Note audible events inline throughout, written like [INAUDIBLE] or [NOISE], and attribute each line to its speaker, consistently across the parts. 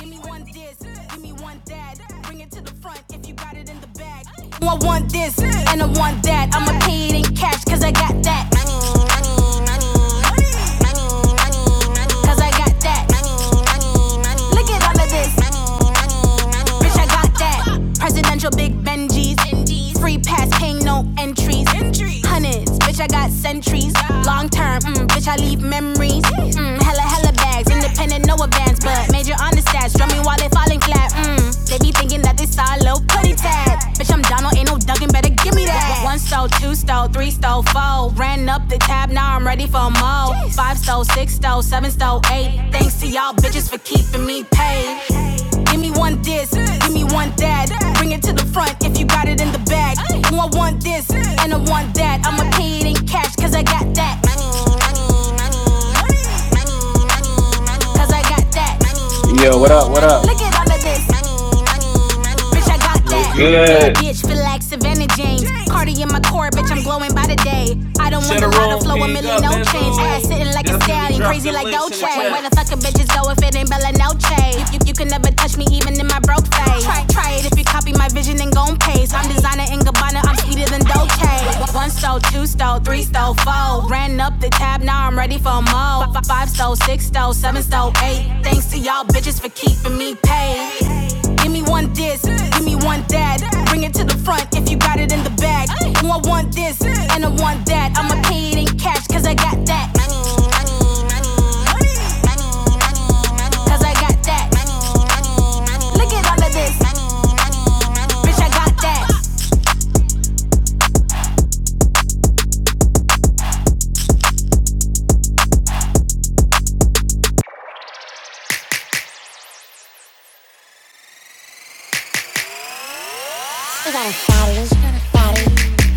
Speaker 1: Give me one this, give me one that. Bring it to the front if you got it in the bag. I want this and I want that. I'ma pay it in cash cause I got that. Money, money, money. money, money, Cause I got that. Look at all of this. Bitch, I got that. Presidential big Benjis. Free pass, paying no entries. Hundreds, bitch, I got centuries. Long term, mm, bitch, I leave memories. Mm, hella, hella bags. Independent, no advance, but major on the stats. Drumming while they falling flat. Mm, they be thinking that they saw a little putty tab. Bitch, I'm Donald, ain't no ducking, better give me that. One stole, two stole, three stole, four. Ran up the tab, now I'm ready for more. Five stole, six stole, seven stole, eight. Thanks to y'all bitches for keeping me paid. Give me one this, give me one that. Bring it to the front if you got it in the bag. Oh, I want this and I want that. I'ma pay it in cash cause I got that. Cause I got that.
Speaker 2: Yo, what up? What up?
Speaker 1: Look at all of this. Bitch, I got that.
Speaker 3: was
Speaker 1: Bad
Speaker 3: good.
Speaker 1: bitch, feel like Savannah James. Cardi in my core, bitch, I'm glowing by the day. I don't want a flow, a million no change. Ass sitting like a stallion, crazy like Dolce. Where the fuck a bitches go if it ain't Bella Noche? You, you, you can never touch me, even in my broke phase. Try, try it if you copy my vision and gon' pace. I'm designer in Gabbana, I'm sweeter than Dolce. Hey, One stole, two stole, three stole, four. Ran up the tab, now I'm ready for more. Five stole, six stole, seven stole, eight. Thanks to y'all bitches for keeping me paid. Give me one this, give me one that. Bring it to the front if you got it in the bag. Oh, I want this and I want that. I'ma pay it in cash, cause I got that. Cause I got that. Look at all of this, bitch, I got that. She got a fatty, fatty,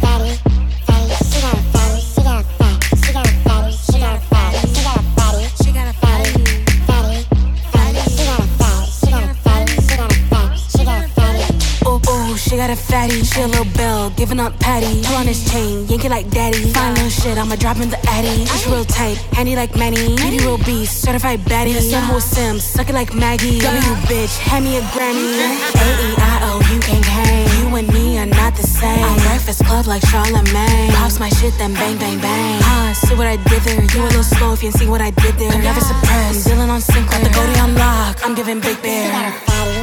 Speaker 1: fatty, fatty. She got a fatty, she got a fat, she got a fatty, she got a fatty, she got a fatty, she got a fatty, fatty, fatty. She got a fat, she got a fatty, she got a fat, she got a fatty. Oh, oh, she got a fatty. She a little bell, giving up patty. Pull on his chain, yanking like daddy. Fine little shit, I'ma drop in the addy. She's real tight, handy like Manny. Beauty real beast, certified baddie. Yeah. Sun whole Sims, suck it like Maggie. W bitch, hand me a Grammy. A-E-I-O, you can't hang. You and me are not the same. I'm Breakfast Club like Charlamagne. Pops my shit, then bang, bang, bang. Ah, see what I did there. You a little slow if you ain't see what I did there. I'm never suppressed. I'm dealing on sync, got the goldie on lock. I'm giving big bear.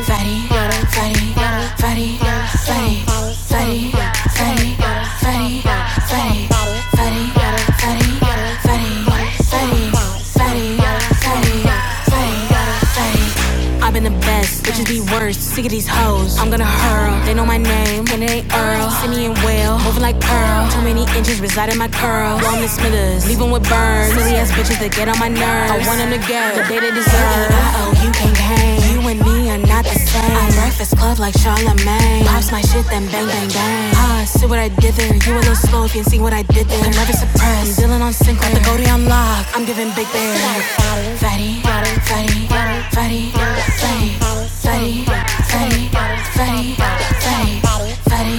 Speaker 1: Fatty, fatty, fatty fatty, fatty, fatty, fatty, fatty, fatty, fatty, fatty, fatty, fatty, fatty, fatty, fatty, fatty. I've been the best, bitches be worse. Sick of these hoes, I'm gonna hurl. They know my name, and it ain't Earl. Sydney and Will, moving like Pearl. Too many inches reside in my curl. Long Miss Smithers, leave 'em with burns. Silly ass bitches that get on my nerves. I want 'em to get the day they deserve. Uh oh, you can not hang. You and me are not the same. I'm Breakfast Club like Charlamagne. Pops my shit, then bang, bang, bang. God, see what I did there. You a little slow if you ain't seen what I did there. I'm never surprised. I'm dealing on sync with the Goldie on lock. I'm giving big bear. Fatty, fatty, fatty, fatty, fatty, fatty, fatty, fatty, fatty, fatty, fatty, fatty, fatty,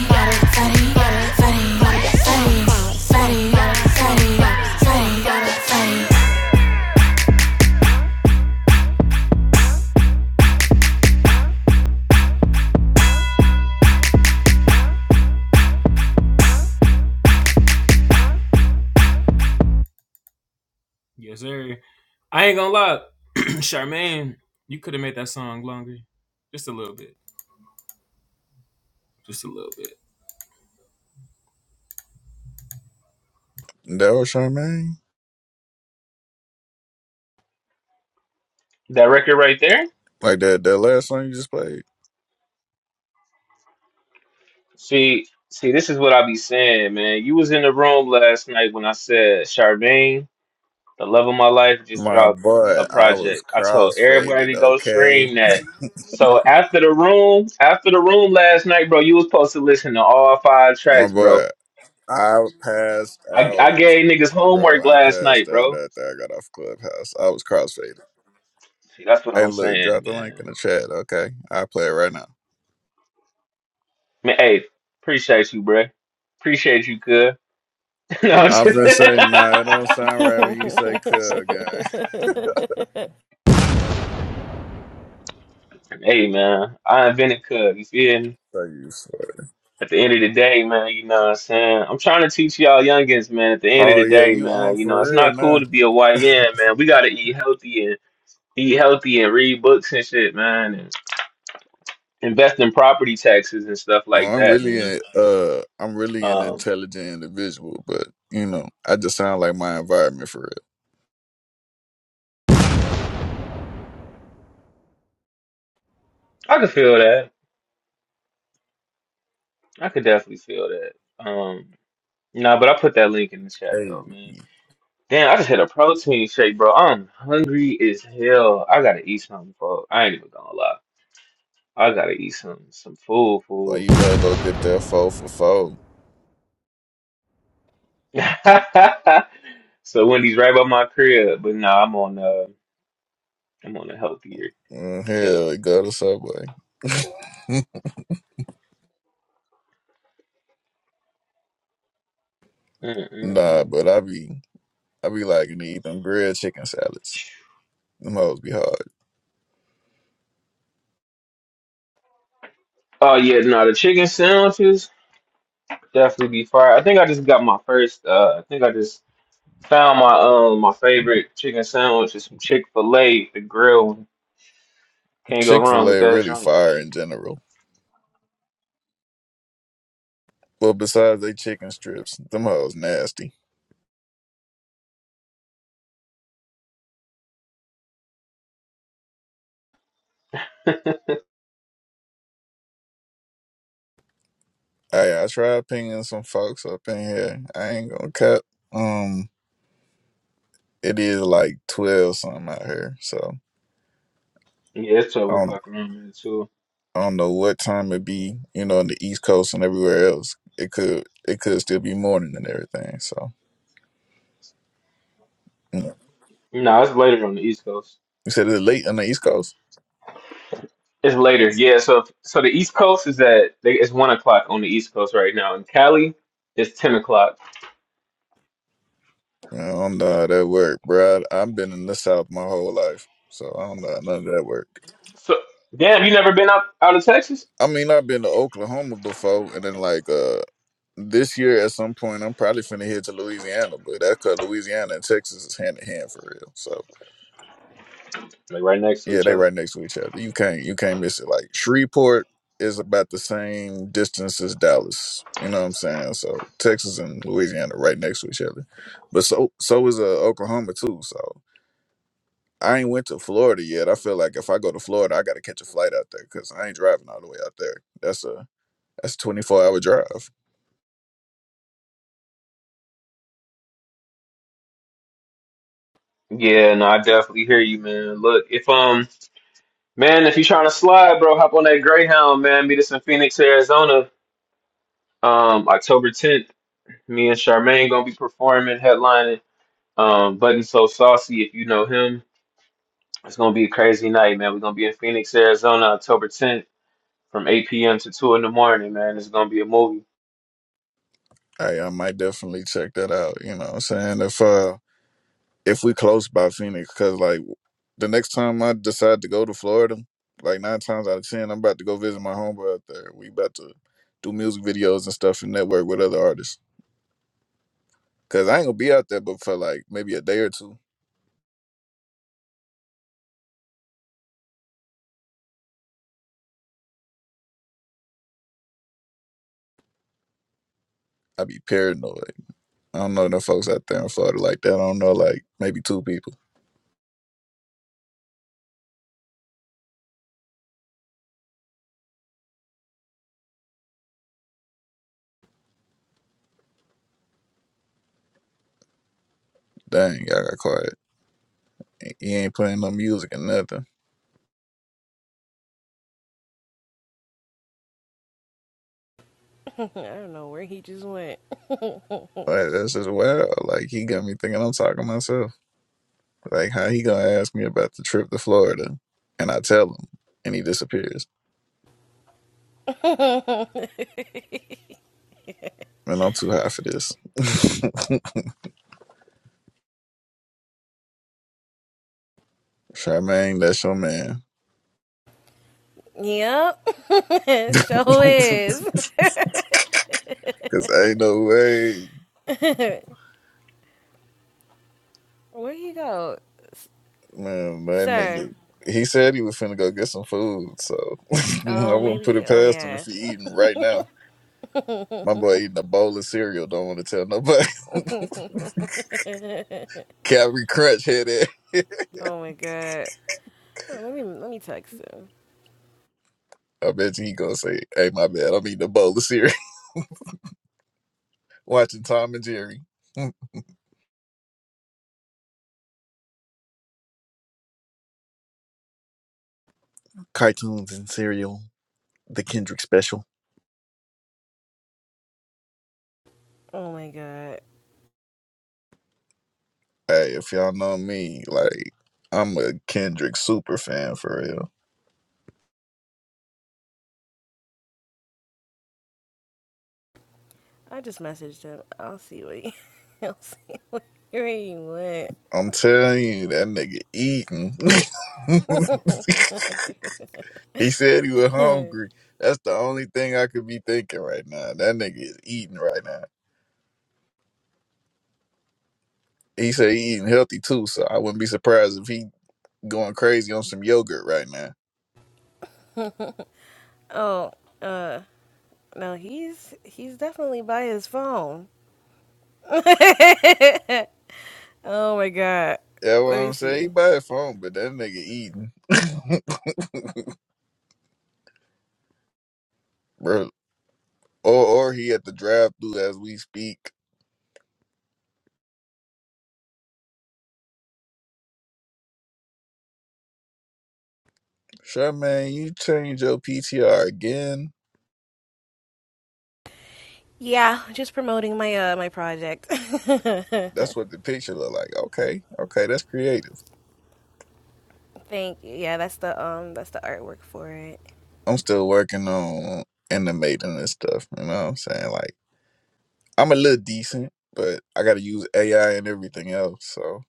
Speaker 1: fatty, fatty, fatty, fatty, fatty.
Speaker 4: That was Charmaine?
Speaker 3: That record right there.
Speaker 4: Like that that last song you just played?
Speaker 3: See, see, this is what I be saying, man. You was in the room last night when I said Charmaine, the love of my life, just
Speaker 4: My
Speaker 3: dropped
Speaker 4: boy,
Speaker 3: a
Speaker 4: I was
Speaker 3: project. I told everybody
Speaker 4: crossfaded,
Speaker 3: to go
Speaker 4: okay?
Speaker 3: stream that. So after the room, after the room last night, bro, you was supposed to listen to all five
Speaker 4: My
Speaker 3: tracks,
Speaker 4: boy,
Speaker 3: bro.
Speaker 4: I passed
Speaker 3: I, I
Speaker 4: out.
Speaker 3: gave niggas
Speaker 4: Bro,
Speaker 3: homework
Speaker 4: I
Speaker 3: last
Speaker 4: passed
Speaker 3: night,
Speaker 4: out
Speaker 3: bro.
Speaker 4: after I got off Clubhouse. I was crossfaded.
Speaker 3: See, that's what
Speaker 4: Hey,
Speaker 3: I'm
Speaker 4: look,
Speaker 3: saying,
Speaker 4: drop the link
Speaker 3: man.
Speaker 4: in the chat, okay? I'll play it right now.
Speaker 3: Man, hey, appreciate you, bro. Appreciate you, cuz. [LAUGHS] no, I'm just
Speaker 4: I've been saying, nah, it don't
Speaker 5: [LAUGHS]
Speaker 4: sound
Speaker 3: [LAUGHS]
Speaker 5: I
Speaker 4: right when you say cug, guy. [LAUGHS]
Speaker 3: Hey man, I invented Cub. You feel me?
Speaker 4: So you swear.
Speaker 3: At the end of the day, man, you know what I'm saying? I'm trying to teach y'all youngins, man, at the end of
Speaker 4: Oh,
Speaker 3: the
Speaker 4: yeah,
Speaker 3: day,
Speaker 4: you
Speaker 3: man,
Speaker 4: on
Speaker 3: you know, it's
Speaker 4: for real
Speaker 3: not
Speaker 4: now.
Speaker 3: cool to be a YN, man. We gotta eat healthy and eat healthy and read books and shit, man, and invest in property taxes and stuff like
Speaker 4: Well, I'm
Speaker 3: that,
Speaker 4: really
Speaker 3: man.
Speaker 4: a, uh, I'm really an
Speaker 3: Um,
Speaker 4: intelligent individual, but you know, I just sound like my environment for
Speaker 3: I could feel that. I could definitely feel that. Um, nah, but I put that link in the chat though,
Speaker 4: real.
Speaker 3: man.
Speaker 4: Hey,
Speaker 3: Damn, I just had a protein shake, bro. I'm hungry as hell. I gotta eat something, bro. I ain't even gonna lie. I gotta eat some some food,
Speaker 4: well,
Speaker 3: food.
Speaker 4: you better go get that four for four.
Speaker 3: [LAUGHS] So Wendy's right by my crib, but no, I'm on uh I'm on a healthier
Speaker 4: Mm,
Speaker 3: tip.
Speaker 4: hell, go to Subway. [LAUGHS] nah,
Speaker 3: Mm-mm-mm.
Speaker 4: but I be, I be liking to eat them grilled chicken salads. Them hoes be hard.
Speaker 3: Oh yeah, no, the chicken sandwiches definitely be fire. I think I just got my first. Uh, I think I just found my um my favorite chicken sandwich is from Chick Fil A, the grill. one. Can't go
Speaker 4: Chick
Speaker 3: wrong
Speaker 4: Fil
Speaker 3: with
Speaker 4: A
Speaker 3: that
Speaker 4: really
Speaker 3: joint.
Speaker 4: fire in general. Well, besides they chicken strips, them hoes nasty.
Speaker 3: [LAUGHS]
Speaker 4: Hey, I tried pinging some folks up in here. I ain't gonna cut. Um. it is like twelve something out here. So
Speaker 3: Yeah, it's
Speaker 4: I
Speaker 3: twelve
Speaker 4: don't
Speaker 3: o'clock around here too.
Speaker 4: I don't know what time it be, you know, in the East Coast and everywhere else. It could it could still be morning and everything. So you
Speaker 3: No, it's later on the East Coast.
Speaker 4: You said it's late on the East Coast.
Speaker 3: It's later, yeah. So, if, so the East Coast is at they- it's one o'clock on the East Coast right now. In Cali, it's ten o'clock.
Speaker 4: Man, I don't know how that work, bro. I, I've been in the South my whole life, so I don't know how none of that work.
Speaker 3: So, damn, you never been up out of Texas?
Speaker 4: I mean, I've been to Oklahoma before, and then like uh this year at some point, I'm probably finna head to Louisiana, but that's cause Louisiana and Texas is hand in hand for real. So
Speaker 3: Like right next to
Speaker 4: Yeah,
Speaker 3: each
Speaker 4: they
Speaker 3: other.
Speaker 4: right next to each other. You can't you can't miss it. Like Shreveport is about the same distance as Dallas. You know what I'm saying? So Texas and Louisiana right next to each other. But so so is uh, Oklahoma too. So I ain't went to Florida yet. I feel like if I go to Florida, I got to catch a flight out there because I ain't driving all the way out there. That's a that's a 24 hour drive.
Speaker 3: Yeah, no, I definitely hear you, man. Look, if um, man, if you're trying to slide, bro, hop on that Greyhound, man. Meet us in Phoenix, Arizona, um, October 10th. Me and Charmaine gonna be performing, headlining, um, Button So Saucy. If you know him, it's gonna be a crazy night, man. We're gonna be in Phoenix, Arizona, October 10th. from 8 p.m. to 2 in the morning, man. It's gonna be a movie
Speaker 4: I I might definitely check that out. You know what I'm saying? If uh if we close by Phoenix, because like the next time I decide to go to Florida, like nine times out of ten, I'm about to go visit my homeboy out there. We about to do music videos and stuff and network with other artists. Cause I ain't gonna be out there, but for like maybe a day or two, I be paranoid. I don't know no folks out there in Florida like that. I don't know like maybe two people. Dang, y'all got quiet. He ain't playing no music and nothing.
Speaker 5: don't know where he just went.
Speaker 4: Like that's just wild. Like he got me thinking I'm talking to myself. Like how he gonna ask me about the trip to Florida, and I tell him, and he disappears.
Speaker 5: [LAUGHS]
Speaker 4: Man, I'm too high for this. [LAUGHS] Charmaine, that's your man.
Speaker 5: Yep. [LAUGHS]
Speaker 4: [LAUGHS]
Speaker 5: so is.
Speaker 4: Cause ain't no way,
Speaker 5: Where he go?
Speaker 4: man. That
Speaker 5: Sir.
Speaker 4: nigga. He said he was finna go get some food, so [LAUGHS] I
Speaker 5: Oh,
Speaker 4: wouldn't
Speaker 5: maybe
Speaker 4: put
Speaker 5: he
Speaker 4: it
Speaker 5: oh
Speaker 4: past him if
Speaker 5: yeah.
Speaker 4: he eating right now. My boy eating a bowl of cereal. Don't want to tell nobody. [LAUGHS] Calvary Crunch head ass.
Speaker 5: Oh my god. Oh, let me let me text him.
Speaker 4: I bet you he gonna say, "Hey, my bad. I'm eating a bowl of cereal, [LAUGHS] watching Tom and Jerry, [LAUGHS] cartoons and cereal." the Kendrick special.
Speaker 5: Oh my god.
Speaker 4: Hey, if y'all know me, like I'm a Kendrick super fan for real.
Speaker 5: I just messaged him. I'll see what he [LAUGHS] I'll see what where he went.
Speaker 4: I'm telling you, that nigga eating. [LAUGHS] he said he was hungry. That's the only thing I could be thinking right now. That nigga is eating right now. He said he eating healthy too, so I wouldn't be surprised if he going crazy on some yogurt right now.
Speaker 5: Oh, uh no, he's he's definitely by his phone. [LAUGHS] Oh my god.
Speaker 4: Yeah, what
Speaker 5: Let me
Speaker 4: I'm saying, he
Speaker 5: see.
Speaker 4: buy a phone, but that nigga eating, [LAUGHS] bro. Or or he at the drive through as we speak. Charmaine, you change your PTR again.
Speaker 5: Yeah, just promoting my uh my project. [LAUGHS]
Speaker 4: That's
Speaker 5: Thank
Speaker 4: what the picture look like. Okay, okay, that's creative.
Speaker 5: you. Yeah, that's the um that's the artwork for it.
Speaker 4: I'm still working on animating this stuff. You know what I'm saying? Like, I'm a little decent, but I got to use AI and everything else. So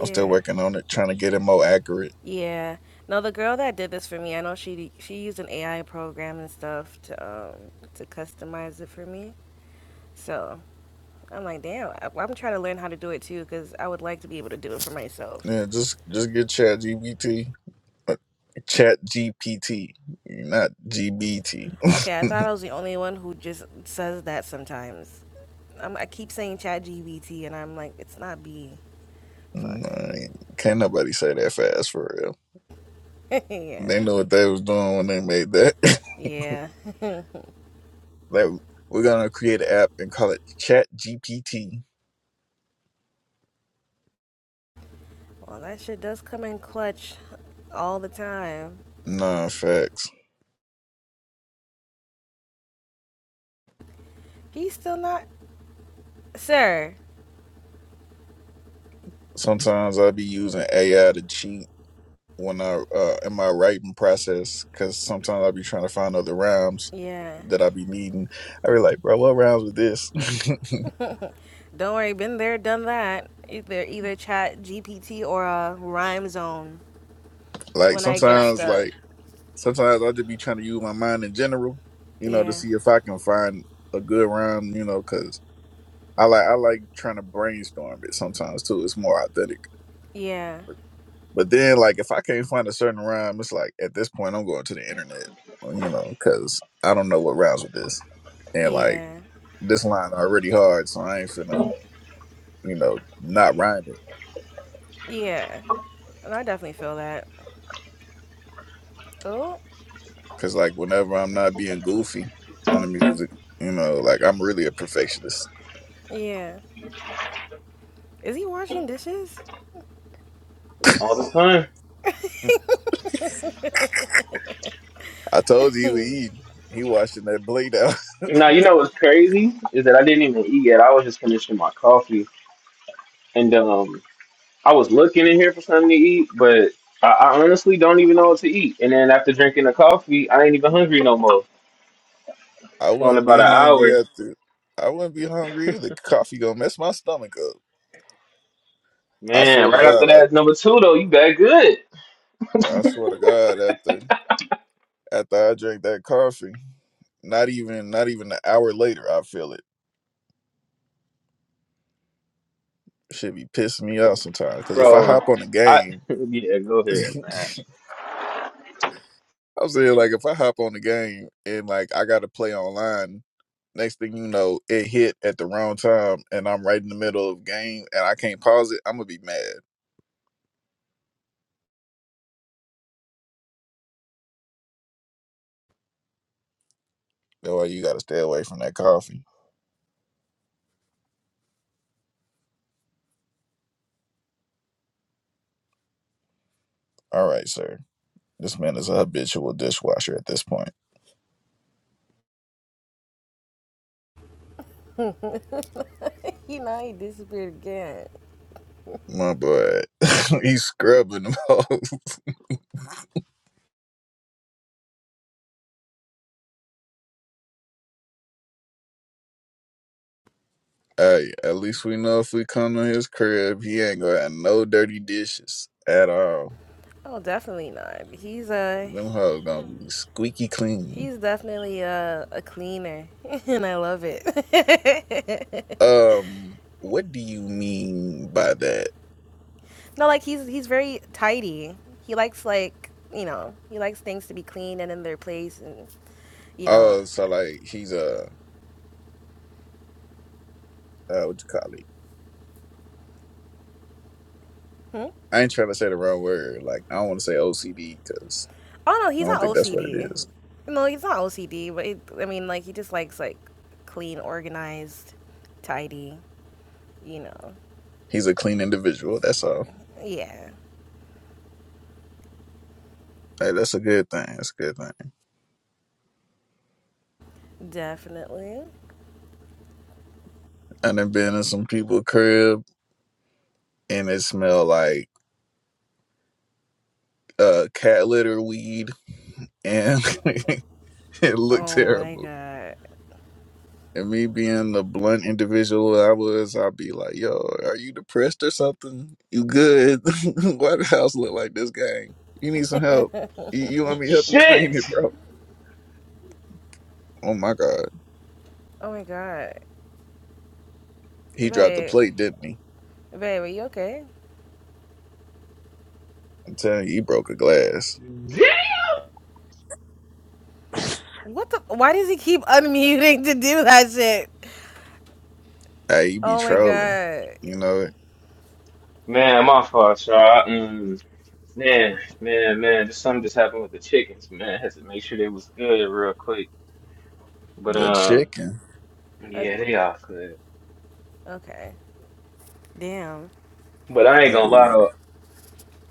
Speaker 4: I'm still working on it, trying to get it more accurate.
Speaker 5: Yeah. No, the girl that did this for me, I know she she used an AI program and stuff to um to customize it for me. So, I'm like, "Damn, I, I'm trying to learn how to do it too cuz I would like to be able to do it for myself."
Speaker 4: Yeah, just just get Chat GPT, Chat GPT, not GBT.
Speaker 5: Okay, I thought
Speaker 4: [LAUGHS]
Speaker 5: I was the only one who just says that sometimes. I'm, I keep saying chat GBT and I'm like, it's not B. Fuck.
Speaker 4: Nah, can't nobody say that fast for real.
Speaker 5: [LAUGHS] yeah.
Speaker 4: They know what they was doing when they made that. [LAUGHS]
Speaker 5: Yeah.
Speaker 4: Like we're gonna create an app and call it Chat GPT.
Speaker 5: Well, that shit does come in clutch all the time.
Speaker 4: Nah, facts.
Speaker 5: He's still not, sir.
Speaker 4: Sometimes I'll be using AI to cheat when I uh, in my writing process because sometimes I'll be trying to find other rhymes
Speaker 5: Yeah.
Speaker 4: that I be needing. I be like, bro, what rhymes with this?
Speaker 5: Don't worry. Been there, done that. Either either Chat GPT or a Rhyme Zone
Speaker 4: [LAUGHS] like
Speaker 5: when I get
Speaker 4: sometimes,
Speaker 5: stuck.
Speaker 4: like sometimes I'll just be trying to use my mind in general, you know, to
Speaker 5: Yeah.
Speaker 4: see if I can find a good rhyme, you know, because I like I like trying to brainstorm it sometimes too. It's more authentic.
Speaker 5: Yeah.
Speaker 4: But then, like, if I can't find a certain rhyme, it's like at this point, I'm going to the internet, you know, because I don't know what rhymes with this. And like,
Speaker 5: Yeah.
Speaker 4: this line already hard, so I ain't finna, you know, not rhyme it.
Speaker 5: Yeah. And I definitely feel that. Oh.
Speaker 4: Because, like, whenever I'm not being goofy on the music, you know, like, I'm really a perfectionist.
Speaker 5: Yeah. Is he washing dishes?
Speaker 3: all the time.
Speaker 4: I told you he was eating. He washing that blade out.
Speaker 3: Now, you know what's crazy is that I didn't even eat yet. I was just finishing my coffee, and um, I was looking in here for something to eat, but I, I honestly don't even know what to eat. And then after drinking the coffee, I ain't even hungry no more.
Speaker 4: [LAUGHS] I
Speaker 3: So in
Speaker 4: wouldn't be
Speaker 3: about an
Speaker 4: hungry
Speaker 3: hour,
Speaker 4: after. I wouldn't be hungry either. Coffee gonna mess my stomach up. I swear
Speaker 3: man.
Speaker 4: to
Speaker 3: Right after
Speaker 4: God, I,
Speaker 3: that, number two though, you got good,
Speaker 4: bro, I swear to God, after after I drink that coffee. Not even not even an hour later, I feel it. Should be pissing me off sometimes. Because if I
Speaker 3: bro.
Speaker 4: hop on a
Speaker 3: I
Speaker 4: game,
Speaker 3: [LAUGHS] yeah, go
Speaker 4: [LAUGHS]
Speaker 3: ahead, man.
Speaker 4: I'm saying like if I hop on the game and like I got to play online, next thing you know, it hit at the wrong time and I'm right in the middle of game and I can't pause it. I'm gonna be mad. Boy, you gotta stay away from that coffee. All right, sir. This man is a habitual dishwasher at this point.
Speaker 5: He not. He disappeared again.
Speaker 4: My boy, [LAUGHS] he's scrubbing them [LAUGHS] all. Hey, at least we know if we come to his crib, he ain't gonna have no dirty dishes at all.
Speaker 5: Oh, definitely not. He's uh
Speaker 4: Them hoes gonna be squeaky clean.
Speaker 5: He's definitely a, a cleaner, [LAUGHS] and I love it. [LAUGHS]
Speaker 4: Um, what do you mean by that?
Speaker 5: no, like he's he's very tidy. He likes like you know he likes things to be clean and in their place, and you know.
Speaker 4: Oh, so like he's a uh, what you call it? I ain't trying to say the wrong word. Like I don't want to say OCD because
Speaker 5: Oh no,
Speaker 4: I
Speaker 5: he's
Speaker 4: don't
Speaker 5: not
Speaker 4: think that's what it
Speaker 5: OCD.
Speaker 4: is.
Speaker 5: No, he's not OCD, but it, I mean like he just likes like clean, organized, tidy. You know.
Speaker 4: He's a clean individual. That's all.
Speaker 5: Yeah,
Speaker 4: Hey, that's a good thing. That's a good thing.
Speaker 5: definitely.
Speaker 4: And then been in some people's crib and it smell like uh cat litter weed and [LAUGHS] [LAUGHS] it looked
Speaker 5: Oh my
Speaker 4: terrible.
Speaker 5: god.
Speaker 4: And me being the blunt individual I was, I'd be like, yo, are you depressed or something? You good? [LAUGHS] Why the house look like this, gang? You need some help. You, you want me to help you clean
Speaker 3: Shit,
Speaker 4: it, bro? Oh my God.
Speaker 5: Oh my god.
Speaker 4: He dropped the
Speaker 5: Babe,
Speaker 4: plate, didn't he?
Speaker 5: babe, are you okay?
Speaker 4: I'm telling you, he broke a glass.
Speaker 3: Damn.
Speaker 5: What the? Why does he keep unmuting to do that shit?
Speaker 4: Hey, you be
Speaker 5: Oh my
Speaker 4: trolling.
Speaker 5: god.
Speaker 4: You know,
Speaker 3: man, my fault, y'all. Mm. Man, man, man, just something just happened with the chickens, man. had to make sure they was good real quick. But
Speaker 4: the
Speaker 3: um,
Speaker 4: chicken.
Speaker 5: Uh,
Speaker 3: yeah, they all good.
Speaker 5: okay. Damn.
Speaker 3: But I ain't
Speaker 4: Oh,
Speaker 3: gonna lie
Speaker 4: yeah.
Speaker 3: though,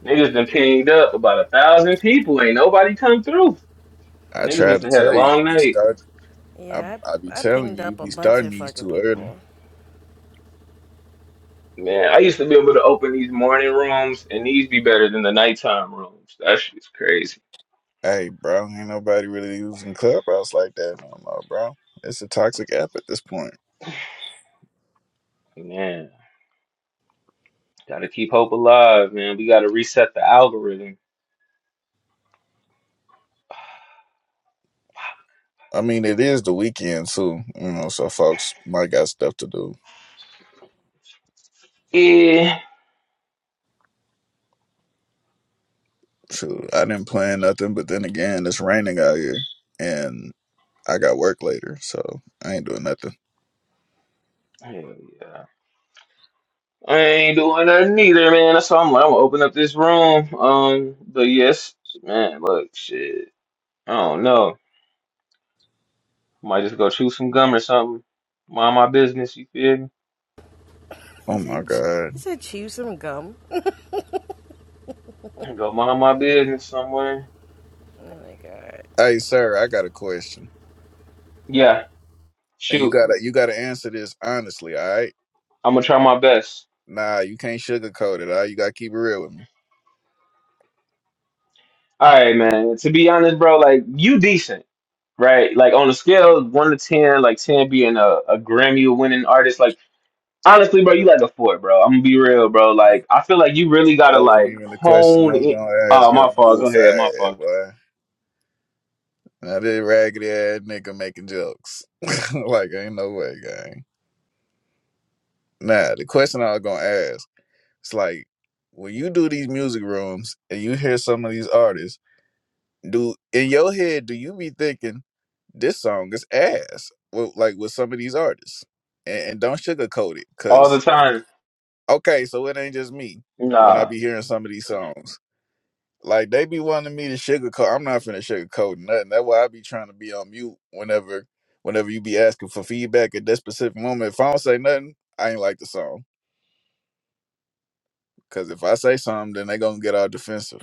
Speaker 3: niggas been pinged up about a thousand people. Ain't nobody come through.
Speaker 4: I
Speaker 3: Niggas
Speaker 4: tried
Speaker 3: must
Speaker 4: to
Speaker 3: have had a
Speaker 4: tell you, you
Speaker 3: long
Speaker 4: be
Speaker 3: night.
Speaker 4: start. I,
Speaker 5: Yeah,
Speaker 4: I be
Speaker 5: I I
Speaker 4: telling
Speaker 5: pinged
Speaker 4: you, you
Speaker 5: up a
Speaker 4: be
Speaker 5: bunch
Speaker 4: starting
Speaker 5: of
Speaker 4: these
Speaker 5: fucking
Speaker 4: too early.
Speaker 5: people.
Speaker 3: Man, I used to be able to open these morning rooms, and these be better than the nighttime rooms. That shit's crazy.
Speaker 4: Hey, bro, ain't nobody really using Clubhouse like that no more, bro. It's a toxic app at this point.
Speaker 3: Man, gotta keep hope alive, man. We gotta reset the algorithm.
Speaker 4: I mean, it is the weekend too, you know, so folks might got stuff to do.
Speaker 3: Yeah.
Speaker 4: Shoot, I didn't plan nothing, but then again, it's raining out here, and I got work later, so I ain't doing nothing.
Speaker 3: Hell yeah. I ain't doing that neither, man. That's why I'm like, I'm gonna open up this room. Um, but yes, man, look, shit. I don't know. Might just go chew some gum or something. Mind my business, you feel me?
Speaker 4: Oh
Speaker 5: He
Speaker 4: my
Speaker 5: said ch- he
Speaker 4: god!
Speaker 5: said chew some gum.
Speaker 3: Go mind my business somewhere.
Speaker 5: Oh my god.
Speaker 4: Hey, sir, I got a question,
Speaker 3: Yeah,
Speaker 4: and you
Speaker 3: shoot.
Speaker 4: gotta you gotta answer this honestly, all right?
Speaker 3: I'm gonna try my best.
Speaker 4: Nah, you can't sugarcoat it. All right? you gotta keep it real with me.
Speaker 3: All right, man. To be honest, bro, like you decent, right? Like on a scale of one to ten, like ten being a, a Grammy winning artist, like honestly, bro, you like a four, bro. I'm gonna be real, bro. Like, I feel like you really gotta
Speaker 4: That wasn't
Speaker 3: like
Speaker 4: even the question I
Speaker 3: hone
Speaker 4: was
Speaker 3: in.
Speaker 4: gonna ask
Speaker 3: Oh,
Speaker 4: your
Speaker 3: my fault. Go
Speaker 4: goof
Speaker 3: ahead, my
Speaker 4: ass,
Speaker 3: fault.
Speaker 4: boy. Now this raggedy ass nigga making jokes. [LAUGHS] like ain't no way, gang. Now the question I was gonna ask, it's like when you do these music rooms and you hear some of these artists, do in your head do you be thinking this song is ass? With, like with some of these artists, and, and don't sugarcoat it,
Speaker 3: All
Speaker 4: cause
Speaker 3: the time.
Speaker 4: okay, so it ain't just me when I
Speaker 3: Nah.
Speaker 4: be hearing some of these songs. Like they be wanting me to sugarcoat. I'm not finna sugarcoat nothing. That's why I be trying to be on mute whenever, whenever you be asking for feedback at that specific moment. If I don't say nothing, I ain't like the song. Cause if I say something, then they gonna get all defensive.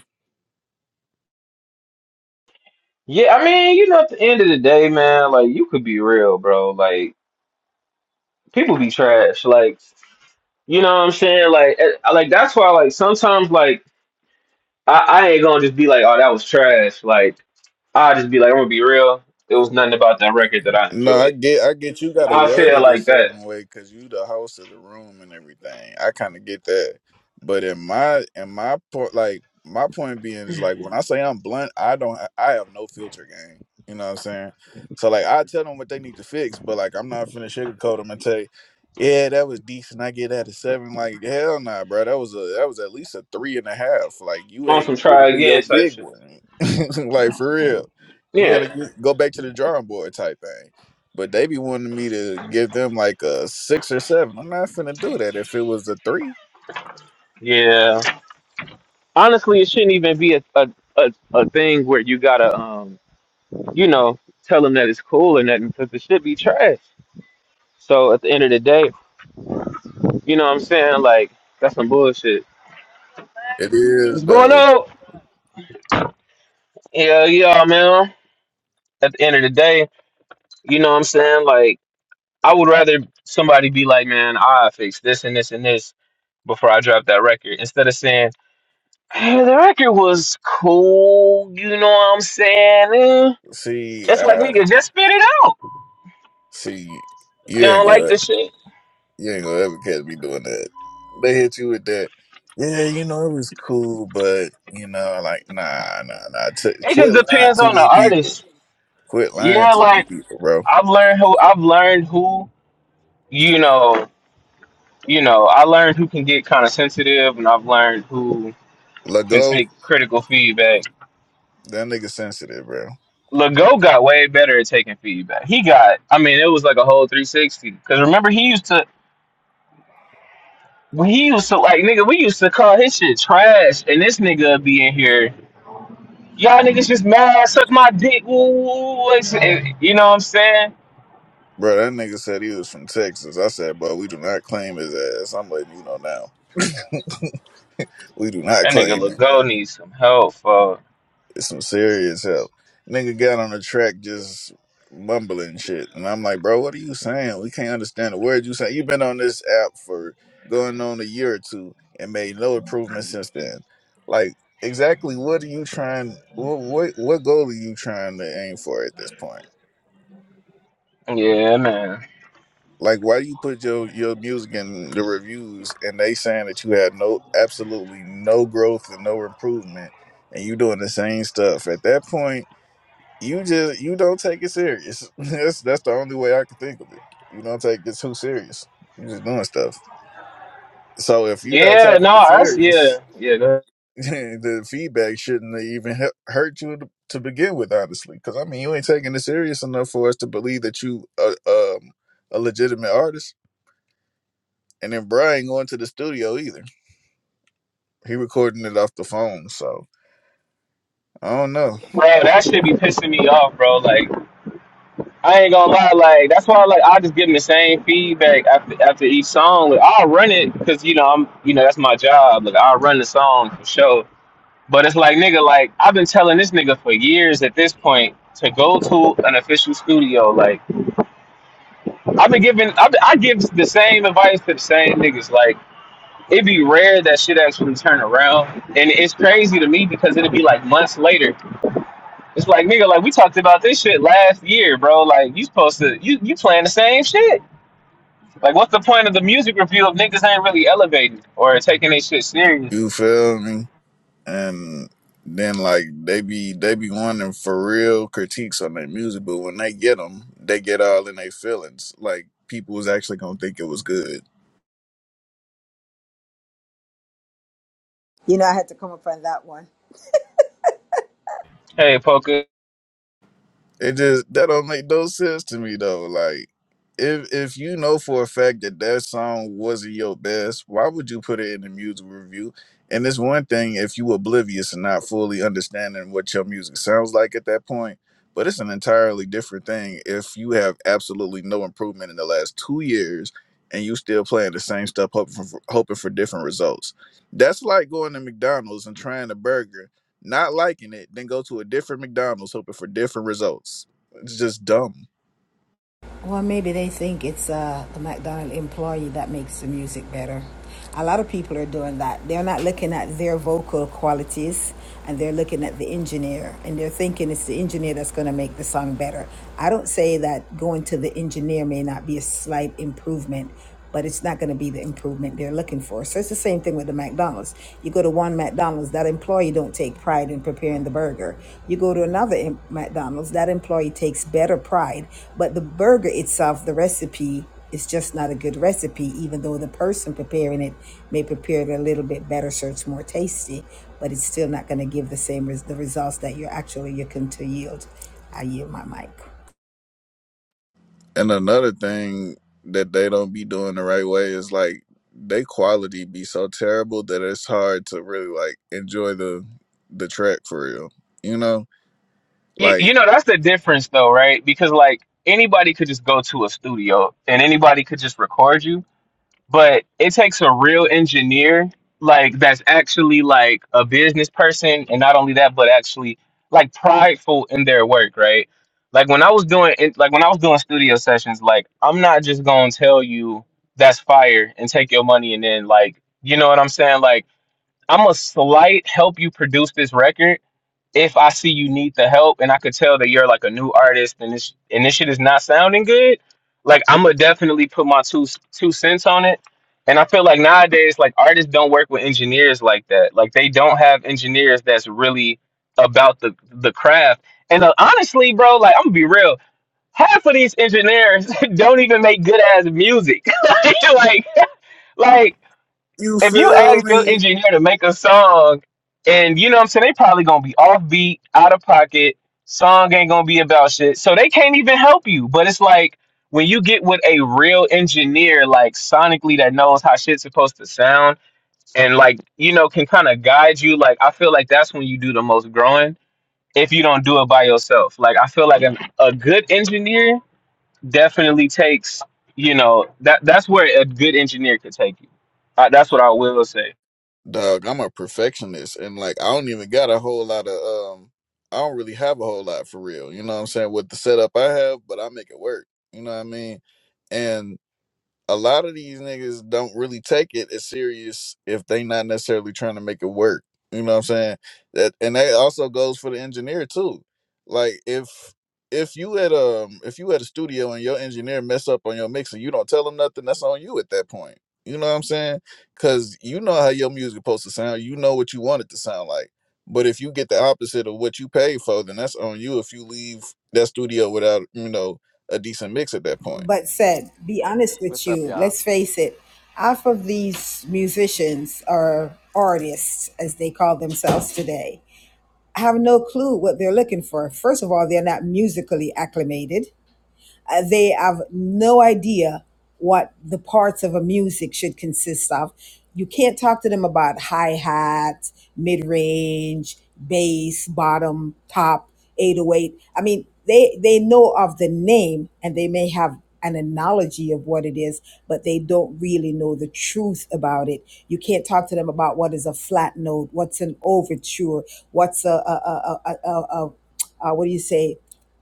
Speaker 3: Yeah, I mean, you know, at the end of the day, man, like you could be real, bro. Like people be trash. Like, you know what I'm saying? Like, eh, like that's why, like sometimes, like I, I ain't gonna just be like, oh, that was trash. Like, I just be like, I'm gonna be real. It was nothing about that record that I
Speaker 4: No, I
Speaker 3: enjoyed.
Speaker 4: get, I get. You got to
Speaker 3: I
Speaker 4: word
Speaker 3: feel
Speaker 4: it a
Speaker 3: like
Speaker 4: certain
Speaker 3: that
Speaker 4: way because you the host of the room and everything. I kind of get that, but in my, in my point, like my point being is like when I say I'm blunt, I don't, I have no filter game. You know what I'm saying? So like, I tell them what they need to fix, but like, I'm not finna sugarcoat them and say, yeah, that was decent. I get that a seven. Like, hell nah, bro. That was a, that was at least a three and a half. Like, you
Speaker 3: on some
Speaker 4: ain't really
Speaker 3: try
Speaker 4: do your
Speaker 3: again type
Speaker 4: big
Speaker 3: shit.
Speaker 4: one. [LAUGHS] like for real. You gotta
Speaker 3: Yeah.
Speaker 4: get- go back to the drawing board type thing. But they be wanting me to give them like a six or seven. I'm not finna do that if it was a three.
Speaker 3: Yeah. honestly, it shouldn't even be a, a, a, a thing where you gotta, um, you know, tell them that it's cool or nothing because it should be trash. So at the end of the day, you know what I'm saying? Like, that's some bullshit.
Speaker 4: It is
Speaker 3: What's going
Speaker 4: though.
Speaker 3: on? Yeah, yeah, man. At the end of the day, you know what I'm saying? Like, I would rather somebody be like, man, I fixed this and this and this before I dropped that record instead of saying, hey, the record was cool. You know what I'm saying? Eh,
Speaker 4: See,
Speaker 3: It's like,
Speaker 4: uh
Speaker 3: nigga, just spit it out.
Speaker 4: see you
Speaker 3: You
Speaker 4: ain't
Speaker 3: don't like
Speaker 4: good.
Speaker 3: the shit.
Speaker 4: You ain't gonna ever catch me doing that. They hit you with that. Yeah, you know it was cool, but you know, like, nah, nah, nah. T-
Speaker 3: It just
Speaker 4: quit lying
Speaker 3: depends
Speaker 4: to
Speaker 3: on the
Speaker 4: these people.
Speaker 3: artist.
Speaker 4: Quit lying
Speaker 3: Yeah,
Speaker 4: to these
Speaker 3: like
Speaker 4: people, bro.
Speaker 3: I've learned who I've learned who you know you know I learned who can get kind of sensitive, and I've learned who can
Speaker 4: Lego,
Speaker 3: take critical feedback.
Speaker 4: that nigga sensitive, bro.
Speaker 3: Lego got way better at taking feedback. He got, I mean, it was like a whole 360. Because remember, he used to, when he used to, like, nigga, we used to call his shit trash. And this nigga be in here, y'all niggas just mad, suck my dick, woo, woo. woo," And, you know what I'm saying?
Speaker 4: Bro, that nigga said he was from Texas. I said, bro, we do not claim his ass. I'm letting you know now. We do not
Speaker 3: That nigga
Speaker 4: claim him.
Speaker 3: Lego needs some help, for
Speaker 4: some serious help. Nigga got on the track just mumbling shit. And I'm like, bro, what are you saying? We can't understand a word you saying. You've been on this app for going on a year or two and made no improvement since then. Like, exactly what are you trying what what, what goal are you trying to aim for at this point?
Speaker 3: Yeah, man.
Speaker 4: Like why do you put your your music in the reviews and they saying that you had no absolutely no growth and no improvement and you doing the same stuff. At that point you just you don't take it serious. [LAUGHS] That's that's the only way I can think of it. You don't take it too serious. You're just doing stuff. So if you're not
Speaker 3: Yeah,
Speaker 4: taking it
Speaker 3: no, that's yeah,
Speaker 4: serious,
Speaker 3: yeah, that-
Speaker 4: [LAUGHS] the feedback shouldn't have even hu- hurt you to, to begin with, honestly. Because I mean, you ain't taking it serious enough for us to believe that you a, um, a legitimate artist. And then Brian going to the studio either. He recording it off the phone, so I don't know.
Speaker 3: bro. That should be pissing me off, bro. Like, I ain't gonna lie, like that's why, like, I just give him the same feedback after after each song. Like, I'll run it because you know I'm, you know, that's my job. Like, I'll run the song for sure. But it's like, nigga, like I've been telling this nigga for years at this point to go to an official studio. Like, I've been giving, I've been, I give the same advice to the same niggas. Like. it'd be rare that shit actually turn around. And it's crazy to me because it'd be like months later. It's like nigga, like we talked about this shit last year, bro. Like you supposed to you you playing the same shit. Like what's the point of the music review if niggas ain't really elevating or taking their shit serious?
Speaker 4: You feel me? and then like they be they be wanting for real critiques on their music, but when they get them, they get all in their feelings. Like people was actually gonna think it was good.
Speaker 6: You know, I had to come up on that one.
Speaker 3: Hey, Poker.
Speaker 4: It just that don't make no sense to me though. Like, if if you know for a fact that that song wasn't your best, why would you put it in the music review? And it's one thing if you oblivious and not fully understanding what your music sounds like at that point, but it's an entirely different thing if you have absolutely no improvement in the last two years and you still playing the same stuff, hoping for hoping for different results. That's like going to McDonald's and trying a burger not liking it, then go to a different McDonald's hoping for different results. It's just dumb.
Speaker 6: Well, maybe they think it's uh, the McDonald employee that makes the music better. A lot of people are doing that. They're not looking at their vocal qualities and they're looking at the engineer and they're thinking it's the engineer that's going to make the song better. I don't say that going to the engineer may not be a slight improvement, but it's not going to be the improvement they're looking for. So it's the same thing with the McDonald's. You go to one McDonald's, that employee don't take pride in preparing the burger. You go to another em- McDonald's, that employee takes better pride, but the burger itself, the recipe is just not a good recipe, even though the person preparing it may prepare it a little bit better, so it's more tasty, but it's still not going to give the same res- the results that you're actually looking to yield. I yield my mic.
Speaker 4: And another thing that they don't be doing the right way is like they quality be so terrible that it's hard to really like enjoy the the track for real. You know?
Speaker 3: You, you
Speaker 4: Like
Speaker 3: know that's the difference though, right? Because like anybody could just go to a studio and anybody could just record you but it takes a real engineer like that's actually like a business person and not only that but actually like prideful in their work right like when i was doing it like when i was doing studio sessions like i'm not just gonna tell you that's fire and take your money and then like you know what i'm saying like i'm a slight help you produce this record if I see you need the help and I could tell that you're like a new artist and this and this shit is not sounding good, like I'm gonna definitely put my two two cents on it. And I feel like nowadays, like artists don't work with engineers like that. Like they don't have engineers that's really about the the craft. And uh, honestly, bro, like I'm gonna be real, half of these engineers [LAUGHS] don't even make good ass music. [LAUGHS] like, like
Speaker 4: you
Speaker 3: if you
Speaker 4: feel
Speaker 3: ask your
Speaker 4: me?
Speaker 3: engineer to make a song, and you know what I'm saying, they probably gonna be offbeat, out of pocket. Song ain't gonna be about shit, so they can't even help you. But it's like when you get with a real engineer, like sonically, that knows how shit's supposed to sound, and like you know can kind of guide you. Like I feel like that's when you do the most growing. If you don't do it by yourself, like I feel like an, a good engineer definitely takes, you know, that that's where a good engineer could take you. Uh, that's what I will say.
Speaker 4: Dog, I'm a perfectionist and like I don't even got a whole lot of um I don't really have a whole lot for real. You know what I'm saying? With the setup I have, but I make it work. You know what I mean? and. a lot of these niggas don't really take it as serious if they not necessarily trying to make it work. You know what I'm saying? That and that also goes for the engineer too. Like if if you at um if you at a studio and your engineer mess up on your mix and you don't tell them nothing, that's on you at that point. You know what I'm saying? Cause you know how your music supposed to sound. You know what you want it to sound like. But if you get the opposite of what you paid for, then that's on you if you leave that studio without, you know, a decent mix at that point.
Speaker 6: but said, be honest with
Speaker 7: What's up,
Speaker 6: you,
Speaker 7: y'all?
Speaker 6: let's face it, half of these musicians are artists, as they call themselves today, have no clue what they're looking for. First of all, they're not musically acclimated. Uh, they have no idea what the parts of a music should consist of. You can't talk to them about hi hat, mid range, bass, bottom, top, 808. I mean, they, they know of the name and they may have an analogy of what it is, but they don't really know the truth about it. You can't talk to them about what is a flat note, what's an overture, what's a, a, a, a, a, a, a what do you say,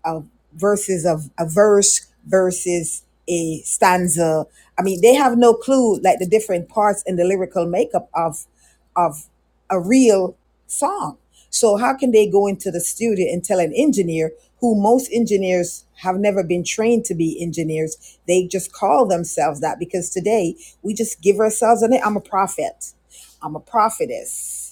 Speaker 6: a verses of a verse versus a stanza. I mean, they have no clue like the different parts and the lyrical makeup of of a real song. So how can they go into the studio and tell an engineer who most engineers have never been trained to be engineers? They just call themselves that because today we just give ourselves a name. I'm a prophet. I'm a prophetess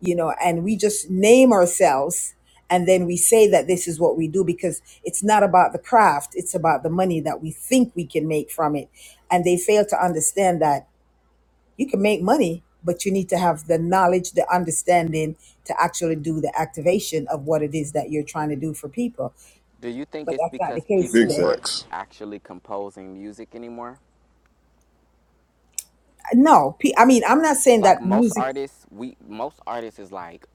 Speaker 6: you know, and we just name ourselves and then we say that this is what we do because it's not about the craft, it's about the money that we think we can make from it. And they fail to understand that you can make money, but you need to have the knowledge, the understanding to actually do the activation of what it is that you're trying to do for people.
Speaker 7: Do you think
Speaker 6: But
Speaker 7: it's
Speaker 6: that's not the
Speaker 7: because
Speaker 6: case
Speaker 4: Big
Speaker 7: people
Speaker 6: today.
Speaker 7: aren't
Speaker 4: facts.
Speaker 7: actually composing music anymore?
Speaker 6: No, pe- I mean, I'm not saying
Speaker 7: Like
Speaker 6: that
Speaker 7: most
Speaker 6: music
Speaker 7: artists, we most artists is like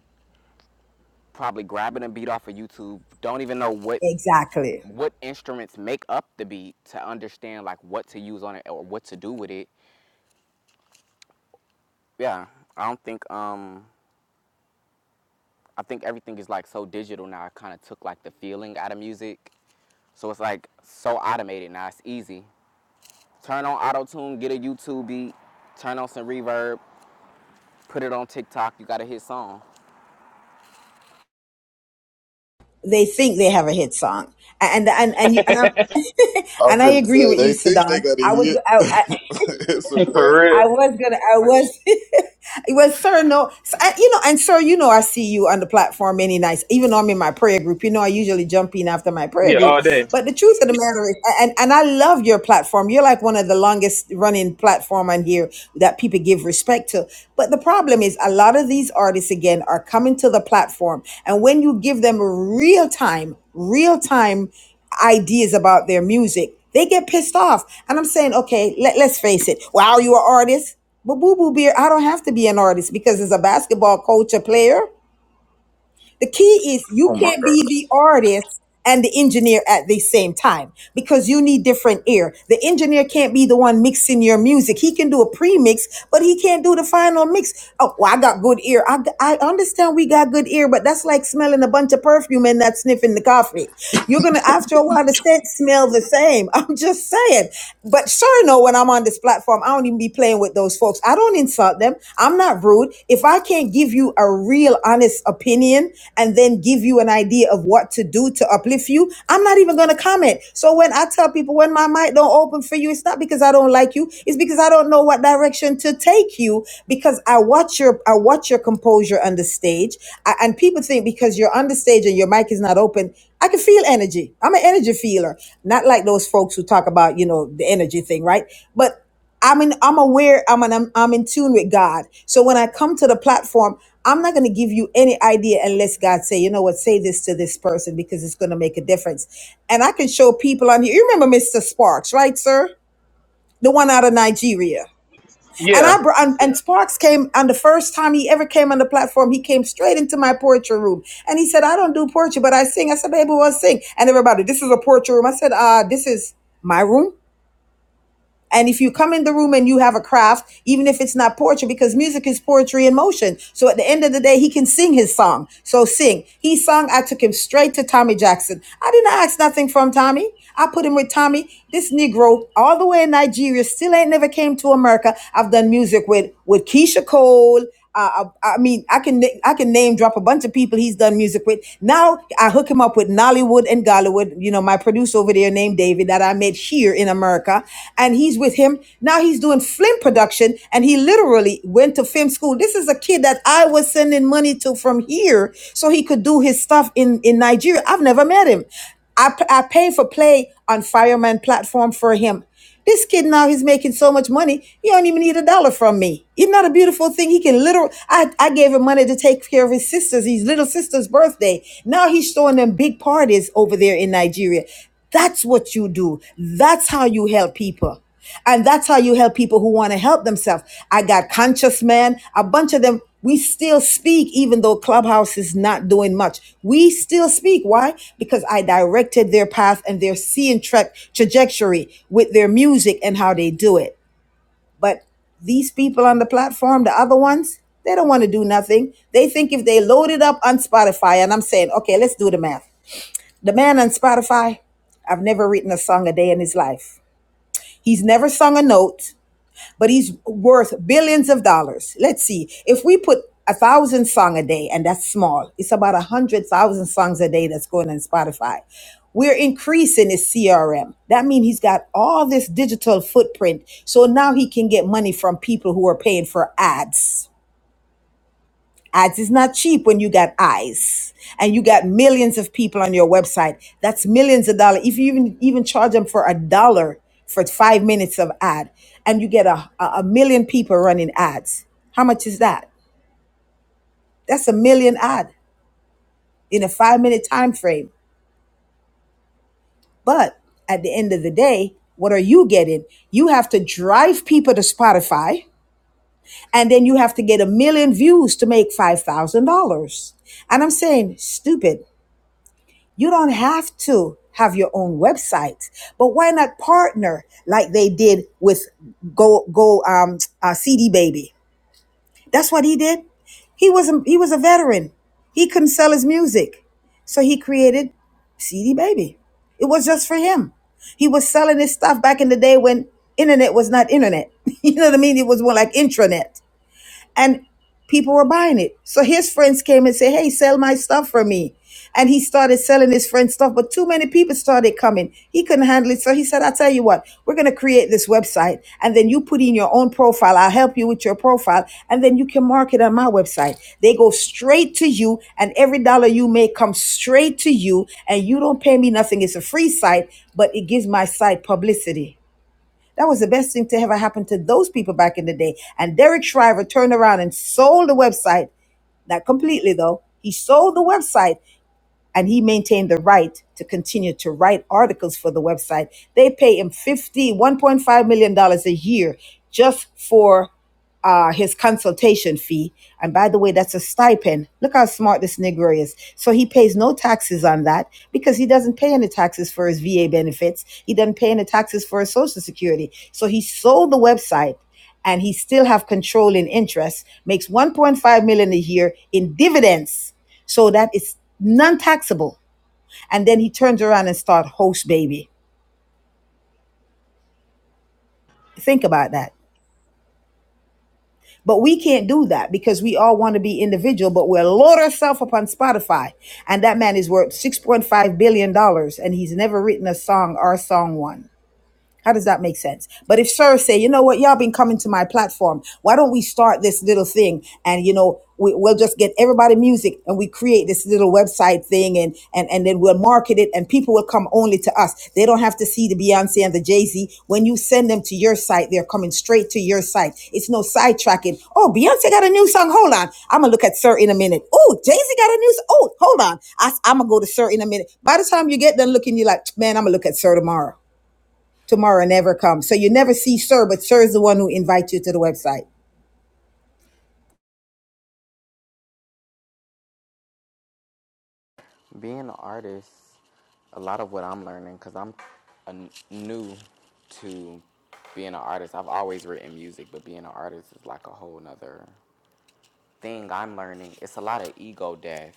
Speaker 7: probably grabbing a beat off of YouTube, don't even know what
Speaker 6: exactly.
Speaker 7: what instruments make up the beat to understand like what to use on it or what to do with it. Yeah, I don't think um I think everything is like so digital now. It kind of took like the feeling out of music. So it's like so automated now. It's easy. Turn on auto tune, get a YouTube beat, turn on some reverb, put it on TikTok. You got a hit song.
Speaker 6: they think they have a hit song. And and and you, and,
Speaker 3: [LAUGHS]
Speaker 6: I'm, [LAUGHS]
Speaker 4: I'm
Speaker 6: and I
Speaker 4: finna
Speaker 6: agree
Speaker 4: say
Speaker 6: with you,
Speaker 4: they think they
Speaker 6: Sadan.
Speaker 4: got a
Speaker 6: I was
Speaker 4: hit.
Speaker 6: I, I
Speaker 4: [LAUGHS] it's a rap.
Speaker 3: For real.
Speaker 6: I was gonna. I was. [LAUGHS] it was sir. No, so, I- you know, and sir, you know, I see you on the platform any nights, even though I'm in my prayer group. You know, I usually jump in after my prayer
Speaker 3: Yeah,
Speaker 6: group.
Speaker 3: all day.
Speaker 6: But the truth of the matter is, and and I love your platform. You're like one of the longest running platform on here that people give respect to. But the problem is, a lot of these artists again are coming to the platform, and when you give them real time, real time ideas about their music, they get pissed off. And I'm saying, okay, let, let's face it. Wow, you are artist. But Boo Boo Beer, I don't have to be an artist because as a basketball coach, a player, the key is you
Speaker 4: Oh my
Speaker 6: can't
Speaker 4: god.
Speaker 6: be the artist and the engineer at the same time because you need different ear. The engineer can't be the one mixing your music. He can do a pre-mix, but he can't do the final mix. Oh, well, I got good ear. I, I understand we got good ear, but that's like smelling a bunch of perfume and not sniffing the coffee. You're going to, after a while, the scent smell the same. [LAUGHS] I'm just saying. But sure, sure know when I'm on this platform, I don't even be playing with those folks. I don't insult them. I'm not rude. If I can't give you a real honest opinion and then give you an idea of what to do to uplift you, I'm not even going to comment. So when I tell people when my mic don't open for you, it's not because I don't like you. It's because I don't know what direction to take you because I watch your, I watch your composure on the stage I, and people think because you're on the stage and your mic is not open, I can feel energy. I'm an energy feeler, not like those folks who talk about you know the energy thing, right? But I'm in, I'm aware. I'm an, I'm I'm in tune with God. So when I come to the platform, I'm not going to give you any idea unless God say, you know what, say this to this person because it's going to make a difference. And I can show people on here. You remember Mr. Sparks, right, sir? The one out of Nigeria. And
Speaker 3: Yeah.
Speaker 6: I brought and, and Sparks came on the first time he ever came on the platform. He came straight into my poetry room and he said, "I don't do poetry, but I sing." I said, "Baby, we'll sing." And everybody, this is a poetry room. I said, "Uh, this is my room." And if you come in the room and you have a craft, even if it's not poetry, because music is poetry in motion. So at the end of the day, he can sing his song. So sing. He sung, I took him straight to Tommy Jackson. I didn't ask nothing from Tommy. I put him with Tommy. This Negro, all the way in Nigeria, still ain't never came to America. I've done music with, with Keisha Cole. Uh, I, I mean, I can I can name drop a bunch of people he's done music with. Now I hook him up with Nollywood and Gollywood. You know, my producer over there named David that I met here in America, and he's with him now. He's doing film production, and he literally went to film school. This is a kid that I was sending money to from here so he could do his stuff in in Nigeria. I've never met him. I I pay for play on Fireman platform for him. This kid now he's making so much money, he don't even need a dollar from me. Isn't that a beautiful thing? He can literally I, I gave him money to take care of his sisters, his little sister's birthday. Now he's throwing them big parties over there in Nigeria. That's what you do. That's how you help people. And that's how you help people who want to help themselves. I got conscious man, a bunch of them. We still speak, even though Clubhouse is not doing much. We still speak. Why? Because I directed their path and their seeing tra- trajectory with their music and how they do it. But these people on the platform, the other ones, they don't want to do nothing. They think if they load it up on Spotify, and I'm saying, okay, let's do the math. The man on Spotify, I've never written a song a day in his life. He's never sung a note but he's worth billions of dollars. Let's see. If we put a thousand song a day, and that's small, it's about a hundred thousand songs a day that's going on Spotify. We're increasing his CRM. That means he's got all this digital footprint. So now he can get money from people who are paying for ads. Ads is not cheap when you got eyes and you got millions of people on your website. That's millions of dollars. If you even even charge them for a dollar for five minutes of ad, and you get a, a a million people running ads, how much is that? That's a million ad in a five minute time frame. But at the end of the day, what are you getting? You have to drive people to Spotify, and then you have to get a million views to make five thousand dollars. And I'm saying, stupid. You don't have to have your own website, but why not partner like they did with Go Go um, uh, CD Baby? That's what he did. He was a, he was a veteran. He couldn't sell his music, so he created CD Baby. It was just for him. He was selling his stuff back in the day when internet was not internet. [LAUGHS] you know what I mean? It was more like intranet and people were buying it. So his friends came and said, Hey, sell my stuff for me. And he started selling his friend's stuff, but too many people started coming. He couldn't handle it. So he said, I'll tell you what, we're going to create this website and then you put in your own profile. I'll help you with your profile and then you can market on my website. They go straight to you and every dollar you make comes straight to you and you don't pay me nothing. It's a free site, but it gives my site publicity. That was the best thing to ever happen to those people back in the day. And Derek Shriver turned around and sold the website. Not completely though. He sold the website and he maintained the right to continue to write articles for the website. They pay him fifty one point five million million a year just for uh, his consultation fee. And by the way, that's a stipend. Look how smart this Negro is. So he pays no taxes on that because he doesn't pay any taxes for his VA benefits. He doesn't pay any taxes for his Social Security. So he sold the website and he still have controlling interest, makes 1.5 million dollars a year in dividends so that is non-taxable. And then he turns around and starts host baby. Think about that. But we can't do that because we all want to be individual, but we'll load ourselves up on Spotify. And that man is worth $6.5 billion dollars, and he's never written a song, our song one. How does that make sense? But if Sir say, you know what, y'all been coming to my platform, why don't we start this little thing and you know we, we'll just get everybody music and we create this little website thing and and and then we'll market it and people will come only to us. They don't have to see the Beyonce and the Jay Z. When you send them to your site, they're coming straight to your site. It's no sidetracking. Oh, Beyonce got a new song. Hold on, I'm gonna look at Sir in a minute. Oh, Jay Z got a new. s- Oh, hold on, I, I'm gonna go to Sir in a minute. By the time you get done looking, you're like, man, I'm gonna look at Sir tomorrow. Tomorrow never comes. So you never see Sir, but Sir is the one who invites you to the website.
Speaker 7: Being an artist, a lot of what I'm learning because I'm a a new to being an artist. I've always written music, but being an artist is like a whole nother thing I'm learning. It's a lot of ego death,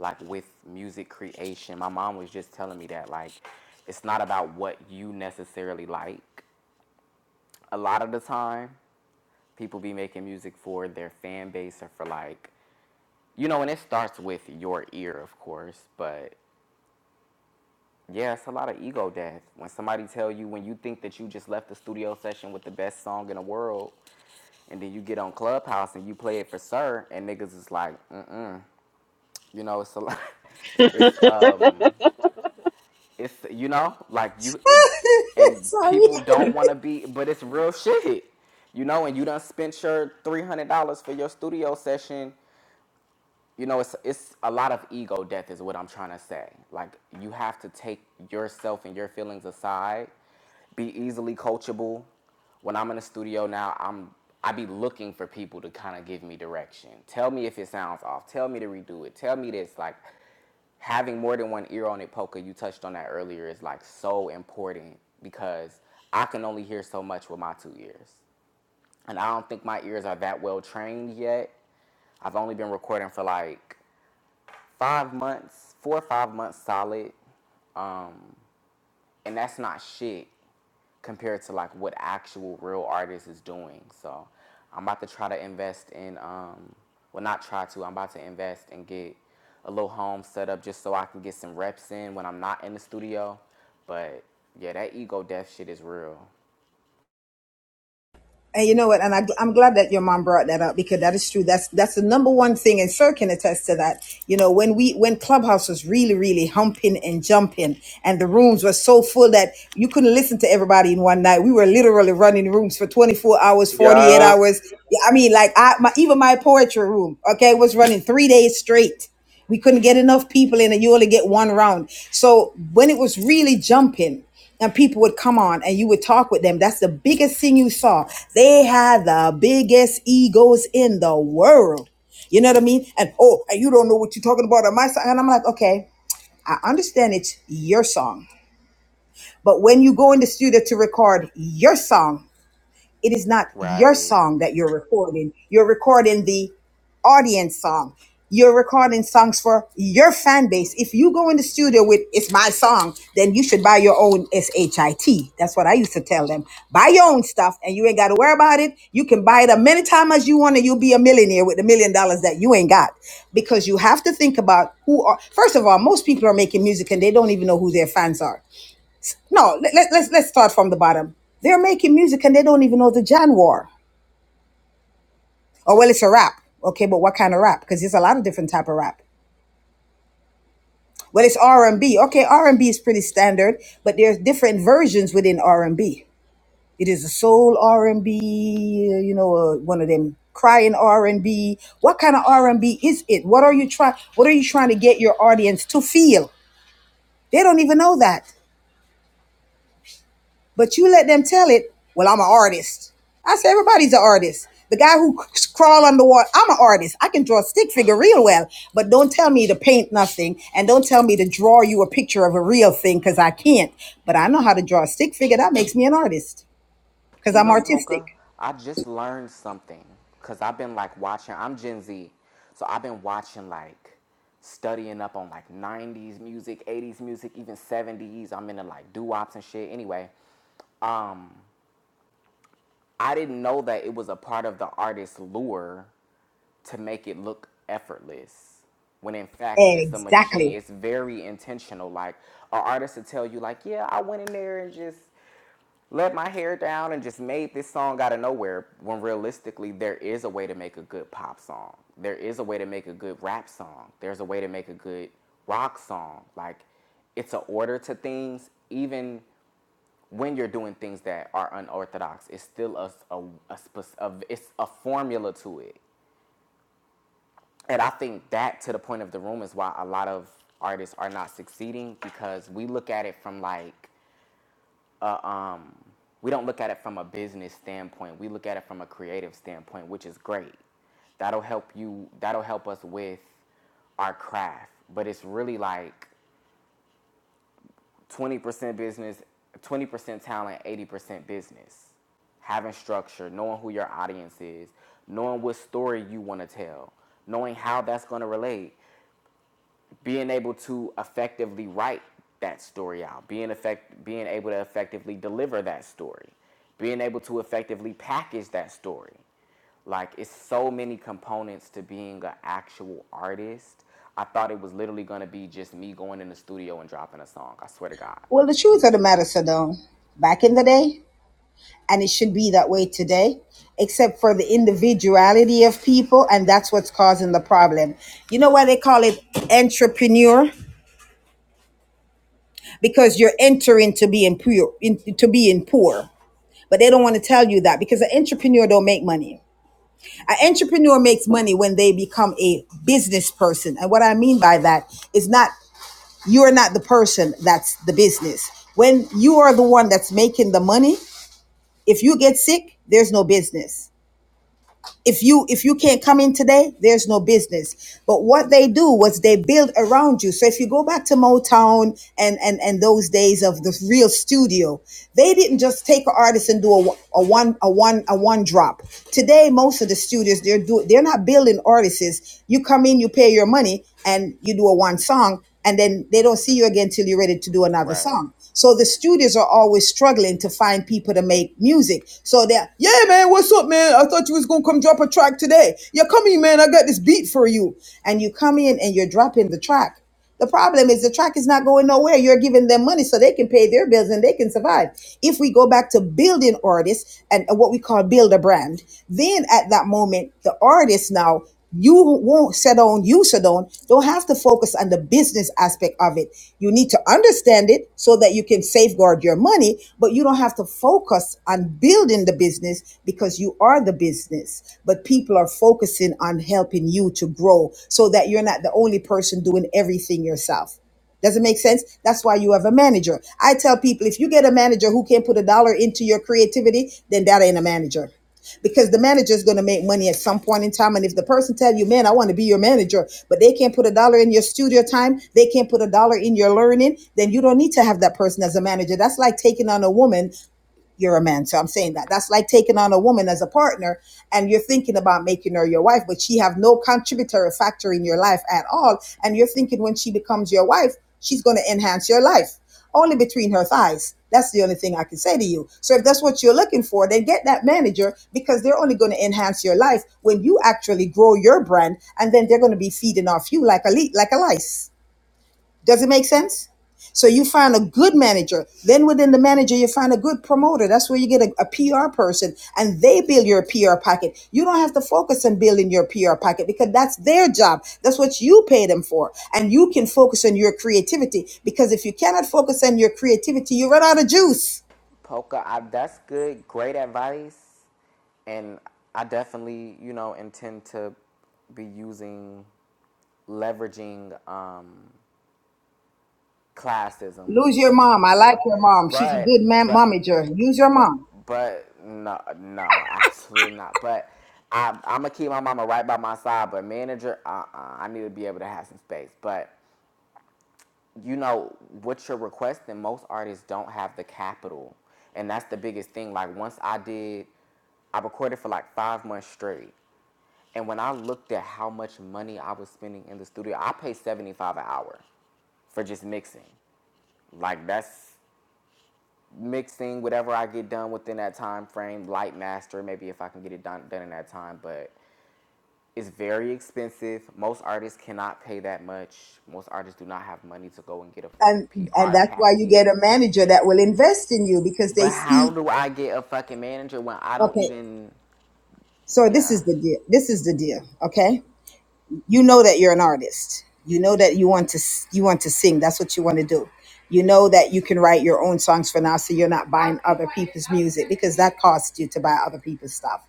Speaker 7: like with music creation. My mom was just telling me that, like, it's not about what you necessarily like. A lot of the time, people be making music for their fan base or for like, you know, and it starts with your ear, of course, but Yeah, it's a lot of ego death. When somebody tell you when you think that you just left the studio session with the best song in the world, and then you get on Clubhouse and you play it for Sir, and niggas is like, mm mm. You know, it's a lot. [LAUGHS] It's
Speaker 3: [LAUGHS]
Speaker 7: um, it's you know, like you,
Speaker 6: [LAUGHS]
Speaker 7: and
Speaker 6: Sorry.
Speaker 7: people don't want to be, but it's real shit. You know, and you done spent your three hundred dollars for your studio session you know it's it's a lot of ego death is what i'm trying to say like you have to take yourself and your feelings aside be easily coachable when i'm in the studio now i'm i be looking for people to kind of give me direction tell me if it sounds off tell me to redo it tell me this like having more than one ear on it Polka, you touched on that earlier is like so important because i can only hear so much with my two ears and i don't think my ears are that well trained yet i've only been recording for like five months, four or five months solid. Um, and that's not shit compared to like what actual real artists is doing. So I'm about to try to invest in, um, well, not try to, I'm about to invest and get a little home set up just so I can get some reps in when I'm not in the studio. But yeah, that ego death shit is real.
Speaker 6: And you know what? And I, I'm glad that your mom brought that up because that is true. That's that's the number one thing, and Sir can attest to that. You know, when we when Clubhouse was really really humping and jumping, and the rooms were so full that you couldn't listen to everybody in one night. We were literally running rooms for 24 hours, 48
Speaker 3: Yeah.
Speaker 6: hours. Yeah, I mean, like I my, even my poetry room, okay, was running three days straight. We couldn't get enough people in, and you only get one round. So when it was really jumping, and people would come on and you would talk with them, that's the biggest thing you saw. They had the biggest egos in the world. You know what I mean? And oh, and you don't know what you're talking about on my song. And I'm like, okay, I understand it's your song. But when you go in the studio to record your song, it is not your
Speaker 7: Right.
Speaker 6: song that you're recording. You're recording the audience song. You're recording songs for your fan base. If you go in the studio with "It's my song," then you should buy your own shit. That's what I used to tell them. Buy your own stuff, and you ain't got to worry about it. You can buy it as many times as you want, and you'll be a millionaire with the million dollars that you ain't got. Because you have to think about who are. First of all, most people are making music and they don't even know who their fans are. No, let, let, let's let's start from the bottom. They're making music and they don't even know the genre. Oh well, it's a rap. Okay, but what kind of rap? Because there's a lot of different type of rap. Well, it's R and B. Okay, R and B is pretty standard, but there's different versions within R and B. It is a soul R and B. uh, You know, uh, one of them crying R and B. What kind of R and B is it? What are you trying? What are you trying to get your audience to feel? They don't even know that. But you let them tell it, well, I'm an artist. I said, everybody's an artist. The guy who crawl underwater, I'm an artist. I can draw a stick figure real well, but don't tell me to paint nothing and don't tell me to draw you a picture of a real thing because I can't. But I know how to draw a stick figure. That makes me an artist because
Speaker 7: You
Speaker 6: I'm
Speaker 7: know, Polka,
Speaker 6: artistic.
Speaker 7: I just learned something because I've been like watching, I'm Gen Z. So I've been watching like studying up on like 90s music, 80s music, even 70s. I'm into like doo wops and shit. Anyway, um, I didn't know that it was a part of the artist's lure to make it look effortless when in fact it's a machine
Speaker 6: Exactly.
Speaker 7: it's very intentional like an artist to tell you like yeah i went in there and just let my hair down and just made this song out of nowhere when realistically there is a way to make a good pop song. There is a way to make a good rap song. There's a way to make a good rock song. Like it's an order to things even when you're doing things that are unorthodox. It's still a, a, a, a it's a formula to it. And I think that to the point of the room is why a lot of artists are not succeeding because we look at it from like a um we don't look at it from a business standpoint. We look at it from a creative standpoint, which is great. That'll help you that'll help us with our craft. But it's really like 20% business, 20% talent, 80% business. Having structure, knowing who your audience is, knowing what story you want to tell, knowing how that's going to relate being able to effectively write that story out, being effect, being able to effectively deliver that story, being able to effectively package that story. Like it's so many components to being an actual artist. I thought it was literally gonna be just me going in the studio and dropping a song. I swear to God.
Speaker 6: Well, the truth of the matter, Sadone, back in the day, and it should be that way today except for the individuality of people and that's what's causing the problem you know why they call it entrepreneur because you're entering to be in poor in, to be in poor but they don't want to tell you that because an entrepreneur don't make money an entrepreneur makes money when they become a business person and what i mean by that is not you're not the person that's the business when you are the one that's making the money if you get sick there's no business if you if you can't come in today there's no business but what they do was they build around you so if you go back to motown and and and those days of the real studio they didn't just take an artist and do a, a one a one a one drop today most of the studios they're do they're not building artists you come in you pay your money and you do a one song and then they don't see you again till you're ready to do another
Speaker 7: Right.
Speaker 6: song so the studios are always struggling to find people to make music. So they're, yeah, man, what's up, man? I thought you was gonna come drop a track today. Yeah, come here, man. I got this beat for you. And you come in and you're dropping the track. The problem is the track is not going nowhere. You're giving them money so they can pay their bills and they can survive. If we go back to building artists and and what we call build a brand, then at that moment, the artist now you won't settle on you Sedone, don't have to focus on the business aspect of it. You need to understand it so that you can safeguard your money, but you don't have to focus on building the business because you are the business. But people are focusing on helping you to grow so that you're not the only person doing everything yourself. Does it make sense? That's why you have a manager. I tell people if you get a manager who can't put a dollar into your creativity, then that ain't a manager because the manager is going to make money at some point in time. And if the person tell you, man, I want to be your manager, but they can't put a dollar in your studio time, they can't put a dollar in your learning, then you don't need to have that person as a manager. That's like taking on a woman you're a man. So I'm saying that. That's like taking on a woman as a partner and you're thinking about making her your wife, but she have no contributory factor in your life at all. And you're thinking when she becomes your wife, she's going to enhance your life only between her thighs. That's the only thing I can say to you. So if that's what you're looking for, then get that manager because they're only going to enhance your life when you actually grow your brand and then they're going to be feeding off you like a le- like a lice. Does it make sense? So you find a good manager. Then within the manager, you find a good promoter. That's where you get a, PR person and they build your PR pocket. You don't have to focus on building your PR pocket because that's their job. That's what you pay them for. And you can focus on your creativity because if you cannot focus on your creativity, you run out of juice.
Speaker 7: Polka, I, that's good, great advice, and I definitely, you know, intend to be using leveraging um, classism
Speaker 6: Lose your
Speaker 7: for my
Speaker 6: mom. I like
Speaker 7: career,
Speaker 6: your mom. She's a
Speaker 7: but
Speaker 6: good man,
Speaker 7: but
Speaker 6: momager. Use your
Speaker 7: but
Speaker 6: mom.
Speaker 7: but no no absolutely not. But I, I'm gonna keep my mama right by my side. But manager, uh, uh I need to be able to have some space. But you know what you're requesting. Most artists don't have the capital, and that's the biggest thing. Like once I did, I recorded for like five months straight. And when I looked at how much money I was spending in the studio, I paid 75 an hour for just mixing. Like that's mixing whatever I get done within that time frame, light master, maybe if I can get it done, done in that time, but it's very expensive. Most artists cannot pay that much. Most artists do not have money to go and get a fucking
Speaker 6: And, and
Speaker 7: PR
Speaker 6: that's why you
Speaker 7: packet.
Speaker 6: get a manager that will invest in you because they
Speaker 7: But how
Speaker 6: see,
Speaker 7: do I get a fucking manager when I don't
Speaker 6: okay,
Speaker 7: even
Speaker 6: So this
Speaker 7: yeah.
Speaker 6: is the deal. This is the deal. Okay. You know that you're an artist. You know that you want to s- you want to sing. That's what you want to do. You know that you can write your own songs for now, so you're not buying other people's music because that costs you to buy other people's stuff.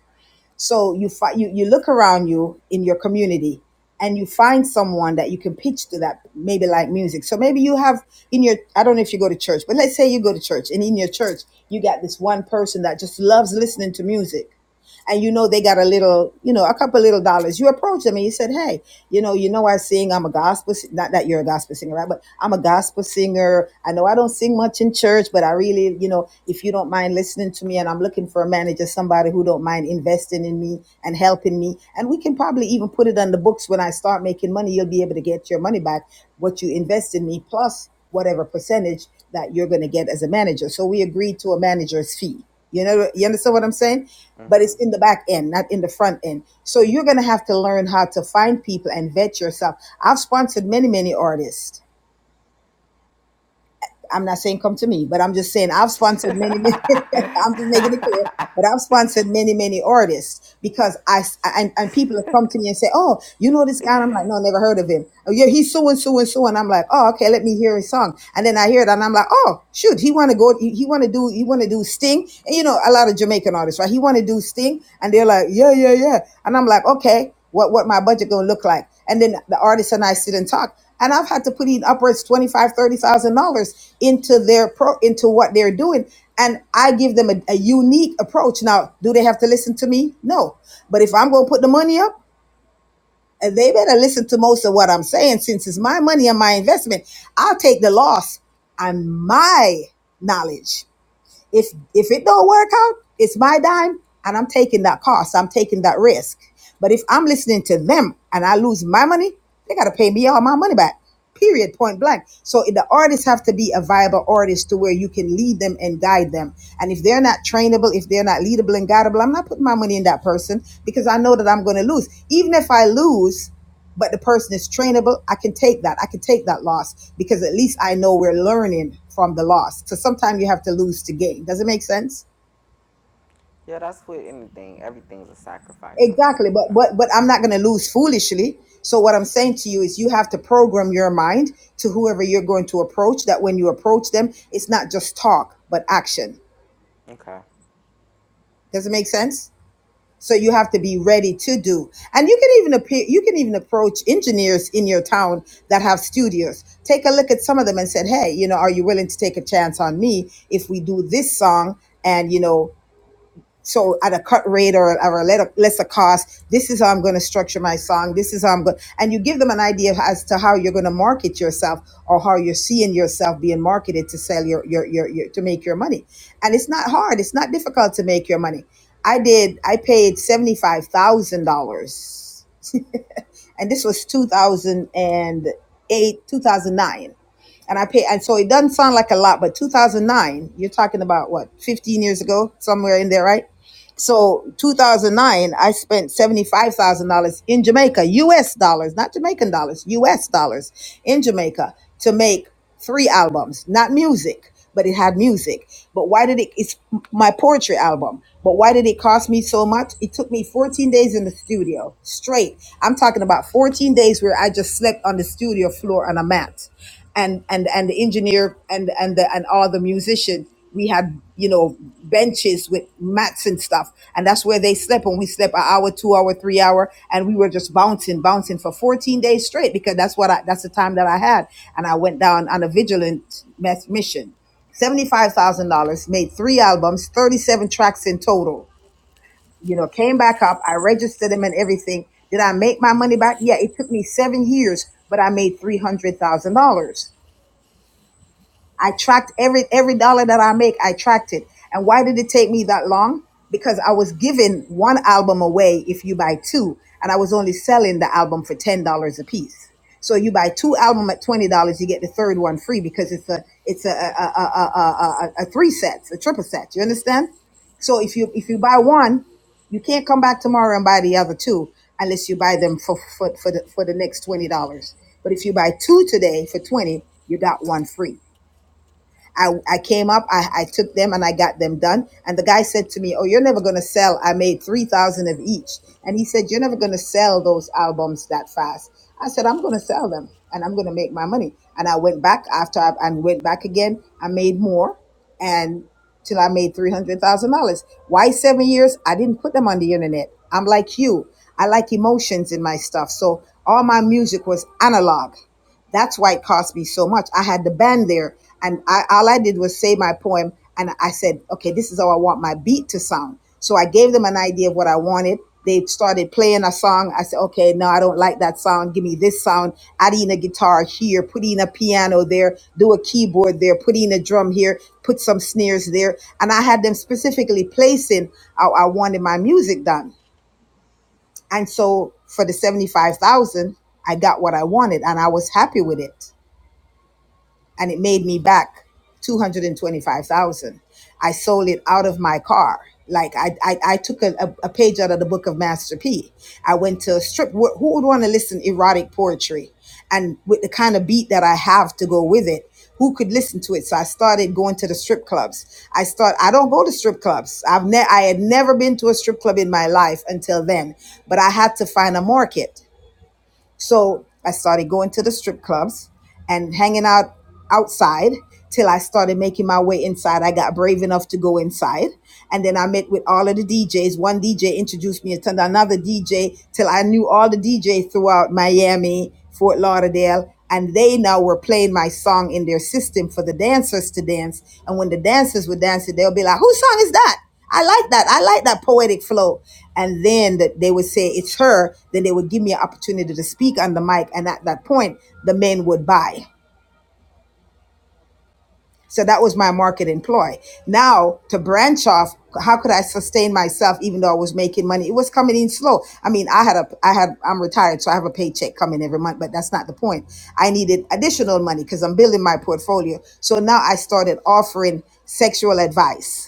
Speaker 6: So you fi- you you look around you in your community and you find someone that you can pitch to that maybe like music. So maybe you have in your I don't know if you go to church, but let's say you go to church and in your church you got this one person that just loves listening to music and you know they got a little, you know, a couple little dollars, you approach them and you said, hey, you know, you know I sing, I'm a gospel, si- not that you're a gospel singer, right? But I'm a gospel singer. I know I don't sing much in church, but I really, you know, if you don't mind listening to me and I'm looking for a manager, somebody who don't mind investing in me and helping me. And we can probably even put it on the books when I start making money, you'll be able to get your money back, what you invest in me, plus whatever percentage that you're going to get as a manager. So we agreed to a manager's fee. You know, you understand what I'm saying? but it's in the back end, not in the front end. So you're going to have to learn how to find people and vet yourself. I've sponsored many, many artists I'm not saying come to me, but I'm just saying I've sponsored many, many [LAUGHS] I'm just making it clear. But I've sponsored many, many artists because I and, and people have come to me and say, "Oh, you know this guy?" And I'm like, "No, never heard of him." Oh, yeah, he's so and so and so, and I'm like, "Oh, okay, let me hear his song." And then I hear it, and I'm like, "Oh, shoot, he want to go, he, he want to do, he want to do Sting." And you know, a lot of Jamaican artists, right? He want to do Sting, and they're like, "Yeah, yeah, yeah," and I'm like, "Okay, what what my budget gonna look like?" and then the artist and I sit and talk. And I've had to put in upwards twenty five, thirty thousand dollars into their pro into what they're doing. And I give them a, a unique approach. Now, do they have to listen to me? No. But if I'm gonna put the money up, uh, they better listen to most of what I'm saying since it's my money and my investment. I'll take the loss on my knowledge. If if it don't work out, it's my dime and I'm taking that cost. I'm taking that risk. But if I'm listening to them and I lose my money, they gotta pay me all my money back. Period, point blank. So the artists have to be a viable artist to where you can lead them and guide them. And if they're not trainable, if they're not leadable and guidable, I'm not putting my money in that person because I know that I'm going to lose. Even if I lose, but the person is trainable, I can take that. I can take that loss because at least I know we're learning from the loss. So sometimes you have to lose to gain. Does it make sense?
Speaker 7: Yeah, that's with anything. Everything's a sacrifice in life,
Speaker 6: Exactly.
Speaker 7: you
Speaker 6: But
Speaker 7: know.
Speaker 6: but but I'm not going to lose foolishly. So what I'm saying to you is you have to program your mind to whoever you're going to approach that when you approach them, it's not just talk, but action.
Speaker 7: Okay.
Speaker 6: Does it make sense? So you have to be ready to do. And you can even appear, you can even approach engineers in your town that have studios. Take a look at some of them and said, "Hey, you know, are you willing to take a chance on me if we do this song?" And you know. So at a cut rate or, or a let- lesser cost, this is how I'm going to structure my song. This is how I'm going, and you give them an idea as to how you're going to market yourself or how you're seeing yourself being marketed to sell your, your, your, your to make your money. And it's not hard. It's not difficult to make your money. I did, I paid $75,000 and this was 2008, 2009. And I pay, and so it doesn't sound like a lot, but 2009, you're talking about what, 15 years ago, somewhere in there, right? So 2009, I spent $75,000 in Jamaica, US dollars, not Jamaican dollars, US dollars in Jamaica to make three albums, not music, but it had music. But why did it, it's my poetry album. But why did it cost me so much? It took me 14 days in the studio straight. I'm talking about 14 days where I just slept on the studio floor on a mat and, and, and the engineer and, and the, and all the musicians we had you know benches with mats and stuff and that's where they slept and we slept an hour two hour three hour and we were just bouncing bouncing for 14 days straight because that's what i that's the time that i had and i went down on a vigilant meth- mission $75000 made three albums 37 tracks in total you know came back up i registered them and everything did i make my money back yeah it took me seven years but i made $300000 I tracked every every dollar that I make. I tracked it. And why did it take me that long? Because I was giving one album away if you buy two, and I was only selling the album for ten dollars a piece. So you buy two albums at twenty dollars, you get the third one free because it's a it's a, a, a, a, a a three sets, a triple set. You understand? So if you if you buy one, you can't come back tomorrow and buy the other two unless you buy them for for for the, for the next twenty dollars. But if you buy two today for twenty, you got one free. I, I came up, I, I took them and I got them done. And the guy said to me, Oh, you're never going to sell. I made 3,000 of each. And he said, You're never going to sell those albums that fast. I said, I'm going to sell them and I'm going to make my money. And I went back after I and went back again. I made more and till I made $300,000. Why seven years? I didn't put them on the internet. I'm like you. I like emotions in my stuff. So all my music was analog. That's why it cost me so much. I had the band there, and I, all I did was say my poem, and I said, okay, this is how I want my beat to sound. So I gave them an
Speaker 7: Mm-hmm.
Speaker 6: idea of what I wanted. They started playing a song. I said, okay, no, I don't like that sound. Give me this sound. Add in a guitar here, put in a piano there, do a keyboard there, put in a drum here, put some snares there. And I had them specifically placing how I wanted my music done. And so for the 75,000, I got what I wanted and I was happy with it and it made me back 225000 i sold it out of my car like i i, I took a, a, a page out of the book of master p i went to a strip wh- who would want to listen erotic poetry and with the kind of beat that i have to go with it who could listen to it so i started going to the strip clubs i start i don't go to strip clubs i've ne- i had never been to a strip club in my life until then but i had to find a market so I started going to the strip clubs and hanging out outside till I started making my way inside. I got brave enough to go inside. And then I met with all of the DJs. One DJ introduced me to another DJ till I knew all the DJs throughout Miami, Fort Lauderdale. And they now were playing my song in their system for the dancers to dance. And when the dancers were dancing, they'll be like, whose song is that? I like that. I like that poetic flow. And then that they would say it's her. Then they would give me an opportunity to speak on the mic. And at that point, the men would buy. So that was my marketing ploy. Now to branch off, how could I sustain myself even though I was making money? It was coming in slow. I mean, I had a, I had, I'm retired, so I have a paycheck coming every month, but that's not the point. I needed additional money because I'm building my portfolio. So now I started offering sexual advice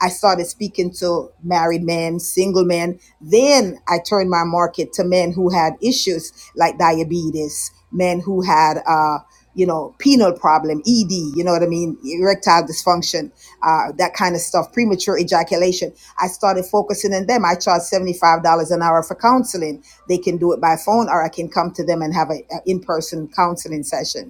Speaker 6: I started speaking to married men, single men. Then I turned my market to men who had issues like diabetes, men who had, uh, you know, penile problem, ED, you know what I mean, erectile dysfunction, uh, that kind of stuff, premature ejaculation. I started focusing on them. I charge $75 an hour for counseling. They can do it by phone or I can come to them and have an in person counseling session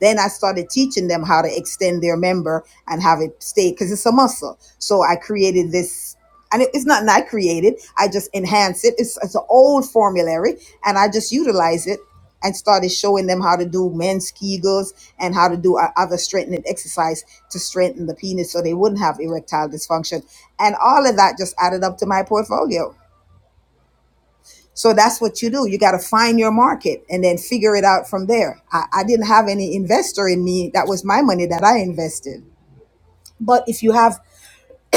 Speaker 6: then I started teaching them how to extend their member and have it stay because it's a muscle. So I created this, and it, it's not I created. I just enhanced it. It's, it's an old formulary, and I just utilize it and started showing them how to do men's kegels and how to do o- other strengthening exercise to strengthen the penis so they wouldn't have erectile dysfunction and all of that just added up to my portfolio so that's what you do. You got to find your market and then figure it out from there. I, I didn't have any investor in me. That was my money that I invested. But if you have,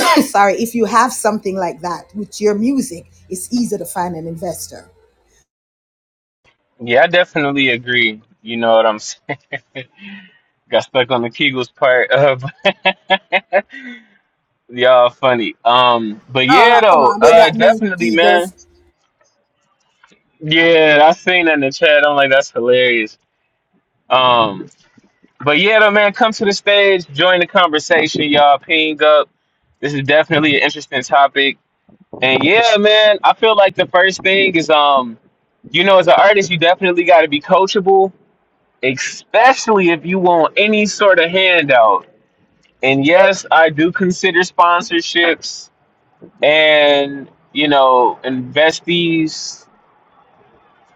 Speaker 6: [CLEARS THROAT] sorry, if you have something like that with your music, it's easy to find an investor.
Speaker 3: Yeah, I definitely agree. You know what I'm saying? [LAUGHS] Got stuck on the Kegels part. Uh, [LAUGHS] y'all funny. Um, but
Speaker 6: Oh,
Speaker 3: yeah,
Speaker 6: come
Speaker 3: though,
Speaker 6: on. They
Speaker 3: uh,
Speaker 6: got me
Speaker 3: definitely, man.
Speaker 6: eagles.
Speaker 3: Yeah, I seen that in the chat. I'm like, that's hilarious. Um, but yeah, though, man, come to the stage, join the conversation, y'all. Ping up. This is definitely an interesting topic. And yeah, man, I feel like the first thing is um, you know, as an artist, you definitely got to be coachable, especially if you want any sort of handout. And yes, I do consider sponsorships and you know investees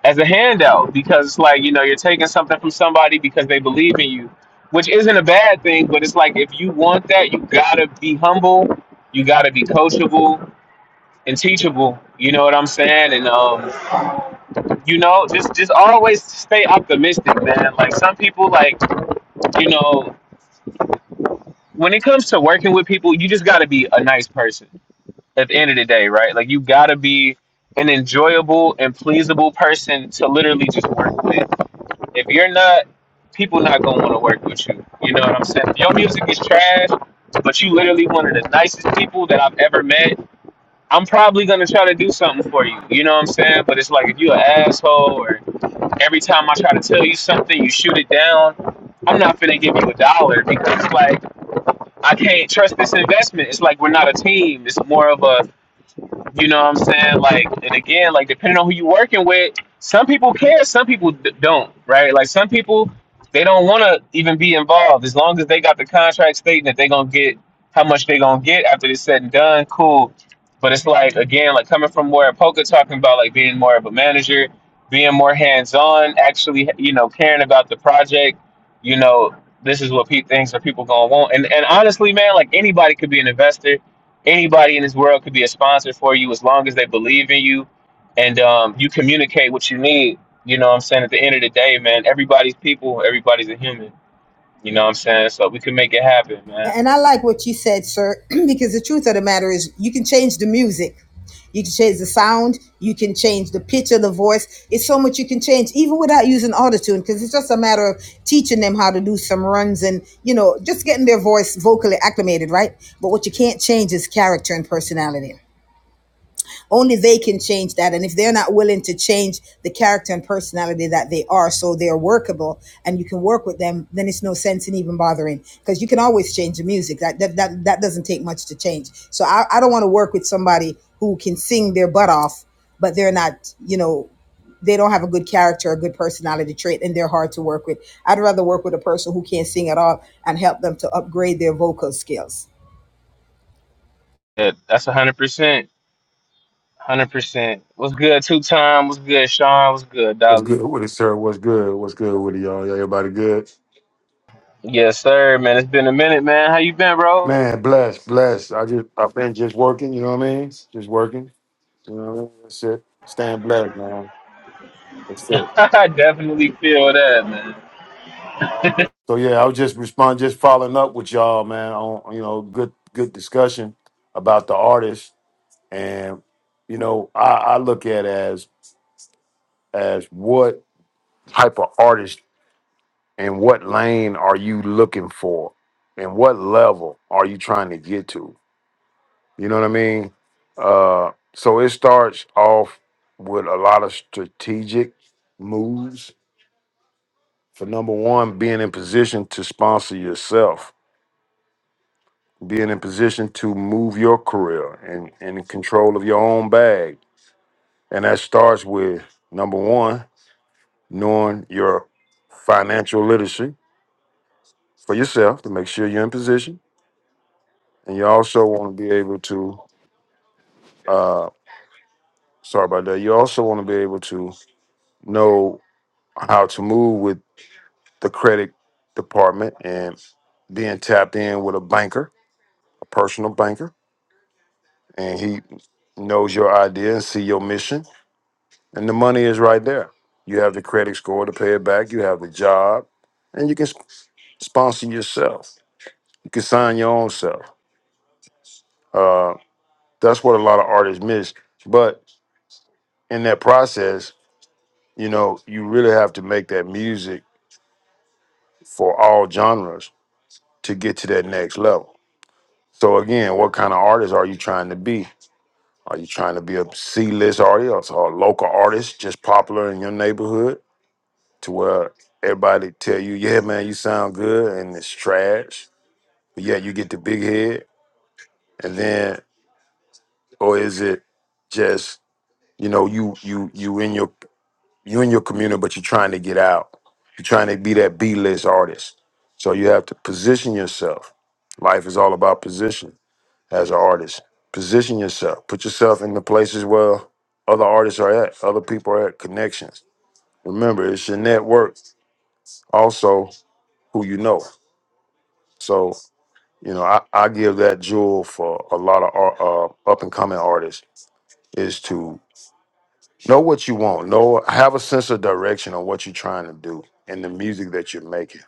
Speaker 3: as a handout because it's like you know you're taking something from somebody because they believe in you, which isn't a bad thing. But it's like if you want that, you gotta be humble, you gotta be coachable and teachable. You know what I'm saying? And um you know, just just always stay optimistic, man. Like some people, like you know, when it comes to working with people, you just got to be a nice person at the end of the day, right? Like you got to be an enjoyable and pleasable person to literally just work with. If you're not, people not gonna want to work with you. You know what I'm saying? If your music is trash, but you literally one of the nicest people that I've ever met. I'm probably gonna try to do something for you. You know what I'm saying? But it's like if you're an asshole or every time I try to tell you something, you shoot it down. I'm not finna give you a dollar because like I can't trust this investment. It's like we're not a team. It's more of a you know what I'm saying? Like, and again, like depending on who you're working with, some people care, some people d- don't, right? Like some people they don't want to even be involved as long as they got the contract stating that they're gonna get how much they're gonna get after this said and done. Cool, but it's like again, like coming from where poker talking about like being more of a manager, being more hands on, actually, you know, caring about the project. You know, this is what pe- things are people gonna want, and and honestly, man, like anybody could be an investor anybody in this world could be a sponsor for you as long as they believe in you and um, you communicate what you need. You know what I'm saying? At the end of the day, man, everybody's people, everybody's a human. You know what I'm saying? So we can make it happen, man.
Speaker 6: And I like what you said, sir, [CLEARS THROAT] because the truth of the matter is you can change the music. You can change the sound. You can change the pitch of the voice. It's so much you can change, even without using autotune, because it's just a matter of teaching them how to do some runs and, you know, just getting their voice vocally acclimated, right? But what you can't change is character and personality only they can change that and if they're not willing to change the character and personality that they are so they're workable and you can work with them then it's no sense in even bothering because you can always change the music that that, that that doesn't take much to change so i, I don't want to work with somebody who can sing their butt off but they're not you know they don't have a good character a good personality trait and they're hard to work with i'd rather work with a person who can't sing at all and help them to upgrade their vocal skills
Speaker 3: Yeah, That's 100%. 100%. What's good, two time? What's good, Sean? What's good,
Speaker 8: What's
Speaker 3: Dolly?
Speaker 8: good with it, sir? What's good? What's good with it, y'all? Y'all, Everybody good?
Speaker 3: Yes, sir, man. It's been a minute, man. How you been, bro?
Speaker 8: Man, blessed, blessed. I just I've been just working, you know what I mean? Just working. You know what I mean? That's it. Staying blessed, man. That's
Speaker 3: [LAUGHS]
Speaker 8: it.
Speaker 3: I definitely feel that, man.
Speaker 8: So yeah, I was just respond just following up with y'all, man, on you know, good good discussion about the artist. And, you know, I, I look at as as what type of artist and what lane are you looking for? And what level are you trying to get to? You know what I mean? Uh, so it starts off with a lot of strategic moves. For number one, being in position to sponsor yourself, being in position to move your career and, and in control of your own bag. And that starts with number one, knowing your financial literacy for yourself to make sure you're in position. And you also want to be able to, uh, sorry about that, you also want to be able to know how to move with the credit department and being tapped in with a banker, a personal banker, and he knows your idea and see your mission, and the money is right there. You have the credit score to pay it back. You have the job, and you can sp- sponsor yourself. You can sign your own self. Uh, that's what a lot of artists miss. But in that process, you know, you really have to make that music for all genres to get to that next level. So again, what kind of artist are you trying to be? Are you trying to be a C list artist or a local artist just popular in your neighborhood to where everybody tell you, yeah, man, you sound good and it's trash, but yeah, you get the big head? And then or is it just, you know, you you you in your you in your community, but you're trying to get out. You're trying to be that B list artist. So you have to position yourself. Life is all about position as an artist. Position yourself. Put yourself in the places where other artists are at, other people are at, connections. Remember, it's your network, also who you know. So, you know, I, I give that jewel for a lot of art, uh, up and coming artists is to Know what you want. Know have a sense of direction on what you're trying to do and the music that you're making.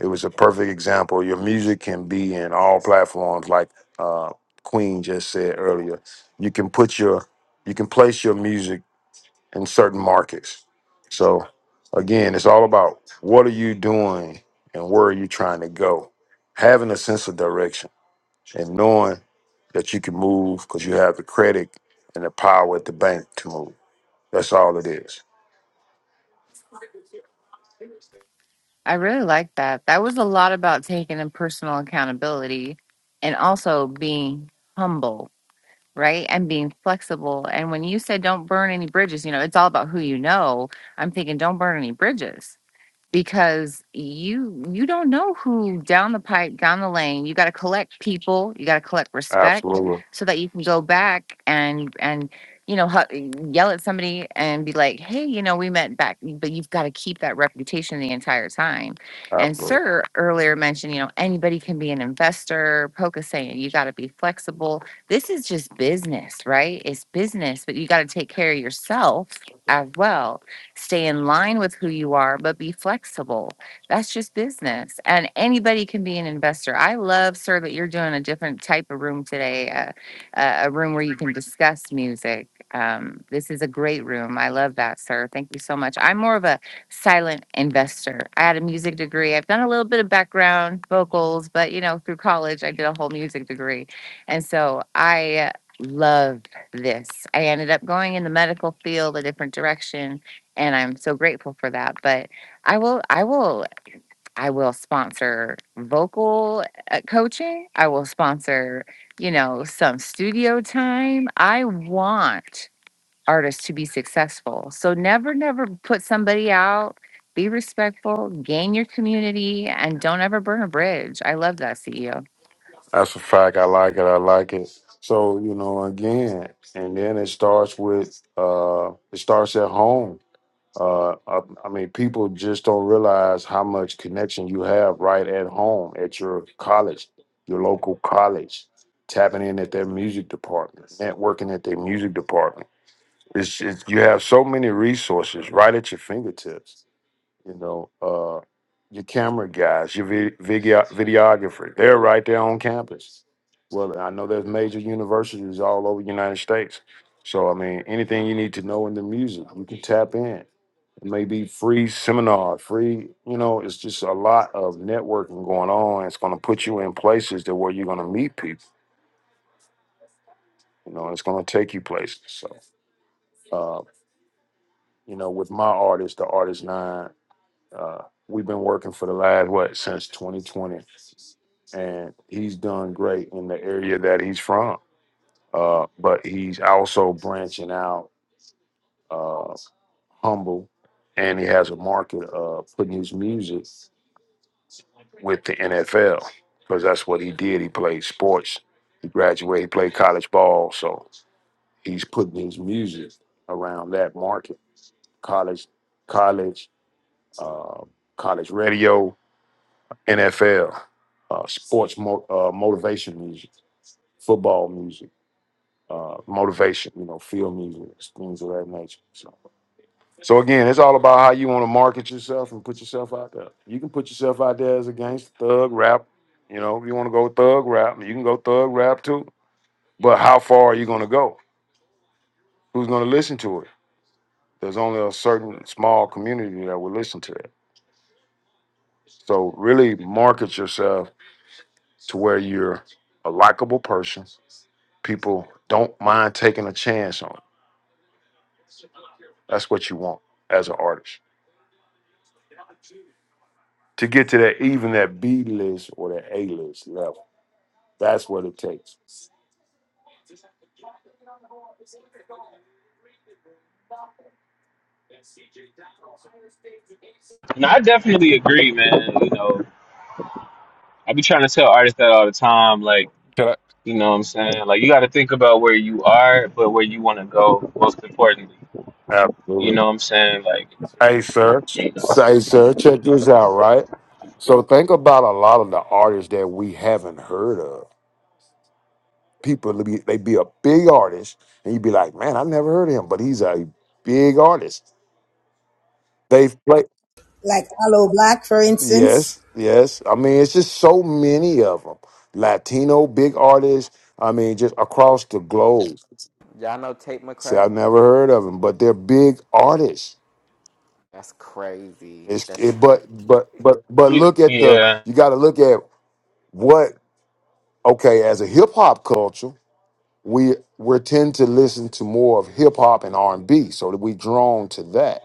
Speaker 8: It was a perfect example. Your music can be in all platforms, like uh, Queen just said earlier. You can put your you can place your music in certain markets. So again, it's all about what are you doing and where are you trying to go. Having a sense of direction and knowing that you can move because you have the credit and the power at the bank to move. That's all it is.
Speaker 9: I really like that. That was a lot about taking in personal accountability and also being humble, right? And being flexible. And when you said don't burn any bridges, you know, it's all about who you know. I'm thinking don't burn any bridges because you you don't know who down the pipe down the lane you got to collect people you got to collect respect
Speaker 8: Absolutely.
Speaker 9: so that you can go back and and you know hu- yell at somebody and be like hey you know we met back but you've got to keep that reputation the entire time and
Speaker 8: Absolutely.
Speaker 9: sir earlier mentioned you know anybody can be an investor poca saying you got to be flexible this is just business right it's business but you got to take care of yourself as well stay in line with who you are, but be flexible. That's just business. And anybody can be an investor. I love, sir, that you're doing a different type of room today, uh, a a room where you can discuss music. Um, this is a great room. I love that, sir. Thank you so much. I'm more of a silent investor. I had a music degree. I've done a little bit of background vocals, but you know, through college, I did a whole music degree. And so I love this. I ended up going in the medical field, a different direction and I'm so grateful for that. But I will, I will, I will sponsor vocal uh, coaching. I will sponsor, you know, some studio time. I want artists to be successful. So never, never put somebody out. Be respectful, gain your community, and don't ever burn a bridge. I love that CEO.
Speaker 8: That's a fact. I like it. I like it. So, you know, again, and then it starts with uh it starts at home. Uh I, I mean, people just don't realize how much connection you have right at home at your college, your local college, tapping in at their music department, networking at their music department. It's, it's you have so many resources right at your fingertips you know, uh, your camera guys, your vi- video videographer, they're right there on campus. Well, I know there's major universities all over the United States. So, I mean, anything you need to know in the music, you can tap in. It may be free seminar, free, you know, it's just a lot of networking going on. It's going to put you in places that where you're going to meet people, you know, and it's going to take you places. So, uh, you know, with my artist, the Artist Nine, uh, we've been working for the last, what, since 2020 and he's done great in the area that he's from. Uh, but he's also branching out, uh, humble, and he has a market of putting his music with the NFL because that's what he did. He played sports. He graduated. He played college ball, so he's putting his music around that market: college, college, uh, college radio, NFL, uh, sports, mo- uh, motivation music, football music. uh, motivation, you know, field music, things of that nature. So, so again, it's all about how you want to market yourself and put yourself out there. You can put yourself out there as a gangster, thug rap. You know, if you want to go thug rap, you can go thug rap too. But how far are you going to go? Who's going to listen to it? There's only a certain small community that will listen to it. So really market yourself to where you're a likable person. People don't mind taking a chance on. That's what you want as an artist. to get to that even that B list or that A list level. That's what it takes.
Speaker 3: And I definitely agree, man. You know, I be trying to tell artists that all the time. Like,
Speaker 10: Can
Speaker 3: You know what I'm saying? Like you got to think about where you are, but where you want to go. Most importantly, you
Speaker 8: Absolutely.
Speaker 3: know what I'm saying? Like
Speaker 8: Hey, sir.
Speaker 3: you know,
Speaker 8: Say, sir, check this out, right? So think about a lot of the artists that we haven't heard of. People, they be, they be a big artist, and you be like, man, I never heard of him, but he's a big artist. They've played,
Speaker 6: like aloe black for instance
Speaker 8: yes, yes. I mean, it's just so many of them. Latino big artists, I mean, just across the globe.
Speaker 7: Y'all know Tate
Speaker 8: See,
Speaker 7: McRae?
Speaker 8: I've never heard of them, but they're big artists.
Speaker 7: That's crazy.
Speaker 8: It's,
Speaker 7: That's
Speaker 8: it, but but but but
Speaker 3: you
Speaker 8: look at the
Speaker 3: yeah,
Speaker 8: you got to look at what okay as a hip hop culture we we tend to listen to more of hip hop and R and B so that we drawn to that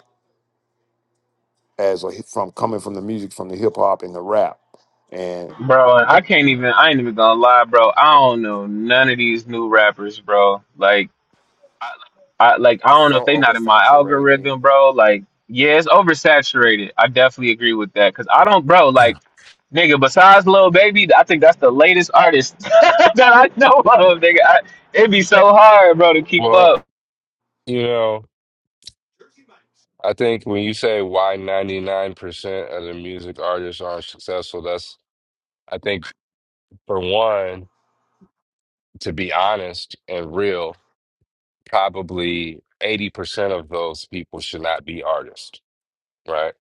Speaker 8: as a from coming from the music from the hip hop and the rap
Speaker 3: bro. I can't even. I ain't even gonna lie, bro. I don't know none of these new rappers, bro. Like I like
Speaker 7: [LAUGHS]
Speaker 3: I
Speaker 7: it's
Speaker 3: don't know if
Speaker 7: so
Speaker 3: they not in my
Speaker 7: oversaturated.
Speaker 3: algorithm, bro. Like yeah, it's oversaturated. I definitely agree with that because I don't, bro.
Speaker 10: I?
Speaker 3: Like
Speaker 10: [CLEARS THROAT]
Speaker 3: nigga, besides Lil Baby, I think that's the latest artist [LAUGHS] that I know of, nigga. I, it'd be so hard, bro, to keep
Speaker 10: Well,
Speaker 3: up.
Speaker 10: you know, I think when you say why 99% of the music artists aren't successful, that's, I think, for one, to be honest and real, probably 80% of those people should not be artists, right?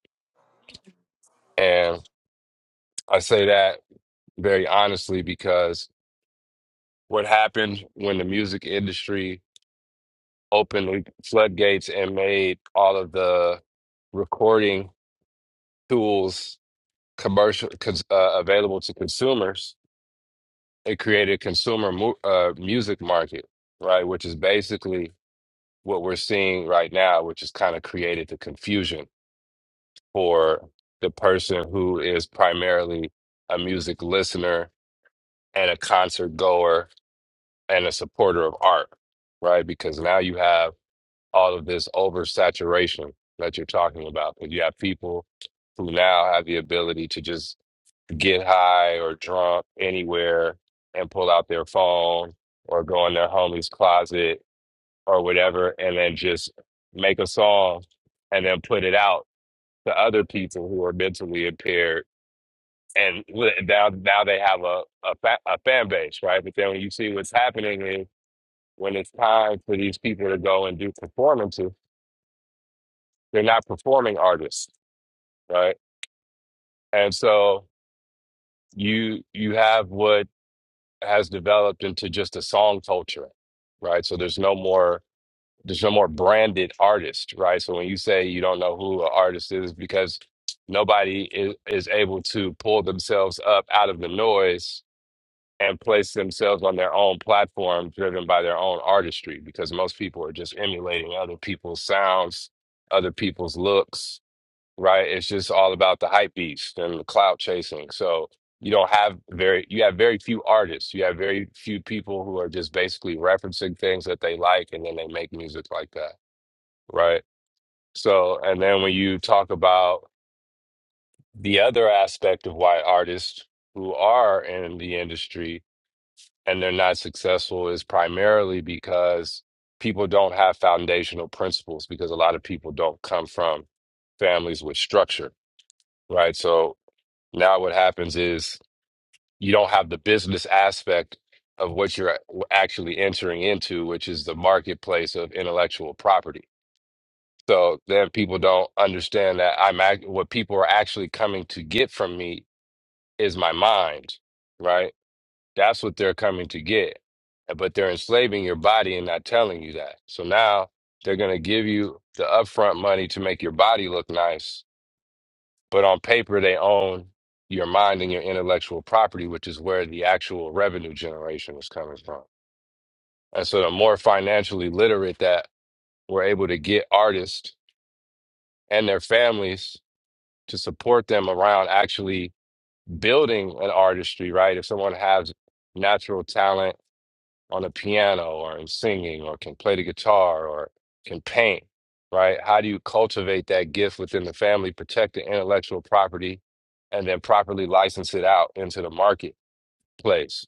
Speaker 10: And I say that very honestly because what happened when the music industry opened the floodgates and made all of the recording tools commercial cons, uh, available to consumers, it created a consumer mu uh, music market, right? Which is basically what we're seeing right now, which has kind of created the confusion for the person who is primarily a music listener and a concert goer and a supporter of art, right? Because now you have all of this oversaturation that you're talking about. You have people who now have the ability to just get high or drunk anywhere and pull out their phone or go in their homie's closet or whatever and then just make a song and then put it out to other people who are mentally impaired and li- now now they have a a, fa- a fan base right but then when you see what's happening is when it's time for these people to go and do performances they're not performing artists right and so you you have what has developed into just a song culture, right? So there's no more there's no more branded artist, right? So when you say you don't know who an artist is because nobody is, is able to pull themselves up out of the noise and place themselves on their own platform driven by their own artistry because most people are just emulating other people's sounds, other people's looks, right? It's just all about the hype beast and the clout chasing. So you don't have very you have very few artists. You have very few people who are just basically referencing things that they like and then they make music like that, right? So and then when you talk about the other aspect of why artists who are in the industry and they're not successful is primarily because people don't have foundational principles because a lot of people don't come from families with structure right? So Now what happens is you don't have the business aspect of what you're actually entering into, which is the marketplace of intellectual property. So then people don't understand that I'm act- what people are actually coming to get from me is my mind, right? That's what they're coming to get. eh, But they're enslaving your body and not telling you that. So now they're going to give you the upfront money to make your body look nice But on paper, they own your mind and your intellectual property, which is where the actual revenue generation is coming from. And so the more financially literate that we're able to get artists and their families to support them around actually building an artistry, right? If someone has natural talent on a piano or in singing or can play the guitar or can paint, right? How do you cultivate that gift within the family, protect the intellectual property, and then properly license it out into the marketplace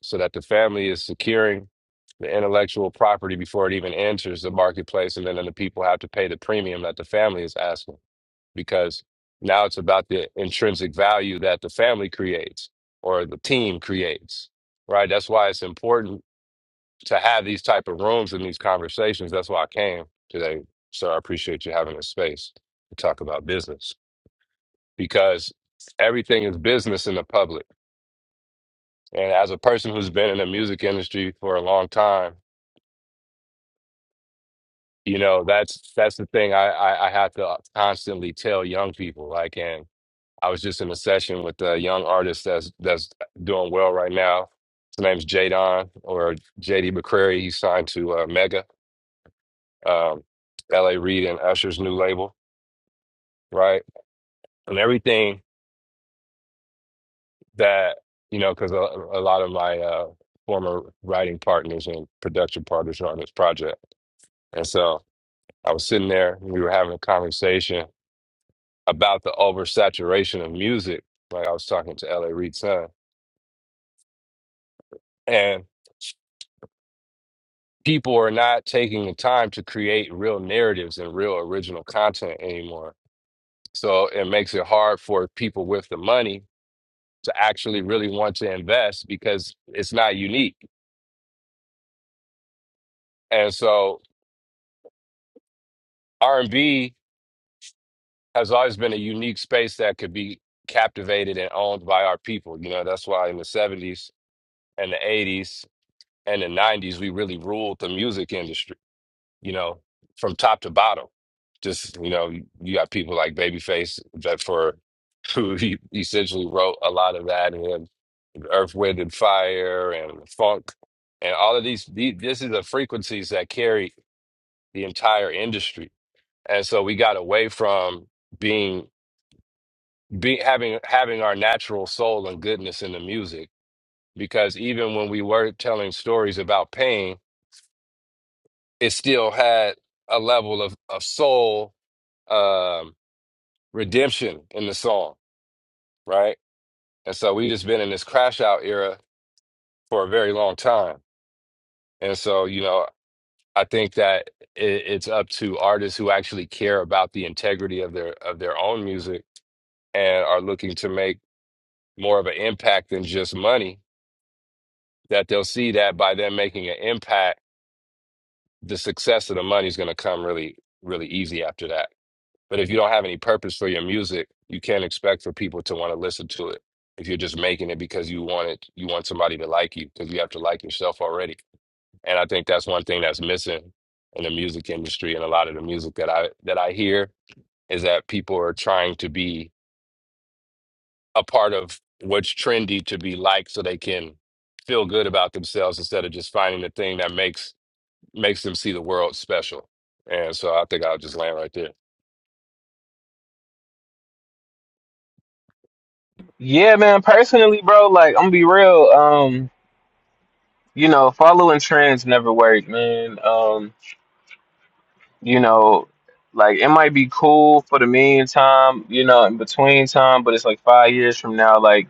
Speaker 10: so that the family is securing the intellectual property before it even enters the marketplace? And then, then the people have to pay the premium that the family is asking because now it's about the intrinsic value that the family creates or the team creates right? That's why it's important to have these type of rooms and these conversations. That's why I came today. So I appreciate you having this space to talk about business because everything is business in the public. And as a person who's been in the music industry for a long time, you know that's that's the thing I, I I have to constantly tell young people. Like, and I was just in a session with a young artist that's that's doing well right now. His name's Jadon or JD McCrary. He's signed to uh, Mega, um, L.A. Reid and Usher's new label right? And everything that, you know, because a, a lot of my uh, former writing partners and production partners are on this project. And so I was sitting there and we were having a conversation about the oversaturation of music. Like I was talking to L.A. Reid's son, and people are not taking the time to create real narratives and real original content anymore. So it makes it hard for people with the money to actually really want to invest because it's not unique. And so R&B has always been a unique space that could be captivated and owned by our people. You know, that's why in the 70s and the 80s and the 90s we really ruled the music industry, you know, from top to bottom. Just, you know, you got people like Babyface that for [LAUGHS] who he essentially wrote a lot of that and then Earth, Wind and Fire and Funk and all of these, these this is the frequencies that carry the entire industry. And so we got away from being be having having our natural soul and goodness in the music because even when we were telling stories about pain it still had a level of of soul um redemption in the song right and so we just been in this crash out era for a very long time and so you know i think that it, it's up to artists who actually care about the integrity of their of their own music and are looking to make more of an impact than just money that they'll see that by them making an impact, the success of the money is going to come really, really easy after that. But if you don't have any purpose for your music, you can't expect for people to want to listen to it. If you're just making it because you want it, you want somebody to like you because you have to like yourself already. And I think that's one thing that's missing in the music industry and a lot of the music that I that I hear is that people are trying to be a part of what's trendy to be liked so they can feel good about themselves instead of just finding the thing that makes makes them see the world special. And so I think I'll just land right there.
Speaker 3: Yeah, man. Personally, bro, like I'm gonna be real. Um, you know, following trends never work, man. Um, you know, like it might be cool for the meantime, you know, in between time, but it's like five years from now, like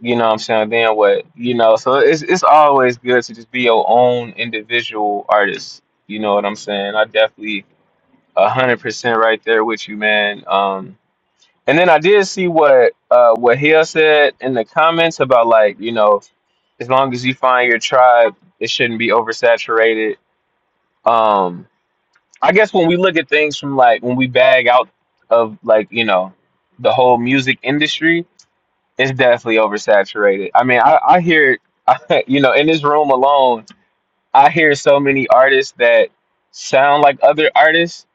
Speaker 3: you know, what I'm saying then what, you know. So it's it's always good to just be your own individual artist. You know what I'm saying? I definitely a hundred percent right there with you, man. Um, and then I did see what uh what Hill said in the comments about like you know. as long as you find your tribe, it shouldn't be oversaturated. Um, I guess when we look at things from like when we bag out of like you know the whole music industry, it's definitely oversaturated. I mean, I, I hear [LAUGHS] I, you know in this room alone, I hear so many artists that sound like other artists,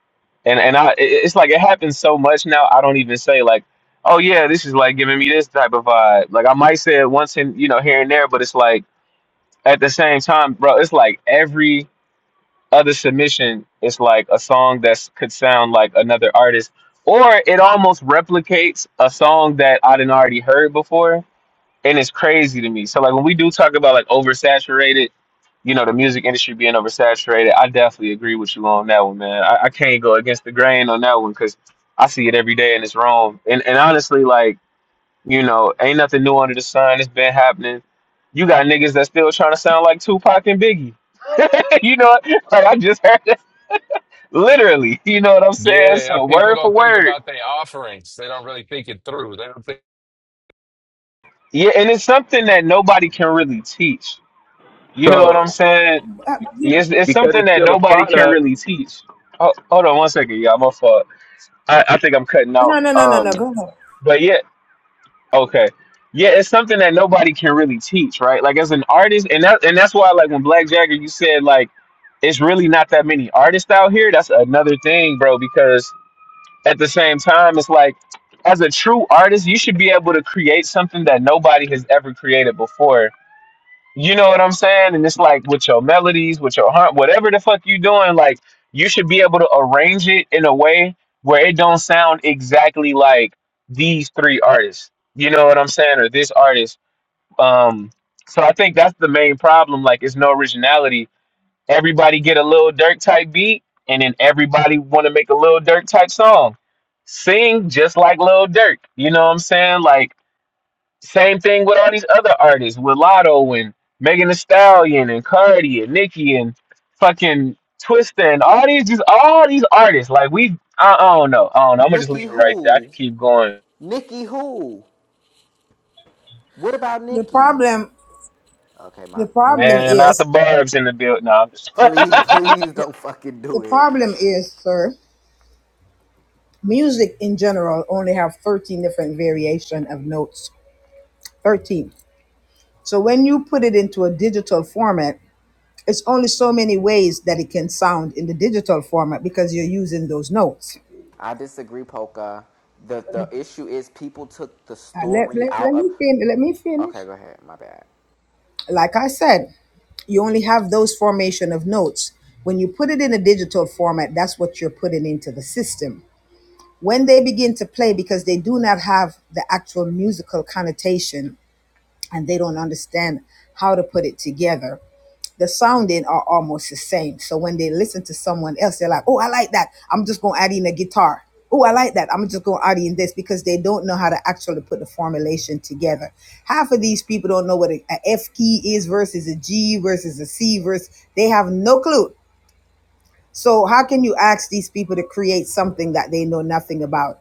Speaker 3: and and I it- it's like it happens so much now. I don't even say like. Oh yeah, this is like giving me this type of vibe. Like I might say it once in you know here and there, but it's like at the same time, bro, it's like every other submission is like a song that could sound like another artist, or it almost replicates a song that I didn't already heard before, and it's crazy to me. So like when we do talk about like oversaturated, you know, the music industry being oversaturated, I definitely agree with you on that one, man. I, I can't go against the grain on that one because I see it every day and it's wrong. And and honestly, like you know, ain't nothing new under the sun. It's been happening. You got niggas that still trying to sound like Tupac and Biggie [LAUGHS] you know, what? like I just heard that literally. You know what I'm saying?
Speaker 10: Yeah,
Speaker 3: So
Speaker 10: people
Speaker 3: word for
Speaker 10: don't think
Speaker 3: word.
Speaker 10: about their offerings. They don't really think it through. They don't think
Speaker 3: Yeah, and it's something that nobody can really teach. You know what
Speaker 10: So
Speaker 3: I'm saying? It's, it's
Speaker 10: because
Speaker 3: something
Speaker 10: it's
Speaker 3: that
Speaker 10: still a
Speaker 3: nobody can
Speaker 10: product.
Speaker 3: really teach. Oh, hold on one second, y'all. My fault. I, I think I'm cutting out.
Speaker 6: No, no, no, no,
Speaker 3: Um,
Speaker 6: no. Go ahead.
Speaker 3: but yeah, okay. Yeah, it's something that nobody can really teach, right? Like as an artist, and that and that's why like when Black Jagger you said like it's really not that many artists out here. That's another thing, bro, because at the same time, it's like as a true artist, you should be able to create something that nobody has ever created before. You know what I'm saying? And it's like with your melodies, with your heart, whatever the fuck you doing, like you should be able to arrange it in a way where it don't sound exactly like these three artists. You know what I'm saying? Or this artist. Um so I think that's the main problem. Like it's no originality Everybody get a little Dirk type beat, and then everybody want to make a little Dirk type song. Sing just like Lil Dirk. You know what I'm saying? Like same thing with all these other artists, with Lotto and Megan Thee Stallion and Cardi and Nicki and fucking Twista and all these just all these artists. Like we, I, I don't know, I don't know. I'm gonna just
Speaker 7: Nikki
Speaker 3: leave it right there. I can
Speaker 7: who?
Speaker 3: keep going.
Speaker 7: Nikki who? What about
Speaker 6: The
Speaker 7: Nikki?
Speaker 6: problem,
Speaker 7: Okay, my
Speaker 6: the
Speaker 7: okay.
Speaker 6: problem
Speaker 3: Man, not the
Speaker 6: is,
Speaker 3: barbs in the build. No, I'm just.
Speaker 7: Please, [LAUGHS]
Speaker 3: [LAUGHS]
Speaker 7: please don't fucking
Speaker 6: the
Speaker 7: do it.
Speaker 6: problem is, sir. Music in general only have thirteen different variation of notes. Thirteen. So when you put it into a digital format, it's only so many ways that it can sound in the digital format because you're using those notes.
Speaker 7: I disagree, Polka. The the issue is people took the
Speaker 6: Uh, let,
Speaker 7: story
Speaker 6: let,
Speaker 7: out
Speaker 6: let
Speaker 7: of
Speaker 6: me fin- let me
Speaker 7: Okay,
Speaker 6: finish.
Speaker 7: go ahead, my bad.
Speaker 6: Like I said, you only have those formation of notes. When you put it in a digital format, that's what you're putting into the system. when they begin to play because they do not have the actual musical connotation and they don't understand how to put it together the sounding are almost the same so when they listen to someone else they're like oh i like that i'm just going to add in a guitar oh i like that i'm just going to add in this because they don't know how to actually put the formulation together half of these people don't know what a a F key is versus a g versus a c versus they have no clue so how can you ask these people to create something that they know nothing about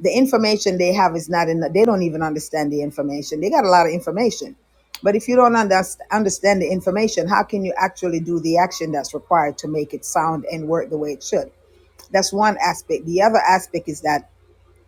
Speaker 6: the information they have is not enough. They don't even understand the information. They got a lot of information. But if you don't underst- understand the information, how can you actually do the action that's required to make it sound and work the way it should? That's one aspect. The other aspect is that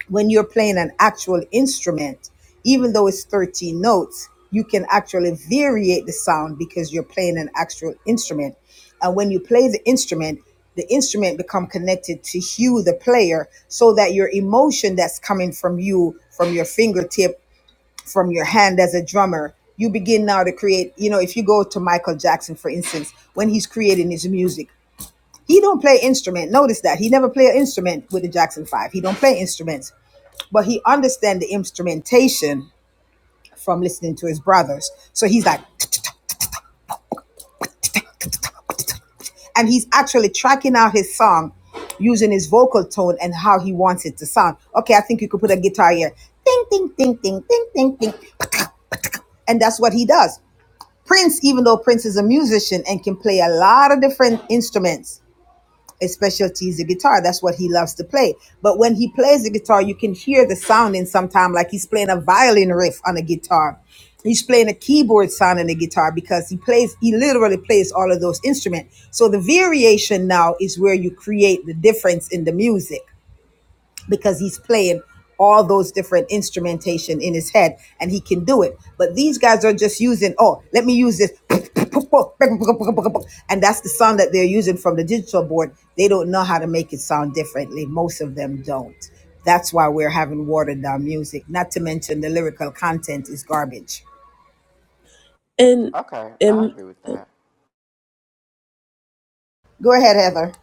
Speaker 6: when you're playing an actual instrument, even though it's 13 notes, you can actually variate the sound because you're playing an actual instrument. And when you play the instrument, the instrument become connected to you, the player, so that your emotion that's coming from you, from your fingertip, from your hand as a drummer, you begin now to create. You know, if you go to Michael Jackson, for instance, when he's creating his music, he don't play instrument. Notice that he never play an instrument with the Jackson Five. He don't play instruments but he understand the instrumentation from listening to his brothers. So he's like, and he's actually tracking out his song using his vocal tone and how he wants it to sound. Okay, I think you could put a guitar here. Ding, ding, ding, ding, ding, ding, ding. And that's what he does. Prince, even though Prince is a musician and can play a lot of different instruments, his specialty is the guitar. That's what he loves to play. But when he plays the guitar, you can hear the sounding sometimes like he's playing a violin riff on a guitar. He's playing a keyboard sound on the guitar because he plays, he literally plays all of those instruments. So the variation now is where you create the difference in the music because he's playing all those different instrumentation in his head and he can do it. But these guys are just using, oh, let me use this. And that's the sound that they're using from the digital board. They don't know how to make it sound differently. Most of them don't. That's why we're having watered down music, not to mention the lyrical content is garbage.
Speaker 11: And
Speaker 7: Okay, I
Speaker 11: and
Speaker 7: agree with that.
Speaker 6: Go ahead, Heather.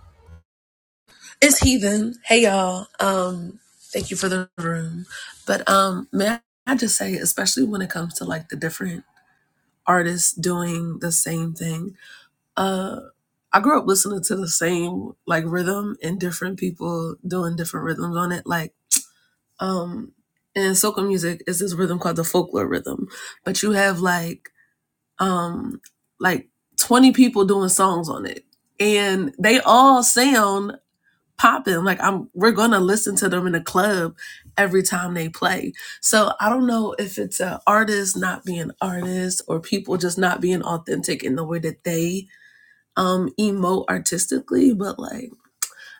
Speaker 11: it's heathen. Hey y'all. Um, thank you for the room. But um, may I just say, especially when it comes to like the different artists doing the same thing. Uh, I grew up listening to the same like rhythm and different people doing different rhythms on it. Like um, in soca music is this rhythm called the folklore rhythm, but you have like um, like twenty people doing songs on it, and they all sound popping. Like I'm we're gonna listen to them in the club every time they play. So I don't know if it's uh artists not being artists or people just not being authentic in the way that they um emote artistically, but like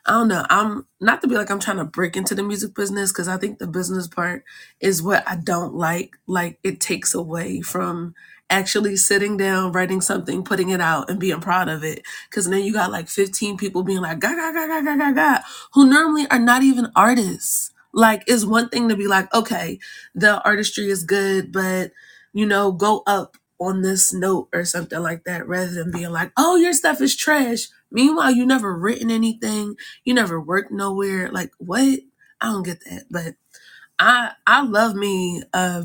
Speaker 11: I don't know. I'm not to be like I'm trying to break into the music business because I think the business part is what I don't like. Like it takes away from actually sitting down, writing something, putting it out, and being proud of it. Because then you got like 15 people being like, ga, ga, ga, ga, ga, ga, ga, who normally are not even artists. Like it's one thing to be like, okay, the artistry is good, but you know, go up on this note or something like that rather than being like, oh, your stuff is trash. Meanwhile, you never written anything you never worked nowhere. Like what? I don't get that. But I I love me uh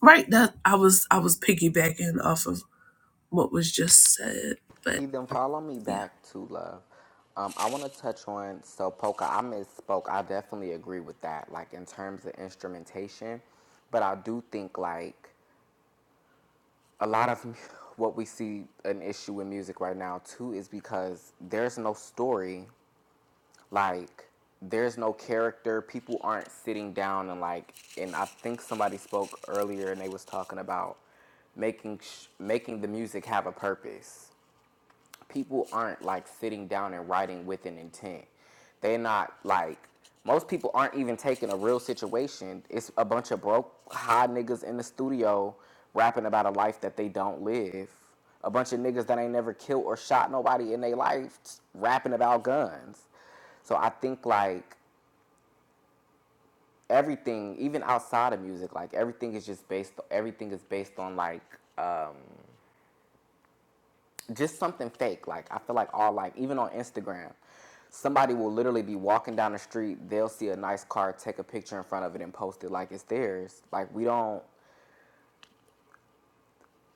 Speaker 11: right that I was I was piggybacking off of what was just said.
Speaker 7: He
Speaker 11: But
Speaker 7: then follow me
Speaker 11: yeah.
Speaker 7: back to love. Um, I want to touch on so Polka. I misspoke. I definitely agree with that. Like in terms of instrumentation, but I do think like a lot of [LAUGHS] what we see an issue in music right now too is because there's no story like there's no character people aren't sitting down and like and i think somebody spoke earlier and they was talking about making sh- making the music have a purpose people aren't like sitting down and writing with an intent. They're not like most people aren't even taking a real situation. It's a bunch of broke high niggas in the studio rapping about a life that they don't live. A bunch of niggas that ain't never killed or shot nobody in their life rapping about guns. So I think like everything, even outside of music, like everything is just based everything is based on like just something fake. Like I feel like all life, even on Instagram, somebody will literally be walking down the street, they'll see a nice car, take a picture in front of it, and post it like it's theirs. Like we don't,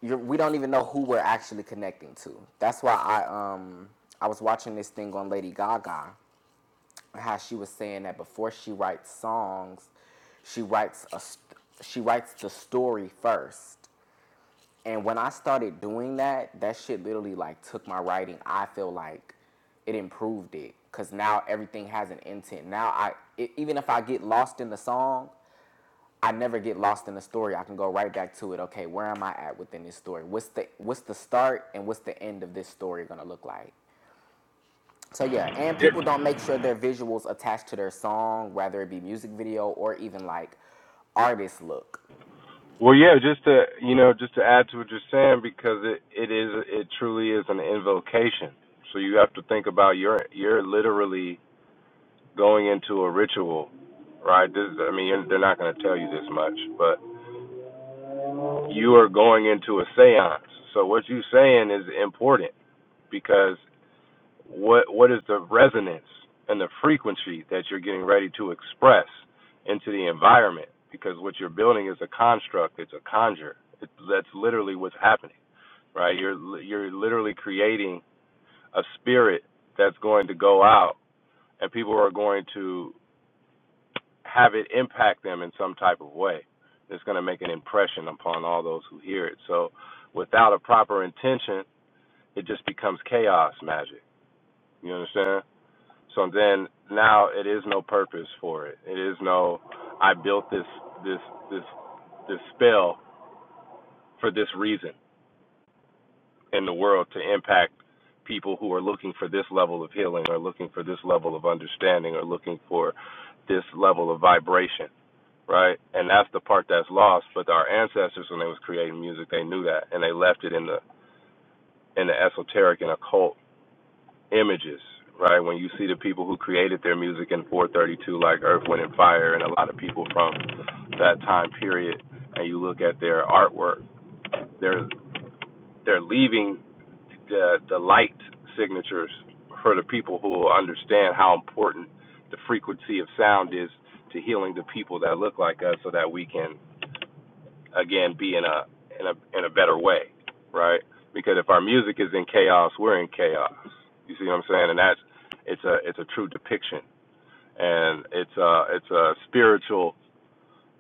Speaker 7: you're, we don't even know who we're actually connecting to. That's why I um I was watching this thing on Lady Gaga, how she was saying that before she writes songs, she writes a she writes the story first And when I started doing that, that shit literally like took my writing. I feel like it improved it because now everything has an intent. Now I e- even if I get lost in the song, I never get lost in the story. I can go right back to it. Okay, where am I at within this story? What's the what's the start and what's the end of this story gonna look like? So yeah, and
Speaker 10: It,
Speaker 7: people don't make sure their visuals attached to their song, whether it be music video or even like artist look.
Speaker 10: well, yeah, just to you know, just to add to what you're saying, because it it is it truly is an invocation. So you have to think about you're you're literally going into a ritual, right? This is- I mean, you're, they're not going to tell you this much, but you are going into a séance. So what you're saying is important because. what what is the resonance and the frequency that you're getting ready to express into the environment because what you're building is a construct it's a conjure it, that's literally what's happening right you're you're literally creating a spirit that's going to go out and people are going to have it impact them in some type of way it's going to make an impression upon all those who hear it so without a proper intention it just becomes chaos magic you understand So then now it is no purpose for it. It is no I built this this this this spell for this reason in the world to impact people who are looking for this level of healing or looking for this level of understanding or looking for this level of vibration, right? And that's the part that's lost, but our ancestors when they was creating music, they knew that and they left it in the in the esoteric and occult images, right? When you see the people who created their music in 432, like Earth, Wind, and Fire, and a lot of people from that time period, and you look at their artwork, they're they're leaving the the light signatures for the people who will understand how important the frequency of sound is to healing the people that look like us, so that we can again be in a in a in a better way, right? Because if our music is in chaos, we're in chaos. You see what I'm saying? And that's it's a it's a true depiction, and it's a it's a spiritual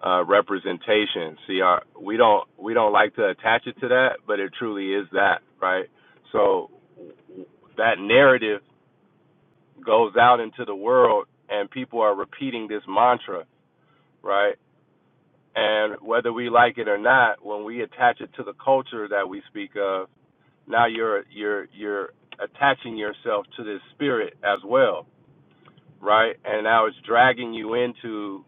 Speaker 10: uh, representation. See, our we don't we don't like to attach it to that, but it truly is that, right? So that narrative goes out into the world, and people are repeating this mantra, right? And whether we like it or not, when we attach it to the culture that we speak of, now you're you're you're attaching yourself to this spirit as well, right? And now it's dragging you into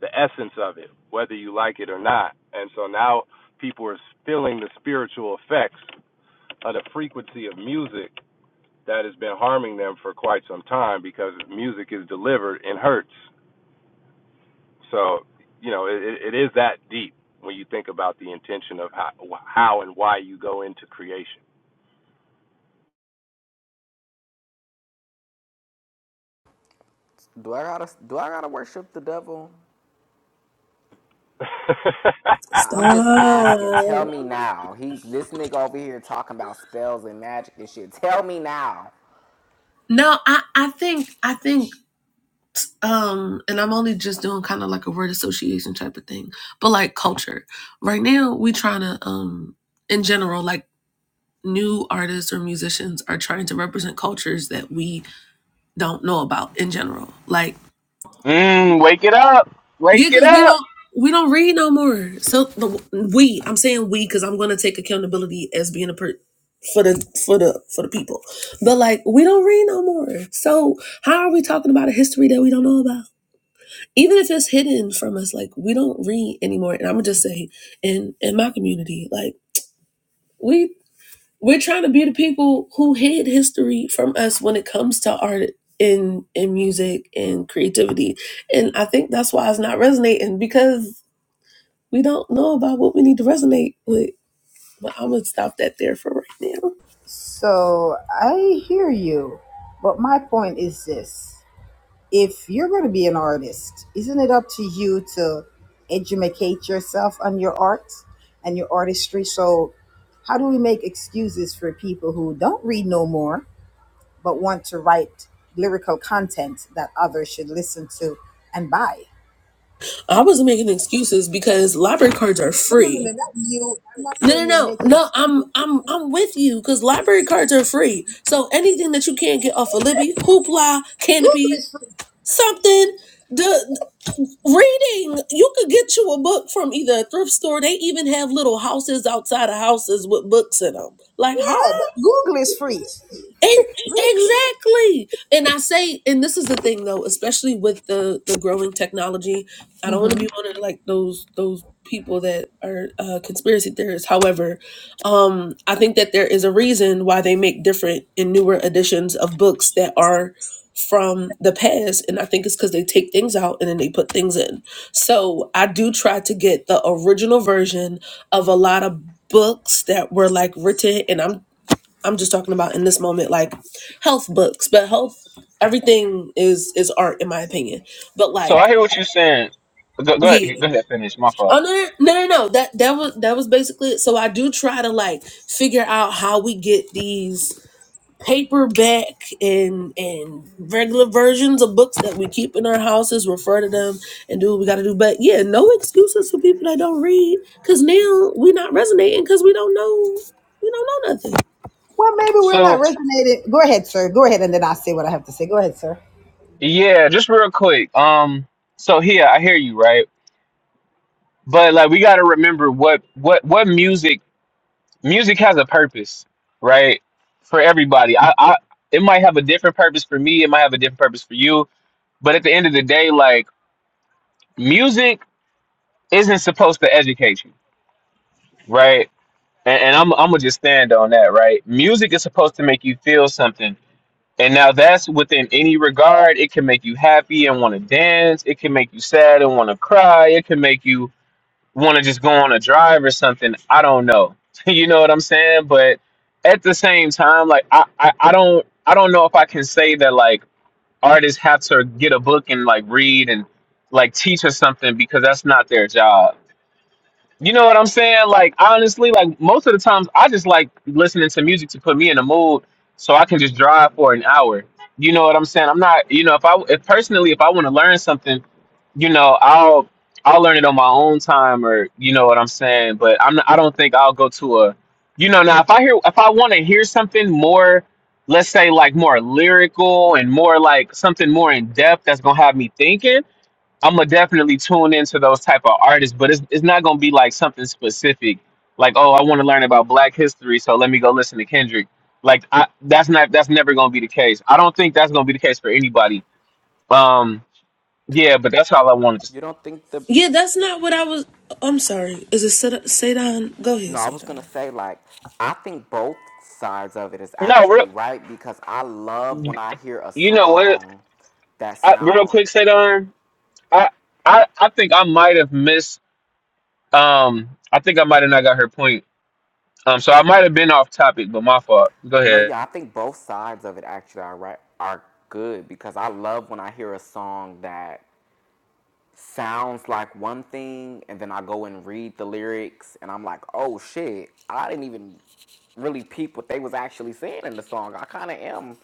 Speaker 10: the essence of it, whether you like it or not. And so now people are feeling the spiritual effects of the frequency of music that has been harming them for quite some time because music is delivered in hertz. So, you know, it, it is that deep when you think about the intention of how, how and why you go into creation.
Speaker 7: Do I gotta do I gotta worship the devil? I-
Speaker 11: Stop.
Speaker 7: am just
Speaker 10: [LAUGHS]
Speaker 7: asking. Tell me now. He, this nigga over here talking about spells and magic and shit. Tell me now.
Speaker 11: No, I I think I think um and I'm only just doing kind of like a word association type of thing. But like culture. Right now we trying to um in general like new artists or musicians are trying to represent cultures that we don't know about in general. Like
Speaker 3: mm, wake it up,
Speaker 11: Yeah,
Speaker 3: wake it
Speaker 11: because we
Speaker 3: up.
Speaker 11: don't we don't read no more. So the we I'm saying we because I'm going to take accountability as being a per for the for the for the people. But like we don't read no more. So how are we talking about a history that we don't know about? Even if it's hidden from us, like we don't read anymore. And I'm gonna just say in in my community, like we we're trying to be the people who hid history from us when it comes to art in in music and creativity. And I think that's why it's not resonating because we don't know about what we need to resonate with. But I'm gonna stop that there for right now.
Speaker 6: So I hear you, but my point is this. if you're going to be an artist, isn't it up to you to educate yourself on your art and your artistry? So, how do we make excuses for people who don't read no more but want to write lyrical content that others should listen to and buy?
Speaker 11: I wasn't making excuses because library cards are
Speaker 6: No, no, no, no,
Speaker 11: free.
Speaker 6: not you. I'm not
Speaker 11: No, no,
Speaker 6: saying you're
Speaker 11: no,
Speaker 6: making
Speaker 11: no.
Speaker 6: excuses.
Speaker 11: I'm, I'm, I'm with you because library cards are free. So anything that you can't get off of Libby, Hoopla,
Speaker 6: Google
Speaker 11: Canopy,
Speaker 6: is free.
Speaker 11: something, the reading, you could get you a book from either a thrift store. They even have little houses outside of houses with books in them. Like,
Speaker 6: Yeah,
Speaker 11: huh?
Speaker 6: but Google is
Speaker 11: Ex-
Speaker 6: free.
Speaker 11: Exactly. And I say, and this is the thing though, especially with the the growing technology,
Speaker 6: [LAUGHS]
Speaker 11: I don't want to
Speaker 6: hmm
Speaker 11: be one of like those those people that are uh, conspiracy theorists. However, um, I think that there is a reason why they make different and newer editions of books that are from the past and i think it's because they take things out and then they put things in so i do try to get the original version of a lot of books that were like written and i'm I'm just talking about in this moment, like health books, but health, everything is is art in my opinion. But
Speaker 3: So I
Speaker 11: like,
Speaker 3: hear what you're saying. Go, go
Speaker 11: yeah,
Speaker 3: ahead, go ahead, finish. My fault.
Speaker 11: oh no, no, no, no, no. that that was that was basically it. So I do try to like figure out how we get these paperback and and regular versions of books that we keep in our houses refer to them and do what we got to do but yeah no excuses for people that don't read because now we not resonating because we don't know we don't know nothing
Speaker 6: Well, maybe we're not
Speaker 3: So
Speaker 6: resonating. Go ahead, sir. Go ahead, and then I'll say what I have to say. Go ahead, sir.
Speaker 3: yeah, just real quick. Um, so here I hear you right, but like we got to remember what what what music music has a purpose, right? For everybody, I, I it might have a different purpose for me. It might have a different purpose for you. But at the end of the day, like music isn't supposed to educate you, right? And, and I'm I'm gonna just stand on that, right? Music is supposed to make you feel something And now that's within any regard. It can make you happy and want to dance. It can make you sad and want to cry. It can make you want to just go on a drive or something. I don't know. [LAUGHS] you know what I'm saying? But at the same time, like I, I, I don't I don't know if I can say that like artists have to get a book and like read and like teach us something because that's not their job you know what I'm saying? Like honestly, like most of the times I just like listening to music to put me in a mood so I can just drive for an hour. You know what I'm saying? I'm not, you know, if I if personally if I want to learn something, you know, I'll I'll learn it on my own time or you know what I'm saying, but I'm not, I don't think I'll go to a you know, now if I hear if I want to hear something more let's say like more lyrical and more like something more in depth that's going to have me thinking I'm gonna definitely tune into those type of artists, but it's it's not gonna be like something specific, like oh I want to learn about Black history, so let me go listen to Kendrick. Like I, that's not that's never gonna be the case. I don't think that's gonna be the case for anybody. Um, yeah, but that's all I wanted to.
Speaker 7: You don't think the?
Speaker 11: Yeah, that's not what I was. I'm sorry. Is it Seda- Sadon? Go ahead,
Speaker 7: No, I was
Speaker 11: Sadon.
Speaker 7: gonna say like, I think both sides of it is
Speaker 3: No,
Speaker 7: actually
Speaker 3: real,
Speaker 7: right because I love when I hear a
Speaker 3: you know what?
Speaker 7: song that
Speaker 3: I, real
Speaker 7: sound.
Speaker 3: quick, Sadar, I I I think I might have missed. Um, I think I might have not got her point. Um, so I might have been off topic, but my fault. Go
Speaker 7: No,
Speaker 3: ahead.
Speaker 7: yeah, I think both sides of it actually are right are good because I love when I hear a song that sounds like one thing and then I go and read the lyrics and I'm like, oh shit, I didn't even really peep what they was actually saying in the song. I kind of am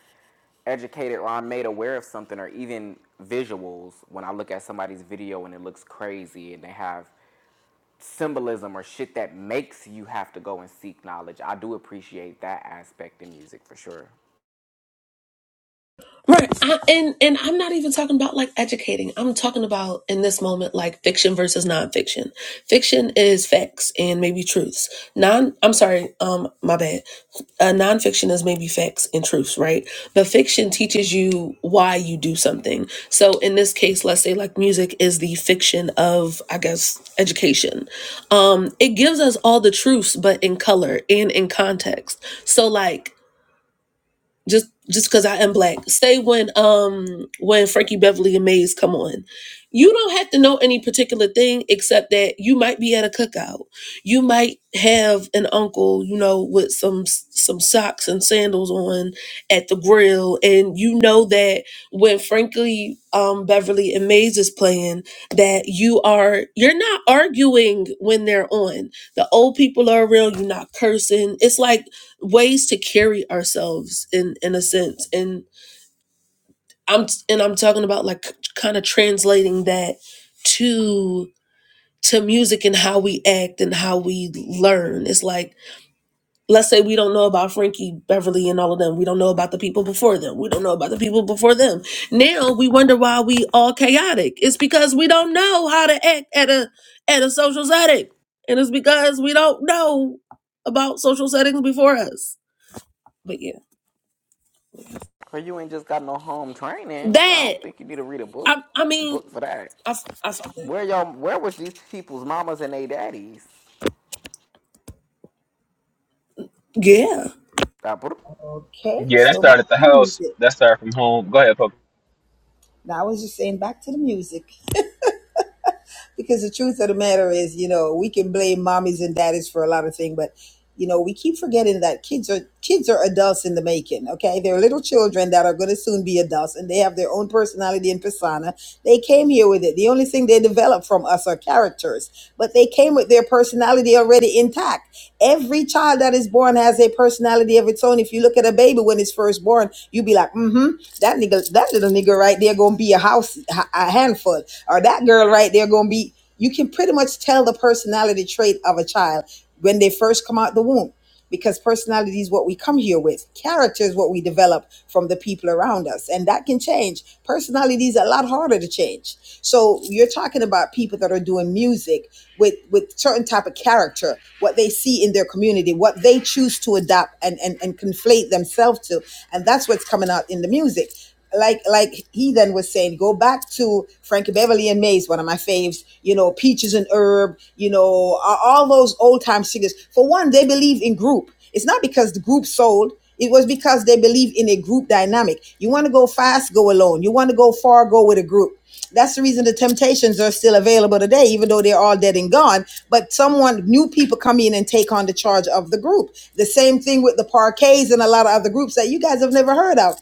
Speaker 7: educated or I'm made aware of something or even visuals when I look at somebody's video and it looks crazy and they have symbolism or shit that makes you have to go and seek knowledge. I do appreciate that aspect in music for sure.
Speaker 11: Right, I, and and I'm not even talking about like educating. I'm talking about in this moment like fiction versus nonfiction. Fiction is facts and maybe truths. Non, I'm sorry, um, my bad. A nonfiction is maybe facts and truths, right? But fiction teaches you why you do something. So in this case, let's say like music is the fiction of, I guess, education. Um, it gives us all the truths, but in color and in context. So like just just because I am black. Say when um when Frankie Beverly and Maze come on. You don't have to know any particular thing except that you might be at a cookout. You might have an uncle, you know, with some some socks and sandals on at the grill, and you know that when Frankie um, Beverly and Maze is playing, that you are you're not arguing when they're on. The old people are around. You're not cursing. It's like ways to carry ourselves in in a sense and i'm and i'm talking about like kind of translating that to to music and how we act and how we learn it's like let's say we don't know about frankie beverly and all of them we don't know about the people before them we don't know about the people before them now we wonder why we all chaotic it's because we don't know how to act at a at a social setting and it's because we don't know about social settings before us but yeah
Speaker 7: Or you ain't just got no home training. I
Speaker 11: that
Speaker 7: don't think you need to read a book
Speaker 11: I, I mean,
Speaker 7: book for that.
Speaker 11: I I saw that.
Speaker 7: Where y'all? Where was these people's mamas and they daddies?
Speaker 11: Yeah.
Speaker 7: Uh,
Speaker 6: Okay,
Speaker 3: Yeah, that
Speaker 6: so back
Speaker 3: started at the
Speaker 6: to the
Speaker 3: house.
Speaker 6: music.
Speaker 3: That started from home. Go ahead, Pope.
Speaker 6: Now I was just saying back to the music because the truth of the matter is, you know, we can blame mommies and daddies for a lot of things, but you know, we keep forgetting that kids are kids are adults in the making. Okay, they're little children that are going to soon be adults, and they have their own personality and persona. They came here with it. The only thing they develop from us are characters, but they came with their personality already intact. Every child that is born has a personality of its own. If you look at a baby when it's first born, you be like, mm-hmm, that nigga, that little nigga right there gonna be a house a handful, or that girl right there gonna be. You can pretty much tell the personality trait of a child when they first come out the womb because personality is what we come here with. Character is what we develop from the people around us, and that can change. Personality is a lot harder to change. So you're talking about people that are doing music with with certain type of character, what they see in their community, what they choose to adapt and and, and conflate themselves to, and that's what's coming out in the music like like he then was saying, go back to Frankie Beverly and Mays, one of my faves, you know, Peaches and Herb, you know, all those old time singers. For one, they believe in group. It's not because the group sold. It was because they believe in a group dynamic. You want to go fast, go alone. You want to go far, go with a group. That's the reason the Temptations are still available today, even though they're all dead and gone. But someone, new people come in and take on the charge of the group. The same thing with the Parquets and a lot of other groups that you guys have never heard of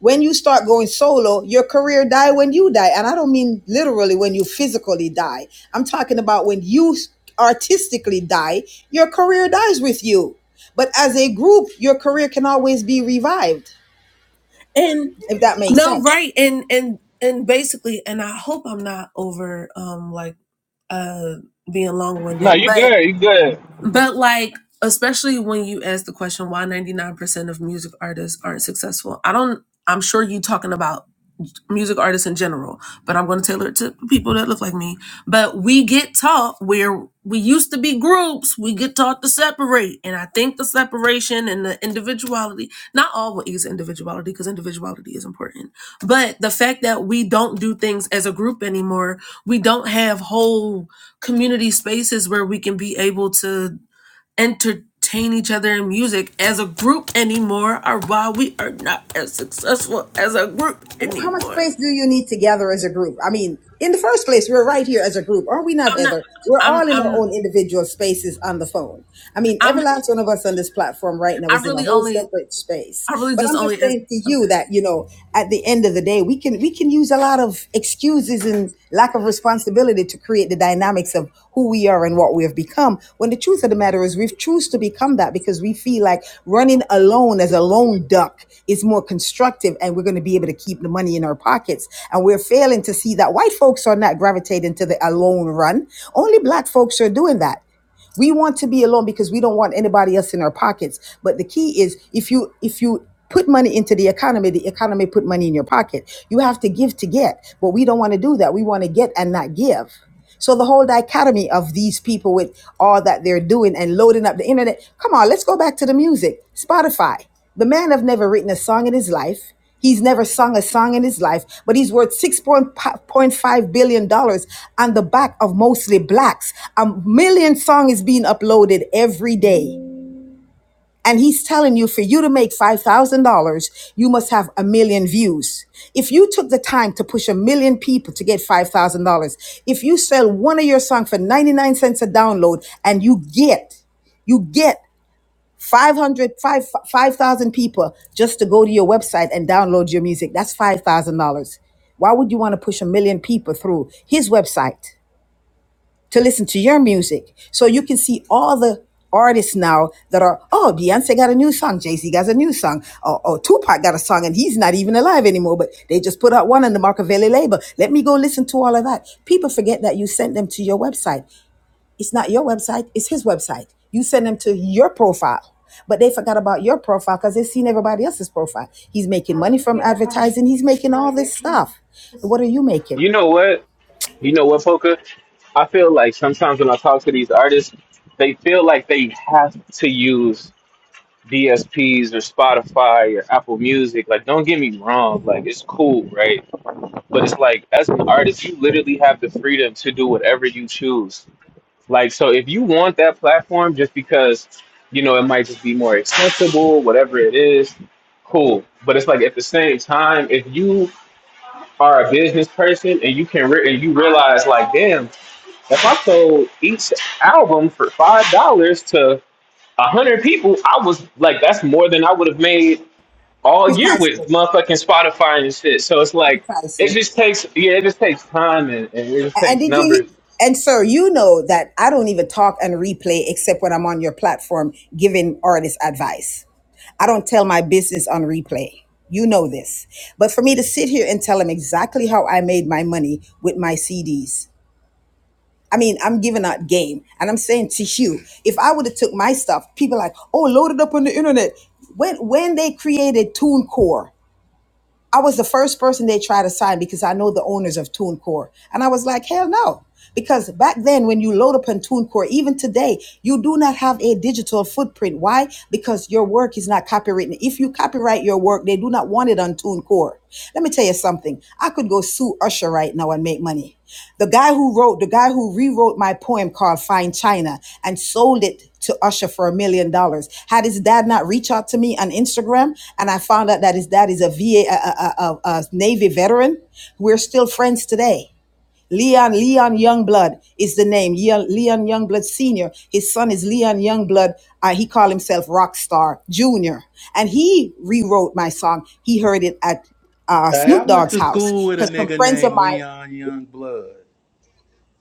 Speaker 6: when you start going solo, your career die when you die. And I don't mean literally when you physically die. I'm talking about when you artistically die, your career dies with you. But as a group, your career can always be revived,
Speaker 11: And
Speaker 6: if that makes
Speaker 11: no,
Speaker 6: sense.
Speaker 11: right. And, and, and basically, and I hope I'm not over, um, like, uh, being long
Speaker 3: No,
Speaker 11: winded,
Speaker 3: you
Speaker 11: but,
Speaker 3: good. You good.
Speaker 11: but like, especially when you ask the question, why 99% of music artists aren't successful? I don't, I'm sure you talking about music artists in general, but I'm going to tailor it to people that look like me. But we get taught where we used to be groups, we get taught to separate. And I think the separation and the individuality, not always individuality, because individuality is important, but the fact that we don't do things as a group anymore, we don't have whole community spaces where we can be able to entertain each other in music as a group anymore are why we are not as successful as a group
Speaker 6: How much
Speaker 11: anymore
Speaker 6: space do you need together as a group? I mean, in the first place, we're right here as a group, are we not,
Speaker 11: I'm not.
Speaker 6: Heather? We're
Speaker 11: I'm.
Speaker 6: all in our
Speaker 11: I'm.
Speaker 6: own individual spaces on the phone. I mean, every
Speaker 11: I'm.
Speaker 6: last one of us on this platform right now
Speaker 11: I
Speaker 6: is in a
Speaker 11: really
Speaker 6: whole
Speaker 11: only.
Speaker 6: separate space.
Speaker 11: I really
Speaker 6: But
Speaker 11: just
Speaker 6: I'm just
Speaker 11: only. As,
Speaker 6: saying to you
Speaker 11: okay.
Speaker 6: that you know, at the end of the day, we can we can use a lot of excuses and lack of responsibility to create the dynamics of who we are and what we have become. When the truth of the matter is, we've choose to become that because we feel like running alone as a lone duck is more constructive, and we're going to be able to keep the money in our pockets. And we're failing to see that white folks are not gravitating to the alone run. Only black folks are doing that. We want to be alone because we don't want anybody else in our pockets. But the key is if you if you put money into the economy, the economy put money in your pocket. You have to give to get. But we don't want to do that. We want to get and not give. So the whole dichotomy of these people with all that they're doing and loading up the internet. Come on, let's go back to the music. Spotify. The man have never written a song in his life. He's never sung a song in his life, but he's worth $6.5 billion dollars on the back of mostly blacks. A million song is being uploaded every day. And he's telling you for you to make $5,000, you must have a million views. If you took the time to push a million people to get $5,000, if you sell one of your song for 99 cents a download and you get you get 500, 5000 people just to go to your website and download your music that's $5000 why would you want to push a million people through his website to listen to your music so you can see all the artists now that are oh beyonce got a new song jay-z got a new song oh, oh tupac got a song and he's not even alive anymore but they just put out one on the machiavelli label let me go listen to all of that people forget that you sent them to your website it's not your website, it's his website. You send them to your profile. But they forgot about your profile because they have seen everybody else's profile. He's making money from advertising, he's making all this stuff. What are you making?
Speaker 3: You know what? You know what, Poker? I feel like sometimes when I talk to these artists, they feel like they have to use DSPs or Spotify or Apple Music. Like, don't get me wrong. Like, it's cool, right? But it's like, as an artist, you literally have the freedom to do whatever you choose. Like, so if you want that platform just because, you know, it might just be more accessible, whatever it is, cool. But it's like at the same time, if you are a business person and you can re- and you realize like damn if i sold each album for five dollars to a hundred people i was like that's more than i would have made all year
Speaker 6: Precisely.
Speaker 3: with motherfucking spotify and shit so it's like it
Speaker 6: Precisely.
Speaker 3: just takes yeah it just takes time and, and it just
Speaker 6: A- And
Speaker 3: takes
Speaker 6: did you
Speaker 3: numbers
Speaker 6: and sir, you know that I don't even talk and replay except when I'm on your platform giving artists advice. I don't tell my business on replay. You know this. But for me to sit here and tell him exactly how I made my money with my CDs, I mean, I'm giving out game, and I'm saying to you, if I would have took my stuff, people like, oh, load it up on the internet. When when they created TuneCore, I was the first person they tried to sign because I know the owners of TuneCore, and I was like, hell no, because back then when you load up on TuneCore, even today, you do not have a digital footprint. Why? Because your work is not copywritten. If you copyright your work, they do not want it on TuneCore. Let me tell you something. I could go sue Usher right now and make money. The guy who wrote, the guy who rewrote my poem called "Fine China and sold it to Usher for a million dollars. Had his dad not reach out to me on Instagram and I found out that his dad is a VA, a a, a, a, a Navy veteran, we're still friends today. Leon, Leon Youngblood is the name. Leon, Leon Youngblood Sr. His son is Leon Youngblood. Uh, he called himself Rockstar Jr. And he rewrote my song. He heard it at uh,
Speaker 12: Hey, I
Speaker 6: Snoop
Speaker 12: went
Speaker 6: Dogg's
Speaker 12: to school
Speaker 6: house
Speaker 12: with a
Speaker 6: because some
Speaker 12: nigga
Speaker 6: friends of
Speaker 12: named
Speaker 6: mine
Speaker 12: Leon Youngblood.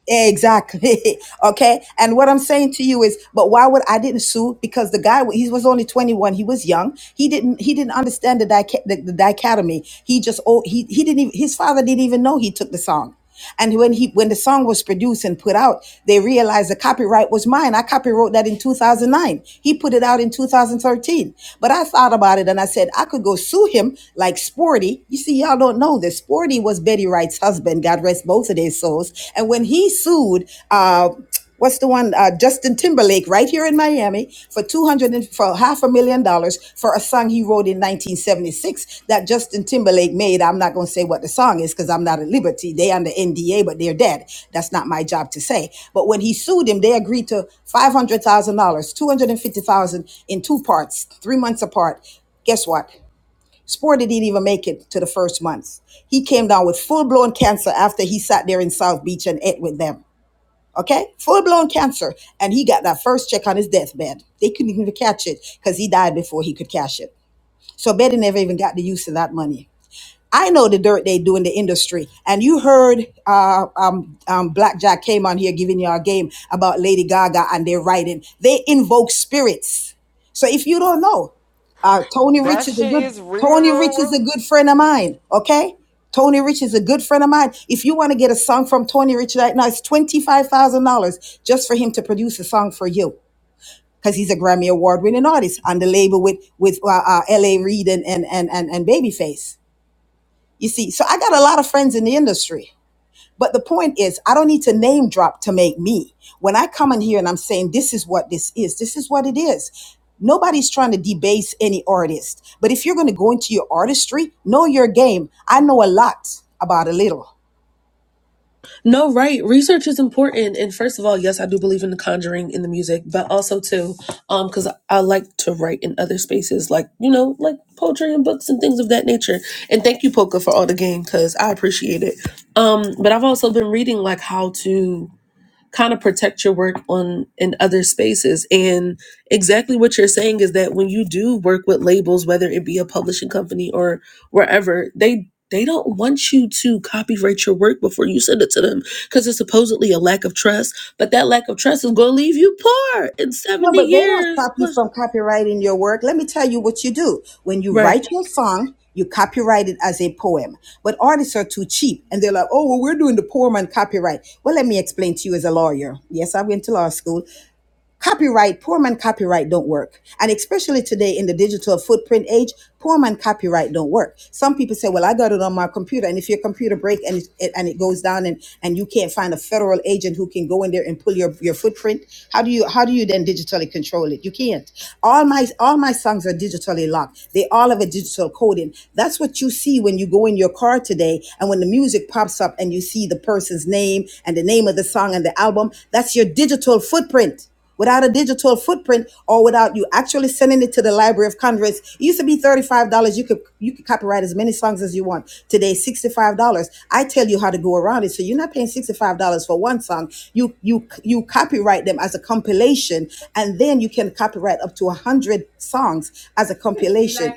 Speaker 6: Exactly. [LAUGHS] okay. And what I'm saying to you is, but why would I didn't sue? Because the guy he was only 21. He was young. He didn't he didn't understand the dic- the, the dichotomy. He just oh he he didn't even his father didn't even know he took the song. And when he when the song was produced and put out, they realized the copyright was mine. I copywrote that in 2009. He put it out in 2013. But I thought about it and I said I could go sue him like Sporty. You see, y'all don't know this. Sporty Anthony was Betty Wright's husband, God rest both of their souls. And when he sued, uh, what's the one, uh, Justin Timberlake, right here in Miami, for two hundred and for half a million dollars for a song he wrote in 1976 that Justin Timberlake made. I'm not going to say what the song is because I'm not at liberty. They under NDA, but they're dead. That's not my job to say. But when he sued him, they agreed to five hundred thousand dollars, two hundred and fifty thousand in two parts, three months apart. Guess what? Sporty didn't even make it to the first month. He came down with full blown cancer after he sat there in South Beach and ate with them. Okay? Full blown cancer. And he got that first check on his deathbed. They couldn't even catch it because he died before he could cash it. So Betty never even got the use of that money. I know the dirt they do in the industry. And you heard uh, um, um, Blackjack came on here giving you a game about Lady Gaga and their writing. They invoke spirits. So if you don't know, uh, Tony Rich
Speaker 7: That
Speaker 6: is a
Speaker 7: shit
Speaker 6: good
Speaker 7: is
Speaker 6: Tony Rich is
Speaker 7: real.
Speaker 6: a good friend of mine. Okay, Tony Rich is a good friend of mine. If you want to get a song from Tony Rich right now, it's twenty five thousand dollars just for him to produce a song for you because he's a Grammy award winning artist on the label with with uh, uh, L.A. Reid and and and and, and Babyface. You see, so I got a lot of friends in the industry. But the point is, I don't need to name drop to make me. When I come in here and I'm saying this is what this is, this is what it is. Nobody's trying to debase any artist. But if you're going to go into your artistry, know your game. I know a lot about a little.
Speaker 11: No, right. Research is important, and first of all, yes, I do believe in the conjuring in the music, but also too, um, because I like to write in other spaces, like you know, like poetry and books and things of that nature. And thank you, Polka, for all the game, because I appreciate it. Um, but I've also been reading like how to. kind of protect your work on in other spaces and exactly what you're saying is that when you do work with labels whether it be a publishing company or wherever they they don't want you to copyright your work before you send it to them because it's supposedly a lack of trust but that lack of trust is going to leave you poor in
Speaker 6: No,
Speaker 11: 70
Speaker 6: but they don't
Speaker 11: years
Speaker 6: stop you from copyrighting your work. Let me tell you what you do. When you
Speaker 11: right
Speaker 6: write your song, you copyright it as a poem. But artists are too cheap and they're like, oh, well, we're doing the poem on copyright. Well, let me explain to you as a lawyer. Yes, I went to law school. Copyright, poor man copyright don't work. And especially today in the digital footprint age, poor man copyright don't work. Some people say, well, I got it on my computer. And if your computer breaks and it, it- and it goes down and, and you can't find a federal agent who can go in there and pull your, your footprint, how do you, how do you then digitally control it? You can't. All my, all my songs are digitally locked. They all have a digital coding. That's what you see when you go in your car today. And when the music pops up and you see the person's name and the name of the song and the album, that's your digital footprint. Without a digital footprint or without you actually sending it to the Library of Congress, it used to be $35. You could you could copyright as many songs as you want. Today, $65. I tell you how to go around it. So you're not paying $65 for one song. You you you copyright them as a compilation, and then you can copyright up to one hundred songs as a compilation.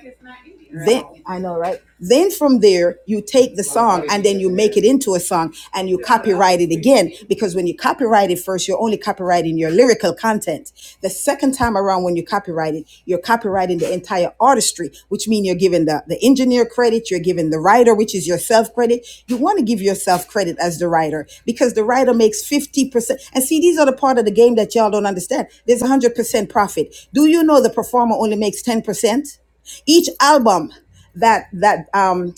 Speaker 6: Then I know, right? Then from there, you take the song and then you make it into a song and you copyright it again. Because when you copyright it first, you're only copyrighting your lyrical content. The second time around, when you copyright it, you're copyrighting the entire artistry, which means you're giving the, the engineer credit, you're giving the writer, which is yourself credit. You want to give yourself credit as the writer because the writer makes 50%. And see, these are the part of the game that y'all don't understand. There's 100% profit. Do you know the performer only makes 10%? each album that that um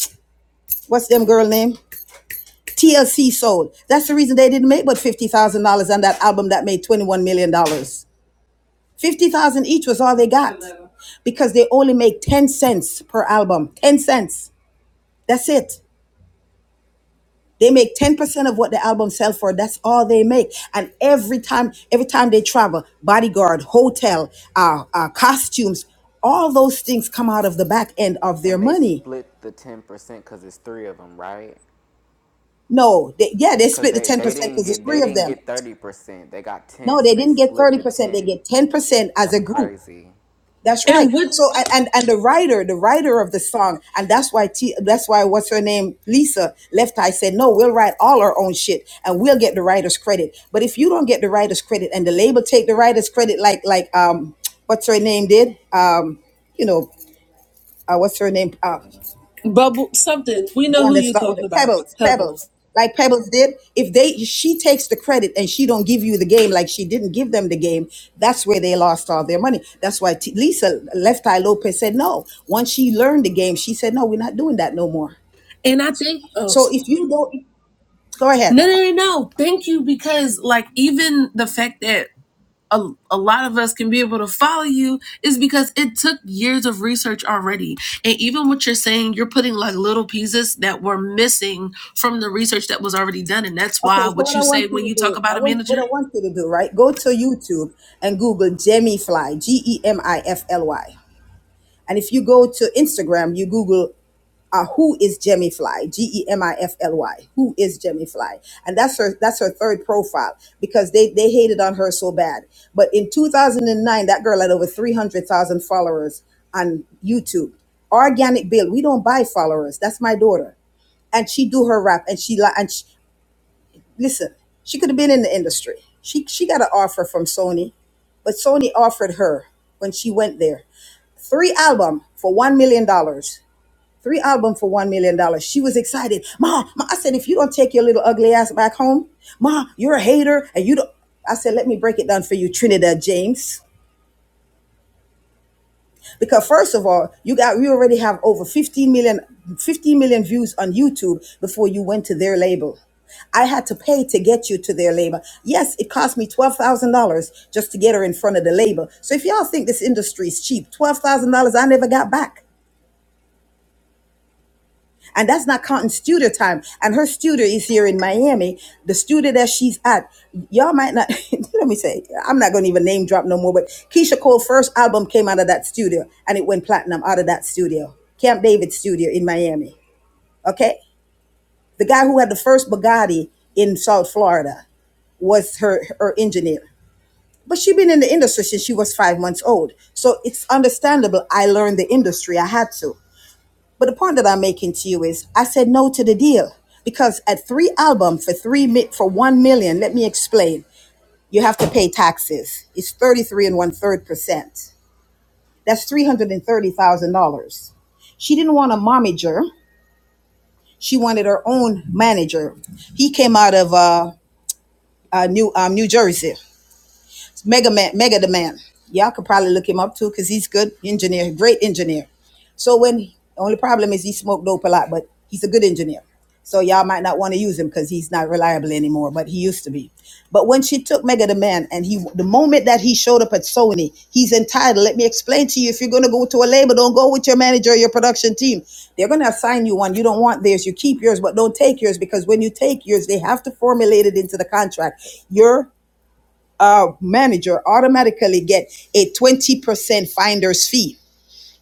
Speaker 6: what's them girl name TLC sold. That's the reason they didn't make but fifty thousand dollars on that album that made twenty one million dollars. Fifty thousand each was all they got because they only make ten cents per album. Ten cents. That's it. They make ten percent of what the album sells for. That's all they make. And every time, every time they travel, bodyguard, hotel, uh, uh, costumes, all those things come out of the back end of their
Speaker 7: And they
Speaker 6: money.
Speaker 7: split the ten percent because it's three of them, right?
Speaker 6: No, they, yeah, they
Speaker 7: Because
Speaker 6: split the
Speaker 7: they
Speaker 6: 10%
Speaker 7: they
Speaker 6: because
Speaker 7: didn't
Speaker 6: there's
Speaker 7: get they
Speaker 6: three of
Speaker 7: didn't
Speaker 6: them.
Speaker 7: get thirty percent. They got ten,
Speaker 6: No,
Speaker 7: so
Speaker 6: they
Speaker 7: they
Speaker 6: didn't get
Speaker 7: split the
Speaker 6: 30%, they
Speaker 7: ten.
Speaker 6: get 10% as
Speaker 7: That's
Speaker 6: a group.
Speaker 7: crazy.
Speaker 6: That's right.
Speaker 11: and what
Speaker 6: So and, and and the writer, the writer of the song, and that's why T, that's why what's her name, Lisa Left Eye said, no, we'll write all our own shit and we'll get the writer's credit. But if you don't get the writer's credit and the label take the writer's credit, like like um, what's her name did, um, you know, uh, what's her name? uh,
Speaker 11: bubble something we know
Speaker 6: one
Speaker 11: who
Speaker 6: that
Speaker 11: you're
Speaker 6: start with
Speaker 11: talking
Speaker 6: a
Speaker 11: about
Speaker 6: pebbles pebbles
Speaker 11: pebbles
Speaker 6: like pebbles did if they she takes the credit and she don't give you the game like she didn't give them the game that's where they lost all their money that's why T- lisa left eye lopez said no once she learned the game she said no we're not doing that no more
Speaker 11: and i think oh
Speaker 6: so if you don't go ahead
Speaker 11: no no no no thank you because like even the fact that a, a lot of us can be able to follow you is because it took years of research already. And even what you're saying, you're putting like little pieces that were missing from the research that was already done. And that's
Speaker 6: okay
Speaker 11: why
Speaker 6: so
Speaker 11: what
Speaker 6: what
Speaker 11: you
Speaker 6: i
Speaker 11: say
Speaker 6: want you
Speaker 11: when
Speaker 6: to
Speaker 11: you talk
Speaker 6: do i
Speaker 11: about a
Speaker 6: want what
Speaker 11: manager,
Speaker 6: i want you to do right go to youtube and google jemmy fly g-e-m-i-f-l-y and if you go to instagram you google uh, who is Jemmy Fly? G E M I F L Y. Who is Jemmy Fly? And that's her. That's her third profile because they they hated on her so bad. But in 2009, that girl had over 300,000 followers on YouTube. Organic Bill. We don't buy followers. That's my daughter, and she do her rap and she li- and she, listen. She could have been in the industry. She she got an offer from Sony, but Sony offered her when she went there three album for one million dollars three albums for one million dollars. She was excited. Ma, ma, I said, if you don't take your little ugly ass back home, ma, you're a hater, and you don't. I said, let me break it down for you, Trinidad James. Because first of all, you got we already have over fifteen million, fifteen million views on YouTube before you went to their label. I had to pay to get you to their label. Yes, it cost me twelve thousand dollars just to get her in front of the label. So if y'all think this industry is cheap, twelve thousand dollars I never got back. And that's not counting studio time. And her studio is here in Miami. The studio that she's at, y'all might not, [LAUGHS] let me say, I'm not going to even name drop no more, but Keisha Cole's first album came out of that studio and it went platinum out of that studio, Camp David studio in Miami. Okay? The guy who had the first Bugatti in South Florida was her, her engineer. But she been in the industry since she was five months old. So it's understandable I learned the industry. I had to. But the point that I'm making to you is, I said no to the deal because at three album for three mi- for one million, let me explain. You have to pay taxes. It's thirty three and one third percent. That's three hundred and thirty thousand dollars. She didn't want a momager. She wanted her own manager. He came out of uh, uh, New um, New Jersey. Mega Man, Mega the Man. Y'all could probably look him up too, because he's good engineer, great engineer. So when the only problem is he smoked dope a lot, but he's a good engineer. So y'all might not want to use him because he's not reliable anymore, but he used to be. But when she took Mega the Man and he the moment that he showed up at Sony, he's entitled. Let me explain to you. If you're gonna go to a label, don't go with your manager or your production team. They're gonna assign you one. You don't want theirs, you keep yours, but don't take yours because when you take yours, they have to formulate it into the contract. Your uh, manager automatically get a 20% finder's fee.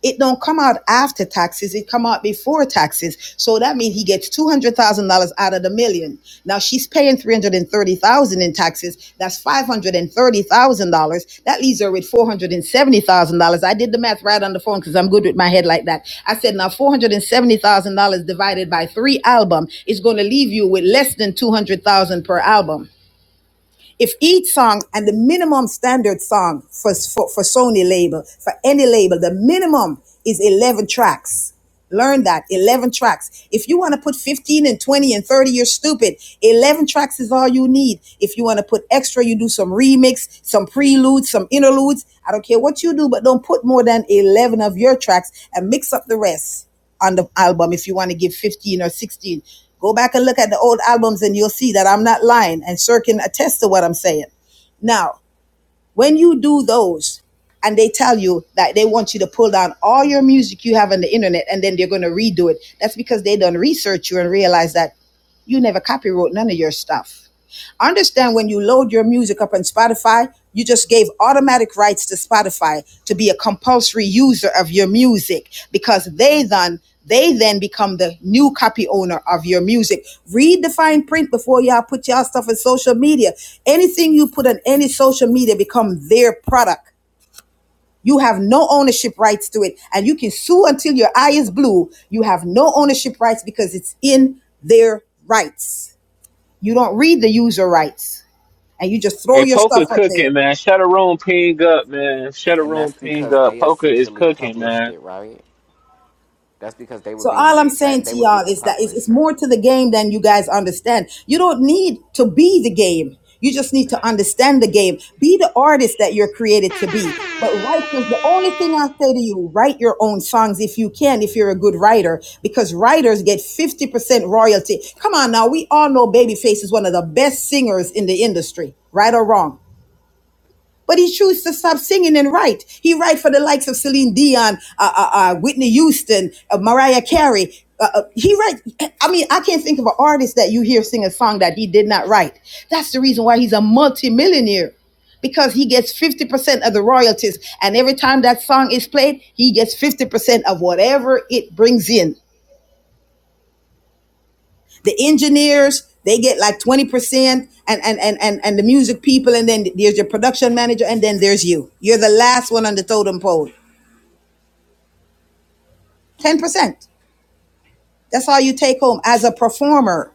Speaker 6: It don't come out after taxes, it come out before taxes. So that means he gets $200,000 out of the million. Now she's paying 330,000 in taxes. That's $530,000. That leaves her with $470,000. I did the math right on the phone cuz I'm good with my head like that. I said now $470,000 divided by 3 album is going to leave you with less than 200,000 per album if each song and the minimum standard song for, for, for Sony label, for any label, the minimum is 11 tracks. Learn that. 11 tracks. If you want to put 15 and 20 and 30, you're stupid. 11 tracks is all you need. If you want to put extra, you do some remix, some preludes, some interludes. I don't care what you do, but don't put more than 11 of your tracks and mix up the rest on the album if you want to give 15 or 16. Go back and look at the old albums and you'll see that I'm not lying and Sir can attest to what I'm saying. Now, when you do those and they tell you that they want you to pull down all your music you have on the internet and then they're going to redo it, that's because they done research you and realize that you never copyright none of your stuff Understand when you load your music up on Spotify, you just gave automatic rights to Spotify to be a compulsory user of your music because they then they then become the new copy owner of your music. Read the fine print before y'all put y'all stuff in social media. Anything you put on any social media become their product. You have no ownership rights to it, and you can sue until your eye is blue. You have no ownership rights because it's in their rights. You don't read the user rights and you just throw
Speaker 3: Hey,
Speaker 6: your stuff
Speaker 3: poker
Speaker 6: up there.
Speaker 3: cooking, man. Shut a room, ping up, man. Shut a
Speaker 7: And
Speaker 3: room,
Speaker 7: that's
Speaker 3: ping
Speaker 7: because
Speaker 3: up.
Speaker 7: they
Speaker 3: Poker is
Speaker 7: essentially
Speaker 3: cooking,
Speaker 7: published
Speaker 3: man.
Speaker 7: it, right? That's because they would
Speaker 6: So
Speaker 7: be
Speaker 6: all I'm
Speaker 7: the that
Speaker 6: saying
Speaker 7: they
Speaker 6: to
Speaker 7: would be
Speaker 6: y'all
Speaker 7: the
Speaker 6: is that it's, it's
Speaker 7: publisher.
Speaker 6: more to the game than you guys understand. You don't need to be the game. You just need to understand the game. Be the artist that you're created to be. But writers, the only thing I say to you, write your own songs if you can, if you're a good writer, because writers get 50% royalty. Come on now, we all know Babyface is one of the best singers in the industry, right or wrong. But he chose to stop singing and write. He write for the likes of Celine Dion, uh, uh, uh, Whitney Houston, uh, Mariah Carey. Uh, uh, he write. I mean, I can't think of an artist that you hear sing a song that he did not write. That's the reason why he's a multimillionaire because he gets 50% of the royalties. And every time that song is played, he gets 50% of whatever it brings in. The engineers, they get like 20% and, and, and, and, and the music people. And then there's your production manager. And then there's you. You're the last one on the totem pole. 10%. That's all you take home as a performer.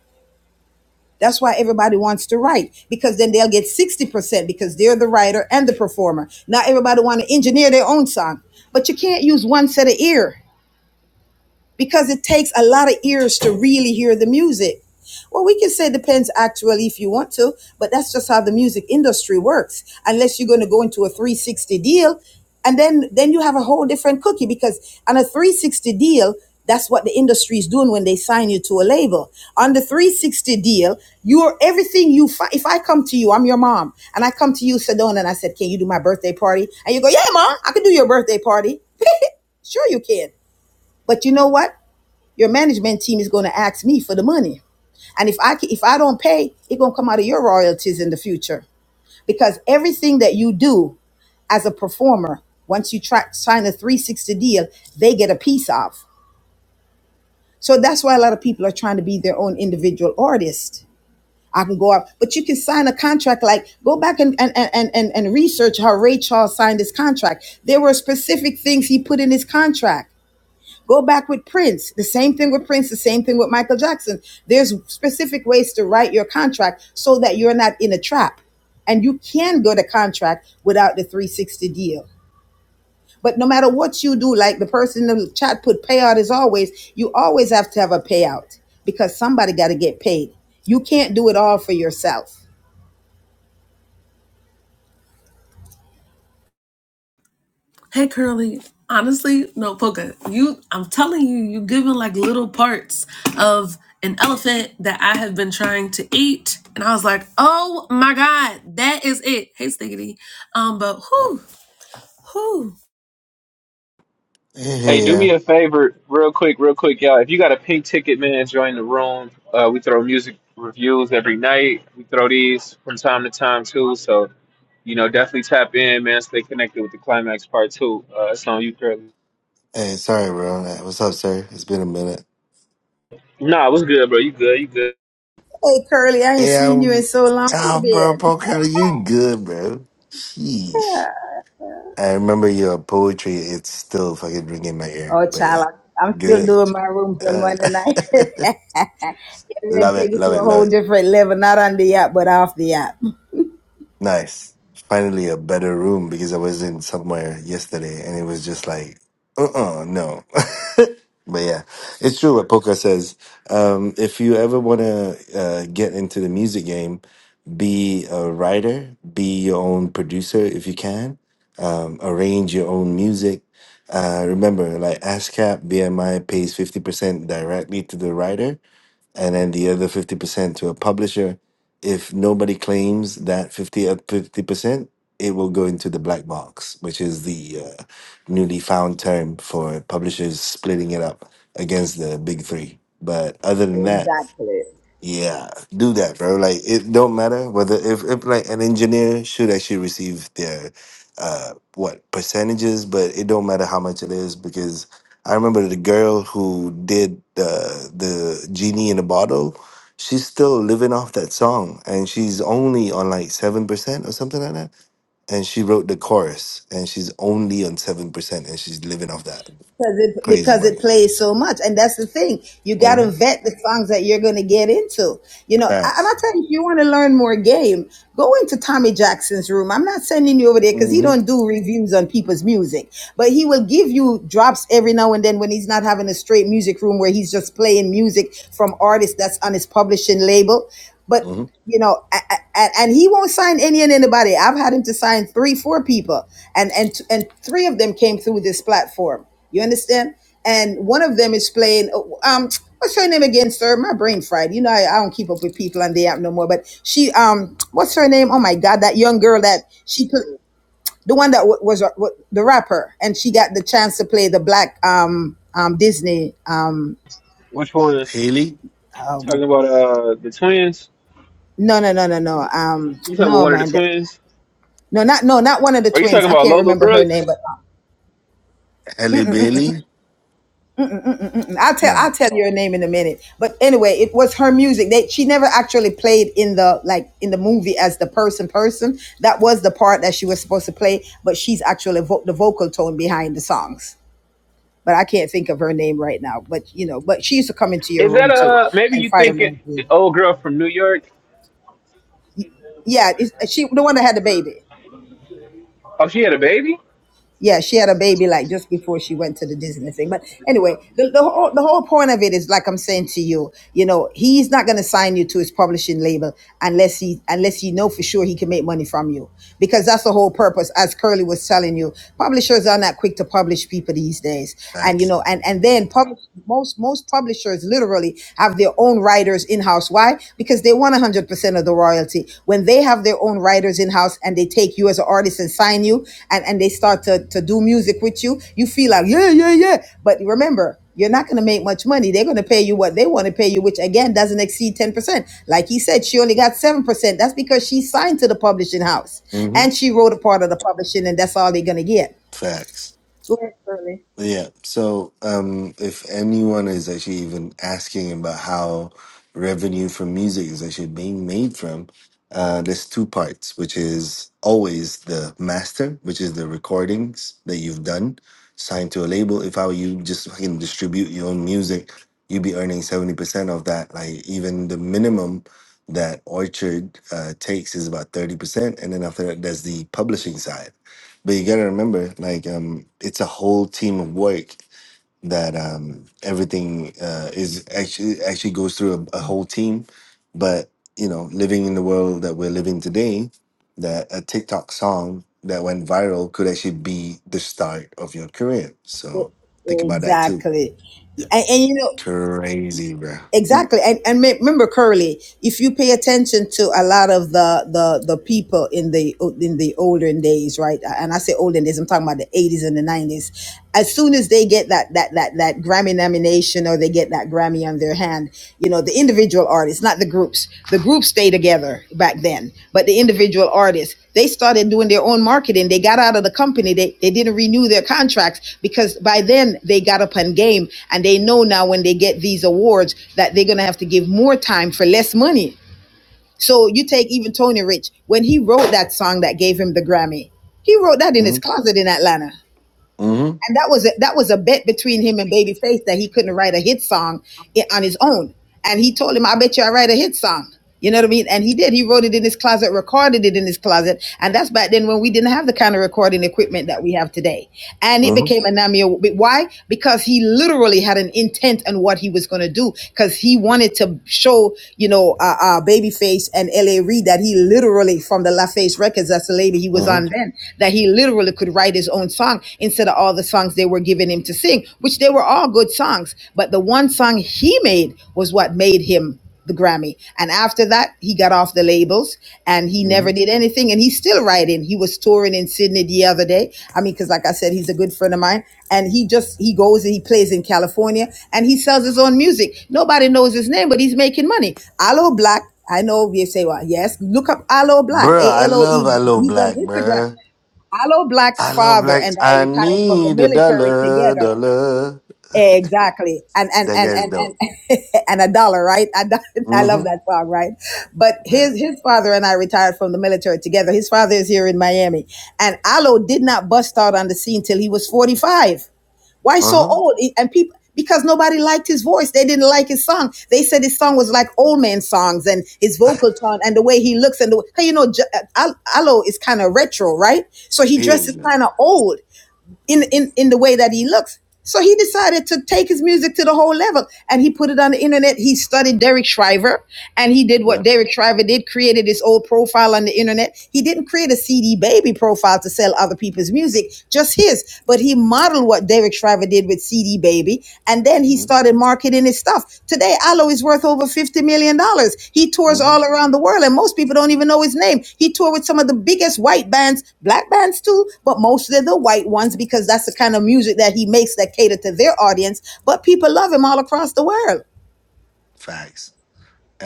Speaker 6: That's why everybody wants to write because then they'll get 60% because they're the writer and the performer. Not everybody want to engineer their own song, but you can't use one set of ear because it takes a lot of ears to really hear the music. Well, we can say depends actually if you want to, but that's just how the music industry works. Unless you're going to go into a 360 deal, and then then you have a whole different cookie because on a 360 deal, that's what the industry is doing when they sign you to a label. On the 360 deal, you're everything you fi- if I come to you, I'm your mom, and I come to you, Sedona, and I said, "Can you do my birthday party?" And you go, "Yeah, mom, I can do your birthday party." Sure, you can. But you know what? Your management team is going to ask me for the money. And if I if I don't pay, it's going to come out of your royalties in the future. Because everything that you do as a performer, once you try, sign a 360 deal, they get a piece of. So that's why a lot of people are trying to be their own individual artist. I can go out, but you can sign a contract like go back and and and and, and research how Ray Charles signed his contract. There were specific things he put in his contract Go back with Prince. The same thing with Prince, the same thing with Michael Jackson. There's specific ways to write your contract so that you're not in a trap. And you can go to contract without the 360 deal. But no matter what you do, like the person in the chat put payout as always, you always have to have a payout because somebody got to get paid. You can't do it all for yourself.
Speaker 11: hey, Curly, honestly, no, Poca, you, I'm telling you, you're giving like little parts of an elephant that I have been trying to eat. And I was like, oh my God, that is it. Hey, Stiggity. Um, but who, who?
Speaker 13: Hey,
Speaker 3: Hey,
Speaker 13: hey,
Speaker 3: do me
Speaker 13: yeah.
Speaker 3: a favor, real quick, real quick, y'all. If you got a pink ticket, man, join the room. Uh, we throw music reviews every night. We throw these from time to time too. So you know, definitely tap in, man. Stay connected with the climax part two. Uh, it's on you, Curly.
Speaker 13: Hey, sorry, bro. Hey, What's up, sir? It's been a minute.
Speaker 3: Nah, what's good, bro? You good? You good?
Speaker 6: Hey, Curly, I ain't
Speaker 13: Hey,
Speaker 6: seen you in
Speaker 13: I'm.
Speaker 6: so long. Where you
Speaker 13: Oh, bro,
Speaker 6: been?
Speaker 13: Pocono, you good, bro. Sheesh. I remember your poetry. It's still fucking ringing in my ear.
Speaker 6: Oh,
Speaker 13: But yeah,
Speaker 6: child, I- am still
Speaker 13: good.
Speaker 6: doing my rooms on
Speaker 13: Uh,
Speaker 6: Monday night. [LAUGHS] Get
Speaker 13: [LAUGHS]
Speaker 6: ready to
Speaker 13: love
Speaker 6: take
Speaker 13: it,
Speaker 6: it
Speaker 13: love
Speaker 6: to a
Speaker 13: it, love
Speaker 6: whole
Speaker 13: it.
Speaker 6: different level, not on the app, but off the app. [LAUGHS]
Speaker 13: Nice. Finally, a better room because I was in somewhere yesterday and it was just like, uh uh no. [LAUGHS] but yeah, it's true what Poca says. Um, if you ever want to uh, get into the music game, be a writer, be your own producer if you can, um, arrange your own music. Uh, remember, like ASCAP, BMI pays 50% directly to the writer and then the other 50% to a publisher. If nobody claims that 50 uh, 50%, it will go into the black box, which is the uh, newly found term for publishers splitting it up against the big three. But other than that,
Speaker 6: Exactly.
Speaker 13: yeah, do that, bro. Like it don't matter whether if, if like an engineer should actually receive their uh what percentages, but it don't matter how much it is because I remember the girl who did the the genie in a bottle. She's still living off that song, and she's only on like seven percent or something like that. And she wrote the chorus, and she's only on seven percent, and she's living off that
Speaker 6: because it,
Speaker 13: crazy
Speaker 6: because
Speaker 13: money.
Speaker 6: it plays so much. And that's the thing. You got to
Speaker 13: Mm-hmm.
Speaker 6: vet the songs that you're going to get into. You know, I- and I'll
Speaker 13: Fast.
Speaker 6: tell you, if you want to learn more game, go into Tommy Jackson's room. I'm not sending you over there because he don't
Speaker 13: Mm-hmm.
Speaker 6: do reviews on people's music, but he will give you drops every now and then when he's not having a straight music room where he's just playing music from artists that's on his publishing label. But
Speaker 13: Mm-hmm.
Speaker 6: you know, a- a- and he won't sign any and anybody. I've had him to sign three, four people, and and and three of them came through this platform. You understand? And one of them is playing. Um, what's her name again, sir? My brain fried. You know, I, I don't keep up with people on the app no more. But she, um, what's her name? Oh my God, that young girl that she, pl- the one that w- was a- w- the rapper, and she got the chance to play the black, um, um, Disney, um,
Speaker 3: Which one?
Speaker 13: Haley,
Speaker 6: oh my,
Speaker 3: Talking about uh the twins?
Speaker 6: no, no, no, no,
Speaker 3: You
Speaker 6: no, um,
Speaker 3: you talking about
Speaker 6: no,
Speaker 3: one of the
Speaker 6: man,
Speaker 3: twins?
Speaker 6: No, not no, not one of the
Speaker 3: Are you
Speaker 6: twins.
Speaker 3: talking
Speaker 6: I
Speaker 3: about
Speaker 6: can't
Speaker 3: Lola
Speaker 6: remember her name,
Speaker 3: Brooks?
Speaker 6: but
Speaker 13: Haley Bailey.
Speaker 6: um, I'll tell
Speaker 13: No,
Speaker 6: I'll tell you her name in a minute. But anyway, it was her music. They she never actually played in the like in the movie as the person person. That was the part that she was supposed to play, but she's actually vo- the vocal tone behind the songs. But I can't think of her name right now. But you know, but she used to come into your
Speaker 3: Is that
Speaker 6: room too
Speaker 3: uh maybe
Speaker 6: and
Speaker 3: you
Speaker 6: fight her.
Speaker 3: thinking the old girl from New York?
Speaker 6: Yeah, it's, she the one that had the baby.
Speaker 3: Oh, she had a baby.
Speaker 6: yeah, she had a baby like just before she went to the Disney thing. But anyway, the, the whole the whole point of it is like I'm saying to you, you know, he's not gonna sign you to his publishing label unless he unless you know for sure he can make money from you. Because that's the whole purpose, as Curly was telling you. Publishers are not quick to publish people these days. And you
Speaker 13: facts.
Speaker 6: know, and, and then publish most most publishers literally have their own writers in house why? Because they want 100% of the royalty. When they have their own writers in house and they take you as an artist and sign you and, and they start to, to do music with you, you feel like, yeah, yeah, yeah. But remember, you're not going to make much money. They're going to pay you what they want to pay you, which again doesn't exceed 10%. Like he said, she only got 7%. That's because she signed to the publishing house
Speaker 13: hmm
Speaker 6: and she wrote a part of the publishing, and that's all they're going to get.
Speaker 13: Facts.
Speaker 6: Go
Speaker 13: Yeah. So, um, if anyone is actually even asking about how revenue from music is actually being made from, uh, there's two parts, which is always the master, which is the recordings that you've done, signed to a label. If I you, just fucking distribute your own music, you'd be earning 70% of that. Like, even the minimum that Orchard uh, takes is about 30%. And then after that, there's the publishing side But you gotta remember, like, um, it's a whole team of work that um, everything uh, is actually actually goes through a, a whole team. But you know, living in the world that we're living today, that a TikTok song that went viral could actually be the start of your career. So think about that too.
Speaker 6: Exactly. And, and you know,
Speaker 13: Crazy, bro.
Speaker 6: Exactly, and and me- remember, Curly, if you pay attention to a lot of the the the people in the in the olden days, right? And I say olden days, I'm talking about the 80s and the 90s. As soon as they get that that that that Grammy nomination or they get that Grammy on their hand, you know, the individual artists, not the groups. The groups stay together back then, but the individual artists, they started doing their own marketing. They got out of the company. They, they didn't renew their contracts because by then they got up on game and they know now when they get these awards that they're going to have to give more time for less money. So you take even Tony Rich, when he wrote that song that gave him the Grammy, he wrote that
Speaker 13: Mm-hmm.
Speaker 6: in his closet in Atlanta
Speaker 13: Mm-hmm.
Speaker 6: and that was a, that was a bet between him and Babyface that he couldn't write a hit song on his own. And he told him, "I bet you I write a hit song." You know what I mean? And he did. He wrote it in his closet, recorded it in his closet, and that's back then when we didn't have the kind of recording equipment that we have today. And it
Speaker 13: Mm-hmm.
Speaker 6: became a Namio. Why? Because he literally had an intent on what he was going to do, because he wanted to show, you know, uh, uh, Babyface and L.A. Reid that he literally, from the LaFace Records, that's the label he was on
Speaker 13: Mm-hmm.
Speaker 6: then, that he literally could write it write his own song instead of all the songs they were giving him to sing, which they were all good songs. But the one song he made was what made him the Grammy. And after that, he got off the labels and he never did anything. And he's still writing. He was touring in Sydney the other day. I mean, because like I said, he's a good friend of mine. And he just he goes and he plays in California and he sells his own music. Nobody knows his name, but he's making money. Aloe Black. I know we say, well, yes, look up Aloe Black,
Speaker 13: Bro,
Speaker 6: A
Speaker 13: I
Speaker 6: L O
Speaker 13: love
Speaker 6: E.
Speaker 13: I Love
Speaker 6: He's on
Speaker 13: Black,
Speaker 6: Instagram.
Speaker 13: bro.
Speaker 6: Hello, black
Speaker 13: I love
Speaker 6: father
Speaker 13: black.
Speaker 6: and I
Speaker 13: I
Speaker 6: retired from the
Speaker 13: need a
Speaker 6: military
Speaker 13: dollar,
Speaker 6: together.
Speaker 13: dollar.
Speaker 6: Exactly. And, and,
Speaker 13: That
Speaker 6: and,
Speaker 13: guy's
Speaker 6: and,
Speaker 13: dope.
Speaker 6: and, [LAUGHS] and a dollar, right? I [LAUGHS] I love
Speaker 13: Mm-hmm.
Speaker 6: that song, right? But
Speaker 13: Yeah.
Speaker 6: his, his father and I retired from the military together. His father is here in Miami and Allo did not bust out on the scene till he was 45. Why so
Speaker 13: Uh-huh.
Speaker 6: old? E, And people because nobody liked his voice. They didn't like his song. They said his song was like old man songs and his vocal tone and the way he looks and the way, 'cause you know, J- uh, Al- Aloe is kind of retro, right? So he
Speaker 13: He
Speaker 6: dresses
Speaker 13: is. yeah.
Speaker 6: kind of old in, in, in the way that he looks. So he decided to take his music to the whole level and he put it on the internet. He studied Derek Shriver and he did what
Speaker 13: Yep.
Speaker 6: Derek Shriver did, created his old profile on the internet. He didn't create a CD baby profile to sell other people's music, just his, but he modeled what Derek Shriver did with CD baby baby. And then he
Speaker 13: Mm-hmm.
Speaker 6: started marketing his stuff. Today, Aloe is worth over $50 million. dollars. He tours
Speaker 13: hmm
Speaker 6: all around the world, and most people don't even know his name. He toured with some of the biggest white bands, black bands too, but mostly the white ones because that's the kind of music that he makes that cater to their audience. But people love him all across the world.
Speaker 13: Facts.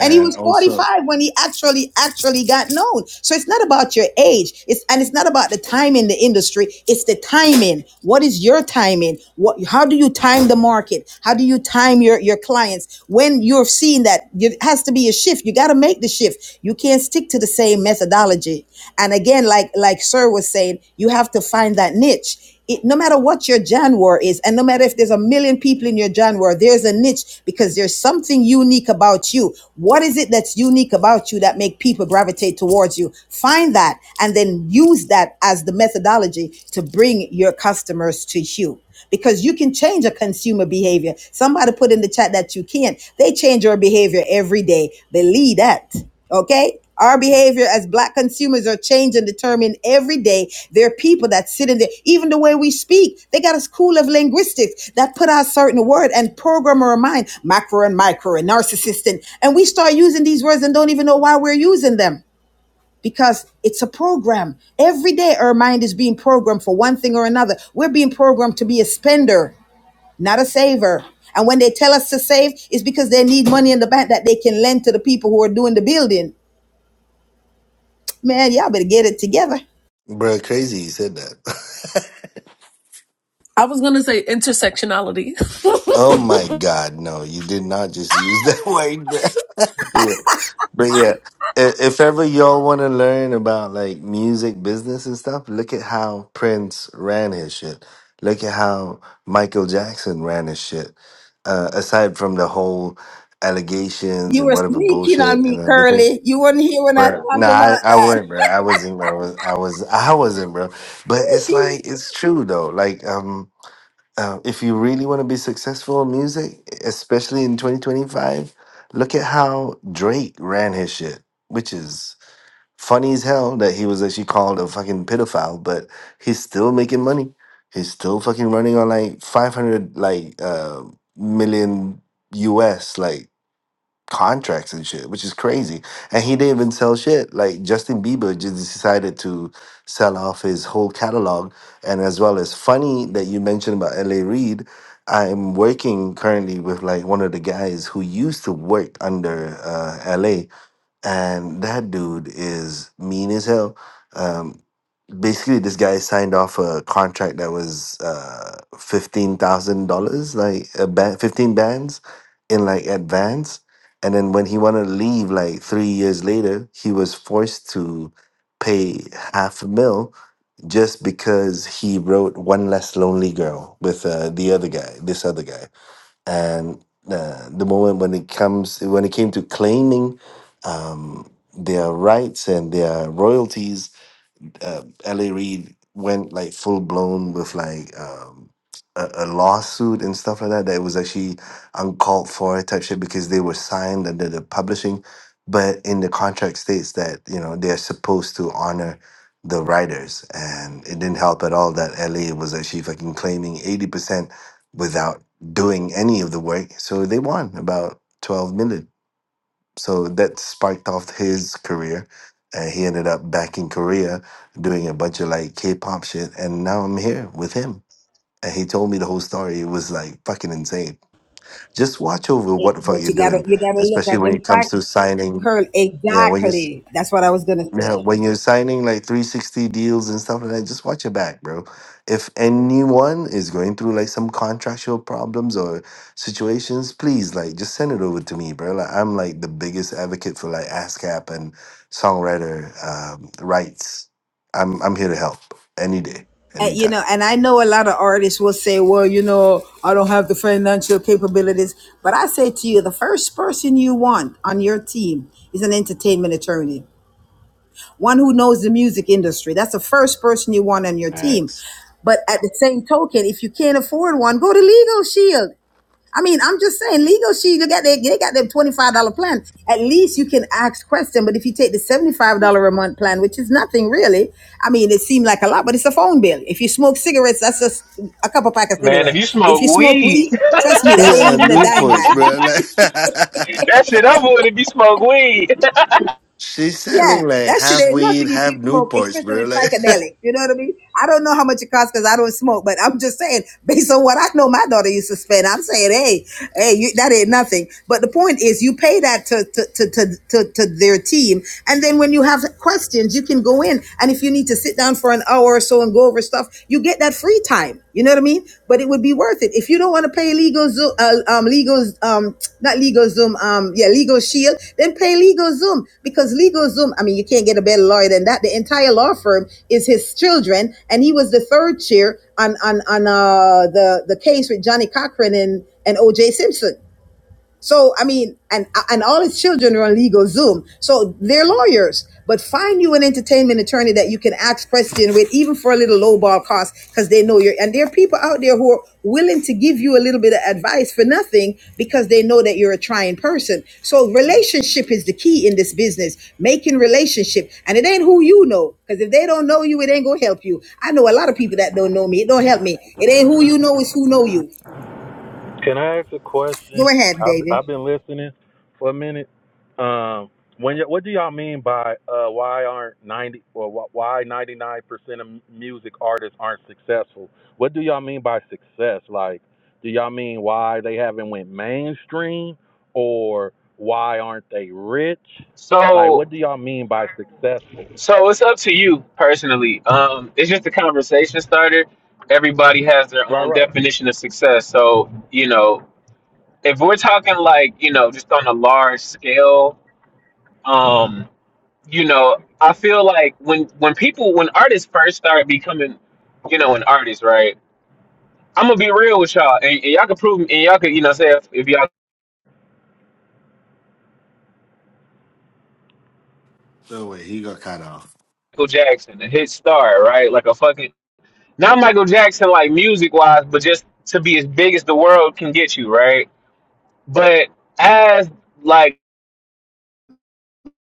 Speaker 6: And he was
Speaker 13: also,
Speaker 6: 45 when he actually actually got known. So it's not about your age. It's and it's not about the time in the industry. It's the timing. What is your timing? What how do you time the market? How do you time your your clients? When you're seeing that it has to be a shift. You got to make the shift. You can't stick to the same methodology. And again like like sir was saying, you have to find that niche it, no matter what your January is, and no matter if there's a million people in your January, there's a niche because there's something unique about you. What is it that's unique about you that make people gravitate towards you? Find that and then use that as the methodology to bring your customers to you because you can change a consumer behavior. Somebody put in the chat that you can't. They change your behavior every day. Believe that. Okay? Our behavior as black consumers are changed and determined every day. There are people that sit in there, even the way we speak. They got a school of linguistics that put out certain word and program our mind, macro and micro and narcissist. And, and we start using these words and don't even know why we're using them because it's a program. Every day our mind is being programmed for one thing or another. We're being programmed to be a spender, not a saver. And when they tell us to save, it's because they need money in the bank that they can lend to the people who are doing the building Man, y'all better get it together.
Speaker 13: bro, crazy he said that.
Speaker 11: I was gonna say intersectionality.
Speaker 13: [LAUGHS]
Speaker 11: [LAUGHS]
Speaker 13: oh my God, no, you did not just use that [LAUGHS] word, bro. But yeah, i- if ever y'all want to learn about like music business and stuff, look at how Prince ran his shit. Look at how Michael Jackson ran his shit. Uh, aside from the whole allegations
Speaker 6: You
Speaker 13: and
Speaker 6: were
Speaker 13: whatever
Speaker 6: sneaking on
Speaker 13: bullshit and
Speaker 6: me,
Speaker 13: everything,
Speaker 6: Curly. You were not here when I
Speaker 13: bro. Nah,
Speaker 6: talked about
Speaker 13: I, I
Speaker 6: that.
Speaker 13: wasn't, bro. I wasn't, bro. I was, I was, [LAUGHS] I wasn't, bro. But it's like it's true though. Like, um. Um, if you really want to be successful in music, especially in 2025, look at how Drake ran his shit, which is funny as hell that he was actually called a fucking pedophile, but he's still making money. He's still fucking running on like 500 like uh, million US. Like contracts and shit, which is crazy. And he didn't even sell shit. Like Justin Bieber just decided to sell off his whole catalog. And as well as funny that you mentioned about LA Reid, I'm working currently with like one of the guys who used to work under uh, LA, and that dude is mean as hell. Um, basically this guy signed off a contract that was uh fifteen thousand dollars, like a band, fifteen bands in like advance. And then when he wanted to leave, like three years later, he was forced to pay half a mil just because he wrote "One Less Lonely Girl" with uh, the other guy, this other guy. And uh, the moment when it comes, when it came to claiming um, their rights and their royalties, Reid, uh, L.A. Reid went like full blown with like um, a, a lawsuit and stuff like that. That was actually uncalled for type shit because they were signed under the publishing, but in the contract states that you know they are supposed to honor the writers, and it didn't help at all that L.A. was actually fucking claiming eighty percent without doing any of the work. So they won about twelve million. So that sparked off his career. And he ended up back in Korea doing a bunch of like K pop shit. And now I'm here with him. And he told me the whole story. It was like fucking insane. Just watch over
Speaker 6: It
Speaker 13: what the fuck you're
Speaker 6: gotta,
Speaker 13: doing,
Speaker 6: you gotta look
Speaker 13: especially
Speaker 6: at
Speaker 13: when
Speaker 6: them
Speaker 13: it comes
Speaker 6: facts,
Speaker 13: to signing.
Speaker 6: Curly.
Speaker 13: Yeah, when you
Speaker 6: Exactly. That's what I was gonna
Speaker 13: yeah,
Speaker 6: say.
Speaker 13: when you're signing like 360 deals and stuff like that, just watch your back, bro. If anyone is going through like some contractual problems or situations, please like just send it over to me, bro. Like I'm like the biggest advocate for like ASCAP and songwriter um, rights. I'm I'm here to help any day,
Speaker 6: And, you
Speaker 13: anytime.
Speaker 6: know, and I know a lot of artists will say, well, you know, I don't have the financial capabilities. But I say to you, the first person you want on your team is an entertainment attorney, one who knows the music industry. That's the first person you want on your team.
Speaker 13: Facts.
Speaker 6: But at the same token, if you can't afford one, go to Legal Shield. I mean, I'm just saying, legal sheet. Look at they, they got their twenty five dollar plan. At least you can ask questions. But if you take the seventy five dollar a month plan, which is nothing really, I mean, it seemed like a lot, but it's a phone bill. If you smoke cigarettes, that's just a couple pack of
Speaker 3: Man, if
Speaker 6: cigarette.
Speaker 3: you
Speaker 6: If
Speaker 3: smoke
Speaker 6: you smoke
Speaker 3: weed. [LAUGHS]
Speaker 6: weed, trust me, that ain't
Speaker 13: Nah,
Speaker 6: even a dime
Speaker 13: Newports,
Speaker 6: bag. but.
Speaker 13: bro.
Speaker 3: That shit I'm
Speaker 13: Like,
Speaker 3: with if you smoke weed.
Speaker 13: [LAUGHS] she's
Speaker 6: Yeah,
Speaker 13: selling like
Speaker 6: that shit
Speaker 13: half
Speaker 6: ain't
Speaker 13: weed,
Speaker 6: nothing if
Speaker 13: half
Speaker 6: you smoke,
Speaker 13: Newports, bro.
Speaker 6: especially
Speaker 13: Like,
Speaker 6: psychedelic. You know what I mean? I don't know how much it costs because I don't smoke, but I'm just saying, based on what I know my daughter used to spend, I'm saying, hey, hey, you, that ain't nothing. But the point is, you pay that to, to, to, to, to, to their team. And then when you have questions, you can go in. And if you need to sit down for an hour or so and go over stuff, you get that free time. You know what I mean? But it would be worth it if you don't want to pay legal Zoom, uh, um, legal, um, not legal Zoom, um, yeah, legal Shield. Then pay legal Zoom because legal Zoom. I mean, you can't get a better lawyer than that. The entire law firm is his children, and he was the third chair on on on uh, the the case with Johnny Cochran and and O.J. Simpson. So I mean, and and all his children are on legal Zoom, so they're lawyers. But find you an entertainment attorney that you can ask questions with, even for a little lowball cost, because they know you're. And there are people out there who are willing to give you a little bit of advice for nothing because they know that you're a trying person. So
Speaker 13: [LAUGHS]
Speaker 6: relationship is the key in this business, making relationship, and it ain't who you know, because if they don't know you, it ain't gonna help you. I know a lot of people that don't know me. It don't help me. It ain't who you know, it's who know you.
Speaker 12: Can I ask a
Speaker 6: Go
Speaker 12: question?
Speaker 6: ahead,
Speaker 12: I've,
Speaker 6: baby.
Speaker 12: I've been listening for a minute. Um, when y- what do y'all mean by uh, why aren't ninety or wh- why ninety nine percent of m- music artists aren't successful? What do y'all mean by success? Like, do y'all mean why they haven't went mainstream, or why aren't they rich?
Speaker 3: [LAUGHS]
Speaker 12: Like,
Speaker 3: so
Speaker 12: what do y'all mean by successful?
Speaker 3: so it's up to you personally. Um it's just a conversation starter. Everybody has their
Speaker 12: Right,
Speaker 3: own
Speaker 12: right.
Speaker 3: definition of success. So, you know, if we're talking like, you know, just on a large scale, um, you know, I feel like when when people when artists first start becoming, you know, an artist, right? I'm gonna be real with y'all, and, and y'all can prove, and y'all could, you know, say if, if y'all
Speaker 13: no way, he got cut off.
Speaker 3: Michael Jackson, a hit star, right? Like a fucking not Michael Jackson like music wise, but just to be as big as the world can get you, right? But as like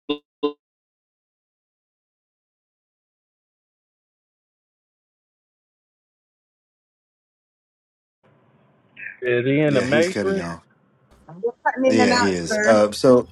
Speaker 3: You
Speaker 12: Is he in the
Speaker 13: Yeah, he's cutting you
Speaker 12: Matrix?
Speaker 13: off.
Speaker 6: You're cutting in and
Speaker 13: Yeah,
Speaker 6: out,
Speaker 13: he
Speaker 12: Oh,
Speaker 13: is.
Speaker 12: okay.
Speaker 6: sir.
Speaker 13: Uh, so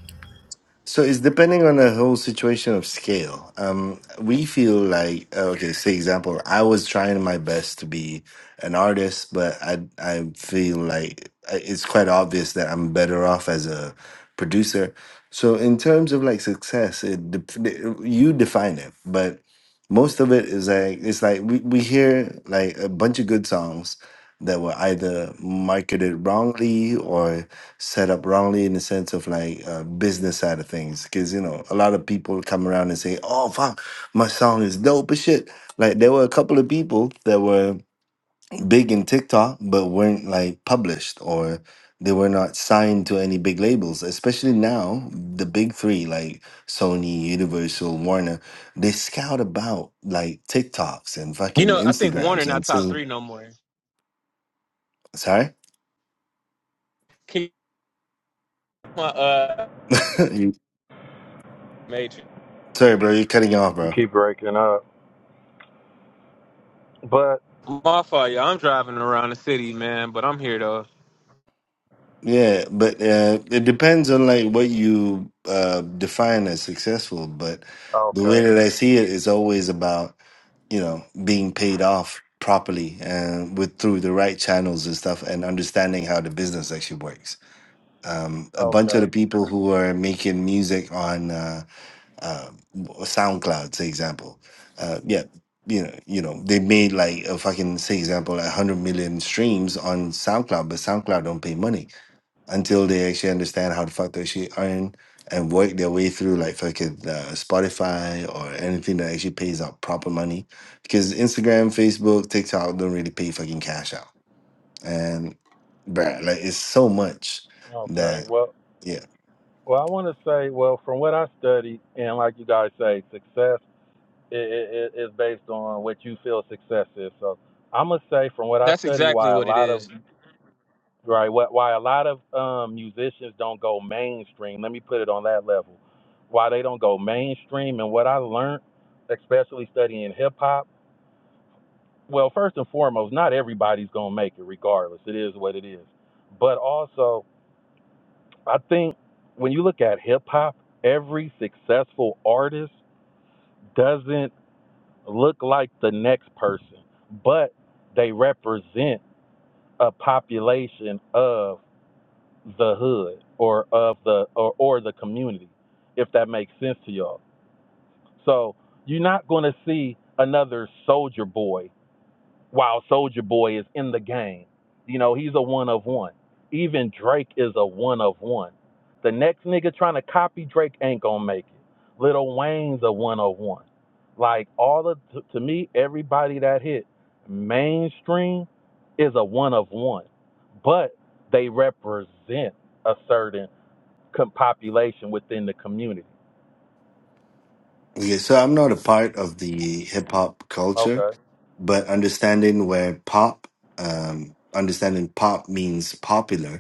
Speaker 13: so it's depending on the whole situation of scale. Um, we feel like uh, okay, say example, I was trying my best to be an artist, but I I feel like I- it's quite obvious that I'm better off as a producer. So in terms of like success, it dep- you define it, but most of it is like it's like we, we hear like a bunch of good songs that were either marketed wrongly or set up wrongly in the sense of like uh, business side of things because you know a lot of people come around and say oh fuck my song is dope as shit like there were a couple of people that were big in TikTok, but weren't like published or they were not signed to any big labels. Especially now, the big three like Sony, Universal, Warner, they scout about like TikToks and fucking
Speaker 3: know, I think Warner
Speaker 13: Instagrams
Speaker 3: not
Speaker 13: and
Speaker 3: top
Speaker 13: so
Speaker 3: three no more.
Speaker 13: sorry,
Speaker 3: Keep my uh
Speaker 13: [LAUGHS] You-
Speaker 3: matrix.
Speaker 13: sorry, bro, you're cutting off,
Speaker 12: You
Speaker 13: bro.
Speaker 12: keep breaking up. But
Speaker 3: My fault, y'all. I'm driving around the city, man, but I'm here though.
Speaker 13: Yeah, but uh, it depends on like what you uh, define as successful. But the way
Speaker 12: okay,
Speaker 13: that I see it is always about you know being paid off properly and with through the right channels and stuff and understanding how the business actually works um, a bunch of
Speaker 12: okay,
Speaker 13: the people who are making music on uh, uh, soundcloud say example uh, yeah you know you know they made like a fucking say example like 100 million streams on soundcloud but soundcloud don't pay money until they actually understand how the fuck they actually earn and work their way through like fucking uh, Spotify or anything that actually pays out proper money. Because Instagram, Facebook, TikTok don't really pay fucking cash out. And bruh, like it's so much
Speaker 12: okay.
Speaker 13: that
Speaker 12: Well,
Speaker 13: yeah.
Speaker 12: well, I want to say, well, from what I studied, and like you guys say, success i i i- is based on what you feel success is. So I'm gonna say, from what I
Speaker 3: That's
Speaker 12: study,
Speaker 3: exactly
Speaker 12: why a
Speaker 3: what it
Speaker 12: lot of
Speaker 3: is.
Speaker 12: right, what why a lot of um, musicians don't go mainstream. Let me put it on that level. Why they don't go mainstream, and what I learned, especially studying hip hop. Well, first and foremost, not everybody's gonna make it, regardless. It is what it is. But also, I think when you look at hip hop, every successful artist doesn't look like the next person, but they represent a population of the hood or of the or, or the community, if that makes sense to y'all. So you're not gonna see another soldier boy while Soldier Boy is in the game. You know, he's a one of one. Even Drake is a one of one. The next nigga trying to copy Drake ain't gonna make it. Little Wayne's a one of one. Like all of to, to me, everybody that hit mainstream is a one of one, but they represent a certain population within the community.
Speaker 13: Okay, so I'm not a part of the hip hop culture,
Speaker 12: Okay,
Speaker 13: but understanding where pop, um, understanding pop means popular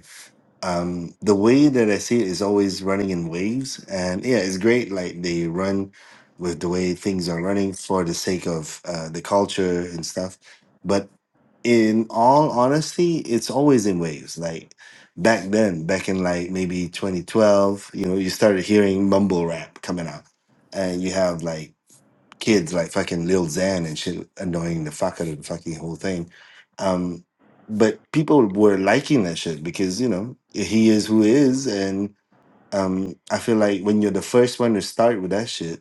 Speaker 13: um the way that I see it is always running in waves and yeah it's great like they run with the way things are running for the sake of uh, the culture and stuff but in all honesty it's always in waves like back then back in like maybe 2012 you know you started hearing mumble rap coming out and you have like kids like fucking Lil Xan and shit annoying the fuck out of the fucking whole thing. Um, but people were liking that shit because, you know, he is who he is. And um, I feel like when you're the first one to start with that shit,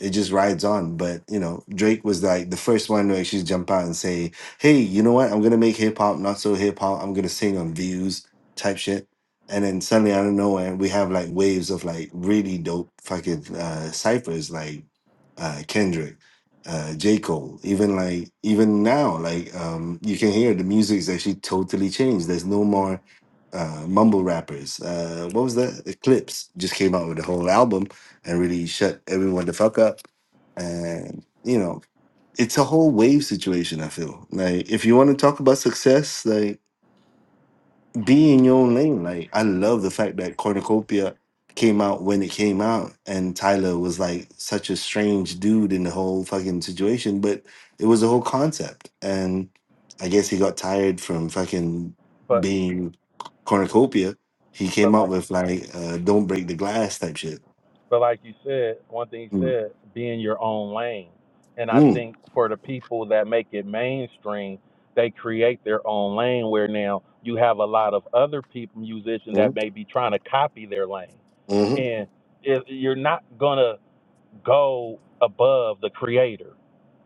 Speaker 13: it just rides on. But you know, Drake was like the first one to actually jump out and say, "Hey, you know what? I'm gonna make hip hop not so hip hop. I'm gonna sing on views type shit." And then suddenly, out of nowhere, we have like waves of like really dope fucking uh, ciphers like uh, Kendrick, uh, J Cole. Even like even now, like um, you can hear the music is actually totally changed. There's no more uh, mumble rappers. Uh, what was that? Eclipse just came out with a whole album and really shut everyone the fuck up. And you know, it's a whole wave situation. I feel like if you want to talk about success, like be in your own lane. Like I love the fact that Cornucopia came out when it came out, and Tyler was like such a strange dude in the whole fucking situation, but it was a whole concept. And I guess he got tired from fucking
Speaker 12: but
Speaker 13: being Cornucopia. He came
Speaker 12: but
Speaker 13: up
Speaker 12: like.
Speaker 13: with like uh, "Don't break the glass" type shit.
Speaker 12: But like you said, one thing you
Speaker 13: Mm,
Speaker 12: said, be in your own lane. And I
Speaker 13: mm,
Speaker 12: think for the people that make it mainstream, they create their own lane where now you have a lot of other people, musicians that
Speaker 13: mm,
Speaker 12: may be trying to copy their lane.
Speaker 13: mhm.
Speaker 12: And if you're not going to go above the creator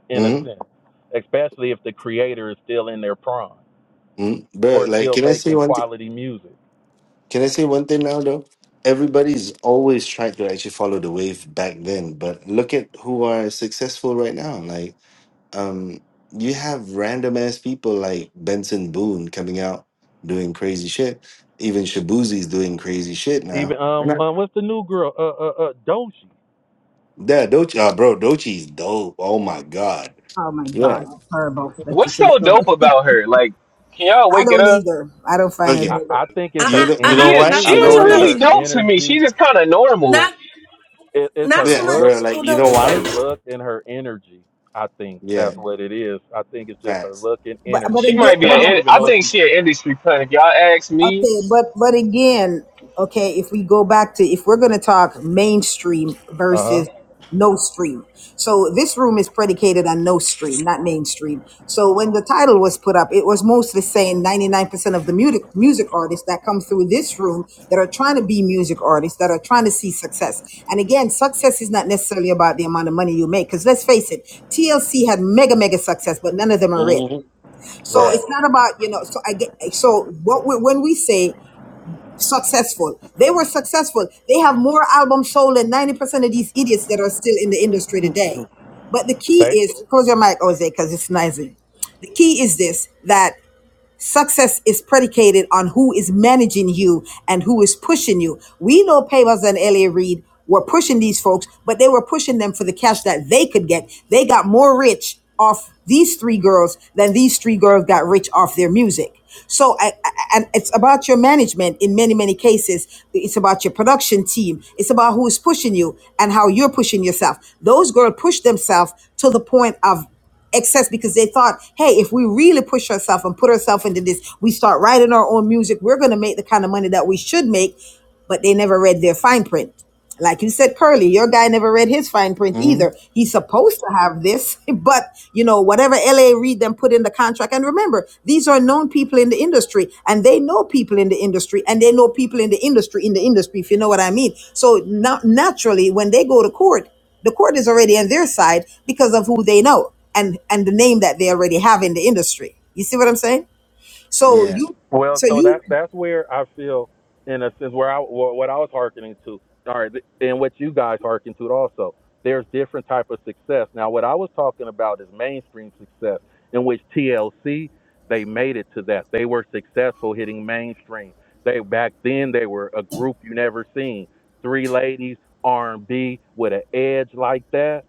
Speaker 12: in a
Speaker 13: Mm-hmm.
Speaker 12: sense, especially if the creator is still in their prime
Speaker 13: Mm-hmm. But
Speaker 12: or
Speaker 13: like,
Speaker 12: still
Speaker 13: can I say
Speaker 12: making
Speaker 13: one thing?
Speaker 12: quality music.
Speaker 13: Can I say one thing now though? Everybody's always tried to actually follow the wave back then, but look at who are successful right now. Like, um, you have random ass people like Benson Boone coming out doing crazy shit. Even Shabuzi's doing crazy shit
Speaker 12: Even
Speaker 13: now. And
Speaker 12: um,
Speaker 13: I-
Speaker 12: uh, what's the new girl? Uh, uh, uh, Doshi.
Speaker 13: Yeah, Dochi, uh, bro, Dochi's dope. Oh my god.
Speaker 6: Oh my
Speaker 13: Yeah.
Speaker 6: God, horrible that you
Speaker 3: what's
Speaker 6: think
Speaker 3: so
Speaker 6: so.
Speaker 3: dope
Speaker 6: [LAUGHS]
Speaker 3: about her? Like, can y'all
Speaker 6: I
Speaker 3: wake it
Speaker 6: don't
Speaker 3: up?
Speaker 6: either. I don't find her.
Speaker 12: I,
Speaker 13: Okay.
Speaker 12: I
Speaker 6: But
Speaker 12: think it's
Speaker 13: You
Speaker 11: Uh-uh,
Speaker 12: her
Speaker 13: know, you know
Speaker 11: uh-uh,
Speaker 3: She is-
Speaker 13: why?
Speaker 12: energy.
Speaker 11: not
Speaker 3: she
Speaker 12: I
Speaker 11: too
Speaker 13: You know
Speaker 11: much
Speaker 12: think
Speaker 3: ain't
Speaker 13: why?
Speaker 12: it's
Speaker 13: Okay.
Speaker 3: really
Speaker 12: her
Speaker 11: Odochi.
Speaker 3: dope to me. She
Speaker 12: energy.
Speaker 3: just kind of
Speaker 11: Not,
Speaker 3: normal.
Speaker 12: It, it's
Speaker 11: not
Speaker 12: her
Speaker 11: too
Speaker 13: Yeah, bro.
Speaker 12: look.
Speaker 11: much
Speaker 13: Like, you know
Speaker 12: It's
Speaker 11: Odochi.
Speaker 12: her
Speaker 13: why?
Speaker 12: look and her energy. I think
Speaker 13: Yeah.
Speaker 12: that's what it is. I think it's just her
Speaker 13: Facts.
Speaker 12: look and
Speaker 6: but
Speaker 12: energy.
Speaker 3: She
Speaker 6: again,
Speaker 3: might be
Speaker 12: Because
Speaker 6: but
Speaker 12: I
Speaker 3: an.
Speaker 12: don't
Speaker 3: in-
Speaker 12: even
Speaker 3: I
Speaker 12: know
Speaker 6: but
Speaker 12: if
Speaker 3: think
Speaker 12: she's.
Speaker 3: she an industry plant. If y'all ask me,
Speaker 6: Okay, but but again, okay, if we go back to if we're going to talk mainstream
Speaker 12: Uh huh.
Speaker 6: versus no stream. So this room is predicated on no stream, not mainstream. So when the title was put up, it was mostly saying 99% of the music music artists that come through this room that are trying to be music artists that are trying to see success. And again, success is not necessarily about the amount of money you make cuz let's face it, TLC had mega mega success, but none of them are rich.
Speaker 13: Mm-hmm.
Speaker 6: So
Speaker 13: Yeah.
Speaker 6: it's
Speaker 12: Right.
Speaker 6: not about you know. So I get so what we, when we say successful, they were successful. They have more albums sold than ninety percent of these idiots that are still in the industry today.
Speaker 13: Mm-hmm.
Speaker 6: But the
Speaker 12: They.
Speaker 6: key is close your mic, Jose, because it's noisy. The key is this: that Success is predicated on who is managing you and who is pushing you. We know Pavas and Elliot Reed were pushing these folks, but they were pushing them for the cash that they could get. They got more rich off these three girls than these three girls got rich off their music. So, I, I- and it's about your management in many, many cases. It's about your production team. It's about who is pushing you and how you're pushing yourself. Those girls pushed themselves to the point of excess because they thought, hey, if we really push ourselves and put ourselves into this, we start writing our own music, we're going to make the kind of money that we should make. But they never read their fine print. Like you said, Curly, your guy never read his fine print either. He's supposed to have this, [LAUGHS] but you know, whatever LA Reid them put in the contract. And remember, these are known people in the industry and they know people in the industry and they know people in the industry, in the industry, if you know what I mean. So not, naturally, when they go to court, the court is already on their side because of who they know and and the name that they already have in the industry. You see what I'm saying? So
Speaker 13: Yeah.
Speaker 6: you
Speaker 12: Well,
Speaker 6: so
Speaker 12: so that
Speaker 6: you
Speaker 12: that's where I feel, in a sense, where I wh- what I was hearkening to, all right, th- and what you guys hearken to also. There's different type of success. Now, what I was talking about is mainstream success, in which TLC they made it to that. They were successful hitting mainstream. They back then they were a group you never seen, three ladies R&B with an edge like that.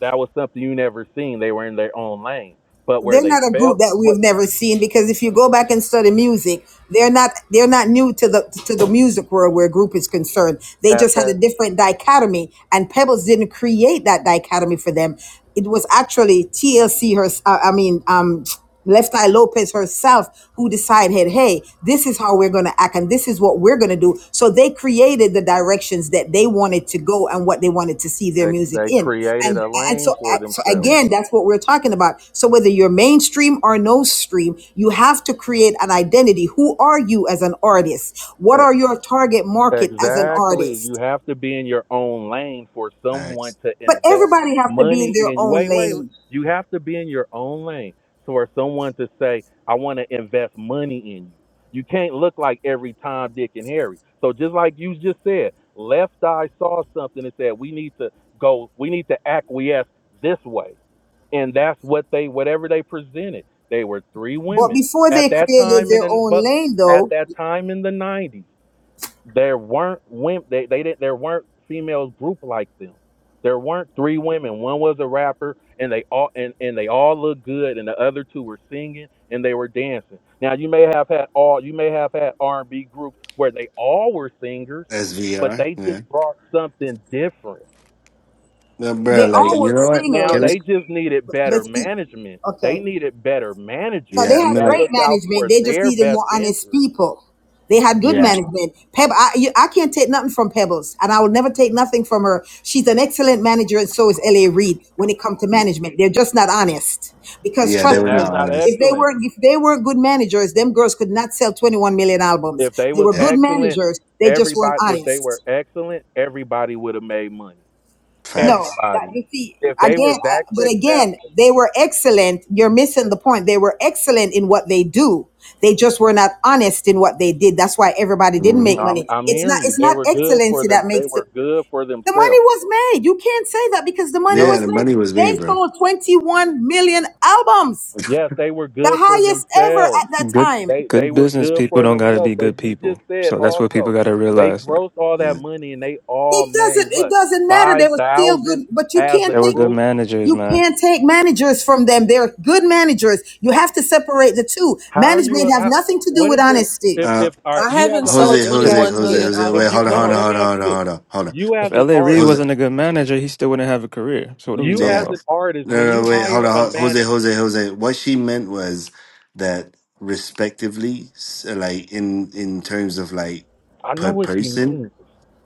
Speaker 12: That was something you never seen. They were in their own lane, but where
Speaker 6: they're
Speaker 12: they
Speaker 6: not a
Speaker 12: felt
Speaker 6: group that we
Speaker 12: what
Speaker 6: have never seen because if you go back and study music, they're not they're not new to the to the music world where group is concerned. They
Speaker 12: at
Speaker 6: just had
Speaker 12: that.
Speaker 6: a different dichotomy, and Pebbles didn't create that dichotomy for them. It was actually TLC her. uh, I mean, um. Left Eye Lopez herself, who decided, hey, this is how we're going to act and this is what we're going to do. So they created the directions that they wanted to go and what they wanted to see their music
Speaker 12: They
Speaker 6: in.
Speaker 12: created
Speaker 6: And,
Speaker 12: a
Speaker 6: and
Speaker 12: lane
Speaker 6: so,
Speaker 12: for
Speaker 6: so
Speaker 12: themselves.
Speaker 13: Yeah.
Speaker 6: again, that's what we're talking about. So whether you're mainstream or no stream, you have to create an identity. Who are you as an artist? What are your target market as an
Speaker 12: Exactly. You
Speaker 6: artist?
Speaker 12: have to be in your own lane for someone
Speaker 13: Facts.
Speaker 12: to
Speaker 6: But
Speaker 12: invest
Speaker 6: everybody have to be in
Speaker 12: money
Speaker 6: their
Speaker 12: in you.
Speaker 6: own
Speaker 12: Wait, wait.
Speaker 6: lane.
Speaker 12: You have to be in your own lane for someone to say, I want to invest money in you. You can't look like every Tom, Dick, and Harry. So just like you just said, left eye saw something and said, we need to go, we need to acquiesce this way. and that's what they whatever they presented. They were three
Speaker 6: But
Speaker 12: women
Speaker 6: before
Speaker 12: at
Speaker 6: they
Speaker 12: that
Speaker 6: created
Speaker 12: time in
Speaker 6: their
Speaker 12: the
Speaker 6: own
Speaker 12: but
Speaker 6: lane,
Speaker 12: at
Speaker 6: though,
Speaker 12: that time in the nineties, there weren't women. They they didn't. There weren't females grouped like them. There weren't three women. One was a rapper, and they all and, and they all looked good, and the other two were singing and they were dancing. Now you may have had all you may have had R and B groups where they all were singers,
Speaker 13: That's
Speaker 12: but
Speaker 13: VR.
Speaker 12: they
Speaker 13: Yeah.
Speaker 12: just brought something different
Speaker 13: No, bro,
Speaker 6: they
Speaker 13: like,
Speaker 12: N-
Speaker 6: all
Speaker 13: you
Speaker 6: were
Speaker 13: know what?
Speaker 12: Now
Speaker 13: Can it?
Speaker 6: singers
Speaker 12: they just needed
Speaker 6: But
Speaker 12: better
Speaker 6: see,
Speaker 12: management. They
Speaker 6: okay.
Speaker 12: needed better
Speaker 6: So
Speaker 12: managers
Speaker 13: Yeah.
Speaker 6: they
Speaker 13: I
Speaker 6: had
Speaker 13: mean,
Speaker 12: that
Speaker 13: like,
Speaker 6: great
Speaker 12: looked out
Speaker 6: management.
Speaker 12: for
Speaker 6: They just
Speaker 12: their
Speaker 6: needed
Speaker 12: best
Speaker 6: more honest
Speaker 12: interest.
Speaker 6: people. They had good
Speaker 13: yeah.
Speaker 6: management. Peb, I, you, I can't take nothing from Pebbles, and I will never take nothing from her. She's an excellent manager, and so is L.A. Reid. When it comes to management, they're just not honest. Because
Speaker 13: Yeah, they
Speaker 6: trust
Speaker 12: Then
Speaker 13: were
Speaker 12: that's
Speaker 13: not
Speaker 6: me,
Speaker 12: not
Speaker 13: honest.
Speaker 6: if they
Speaker 12: excellent.
Speaker 6: weren't if they weren't good managers, them girls could not sell 21 million albums.
Speaker 12: If they
Speaker 6: They
Speaker 12: was
Speaker 6: were
Speaker 13: Yeah.
Speaker 6: good
Speaker 12: excellent,
Speaker 6: managers. They just weren't
Speaker 12: everybody if they
Speaker 6: honest.
Speaker 12: were excellent, everybody would have made money.
Speaker 6: No,
Speaker 13: Facts.
Speaker 6: that,
Speaker 12: Everybody.
Speaker 6: you see,
Speaker 12: If they were
Speaker 6: again,
Speaker 12: that
Speaker 6: uh, but again,
Speaker 12: successful,
Speaker 6: they were excellent. You're missing the point. They were excellent in what they do. They just were not honest in what they did. That's why everybody didn't
Speaker 13: hmm
Speaker 6: make
Speaker 12: I'm
Speaker 6: money.
Speaker 12: I'm
Speaker 6: It's not.
Speaker 12: hearing you.
Speaker 6: It's
Speaker 12: They
Speaker 6: not
Speaker 12: were good for
Speaker 6: excellency that
Speaker 12: them. They
Speaker 6: makes the
Speaker 12: were good for
Speaker 6: the money
Speaker 12: themselves.
Speaker 6: was made. You can't say that because the money
Speaker 13: Yeah,
Speaker 12: No,
Speaker 6: was
Speaker 13: the
Speaker 6: made.
Speaker 13: money was made,
Speaker 6: They
Speaker 13: bro.
Speaker 6: sold 21 million albums,
Speaker 12: yes, they were
Speaker 6: the
Speaker 12: good for
Speaker 6: highest ever
Speaker 12: themselves.
Speaker 6: at that
Speaker 14: good
Speaker 6: time.
Speaker 12: They they
Speaker 14: good
Speaker 12: were
Speaker 14: business
Speaker 12: good
Speaker 14: people
Speaker 12: for
Speaker 14: don't gotta be
Speaker 12: themselves,
Speaker 14: good
Speaker 12: but you just
Speaker 14: people.
Speaker 12: said
Speaker 14: So that's what people
Speaker 12: also
Speaker 14: gotta
Speaker 12: they
Speaker 14: realize. Like
Speaker 12: grossed all
Speaker 13: You
Speaker 12: that
Speaker 13: know,
Speaker 12: money and they all
Speaker 6: It
Speaker 12: made
Speaker 6: doesn't. It
Speaker 12: what
Speaker 6: doesn't matter. They
Speaker 12: five
Speaker 6: were still
Speaker 12: thousand
Speaker 6: good, but you
Speaker 12: as a
Speaker 14: they
Speaker 6: can't
Speaker 14: were
Speaker 6: think.
Speaker 14: good
Speaker 12: group.
Speaker 14: managers,
Speaker 6: You
Speaker 14: man.
Speaker 6: can't take managers from them. They're good managers. You have to separate the two.
Speaker 12: How are you?
Speaker 6: Management
Speaker 12: a-
Speaker 6: have
Speaker 12: How
Speaker 6: nothing to do
Speaker 12: what
Speaker 6: with
Speaker 12: is your
Speaker 6: honesty.
Speaker 12: if
Speaker 13: Uh,
Speaker 12: if all right,
Speaker 11: I
Speaker 12: you as
Speaker 11: haven't
Speaker 12: an art?
Speaker 13: Jose,
Speaker 11: sold
Speaker 12: Let me
Speaker 14: If
Speaker 13: Jose,
Speaker 12: ask
Speaker 11: 21
Speaker 12: you
Speaker 13: Jose,
Speaker 12: this.
Speaker 11: million
Speaker 13: Jose.
Speaker 12: If
Speaker 13: Wait,
Speaker 11: albums
Speaker 12: you
Speaker 13: hold on,
Speaker 12: no
Speaker 13: hold
Speaker 12: no,
Speaker 11: yet.
Speaker 12: let
Speaker 13: on,
Speaker 12: me
Speaker 13: hold
Speaker 12: ask
Speaker 13: on,
Speaker 12: you this.
Speaker 13: hold on, hold on.
Speaker 12: You
Speaker 14: if
Speaker 12: as an
Speaker 14: LA Reid
Speaker 13: Jose.
Speaker 12: artist,
Speaker 14: wasn't a good manager, he still wouldn't have a career. So what are we
Speaker 12: you
Speaker 14: talking
Speaker 13: Yeah.
Speaker 12: as
Speaker 14: about?
Speaker 12: an artist,
Speaker 13: No,
Speaker 12: when you
Speaker 13: no, wait, hold
Speaker 12: hire a
Speaker 13: on. ho- Jose,
Speaker 12: manager,
Speaker 13: Jose, Jose. What she meant was that respectively, s- like, in in terms of like
Speaker 12: I know
Speaker 13: per
Speaker 12: what she
Speaker 13: person.
Speaker 12: means.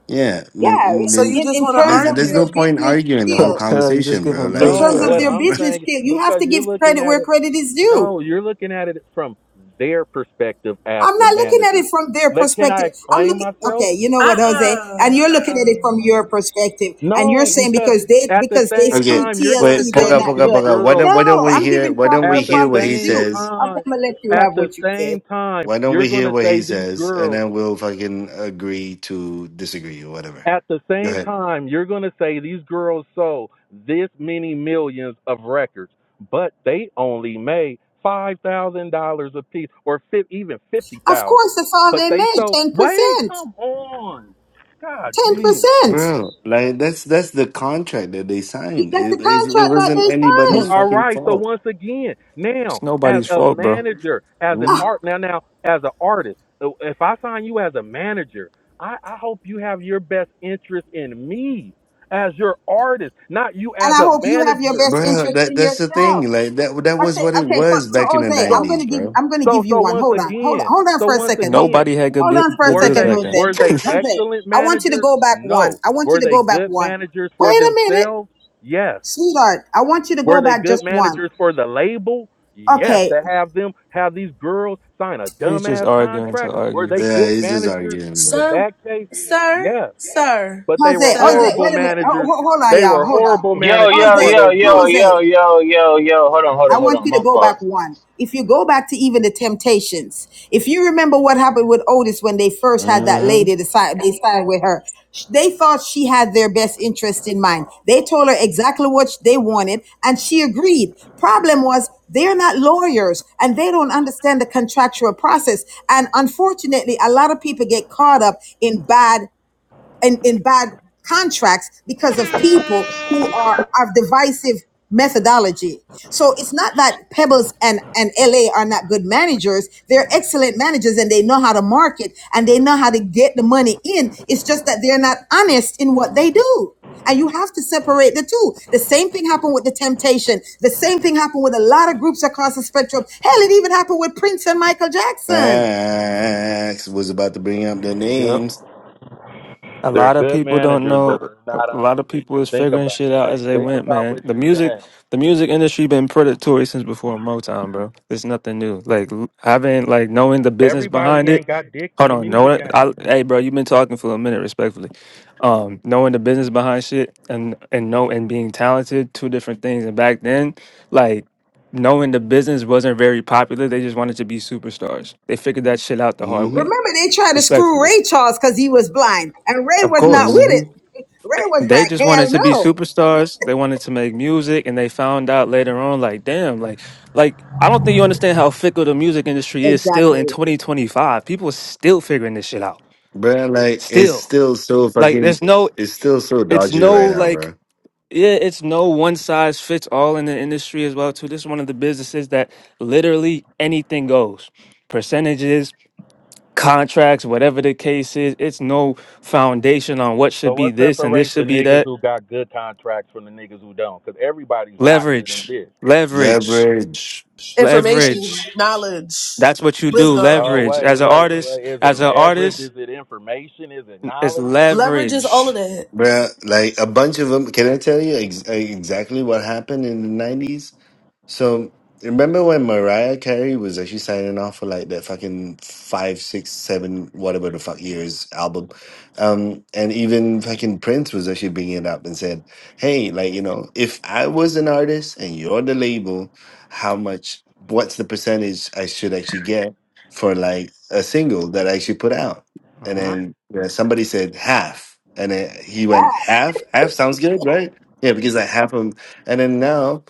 Speaker 13: Yeah,
Speaker 6: Yeah,
Speaker 13: then,
Speaker 11: So
Speaker 13: then
Speaker 11: you
Speaker 6: in,
Speaker 11: just
Speaker 6: in
Speaker 11: want to
Speaker 6: terms
Speaker 13: nah,
Speaker 6: of
Speaker 13: there's
Speaker 6: their
Speaker 13: no
Speaker 11: argue?
Speaker 13: point
Speaker 6: business
Speaker 13: arguing the
Speaker 14: [LAUGHS]
Speaker 13: whole
Speaker 14: I'm
Speaker 6: skill,
Speaker 14: telling you just
Speaker 13: conversation,
Speaker 14: give
Speaker 13: bro.
Speaker 14: him
Speaker 6: in
Speaker 13: Like,
Speaker 12: No,
Speaker 6: terms
Speaker 14: pushback.
Speaker 6: of
Speaker 12: what
Speaker 6: their
Speaker 12: I'm
Speaker 13: [LAUGHS]
Speaker 6: business
Speaker 12: saying
Speaker 6: skill, you have
Speaker 12: because
Speaker 6: to
Speaker 12: you're
Speaker 6: give
Speaker 12: looking
Speaker 6: credit
Speaker 12: at
Speaker 6: where
Speaker 12: it.
Speaker 6: credit is due.
Speaker 12: No, you're looking at it from their perspective as
Speaker 6: I'm
Speaker 12: the
Speaker 6: not looking at
Speaker 12: manager.
Speaker 6: it from their
Speaker 12: Let can I
Speaker 6: perspective. I'm
Speaker 12: explain
Speaker 6: looking
Speaker 12: myself?
Speaker 6: okay, you know what, Jose? And
Speaker 11: Uh-uh,
Speaker 6: you're looking at it
Speaker 11: uh-uh.
Speaker 6: from your perspective. And you're
Speaker 12: No,
Speaker 6: saying
Speaker 12: because
Speaker 6: because they
Speaker 12: at the
Speaker 6: because they
Speaker 12: same
Speaker 13: okay,
Speaker 6: screwed
Speaker 12: time you're going to
Speaker 13: wait,
Speaker 6: TLC,
Speaker 12: tell
Speaker 6: they're
Speaker 13: Poga,
Speaker 12: me
Speaker 6: not
Speaker 13: Poga,
Speaker 12: these
Speaker 6: good.
Speaker 13: Poga. Why
Speaker 12: girls
Speaker 13: don't
Speaker 6: No,
Speaker 13: Why don't we
Speaker 6: I'm
Speaker 13: hear
Speaker 6: giving
Speaker 13: Why
Speaker 6: proper
Speaker 13: don't
Speaker 12: at
Speaker 13: we
Speaker 6: where
Speaker 12: the
Speaker 13: hear
Speaker 6: proper
Speaker 13: what he
Speaker 6: is
Speaker 12: same
Speaker 6: due.
Speaker 13: says?
Speaker 6: Okay,
Speaker 12: time
Speaker 6: I'm gonna let you
Speaker 12: at
Speaker 6: have
Speaker 12: the
Speaker 6: what you said.
Speaker 12: same time
Speaker 13: Why don't
Speaker 12: you're
Speaker 13: we
Speaker 12: going
Speaker 13: hear
Speaker 12: to
Speaker 13: what he
Speaker 12: say these
Speaker 13: says, and
Speaker 12: girls
Speaker 13: then we'll fucking agree to disagree or whatever.
Speaker 12: At the
Speaker 13: Go
Speaker 12: same
Speaker 13: ahead,
Speaker 12: time, you're going to say these girls sold this many millions of records, but they only made five thousand dollars a piece, or fi- even fifty
Speaker 6: Of
Speaker 12: thousand.
Speaker 6: course, that's all
Speaker 12: But
Speaker 6: they
Speaker 12: they
Speaker 6: made,
Speaker 12: sold. Wait,
Speaker 6: 10%.
Speaker 12: come on, god damn.
Speaker 6: 10%.
Speaker 13: bro. Like that's that's the contract that they
Speaker 6: You-
Speaker 13: signed.
Speaker 6: That's
Speaker 13: It
Speaker 6: the
Speaker 13: it, it
Speaker 6: contract that
Speaker 13: wasn't
Speaker 6: they
Speaker 12: Well,
Speaker 13: anybody's
Speaker 6: signed.
Speaker 12: all
Speaker 13: fucking
Speaker 12: right. So
Speaker 13: fault.
Speaker 12: once again,
Speaker 14: It's
Speaker 12: now as
Speaker 14: nobody's
Speaker 12: a
Speaker 14: fault, bro.
Speaker 12: manager, as an
Speaker 13: Hmm?
Speaker 12: art now now as an artist, uh, if I sign you as a manager, I, I hope you have your best interest in me as your artist, not you
Speaker 6: And
Speaker 12: as
Speaker 6: I
Speaker 12: a
Speaker 6: hope you have your
Speaker 12: manager.
Speaker 6: best
Speaker 13: Bro,
Speaker 6: interest
Speaker 13: that
Speaker 6: in
Speaker 13: that's the
Speaker 6: yourself.
Speaker 13: thing. Like that that was
Speaker 6: Okay,
Speaker 13: what it
Speaker 6: okay, so,
Speaker 13: was
Speaker 6: so
Speaker 13: back in the
Speaker 6: Jose,
Speaker 12: So
Speaker 6: I'm
Speaker 13: nineties,
Speaker 6: gonna give
Speaker 13: bro.
Speaker 6: I'm gonna give
Speaker 12: so
Speaker 6: you
Speaker 12: so
Speaker 6: one.
Speaker 12: once
Speaker 6: Hold on, hold on,
Speaker 12: again,
Speaker 6: hold on
Speaker 12: so
Speaker 6: for a
Speaker 12: once
Speaker 6: second. Hold,
Speaker 12: again,
Speaker 14: Nobody had good
Speaker 6: hold
Speaker 14: bu-
Speaker 6: on for a
Speaker 14: good
Speaker 12: were
Speaker 14: deals
Speaker 6: second,
Speaker 12: they
Speaker 14: back then.
Speaker 12: were
Speaker 6: Jose.
Speaker 12: they
Speaker 6: Jose,
Speaker 12: excellent
Speaker 6: I want you to
Speaker 12: managers?
Speaker 6: go back one.
Speaker 12: No.
Speaker 6: I want you
Speaker 12: Were
Speaker 6: to
Speaker 12: they
Speaker 6: go back
Speaker 12: good
Speaker 6: one.
Speaker 12: managers
Speaker 6: Wait
Speaker 12: for
Speaker 6: a minute,
Speaker 12: themselves? Yes.
Speaker 6: sweetheart. I want you to go
Speaker 12: Were they
Speaker 6: back
Speaker 12: good
Speaker 6: just one.
Speaker 12: managers for the label? Yes,
Speaker 6: Okay,
Speaker 12: to have them have these girls sign a
Speaker 14: [LAUGHS] He's just
Speaker 12: dumbass
Speaker 14: arguing to
Speaker 12: contract. Were
Speaker 14: argue.
Speaker 12: they
Speaker 13: Yeah,
Speaker 12: good
Speaker 13: he's just
Speaker 12: managers
Speaker 13: arguing,
Speaker 12: in
Speaker 13: bro.
Speaker 11: Sir,
Speaker 12: that case?
Speaker 11: sir,
Speaker 12: Yes.
Speaker 11: sir,
Speaker 12: But they were
Speaker 6: Jose,
Speaker 11: sir.
Speaker 6: Jose,
Speaker 12: horrible
Speaker 6: wait a minute. Ho-
Speaker 12: managers.
Speaker 6: ho- hold on,
Speaker 12: They
Speaker 6: y'all.
Speaker 12: were
Speaker 6: Hold on.
Speaker 12: horrible
Speaker 3: Yo,
Speaker 12: managers
Speaker 3: yo,
Speaker 12: for
Speaker 6: Jose,
Speaker 3: yo,
Speaker 12: those
Speaker 3: yo,
Speaker 12: girls.
Speaker 3: yo,
Speaker 6: Jose.
Speaker 3: yo, yo, yo. Hold on, hold on,
Speaker 6: I
Speaker 3: hold
Speaker 6: want
Speaker 3: on.
Speaker 6: you
Speaker 3: My
Speaker 6: to go
Speaker 3: fault.
Speaker 6: back one. If you go back to even the Temptations, if you remember what happened with Otis when they first had that
Speaker 13: Mm-hmm.
Speaker 6: lady, the they sided with her. They thought she had their best interest in mind. They told her exactly what they wanted, and she agreed. Problem was, they're not lawyers and they don't understand the contractual process. And unfortunately, a lot of people get caught up in bad in, in bad contracts because of people who are of divisive methodology. So it's not that Pebbles and, and LA are not good managers. They're excellent managers and they know how to market and they know how to get the money in. It's just that they're not honest in what they do. And you have to separate the two. The same thing happened with the temptation. The same thing happened with a lot of groups across the spectrum. Hell, it even happened with Prince and Michael Jackson.
Speaker 13: Facts was about to bring up the
Speaker 14: Yep.
Speaker 13: names.
Speaker 14: A
Speaker 12: They're
Speaker 14: lot of
Speaker 12: good
Speaker 14: people don't
Speaker 12: managers, but
Speaker 14: know.
Speaker 12: they're not
Speaker 14: A lot
Speaker 12: honest.
Speaker 14: of people is
Speaker 12: Think
Speaker 14: figuring
Speaker 12: about
Speaker 14: shit out
Speaker 12: that.
Speaker 14: as they
Speaker 12: Think
Speaker 14: went,
Speaker 12: about
Speaker 14: man.
Speaker 12: what
Speaker 14: The
Speaker 12: you're
Speaker 14: music,
Speaker 12: saying.
Speaker 14: the music industry been predatory since before Motown, bro. It's nothing new. Like l- having, like knowing the business
Speaker 12: Everybody
Speaker 14: behind it.
Speaker 12: ain't got dicks in
Speaker 14: Hold
Speaker 12: the
Speaker 14: on, know
Speaker 12: music
Speaker 14: it.
Speaker 12: game.
Speaker 14: I, hey, bro, you've been talking for a minute, respectfully. Um, knowing the business behind shit and and know and being talented, two different things. And back then, like knowing the business wasn't very popular. They just wanted to be superstars. They figured that shit out the hard
Speaker 13: Mm-hmm.
Speaker 14: way.
Speaker 6: Remember, they tried to screw
Speaker 14: Respectfully,
Speaker 6: Ray Charles because he was blind, and Ray
Speaker 14: of
Speaker 6: was not
Speaker 14: course.
Speaker 6: with
Speaker 13: Mm-hmm.
Speaker 6: it. Ray was
Speaker 14: They
Speaker 6: like,
Speaker 14: just wanted
Speaker 6: "Hell
Speaker 14: to be
Speaker 6: no!"
Speaker 14: superstars. They wanted to make music, and they found out later on, like, damn, like, like I don't think you understand how fickle the music industry is still in
Speaker 6: Exactly.
Speaker 14: 2025. People are still figuring this shit out.
Speaker 13: Bro, like it's
Speaker 14: Still,
Speaker 13: still so
Speaker 14: like,
Speaker 13: fucking
Speaker 14: there's no,
Speaker 13: it's still so
Speaker 14: it's
Speaker 13: dodgy
Speaker 14: no
Speaker 13: right now,
Speaker 14: like,
Speaker 13: bro.
Speaker 14: yeah, it's no one size fits all in the industry as well. Too, this is one of the businesses that literally anything goes, percentages, contracts, whatever the case is. It's no foundation on what should
Speaker 12: So
Speaker 14: be
Speaker 12: what
Speaker 14: this and this
Speaker 12: separates the
Speaker 14: should be that
Speaker 12: niggas who got good contracts from the niggas who don't? Because everybody's not getting
Speaker 14: leverage
Speaker 12: dick.
Speaker 14: leverage
Speaker 13: Leverage.
Speaker 11: Information,
Speaker 14: leverage
Speaker 11: knowledge,
Speaker 14: that's what you do
Speaker 11: wisdom,
Speaker 12: Oh
Speaker 14: leverage
Speaker 12: wait,
Speaker 14: as an
Speaker 12: wait,
Speaker 14: artist
Speaker 12: wait. Is it
Speaker 14: as an
Speaker 12: leverage?
Speaker 14: artist
Speaker 12: Is it information? Is it
Speaker 14: it's
Speaker 12: knowledge?
Speaker 11: leverages all
Speaker 14: leverage
Speaker 11: of that.
Speaker 13: Bro, like a bunch of them. Can I tell you ex- exactly what happened in the 90s? So remember when Mariah Carey was actually signing off for like that fucking five, six, seven, whatever the fuck years album, um, and even fucking Prince was actually bringing it up and said, "Hey, like you know, if I was an artist and you're the label, how much? What's the percentage I should actually get for like a single that I actually put out?" And
Speaker 14: hmm
Speaker 13: then yeah, somebody said half, and then he went half. Half sounds good, right? Yeah, because I half them, and then now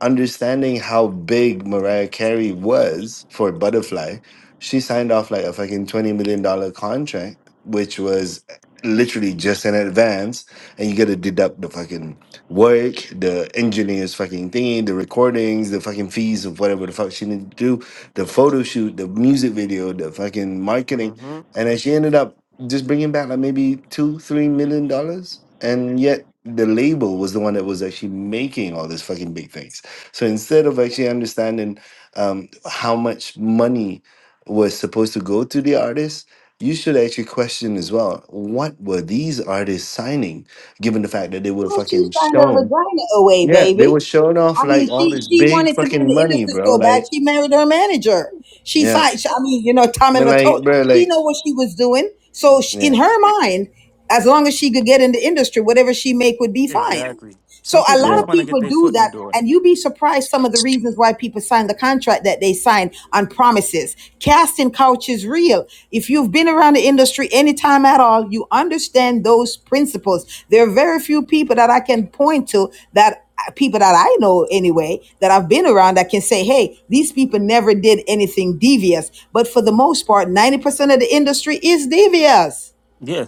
Speaker 13: understanding how big Mariah Carey was for Butterfly, she signed off like a fucking $20 million dollar contract, which was literally just in advance. And you got to deduct the fucking work, the engineer's fucking thing, the recordings, the fucking fees of whatever the fuck she needed to do, the photo shoot, the music video, the fucking marketing.
Speaker 14: hmm
Speaker 13: And then she ended up just bringing back like maybe two, three million dollars. And yet the label was the one that was actually making all this fucking big things. So instead of actually understanding um, how much money was supposed to go to the artist, you should actually question as well what were these artists signing, given the fact that they were
Speaker 6: So she
Speaker 13: fucking
Speaker 6: signed her
Speaker 13: shown.
Speaker 6: vagina away,
Speaker 13: Yeah, they were
Speaker 6: baby.
Speaker 13: showing off
Speaker 6: I
Speaker 13: like
Speaker 6: mean,
Speaker 13: all
Speaker 6: she
Speaker 13: this
Speaker 6: she
Speaker 13: big
Speaker 6: wanted to be in
Speaker 13: fucking
Speaker 6: the
Speaker 13: money,
Speaker 6: industry
Speaker 13: bro.
Speaker 6: so bad
Speaker 13: Like,
Speaker 6: she married her manager. She
Speaker 13: yeah,
Speaker 6: signed. I mean, you know,
Speaker 13: I
Speaker 6: Tommy
Speaker 13: mean, like,
Speaker 6: Latote.
Speaker 13: bro,
Speaker 6: She
Speaker 13: like,
Speaker 6: know what she was doing. So she, in
Speaker 13: yeah,
Speaker 6: her mind, as long as she could get in the industry, whatever she make would be fine.
Speaker 14: exactly
Speaker 6: So
Speaker 14: some
Speaker 6: a
Speaker 14: people
Speaker 6: lot
Speaker 13: yeah,
Speaker 14: just
Speaker 6: of
Speaker 14: want to get
Speaker 6: people
Speaker 14: their
Speaker 6: do
Speaker 14: foot in the
Speaker 6: that,
Speaker 14: door
Speaker 6: and you'd be surprised some of the reasons why people sign the contract that they sign on promises. Casting couch is real. If you've been around the industry anytime at all, you understand those principles. There are very few people that I can point to that people that I know anyway that I've been around that can say, hey, these people never did anything devious. But for the most part, 90% of the industry is devious.
Speaker 14: yeah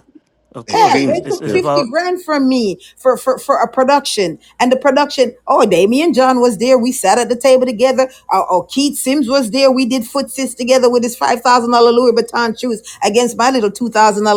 Speaker 14: of
Speaker 6: Hell,
Speaker 14: course it's
Speaker 6: they
Speaker 13: extremely.
Speaker 14: it's,
Speaker 6: took
Speaker 14: it's
Speaker 13: Yeah.
Speaker 6: 50
Speaker 14: about
Speaker 6: grand from me for, for, for a production. And the production, oh, Damien John was there. We sat at the table together. Oh, oh, Keith Sims was there. We did footsies together with his $5,000 Louis Vuitton shoes against my little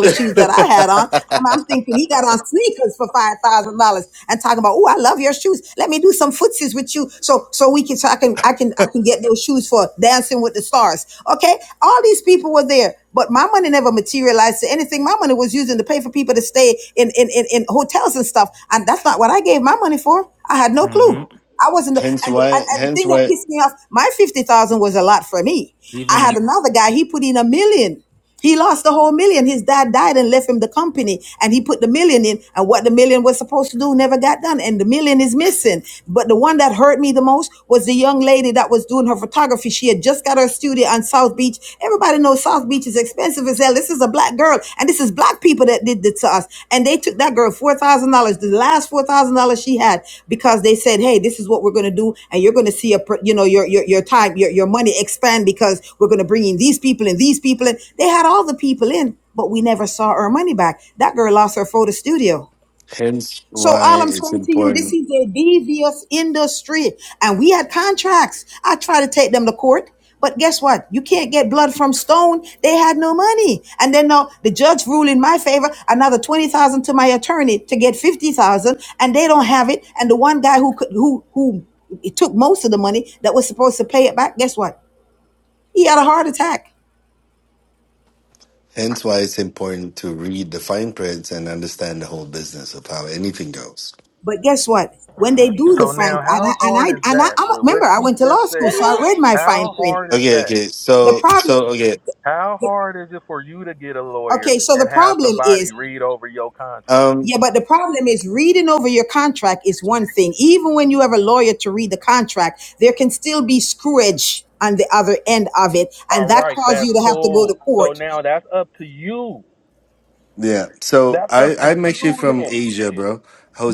Speaker 13: [LAUGHS]
Speaker 6: shoes that I had on. And I'm thinking he got on sneakers for $5,000 and talking about, oh, I love your shoes. Let me do some footsies with you. So, so we can, so I can, I can, I can get those shoes for dancing with the stars. Okay. All these people were there but my money never materialized to anything. My money was using to pay for people to stay in in, in, in hotels and stuff, and that's not what I gave my money for. I had no clue.
Speaker 14: hmm
Speaker 6: I wasn't, the,
Speaker 13: hence
Speaker 6: and, and,
Speaker 13: why,
Speaker 6: and the
Speaker 13: hence
Speaker 6: thing that
Speaker 13: why,
Speaker 6: pissed me off, my fifty thousand was a lot for me. I
Speaker 14: even
Speaker 6: had
Speaker 14: in
Speaker 6: another guy; he put in a million. He lost the whole million. His dad died and left him the company, and he put the million in. And what the million was supposed to do never got done, and the million is missing. But the one that hurt me the most was the young lady that was doing her photography. She had just got her studio on South Beach. Everybody knows South Beach is expensive as hell. This is a black girl, and this is black have people that did this to us. And they took that girl $4,000, the last $4,000 she had, because they said, hey, this is what we're going to do. And you're going to see, a, pr- you know, your, your, your time, your, your money expand because we're going to bring in these people and these people. And they had all the people in, but we never saw our money back. That girl lost her photo studio.
Speaker 13: hence
Speaker 6: So
Speaker 13: why
Speaker 6: all I'm
Speaker 13: it's
Speaker 6: saying to you,
Speaker 13: important
Speaker 6: this is a devious industry, and we had contracts. I tried to take them to court, but guess what? You can't get blood from stone. They had no money, and then now the judge ruled in my favor. Another twenty thousand to my attorney to get fifty thousand, and they don't have it. And the one guy who could, who who it took most of the money that was supposed to pay it back. Guess what? He had a heart attack.
Speaker 13: Hence why it's important to read the fine prints and understand the whole business of how anything goes.
Speaker 6: But guess what? When they do the
Speaker 12: So
Speaker 6: fine,
Speaker 12: now,
Speaker 6: and I
Speaker 12: how
Speaker 6: and
Speaker 12: hard is
Speaker 6: I and I,
Speaker 12: that
Speaker 6: I'm a,
Speaker 12: with what
Speaker 6: remember I
Speaker 12: you
Speaker 6: went to
Speaker 12: just
Speaker 6: law school,
Speaker 12: said?
Speaker 6: so I read my fine
Speaker 12: How
Speaker 6: print.
Speaker 12: hard is
Speaker 13: Okay,
Speaker 12: that?
Speaker 13: okay.
Speaker 6: The
Speaker 13: So
Speaker 6: problem.
Speaker 13: so okay.
Speaker 12: How hard is it for you to get a lawyer
Speaker 6: Okay, so the
Speaker 12: and have
Speaker 6: problem
Speaker 12: somebody
Speaker 6: is,
Speaker 12: read over your contract?
Speaker 6: yeah, but the problem is reading over your contract is one thing. Even when you have a lawyer to read the contract, there can still be screwage on the other end of it, and
Speaker 12: All
Speaker 6: that
Speaker 12: right,
Speaker 6: causes
Speaker 12: that's
Speaker 6: you to have to go to
Speaker 12: cool. So
Speaker 6: court.
Speaker 12: now that's up to you.
Speaker 13: Yeah. So
Speaker 12: That's up
Speaker 13: I
Speaker 12: to
Speaker 13: I'm actually
Speaker 12: you
Speaker 13: from
Speaker 12: now.
Speaker 13: Asia, bro.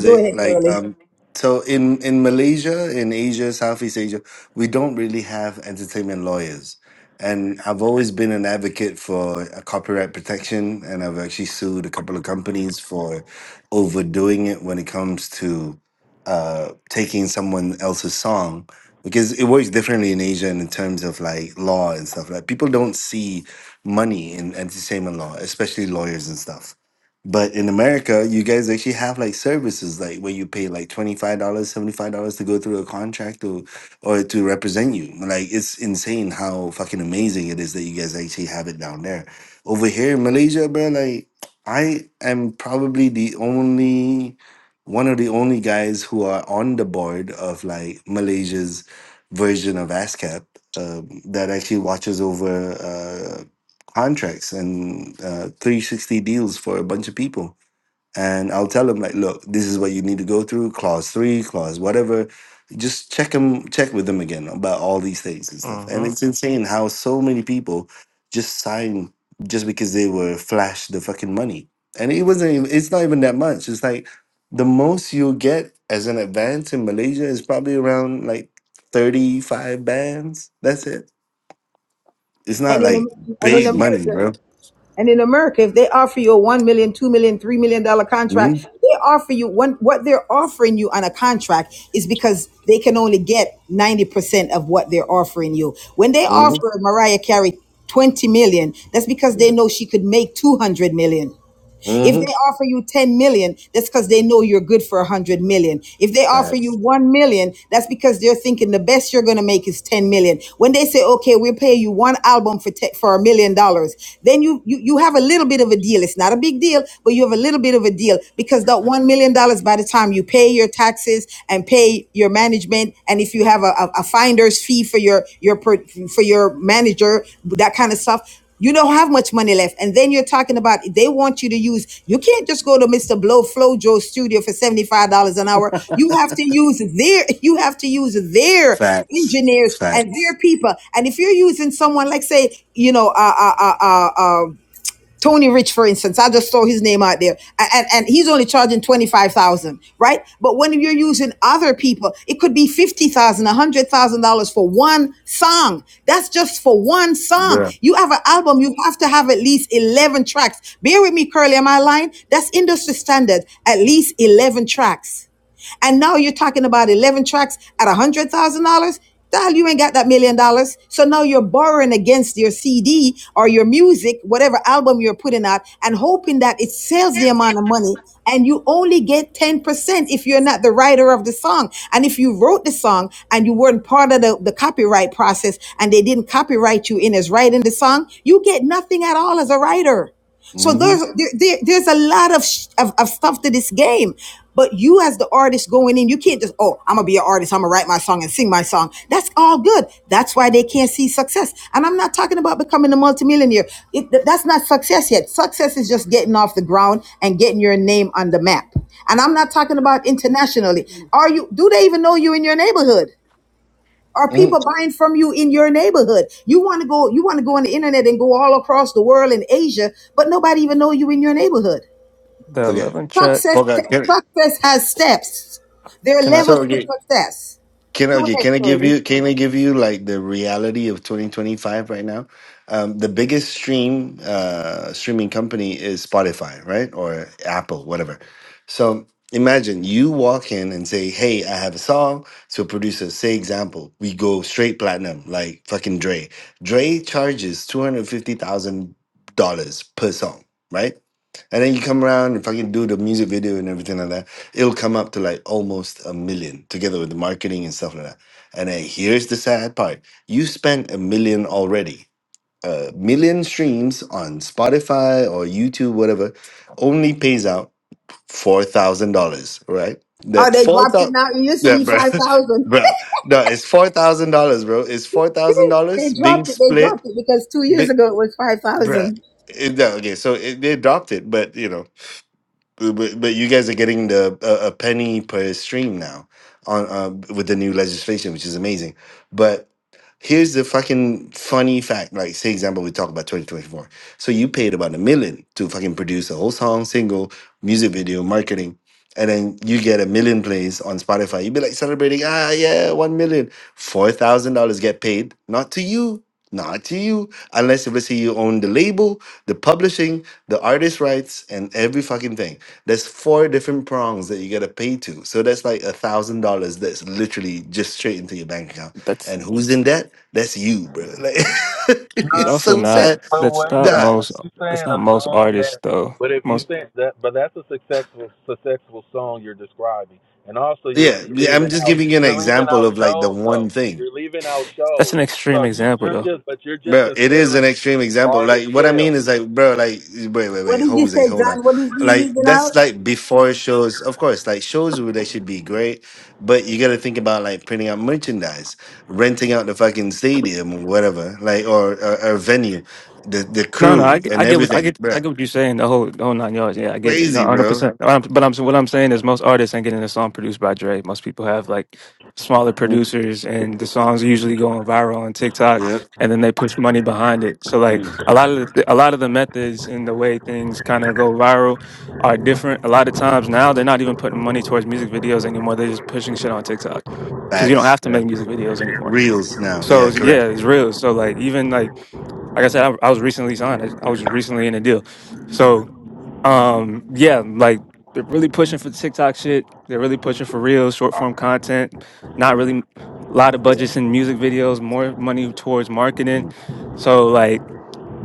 Speaker 6: Go ahead,
Speaker 13: like
Speaker 6: Curly.
Speaker 13: um so in in Malaysia, in Asia, Southeast Asia, we don't really have entertainment lawyers. And I've always been an advocate for uh, copyright protection and I've actually sued a couple of companies for overdoing it when it comes to uh taking someone else's song because it works differently in Asia in terms of like law and stuff like people don't see money in entertainment law, especially lawyers and stuff. But in America, you guys actually have like services like where you pay like $25, dollars, $75 to go through a contract or or to represent you. Like it's insane how fucking amazing it is that you guys actually have it down there. Over here in Malaysia, bro, like I am probably the only one of the only guys who are on the board of like Malaysia's version of ASCAP um, that actually watches over uh, contracts and uh, 360 deals for a bunch of people. And I'll tell them like, look, this is what you need to go through, clause three, clause whatever. Just check them, check with them again about all these things and stuff. And
Speaker 14: hmm
Speaker 13: it's insane how so many people just sign just because they were flashed the fucking money. And it wasn't. Even, it's not even that much. It's like the most you'll get as an advance in Malaysia is probably around like 35 bands. That's it. It's not
Speaker 6: And in
Speaker 13: like
Speaker 6: a, and
Speaker 14: i
Speaker 6: in
Speaker 13: big
Speaker 14: see
Speaker 13: money,
Speaker 6: America,
Speaker 13: bro.
Speaker 6: And in America, if they offer you a one million, dollars, two million, dollars, three million dollar
Speaker 13: Hmm?
Speaker 6: contract, they offer you one, what they're offering you on a contract is because they can only get 90% of what they're offering you. When they
Speaker 13: hmm
Speaker 6: offer Mariah Carey 20 million, dollars, that's because they
Speaker 13: Yeah.
Speaker 6: know she could make 200 million. dollars. If
Speaker 13: hmm
Speaker 6: they offer you 10 million, that's because they know you're good for 100 million. If they offer you
Speaker 13: Facts.
Speaker 6: 1 million, that's because they're thinking the best you're going to make is 10 million. When they say, okay, we'll pay you one album for, te- for a million dollars, then you, you, you have a little bit of a deal. It's not a big deal, but you have a little bit of a deal because that $1 million, dollars, by the time you pay your taxes and pay your management, and if you have a, a, a finder's fee for your, your, per- for your manager, that kind of stuff, you don't have much money left. And then you're talking about they want you to use, you can't just go to Mr. Blow Flojo studio for $75 an hour. You have to use their, [LAUGHS] you have to use their
Speaker 13: Facts.
Speaker 6: engineers and
Speaker 13: Facts.
Speaker 6: their people. And if you're using someone like say, you know, uh, uh, uh, uh, uh, Tony Rich, for instance, I just throw his name out there, and, and he's only charging twenty five thousand, dollars, right? But when you're using other people, it could be fifty thousand, a hundred thousand dollars for one song. That's just for one song.
Speaker 13: Bruh.
Speaker 6: You have an album, you have to have at least eleven tracks. Bear with me, Curly, am I lying? That's industry standard, at least eleven tracks. And now you're talking about 11 tracks at $100,000. Dal, you ain't got that million dollars. So now you're borrowing against your CD or your music, whatever album you're putting out, and hoping that it sells the amount of money. And you only get 10% if you're not the writer of the song. And if you wrote the song and you weren't part of the, the copyright process and they didn't copyright you in as writing the song, you get nothing at all as a writer. So
Speaker 13: Mm-hmm.
Speaker 6: there's there, there- there's a lot of, sh- of of stuff to this game, but you as the artist going in, you can't just oh I'm gonna be an artist, I'm gonna write my song and sing my song. That's all good. That's why they can't see success. And I'm not talking about becoming a multimillionaire. It, th- that's not success yet. Success is just getting off the ground and getting your name on the map. And I'm not talking about internationally. Are you? Do they even know you in your neighborhood? Are people
Speaker 13: mm
Speaker 6: buying from you in your neighborhood? You want to go, you want to go on the internet and go all across the world in Asia, but nobody even know you in your neighborhood.
Speaker 14: the
Speaker 13: Okay.
Speaker 14: 11 track
Speaker 6: Success,
Speaker 13: Poca, can,
Speaker 6: success has steps. There are
Speaker 14: can i
Speaker 6: levels
Speaker 13: so
Speaker 6: to
Speaker 13: yeah,
Speaker 6: success.
Speaker 13: Can I,
Speaker 6: Go
Speaker 13: okay,
Speaker 6: ahead,
Speaker 13: can I give
Speaker 6: Shirley.
Speaker 13: you can I give you like the reality of 2025 right now? Um, the biggest stream uh, streaming company is Spotify, right? Or Apple, whatever. So imagine you walk in and say, "Hey, I have a song." So producer, say example, we go straight platinum, like fucking Dre. Dre charges two hundred fifty thousand dollars per song, right? And then you come around and fucking do the music video and everything like that it'll come up to like almost a million together with the marketing and stuff like that. And then here's the sad part you spent a million already. A million streams on Spotify or YouTube, whatever, only pays out $4,000, right?
Speaker 6: Oh,
Speaker 13: That
Speaker 6: they dropped it
Speaker 13: 4000
Speaker 6: now. It used to
Speaker 13: yeah,
Speaker 6: be
Speaker 13: bro. [LAUGHS]
Speaker 6: five thousand.
Speaker 13: Bro, no, it's four thousand dollars, bro. It's four
Speaker 6: [LAUGHS]
Speaker 13: thousand
Speaker 6: they
Speaker 13: dollars being
Speaker 6: dropped it. They
Speaker 13: split,
Speaker 6: dropped it because two years
Speaker 13: big,
Speaker 6: ago it was five
Speaker 13: bruh.
Speaker 6: thousand.
Speaker 13: It- no, okay, so it, they dropped it, but you know, but but but you guys are getting the a, a penny per stream now on uh, with the new legislation, which is amazing. But here's the fucking funny fact. Like, say example, we talk about 2024. So you paid about a million to fucking produce a whole song, single, music video, marketing, and then you get a million plays on Spotify. You'd be like celebrating, ah yeah, one million. Four thousand dollars get paid, not to you not to you, unless if let's say you own the label, the publishing, the artist rights, and every fucking thing. There's four different prongs that you gotta pay to. So that's like a thousand dollars that's literally just straight into your bank account.
Speaker 14: that's
Speaker 13: And who's in debt? That's you, bro. Like [LAUGHS]
Speaker 14: it's
Speaker 13: it's
Speaker 12: No,
Speaker 14: also
Speaker 13: so
Speaker 12: yeah,
Speaker 14: not
Speaker 13: sad.
Speaker 12: but
Speaker 14: that's
Speaker 12: wait
Speaker 14: not
Speaker 12: though,
Speaker 13: That
Speaker 12: but
Speaker 14: most
Speaker 12: you
Speaker 14: that's
Speaker 12: saying a
Speaker 14: not most
Speaker 12: song
Speaker 14: artists
Speaker 12: that
Speaker 14: though
Speaker 12: but if you say that but that's a successful successful song you're describing. And also you're
Speaker 13: yeah, yeah, I'm
Speaker 12: leaving
Speaker 13: just
Speaker 12: out
Speaker 13: giving you an
Speaker 12: you're leaving
Speaker 13: example
Speaker 12: out
Speaker 13: of like the
Speaker 12: shows
Speaker 13: one
Speaker 12: though.
Speaker 13: thing.
Speaker 12: You're leaving out
Speaker 14: That's
Speaker 12: shows.
Speaker 14: an extreme
Speaker 12: So you
Speaker 14: example,
Speaker 12: you're
Speaker 14: though.
Speaker 12: just but you're just
Speaker 13: Bro, it is an
Speaker 12: considering
Speaker 13: extreme example.
Speaker 12: artist
Speaker 13: Like what I
Speaker 12: sales.
Speaker 13: mean is like, bro, like wait, wait,
Speaker 6: What
Speaker 13: wait,
Speaker 6: did you
Speaker 13: Jose,
Speaker 6: say,
Speaker 13: hold on.
Speaker 6: John? What is he
Speaker 13: Like
Speaker 6: leaving out?
Speaker 13: that's like before shows, of course. Like shows would they should be great, but you got to think about like printing out merchandise, renting out the fucking stadium or whatever, like or or, or venue, the the
Speaker 14: No, no, I,
Speaker 13: crew
Speaker 14: get-
Speaker 13: and
Speaker 14: I get what I
Speaker 13: everything,
Speaker 14: get. I
Speaker 13: bro.
Speaker 14: get what you're saying. The whole, the whole nine yards. Yeah, I get it. No,
Speaker 13: Crazy,
Speaker 14: hundred
Speaker 13: bro.
Speaker 14: percent. But I'm what I'm saying is most artists ain't getting a song produced by Dre. Most people have like smaller
Speaker 13: Mhm.
Speaker 14: producers, and the songs are usually going viral on TikTok,
Speaker 13: Yeah,
Speaker 14: and then they push money behind it. So like
Speaker 13: Mm.
Speaker 14: a lot of the, a lot of the methods and the way things kind of go viral are different. A lot of times now they're not even putting money towards music videos anymore. They're just pushing shit on TikTok because you don't
Speaker 13: facts.
Speaker 14: have to
Speaker 13: Yeah,
Speaker 14: make music videos anymore.
Speaker 13: reels now.
Speaker 14: So
Speaker 13: Yeah, correct.
Speaker 14: yeah, it's real. So like even like like I said, I, I was recently signed. I, I was recently in a deal. So um yeah, like they're really pushing for the TikTok shit. They're really pushing for real short form content. Not really a lot of
Speaker 13: Yeah,
Speaker 14: budgets in music videos. More money towards marketing.
Speaker 13: Mm.
Speaker 14: So like,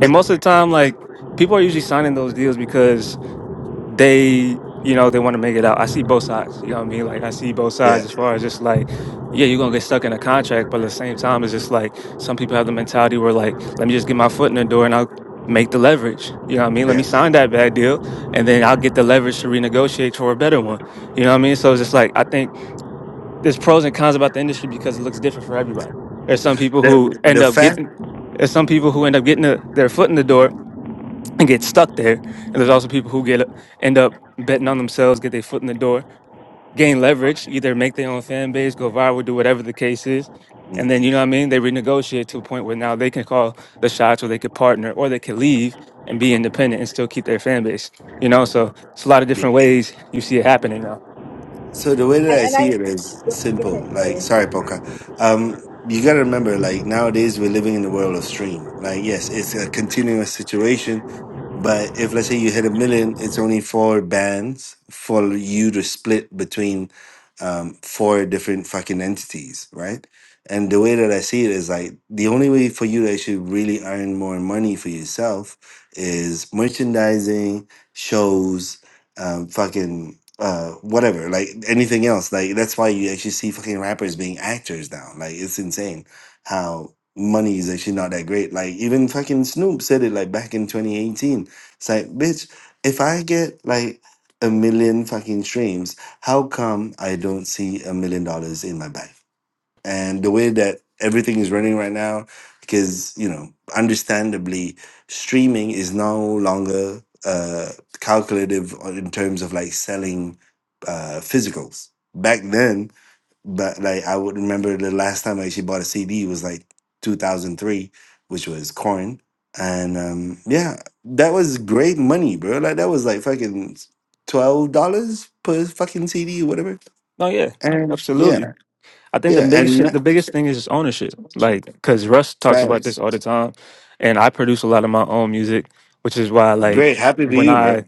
Speaker 14: and most of the time, like people are usually signing those deals because they, you know, they want to make it out. I see both sides. You know what I mean? Like I see both sides
Speaker 13: yeah,
Speaker 14: as far as just like, yeah, you're gonna get stuck in a contract, but at the same time, it's just like some people have the mentality where like, let me just get my foot in the door and I'll make the leverage. You know what I mean? Let
Speaker 13: yeah,
Speaker 14: me sign that bad deal and then I'll get the leverage to renegotiate for a better one. You know what I mean? So it's just like I think there's pros and cons about the industry because it looks different for
Speaker 13: yeah.
Speaker 14: everybody. There's some people who
Speaker 13: The
Speaker 14: end
Speaker 13: the
Speaker 14: up
Speaker 13: fact.
Speaker 14: getting there's some people who end up getting the, their foot in the door and get stuck there. And there's also people who get end up betting on themselves, get their foot in the door, gain leverage, either make their own fan base, go viral, do whatever the case is. And
Speaker 13: Mm.
Speaker 14: then you know what I mean? They renegotiate to a point where now they can call the shots or they could partner or they could leave and be independent and still keep their fan base. You know, so it's a lot of different ways you see it happening now.
Speaker 13: So the way that
Speaker 6: And,
Speaker 13: I
Speaker 6: and I
Speaker 13: see it is
Speaker 6: go, go ahead,
Speaker 13: simple. Like,
Speaker 6: Shirley.
Speaker 13: sorry, Poca. Um, you gotta remember, like nowadays we're living in the world of stream. Like, yes, it's a continuous situation, but if let's say you hit a million, it's only four bands for you to split between um, four different fucking entities, right? And the way that I see it is like the only way for you to actually really earn more money for yourself is merchandising, shows, um, fucking uh, whatever, like anything else. Like that's why you actually see fucking rappers being actors now. Like it's insane how money is actually not that great. Like even fucking Snoop said it like back in 2018. It's like, bitch, if I get like a million fucking streams, how come I don't see a million dollars in my bank? and the way that everything is running right now because you know understandably streaming is no longer uh calculative on- in terms of like selling uh physicals back then but like i would remember the last time i actually bought a cd was like 2003 which was corn and um yeah that was great money bro like that was like fucking $12 per fucking cd or whatever
Speaker 14: No, yeah,
Speaker 13: and yeah
Speaker 14: absolutely. I think the
Speaker 13: yeah
Speaker 14: biggest shit-
Speaker 13: and
Speaker 14: the biggest thing is just ownership. Like, cause Russ talks about
Speaker 13: Facts.
Speaker 14: this all the time, and I produce a lot of my own music, which is why like
Speaker 13: Great. Happy to
Speaker 14: when
Speaker 13: you,
Speaker 14: I
Speaker 13: bro.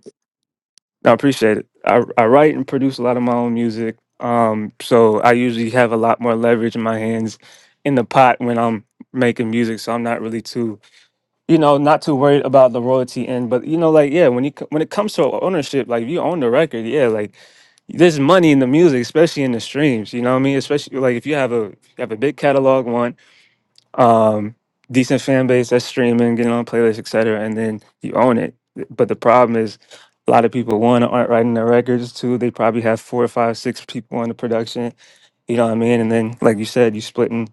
Speaker 14: I appreciate it. I, I write and produce a lot of my own music. Um, so I usually have a lot more leverage in my hands in the pot when I'm making music. So I'm not really too, you know, not too worried about the royalty end. But you know, like yeah, when you c- when it comes to ownership, like if you own the record, yeah, like there's money in the music, especially in the streams. You know what I mean? Especially like if you have a you have a big catalog one um, decent fan base that's streaming, getting on playlists, etc. And then you own it. But the problem is, a lot of people one aren't writing their records. Two, they probably have four or five, six people on the production. You know what I mean? And then, like you said, you splitting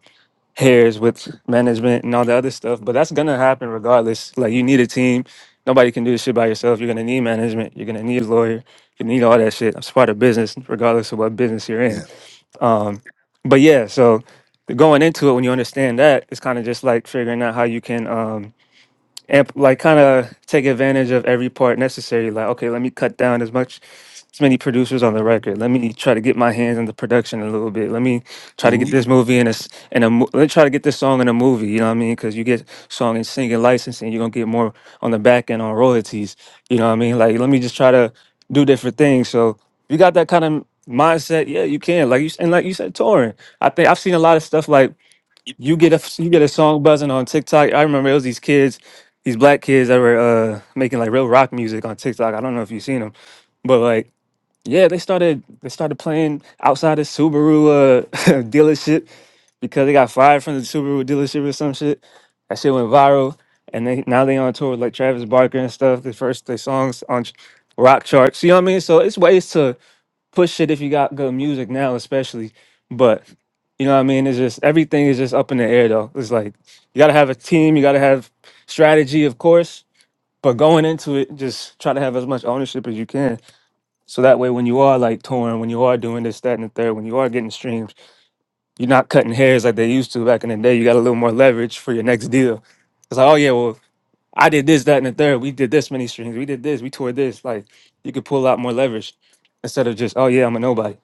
Speaker 14: hairs with management and all the other stuff. But that's gonna happen regardless. Like you need a team. Nobody can do this shit by yourself. You're gonna need management. You're gonna need a lawyer. You need all that shit. It's part of business, regardless of what business you're in.
Speaker 13: Yeah.
Speaker 14: Um, but yeah, so going into it, when you understand that, it's kind of just like figuring out how you can. um, amp like kind of take advantage of every part necessary like okay let me cut down as much as many producers on the record let me try to get my hands on the production a little bit let me try to
Speaker 13: hmm
Speaker 14: get this movie in a s- in a mo- let me try to get this song in a movie you know what i mean because you get song and singing licensing you're gonna get more on the back end on royalties you know what i mean like let me just try to do different things so if you got that kind of mindset yeah you can like you s- and like you said touring i think i've seen a lot of stuff like you get a you get a song buzzing on TikTok. I remember it was these kids, these black kids that were uh, making like real rock music on TikTok. I don't know if you've seen them, but like yeah, they started they started playing outside the Subaru uh, [LAUGHS] dealership because they got fired from the Subaru dealership or some shit. That shit went viral, and they now they on tour with like Travis Barker and stuff. The first their songs on ch- rock charts. You know what I mean? So it's ways to push it if you got good music now, especially. But you know what I mean? It's just everything is just up in the air though. It's like you gotta have a team, you gotta have strategy, of course. But going into it, just try to have as much ownership as you can. So that way when you are like touring, when you are doing this, that, and the third, when you are getting streams, you're not cutting hairs like they used to back in the day. You got a little more leverage for your next deal. It's like, oh yeah, well, I did this, that, and the third. We did this many streams. We did this, we toured this. Like you could pull out more leverage instead of just, oh yeah, I'm a nobody.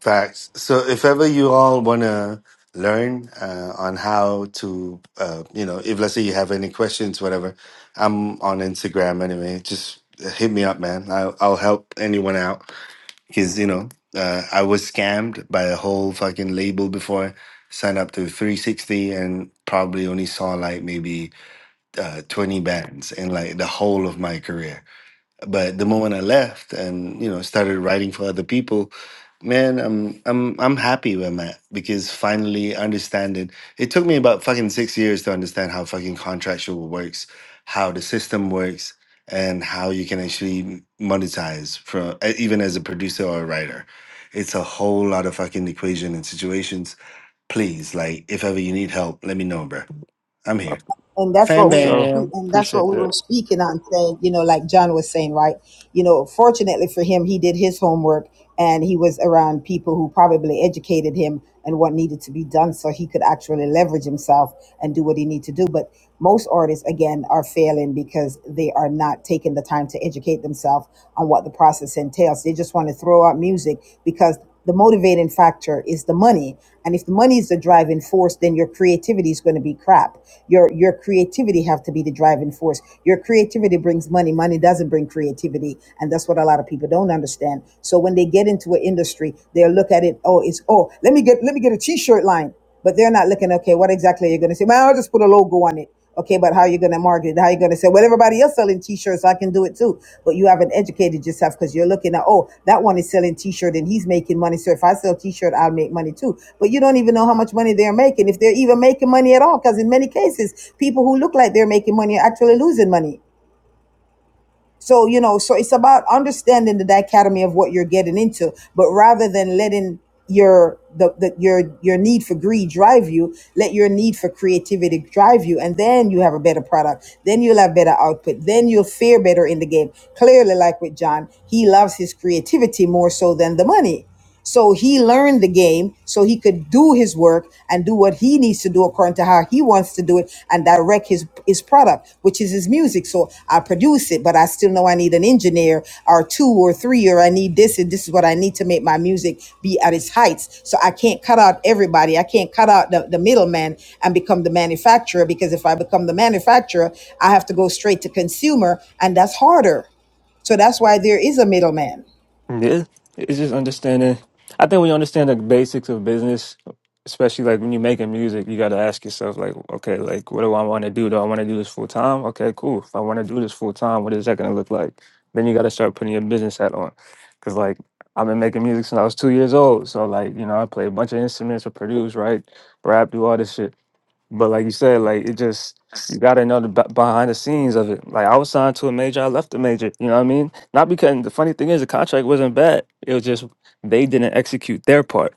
Speaker 13: Facts. So if ever you all want to learn uh, on how to, uh, you know, if let's say you have any questions, whatever, I'm on Instagram anyway. Just uh, hit me up, man. I'll, I'll help anyone out because, you know, uh, I was scammed by a whole fucking label before. Signed up to 360 and probably only saw like maybe uh, 20 bands in like the whole of my career. But the moment I left and you know started writing for other people, man, I'm I'm I'm happy where I'm at because finally understanding. It took me about fucking six years to understand how fucking contractual works, how the system works, and how you can actually monetize from even as a producer or a writer. It's a whole lot of fucking equation and situations. Please, like if ever you need help, let me know, bro. I'm here.
Speaker 6: and that's
Speaker 13: Fan
Speaker 6: what
Speaker 14: For
Speaker 6: we were
Speaker 14: sure.
Speaker 6: spe-
Speaker 13: bam.
Speaker 6: and that's what
Speaker 14: Appreciate
Speaker 6: we
Speaker 14: that.
Speaker 6: were speaking on saying you know like john was saying right you know fortunately for him he did his homework and he was around people who probably educated him and what needed to be done so he could actually leverage himself and do what he needed to do but most artists again are failing because they are not taking the time to educate themselves on what the process entails they just want to throw out music because the motivating factor is the money and if the money is the driving force then your creativity is going to be crap your your creativity have to be the driving force your creativity brings money money doesn't bring creativity and that's what a lot of people don't understand so when they get into an industry they'll look at it oh it's oh let me get let me get a t-shirt line but they're not looking, okay, what exactly are you going to say? Well, I'll just put a logo on it. Okay, but how are you going to market? it? How are you going to say, well, everybody else selling t-shirts, so I can do it too. But you haven't educated yourself because you're looking at, oh, that one is selling t-shirt and he's making money. So if I sell t-shirt, I'll make money too. But you don't even know how much money they're making, if they're even making money at all. Because in many cases, people who look like they're making money are actually losing money. So, you know, so it's about understanding the dichotomy of what you're getting into, but rather than letting your the, the your your need for greed drive you, let your need for creativity drive you, and then you have a better product. Then you'll have better output. Then you'll fare better in the game. Clearly, like with John, he loves his creativity more so than the money. So he learned the game so he could do his work and do what he needs to do according to how he wants to do it and direct his, his product, which is his music. So I produce it, but I still know I need an engineer or two or three, or I need this, and this is what I need to make my music be at its heights. So I can't cut out everybody. I can't cut out the, the middleman and become the manufacturer because if I become the manufacturer, I have to go straight to consumer, and that's harder. So that's why there is a middleman.
Speaker 14: Yeah. It's just understanding. I think when you understand the basics of business, especially like when you're making music, you got to ask yourself, like, okay, like, what do I want to do? Do I want to do this full time? Okay, cool. If I want to do this full time, what is that going to look like? Then you got to start putting your business hat on. Because, like, I've been making music since I was two years old. So, like, you know, I play a bunch of instruments, I produce, write, rap, do all this shit. But like you said, like it just you got to know the b- behind the scenes of it. Like I was signed to a major, I left the major. You know what I mean? Not because the funny thing is the contract wasn't bad. It was just they didn't execute their part.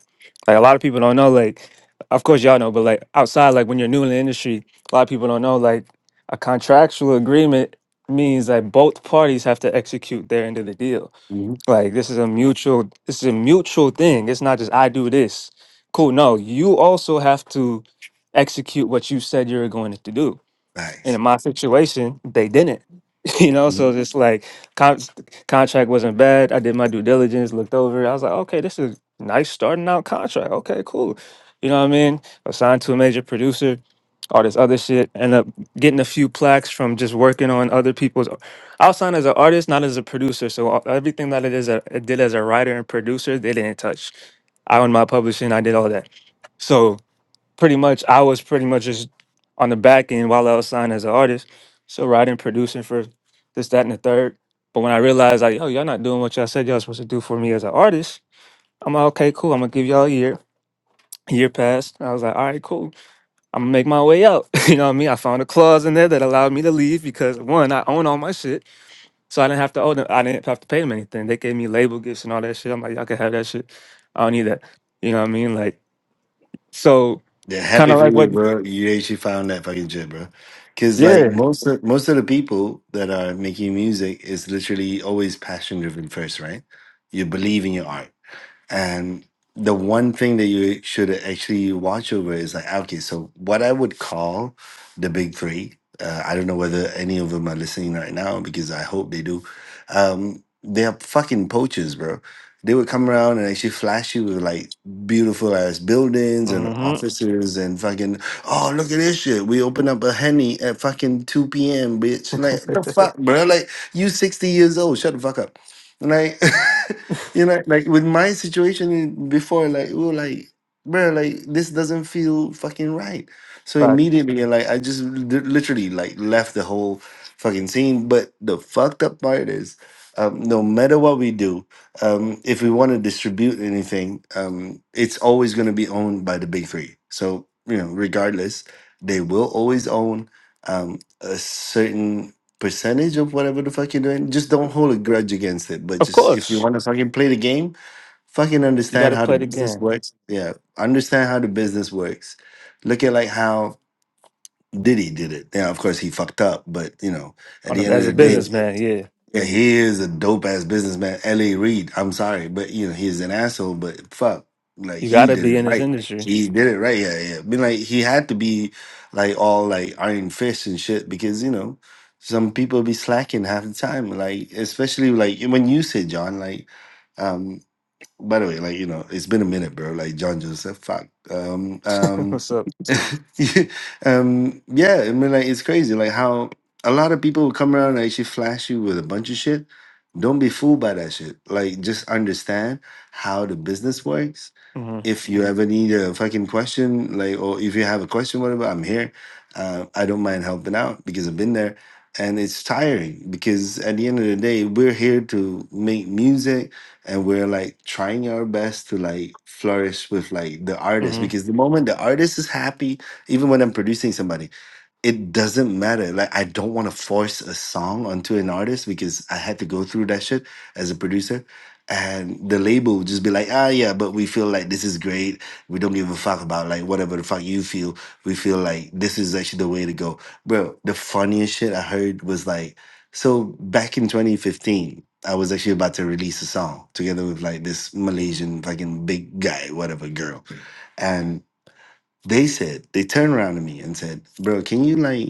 Speaker 14: Like a lot of people don't know. Like of course y'all know, but like outside, like when you're new in the industry, a lot of people don't know. Like a contractual agreement means that both parties have to execute their end of the deal.
Speaker 13: Mhm.
Speaker 14: Like this is a mutual this is a mutual thing. It's not just I do this. Cool. No, you also have to execute what you said you were going to do. And
Speaker 13: Nice.
Speaker 14: in my situation, they didn't. [LAUGHS] You know, so just like con- contract wasn't bad. I did my due diligence, looked over. I was like, okay, this is nice starting out contract. Okay, cool. You know what I mean? Assigned to a major producer, all this other shit. End up getting a few plaques from just working on other people's. I was signed as an artist, not as a producer. So all- everything that it is, a, it did as a writer and producer, they didn't touch. I owned my publishing. I did all that. So pretty much I was pretty much just on the back end while I was signed as an artist. So writing, producing for this, that, and the third. But when I realized like, oh, y'all not doing what y'all said y'all supposed to do for me as an artist, I'm like, okay, cool. I'm gonna give y'all a year. A year passed. I was like, all right, cool. I'm gonna make my way out. [LAUGHS] you know what I mean? I found a clause in there that allowed me to leave because one, I own all my shit. So I didn't have to owe them I didn't have to pay them anything. They gave me label gifts and all that shit. I'm like, y'all can have that shit. I don't need that. You know what I mean? Like so
Speaker 13: Yeah,
Speaker 14: kind
Speaker 13: happy
Speaker 14: of
Speaker 13: for
Speaker 14: like
Speaker 13: you,
Speaker 14: what
Speaker 13: bro. You actually found that fucking shit, bro. Cause like
Speaker 14: yeah.
Speaker 13: most of most of the people that are making music is literally always passion driven first, right? You believe in your art. And the one thing that you should actually watch over is like, okay, so what I would call the big three, uh, I don't know whether any of them are listening right now because I hope they do. Um, they are fucking poachers, bro. They would come around and actually flash you with like beautiful ass buildings and
Speaker 14: Mm-hmm.
Speaker 13: offices and fucking, oh, look at this shit. We open up a henny at fucking 2 p.m., bitch. And Like, the fuck, bro? Like, you 60 years old. Shut the fuck up. Like, [LAUGHS] you know, like with my situation before, like we were like, bro, like this doesn't feel fucking right. So
Speaker 14: Right.
Speaker 13: immediately, like I just li- literally like left the whole fucking scene. But the fucked up part is, um, no matter what we do, um, if we want to distribute anything, um, it's always going to be owned by the big three. So you know, regardless, they will always own um, a certain percentage of whatever the fuck you're doing. Just don't hold a grudge against it. But
Speaker 14: Of
Speaker 13: just if you
Speaker 14: course,
Speaker 13: want to fucking play the game, fucking
Speaker 14: you got
Speaker 13: understand
Speaker 14: to
Speaker 13: how the
Speaker 14: play the
Speaker 13: business
Speaker 14: game.
Speaker 13: works. Yeah, understand how the business works. Look at like how Diddy did it. Yeah, of course he fucked up, but you know, at
Speaker 14: On a,
Speaker 13: the end of
Speaker 14: as a
Speaker 13: the day,
Speaker 14: businessman, yeah,
Speaker 13: yeah, he is a dope ass businessman. L.A. Reid. I'm sorry, but you know he's an asshole. But fuck, like
Speaker 14: you got
Speaker 13: he
Speaker 14: to
Speaker 13: did
Speaker 14: be
Speaker 13: it
Speaker 14: in this
Speaker 13: right.
Speaker 14: industry.
Speaker 13: He did it right. Yeah, yeah. I mean, like he had to be like all like iron fist and shit because you know some people be slacking half the time. Like especially like when you said John, like. um, by the way, like you know, it's been a minute, bro. Like John Joseph, fuck. Um,
Speaker 14: [LAUGHS]
Speaker 13: um,
Speaker 14: What's up?
Speaker 13: [LAUGHS] um, yeah. I mean, like it's crazy, like how a lot of people come around and actually flash you with a bunch of shit. Don't be fooled by that shit. Like, just understand how the business works
Speaker 14: hmm
Speaker 13: if you ever need a fucking question, like, or if you have a question, whatever, I'm here. Uh, I don't mind helping out because I've been there. And it's tiring because at the end of the day, we're here to make music and we're like trying our best to like flourish with like the artist
Speaker 14: hmm
Speaker 13: because the moment the artist is happy, even when I'm producing somebody, it doesn't matter. Like I don't want to force a song onto an artist because I had to go through that shit as a producer. And the label would just be like, ah yeah, but we feel like this is great. We don't give a fuck about like whatever the fuck you feel. We feel like this is actually the way to go. Bro, the funniest shit I heard was like, so back in 2015, I was actually about to release a song together with like this Malaysian fucking big guy, whatever girl. And they said, they turned around to me and said, Bro, can you like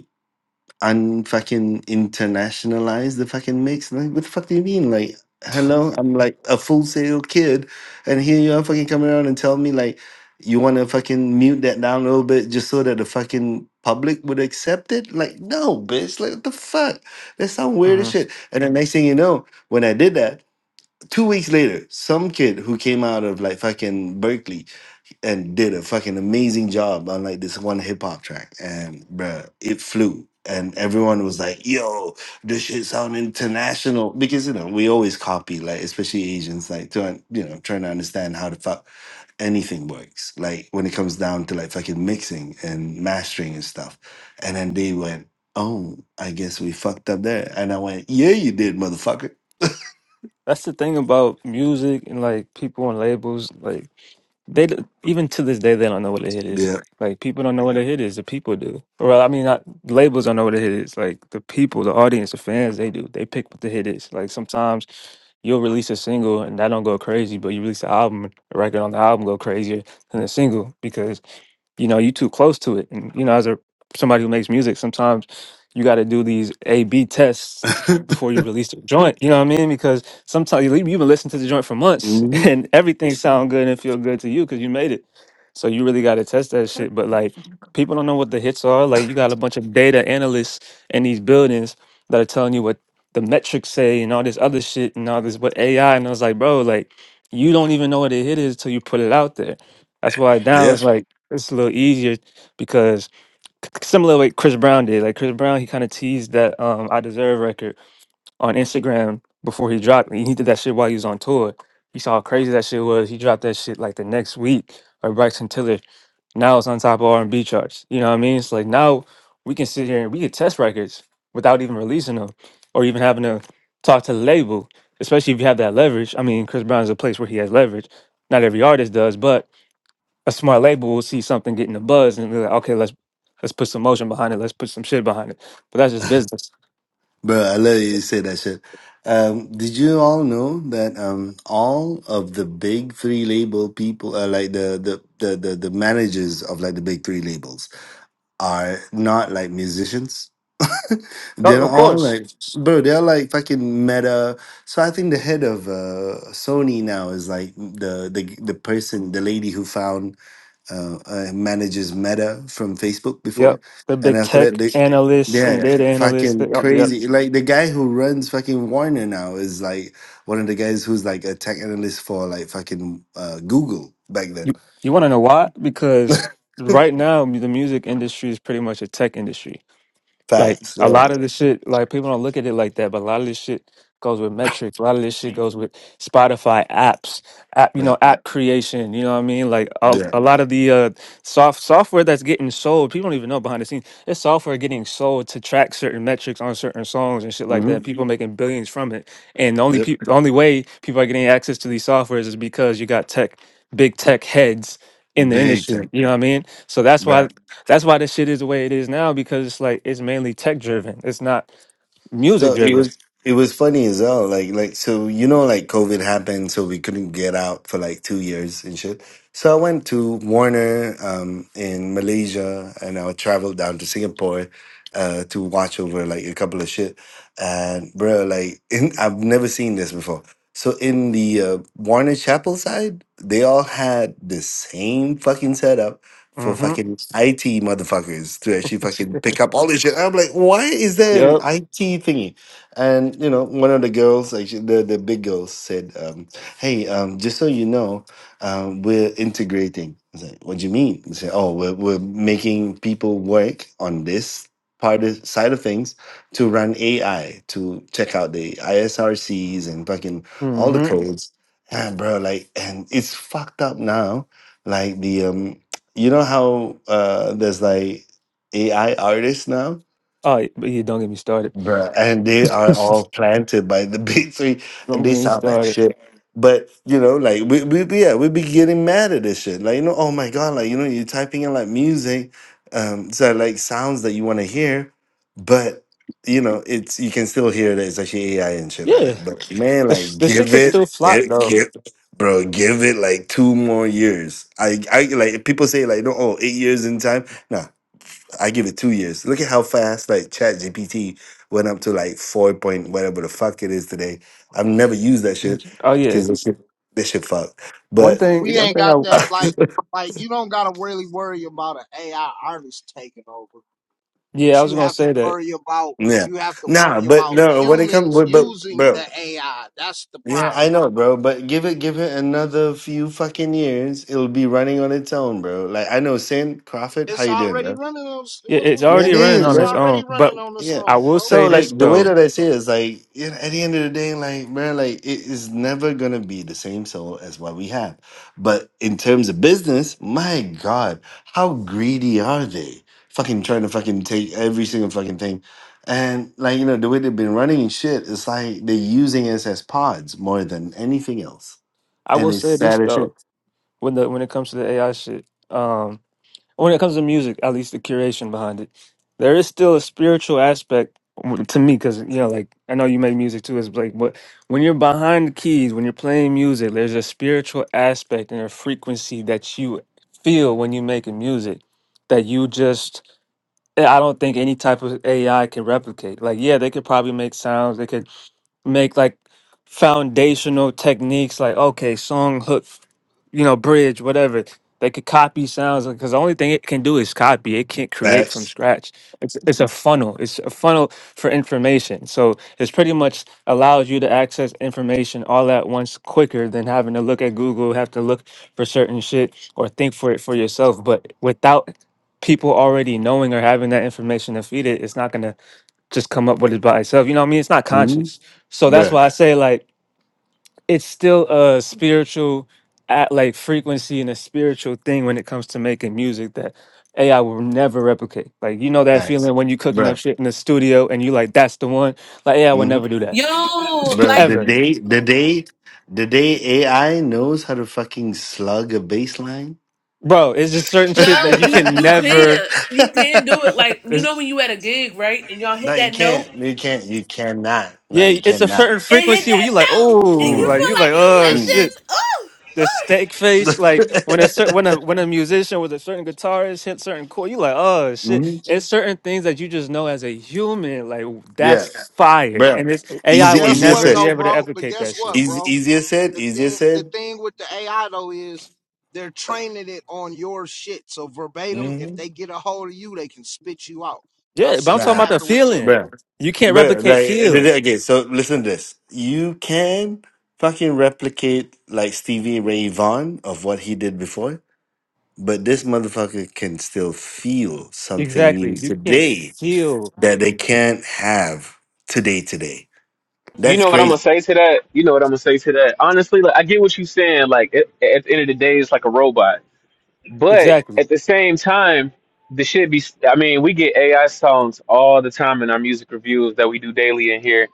Speaker 13: unfucking internationalize the fucking mix. Like, what the fuck do you mean? Like, hello, I'm like a full sale kid, and here you are fucking coming around and telling me like you want to fucking mute that down a little bit just so that the fucking public would accept it. Like, no, bitch. Like, what the fuck? That sounds weird as
Speaker 14: hmm
Speaker 13: shit. And the next thing you know, when I did that. Two weeks later, some kid who came out of like fucking Berkeley and did a fucking amazing job on like this one hip hop track, and bruh, it flew. And everyone was like, "Yo, this shit sound international," because you know we always copy, like especially Asians, like to un- you know trying to understand how the fuck anything works, like when it comes down to like fucking mixing and mastering and stuff. And then they went, "Oh, I guess we fucked up there," and I went, "Yeah, you did, motherfucker."
Speaker 14: That's the thing about music and like people and labels. like. They d- even to this day they don't know what a hit is.
Speaker 13: Yeah.
Speaker 14: Like people don't know what a hit is. The people do. Well, I mean, not, labels don't know what a hit is. Like the people, the audience, the fans, they do. They pick what the hit is. Like sometimes you'll release a single and that don't go crazy, but you release an album, The record on the album go crazier than the single because you know you too close to it. And you know, as a somebody who makes music, sometimes you got to do these A B tests
Speaker 13: [LAUGHS]
Speaker 14: before you release a joint. You know what I mean? Because Sometimes you- you've been listening to the joint for months [LAUGHS]
Speaker 13: hmm
Speaker 14: and everything sound good and feel good to you because you made it. So you really got to test that shit. But like people don't know what the hits are. Like you got a bunch of data analysts in these buildings that are telling you what the metrics say and all this other shit and all this what AI. And I was like, bro, like you don't even know what a hit is till you put it out there. That's why now
Speaker 13: Yeah.
Speaker 14: it's like it's a little easier because c- similar way Chris Brown did. Like Chris Brown, he kind of teased that um I Deserve record on Instagram before he dropped it. He did that shit while he was on tour. He saw how crazy that shit was. He dropped that shit like the next week. Or Bryson Tiller. Now it's on top of R and B charts. You know what I mean? It's like now we can sit here and we can test records without even releasing them or even having to talk to the label. Especially if you have that leverage. I mean, Chris Brown's a place where he has leverage. Not every artist does, but a smart label will see something getting a buzz and be like, okay, let's let's put some motion behind it. Let's put some shit behind it. But that's just business.
Speaker 13: Bro, I love you say that shit. Um, did you all know that um, all of the big three label people, uh, like the, the the the the managers of like the big three labels, are not like musicians. [LAUGHS]
Speaker 14: Oh,
Speaker 13: they're
Speaker 14: of
Speaker 13: all
Speaker 14: course.
Speaker 13: like, bro, they're like fucking meta. So I think the head of uh, Sony now is like the the the person, the lady who found uh, uh, manages Meta from Facebook before,
Speaker 14: Yep. The
Speaker 13: and
Speaker 14: big
Speaker 13: after that,
Speaker 14: tech
Speaker 13: they,
Speaker 14: analysts
Speaker 13: yeah,
Speaker 14: and
Speaker 13: yeah,
Speaker 14: data analysts. They,
Speaker 13: fucking
Speaker 14: oh, yep.
Speaker 13: crazy. Like the guy who runs fucking Warner now is like one of the guys who's like a tech analyst for like fucking uh, Google back then.
Speaker 14: You you want to know why? Because right now the music industry is pretty much a tech industry. Like
Speaker 13: Facts.
Speaker 14: a
Speaker 13: Yeah.
Speaker 14: lot of this shit, like people don't look at it like that, but a lot of this shit goes with metrics. A lot of this shit goes with Spotify apps, app, you
Speaker 13: Yeah.
Speaker 14: know, app creation. You know what I mean? Like a,
Speaker 13: Yeah.
Speaker 14: a lot of the uh, soft software that's getting sold, people don't even know behind the scenes. It's software getting sold to track certain metrics on certain songs and shit like
Speaker 13: hmm
Speaker 14: that. People making billions from it, and the only
Speaker 13: Yep.
Speaker 14: people, the only way people are getting access to these softwares is because you got tech, big tech heads in the
Speaker 13: Big tech.
Speaker 14: industry. You know what I mean? So that's why that's why this shit is the way it is now because it's like it's mainly tech driven. It's not music
Speaker 13: So it
Speaker 14: driven.
Speaker 13: was it was funny as well. Like like so you know like COVID happened, so we couldn't get out for like two years and shit. So I went to Warner um, in Malaysia, and I traveled down to Singapore uh, to watch over like a couple of shit. And bro, like [LAUGHS] in, I've never seen this before. So in the uh, Warner Chapel side, they all had the same fucking setup for
Speaker 14: Mm-hmm.
Speaker 13: fucking IT motherfuckers to actually fucking pick up all this shit. I'm like, why is there an
Speaker 14: Yep.
Speaker 13: IT thingy? And you know, one of the girls, actually, the the big girls, said, um, "Hey, um, just so you know, um, we're integrating." I was like, "What do you mean?" They said, "Oh, we're we're making people work on this." Part of, side of things to run AI to check out the ISRCs and fucking all the
Speaker 14: Mm-hmm.
Speaker 13: codes, and bro, like, and it's fucked up now like the um you know how uh, there's like AI artists now?
Speaker 14: Oh, yeah, but yeah, don't get me started.
Speaker 13: Bruh, and they
Speaker 14: [LAUGHS]
Speaker 13: are all
Speaker 14: don't
Speaker 13: planted by the [LAUGHS] big three, and they
Speaker 14: get me
Speaker 13: sound like
Speaker 14: started.
Speaker 13: shit. But you know, like we, we we- yeah, we be getting mad at this shit. Like you know, oh my god, like you know, you're typing in like music, um, so like sounds that you want to hear, but you know, it's you can still hear that it's actually AI and shit like
Speaker 14: Yeah,
Speaker 13: that. But man,
Speaker 14: the sh-
Speaker 13: like
Speaker 14: the shit
Speaker 13: give
Speaker 14: can
Speaker 13: it,
Speaker 14: still flop
Speaker 13: it
Speaker 14: though.
Speaker 13: give, bro, give it like two more years. I I like people say like no, oh eight years in time. Nah, I give it two years. Look at how fast like Chat GPT went up to like four point whatever the fuck it is today. I've never used that shit
Speaker 14: Oh yeah.
Speaker 13: because this shit this shit fucked.
Speaker 14: One
Speaker 13: But
Speaker 14: thing.
Speaker 13: [LAUGHS]
Speaker 15: we
Speaker 14: One
Speaker 15: ain't
Speaker 14: thing.
Speaker 15: got
Speaker 14: I
Speaker 15: that like like you don't gotta really worry about an AI artist taking over,
Speaker 14: yeah,
Speaker 15: but
Speaker 14: I was
Speaker 15: you
Speaker 14: gonna
Speaker 15: have to
Speaker 14: say that.
Speaker 15: worry about
Speaker 13: yeah,
Speaker 15: you have to
Speaker 13: nah.
Speaker 15: worry
Speaker 13: But
Speaker 15: about
Speaker 13: no, when it comes,
Speaker 15: humans
Speaker 13: but, but
Speaker 15: using
Speaker 13: bro,
Speaker 15: the AI. That's the
Speaker 13: yeah,
Speaker 15: problem.
Speaker 13: I know, bro. But give it, give it another few fucking years. It'll be running on its own, bro. Like I know, Sam Crawford. How
Speaker 15: It's
Speaker 13: you doing, bro?
Speaker 15: already running on s-
Speaker 14: Yeah,
Speaker 15: what
Speaker 14: it's
Speaker 15: was
Speaker 13: Yeah, it
Speaker 14: already
Speaker 15: going on.
Speaker 14: running
Speaker 13: is,
Speaker 14: on
Speaker 15: It's
Speaker 14: its
Speaker 13: bro.
Speaker 15: already
Speaker 14: own. But
Speaker 15: running on its
Speaker 13: Yeah.
Speaker 14: I
Speaker 15: own,
Speaker 14: will
Speaker 15: bro.
Speaker 13: So
Speaker 14: say this
Speaker 13: like the way
Speaker 14: though.
Speaker 13: that I say it is like you know, at the end of the day, like man, like it is never gonna be the same soul as what we have. But in terms of business, my God, how greedy are they? Fucking trying to fucking take every single fucking thing. And like, you know, the way they've been running shit, it's like they're using us as pods more than anything else.
Speaker 14: I
Speaker 13: And
Speaker 14: will
Speaker 13: it's
Speaker 14: say this
Speaker 13: sad as shit.
Speaker 14: though. When the when it comes to the AI shit. um, when it comes to music, at least the curation behind it, there is still a spiritual aspect to me because you know, like I know you make music too. It's like, but when you're behind the keys, when you're playing music, there's a spiritual aspect and a frequency that you feel when you're making music that you just. eh, I don't think any type of AI can replicate. Like, yeah, they could probably make sounds. They could make like foundational techniques like okay song hook you know bridge whatever they could copy sounds because the only thing it can do is copy it can't create from
Speaker 13: Facts.
Speaker 14: scratch it's it's a funnel it's a funnel for information so it's pretty much allows you to access information all at once quicker than having to look at google have to look for certain shit or think for it for yourself but without people already knowing or having that information to feed it it's not going to just come up with it by itself. You know what I mean? It's not
Speaker 13: Mm-hmm.
Speaker 14: conscious. So that's
Speaker 13: Bruh.
Speaker 14: why I say like it's still a spiritual at like frequency and a spiritual thing when it comes to making music that AI will never replicate. Like you know that
Speaker 13: Facts.
Speaker 14: feeling when you cooking up
Speaker 13: Bruh.
Speaker 14: shit in the studio and you like that's the one. Like AI would
Speaker 13: mm-hmm.
Speaker 14: never do that.
Speaker 11: Yo,
Speaker 14: [LAUGHS]
Speaker 13: Bro,
Speaker 11: like
Speaker 13: the
Speaker 14: Ever.
Speaker 13: day, the day, the day AI knows how to fucking slug a baseline.
Speaker 14: Bro, it's just certain
Speaker 13: [LAUGHS]
Speaker 14: shit
Speaker 11: no,
Speaker 14: that you
Speaker 11: you
Speaker 14: can
Speaker 11: you
Speaker 14: never
Speaker 11: can't you can't do it. Like you
Speaker 14: it's,
Speaker 11: know when you at a gig, right? And y'all
Speaker 13: no,
Speaker 11: hit
Speaker 13: you
Speaker 11: that note.
Speaker 13: can't. You can't. You cannot. No, you
Speaker 14: yeah, it's a
Speaker 13: cannot.
Speaker 14: certain
Speaker 11: and hit
Speaker 14: frequency where
Speaker 11: that
Speaker 14: you like,
Speaker 11: note, and
Speaker 14: oh,
Speaker 11: you
Speaker 13: Mm,
Speaker 14: like
Speaker 11: feel
Speaker 14: you like,
Speaker 11: like you
Speaker 14: oh
Speaker 13: mm.
Speaker 14: shit.
Speaker 11: lifting. Ooh,
Speaker 14: the
Speaker 11: ooh.
Speaker 14: steak face, like when a certain
Speaker 13: [LAUGHS]
Speaker 14: when a when a musician with a certain guitarist hit certain chord, you like, oh shit.
Speaker 13: Mhm.
Speaker 14: It's certain things that you just know as a human, like
Speaker 13: Yeah,
Speaker 14: that's fire. And
Speaker 13: bro.
Speaker 14: this
Speaker 15: But
Speaker 14: AI
Speaker 13: Easy,
Speaker 14: would
Speaker 15: guess
Speaker 13: easier
Speaker 15: what
Speaker 14: never
Speaker 13: said.
Speaker 14: be
Speaker 15: though,
Speaker 14: able to
Speaker 15: bro? But
Speaker 14: replicate
Speaker 15: guess
Speaker 14: that shit.
Speaker 15: what,
Speaker 13: Easy,
Speaker 15: bro?
Speaker 13: easier said.
Speaker 15: The
Speaker 13: Easier
Speaker 15: thing the
Speaker 13: said.
Speaker 15: thing with the AI though is they're training it on your shit. So verbatim, if
Speaker 13: hmm
Speaker 15: they get a hold of you, they can spit you out. Y'all
Speaker 14: Yeah, but
Speaker 15: see
Speaker 14: I'm
Speaker 15: what
Speaker 14: talking
Speaker 13: Nah,
Speaker 14: about the
Speaker 15: happened with
Speaker 13: bro.
Speaker 14: feeling.
Speaker 15: Timberland.
Speaker 14: You can't
Speaker 13: But
Speaker 14: replicate
Speaker 13: like
Speaker 14: feel.
Speaker 13: okay, so listen to this. You can fucking replicate like Stevie Ray Vaughan of what he did before, but this motherfucker can still feel something new
Speaker 14: Exactly. You can't
Speaker 13: today
Speaker 14: feel
Speaker 13: that they can't have today today.
Speaker 3: You
Speaker 13: That's
Speaker 3: know what I'm gonna
Speaker 13: crazy.
Speaker 3: say to that? You know what I'm gonna say to that? Honestly, like I get what you're saying. Like at, at the end of the day, it's like a robot. But
Speaker 14: exactly.
Speaker 3: at the same time, the shit be. I mean, we get AI songs all the time in our music reviews that we do daily in here,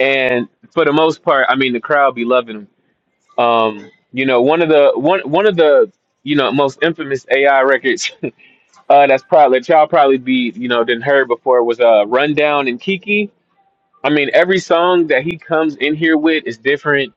Speaker 3: and for the most part, I mean, the crowd be loving them. Um, you know, one of the one one of the you know most infamous AI records [LAUGHS] Uh, that's probably that y'all probably be you know didn't heard before was uh rundown and Kiki. I mean, every song that he comes in here with is different,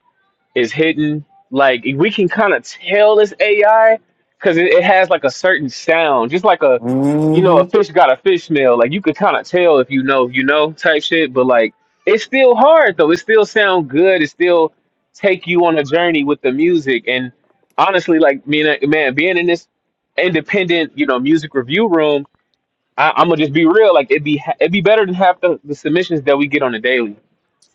Speaker 3: is hidden. Like we can kind of tell this AI because it, it has like a certain sound, just like a you know
Speaker 13: hmm
Speaker 3: a
Speaker 13: [LAUGHS]
Speaker 3: fish got a fish smell. Like you could kind of tell if you know you know type shit. But like it's still hard though. It still sound good. It still take you on a journey with the music. And honestly, like me and man, being in this independent you know music review room I, I'm gonna just be real. Like it'd be ha- it'd be better than half the, the submissions that we get on a daily.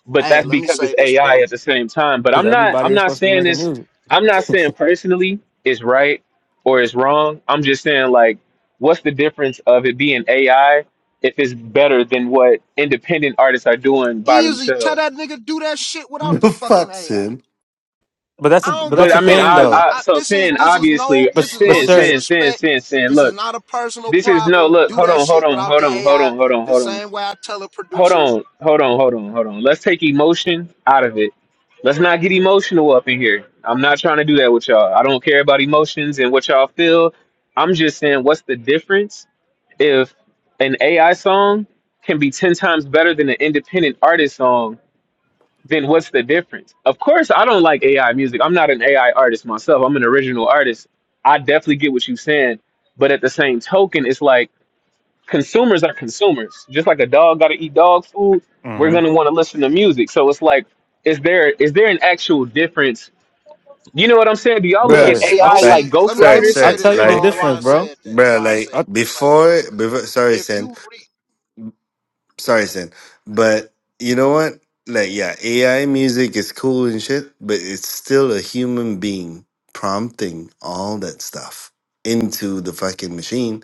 Speaker 3: But
Speaker 15: Hey,
Speaker 3: that's
Speaker 15: let me
Speaker 3: because
Speaker 15: say
Speaker 3: it's
Speaker 15: this,
Speaker 3: AI
Speaker 15: bro.
Speaker 3: at the same time. But
Speaker 14: Because
Speaker 3: I'm not
Speaker 14: everybody
Speaker 3: I'm
Speaker 14: ain't
Speaker 3: not
Speaker 14: supposed to be
Speaker 3: saying
Speaker 14: making
Speaker 3: this.
Speaker 14: music.
Speaker 3: I'm not saying personally it's right or it's wrong. I'm just saying like, what's the difference of it being AI if it's better than what independent artists are doing by
Speaker 15: Easy, tell
Speaker 3: themselves?
Speaker 15: that nigga do that shit without the
Speaker 13: The
Speaker 15: fucking
Speaker 13: fuck
Speaker 15: AI. I
Speaker 13: son.
Speaker 14: But that's
Speaker 15: I
Speaker 14: a
Speaker 15: don't
Speaker 14: but
Speaker 15: give
Speaker 14: that's
Speaker 3: But
Speaker 15: a
Speaker 14: the
Speaker 3: I mean,
Speaker 15: fuck
Speaker 14: thing
Speaker 3: I,
Speaker 15: who you.
Speaker 14: though.
Speaker 3: I
Speaker 15: I,
Speaker 3: so
Speaker 15: this is
Speaker 3: sin
Speaker 15: this is no
Speaker 3: obviously
Speaker 15: this
Speaker 14: But
Speaker 15: is
Speaker 14: but
Speaker 15: no
Speaker 3: sin
Speaker 14: sir,
Speaker 3: sin sin
Speaker 15: disrespect.
Speaker 3: sin sin.
Speaker 15: This is
Speaker 3: Look,
Speaker 15: not a personal
Speaker 3: this is no
Speaker 15: problem.
Speaker 3: look.
Speaker 15: Do
Speaker 3: Hold
Speaker 15: that
Speaker 3: on, hold
Speaker 15: shit
Speaker 3: on,
Speaker 15: without the
Speaker 3: hold on, hold
Speaker 15: AI.
Speaker 3: on, hold on,
Speaker 15: The
Speaker 3: hold on.
Speaker 15: same way I tell a
Speaker 3: hold
Speaker 15: producer.
Speaker 3: on, hold on, hold on, hold on. Let's take emotion out of it. Let's not get emotional up in here. I'm not trying to do that with y'all. I don't care about emotions and what y'all feel. I'm just saying, what's the difference if an AI song can be 10 times better than an independent artist song? Then what's the difference? Of course, I don't like AI music. I'm not an AI artist myself, I'm an original artist. I definitely get what you're saying. But at the same token, it's like, consumers are consumers. Just like a dog got to eat dog food, we're
Speaker 14: hmm
Speaker 3: gonna want to listen to music. So it's like, is there is there an actual difference? You know what I'm saying? Do y'all look
Speaker 13: Bruh.
Speaker 3: at
Speaker 14: yeah,
Speaker 15: See,
Speaker 14: I
Speaker 3: AI
Speaker 14: t-
Speaker 13: Like,
Speaker 3: like
Speaker 15: see. Let me
Speaker 13: sorry,
Speaker 15: let me
Speaker 3: ghostwriters?
Speaker 14: I
Speaker 15: say
Speaker 13: sorry.
Speaker 14: tell
Speaker 15: this,
Speaker 14: you the
Speaker 13: Like,
Speaker 15: bro. And why I
Speaker 14: difference, bro.
Speaker 15: said that.
Speaker 13: bruh,
Speaker 15: Why I said
Speaker 13: like
Speaker 15: that. Right.
Speaker 13: before before sorry,
Speaker 15: If
Speaker 13: Sin.
Speaker 15: you read.
Speaker 13: sorry, Sin. But you know what? Like, yeah, AI music is cool and shit, but it's still a human being prompting all that stuff into the fucking machine.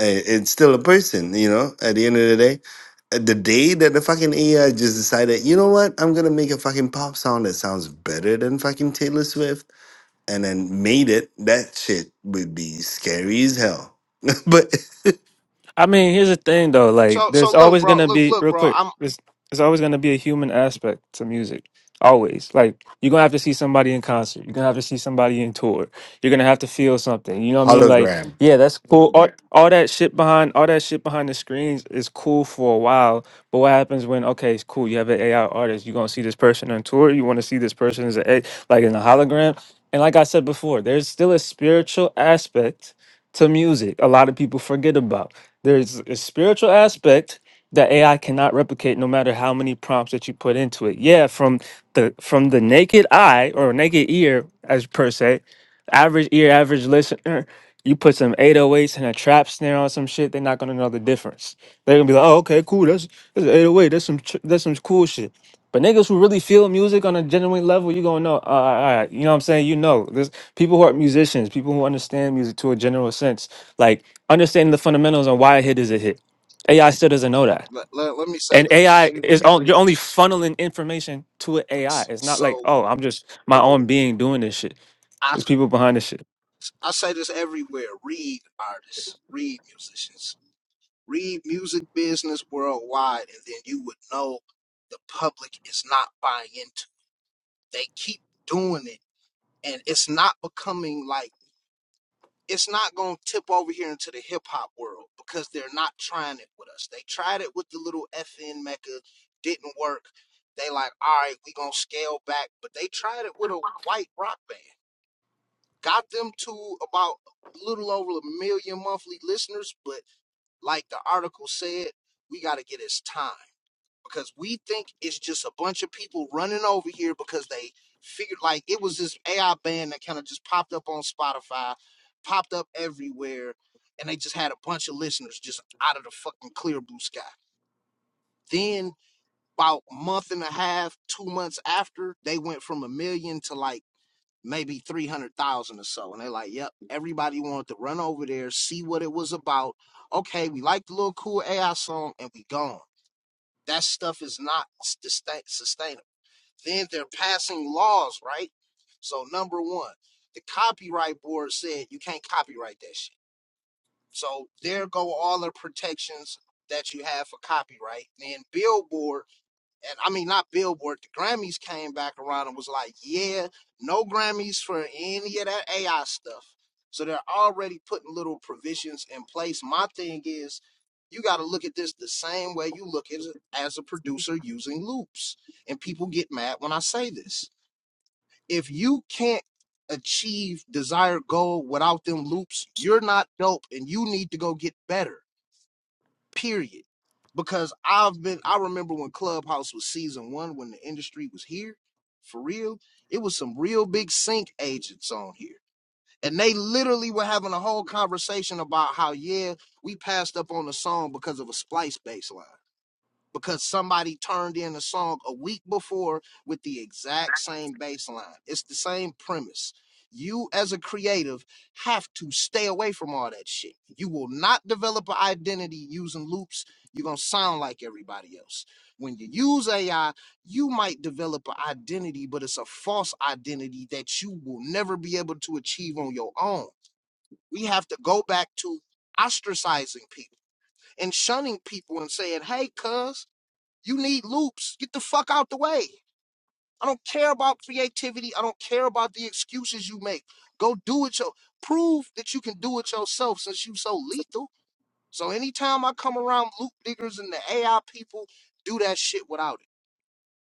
Speaker 13: I- It's still a person, you know, at the end of the day. Uh, The day that the fucking AI just decided, you know what, I'm gonna make a fucking pop song that sounds better than fucking Taylor Swift, and then made it, that shit would be scary as hell. [LAUGHS] but
Speaker 14: I mean, here's the thing though. Like,
Speaker 15: So
Speaker 14: there's
Speaker 15: so look,
Speaker 14: always
Speaker 15: bro.
Speaker 14: gonna
Speaker 15: Look
Speaker 14: be
Speaker 15: look,
Speaker 14: real
Speaker 15: bro.
Speaker 14: quick.
Speaker 15: I'm.
Speaker 14: There's there's always gonna be a human aspect to music. Always. Like, you're gonna have to see somebody in concert. You're gonna have to see somebody in tour. You're gonna have to feel something. You know what I mean? Like,
Speaker 13: hologram.
Speaker 14: yeah, that's cool. All, all that shit behind all that shit behind the screens is cool for a while. But what happens when? Okay, it's cool. You have an AI artist. You're gonna see this person on tour. You want to see this person as a like in a hologram. And like I said before, there's still a spiritual aspect to music. A lot of people forget about. There's a spiritual aspect that AI cannot replicate no matter how many prompts that you put into it. Yeah, from the from the naked eye or naked ear as per se, average ear, average listener, you put some 808s and a trap snare on some shit, they're not gonna know the difference. They're gonna be like, "Oh, okay, cool. That's that's an 808. That's some ch- that's some cool shit." But niggas who really feel music on a genuine level, you gonna know. Uh, all right, you know what I'm saying? You know, there's people who are musicians, people who understand music to a general sense, like understanding the fundamentals on why a hit is a hit. AI still doesn't know that,
Speaker 15: Let, let, let me say
Speaker 14: and AI
Speaker 15: this.
Speaker 14: is on, you're only funneling information to an AI. It's not like
Speaker 15: So
Speaker 14: oh, I'm just my own being doing this shit.
Speaker 15: I
Speaker 14: There's people behind this shit.
Speaker 15: I say this everywhere. Read artists. Read musicians Read Music Business Worldwide, and then you would know the public is not buying into. it. They keep doing it, and it's not becoming like it's not going to tip over here into the hip hop world because they're not trying it with us. They tried it with the little FN Mecca, didn't work. They like, all right, we gonna scale back, but they tried it with a white rock band, got them to about a little over a million monthly listeners, but like the article said, we got to get his time. because we think it's just a bunch of people running over here because they figured like it was this AI band that kind of just popped up on Spotify, popped up everywhere, and they just had a bunch of listeners just out of the fucking clear blue sky. Then about a month and a half, two months after, they went from a million to like maybe three hundred thousand or so, and they're like, "Yep, everybody wanted to run over there, see what it was about. Okay, we like the little cool AI song, and we gone." That stuff is not sustain- sustainable then they're passing laws, right? So number one, the copyright board said you can't copyright that shit. So there go all the protections that you have for copyright. Then Billboard, and I mean not Billboard, the Grammys came back around and was like, yeah, no Grammys for any of that AI stuff. So they're already putting little provisions in place. My thing is, you got to look at this the same way you look at it as a producer using loops. And people get mad when I say this if you can't achieve desired goal without them loops, you're not dope and you need to go get better. Period. Because I've been I remember when Clubhouse was season 1 when the industry was here for real, it was some real big sync agents on here. And they literally were having a whole conversation about how yeah, we passed up on the song because of a splice baseline because somebody turned in a song a week before with the exact same bass line. It's the same premise. You, as a creative, have to stay away from all that shit. You will not develop an identity using loops. You're going to sound like everybody else. When you use AI, you might develop an identity, but it's a false identity that you will never be able to achieve on your own. We have to go back to ostracizing people and shunning people and saying, hey, cuz, you need loops. Get the fuck out the way. I don't care about creativity. I don't care about the excuses you make. Go do it your prove that you can do it yourself since you so lethal. So anytime I come around loop diggers and the AI people, do that shit without it.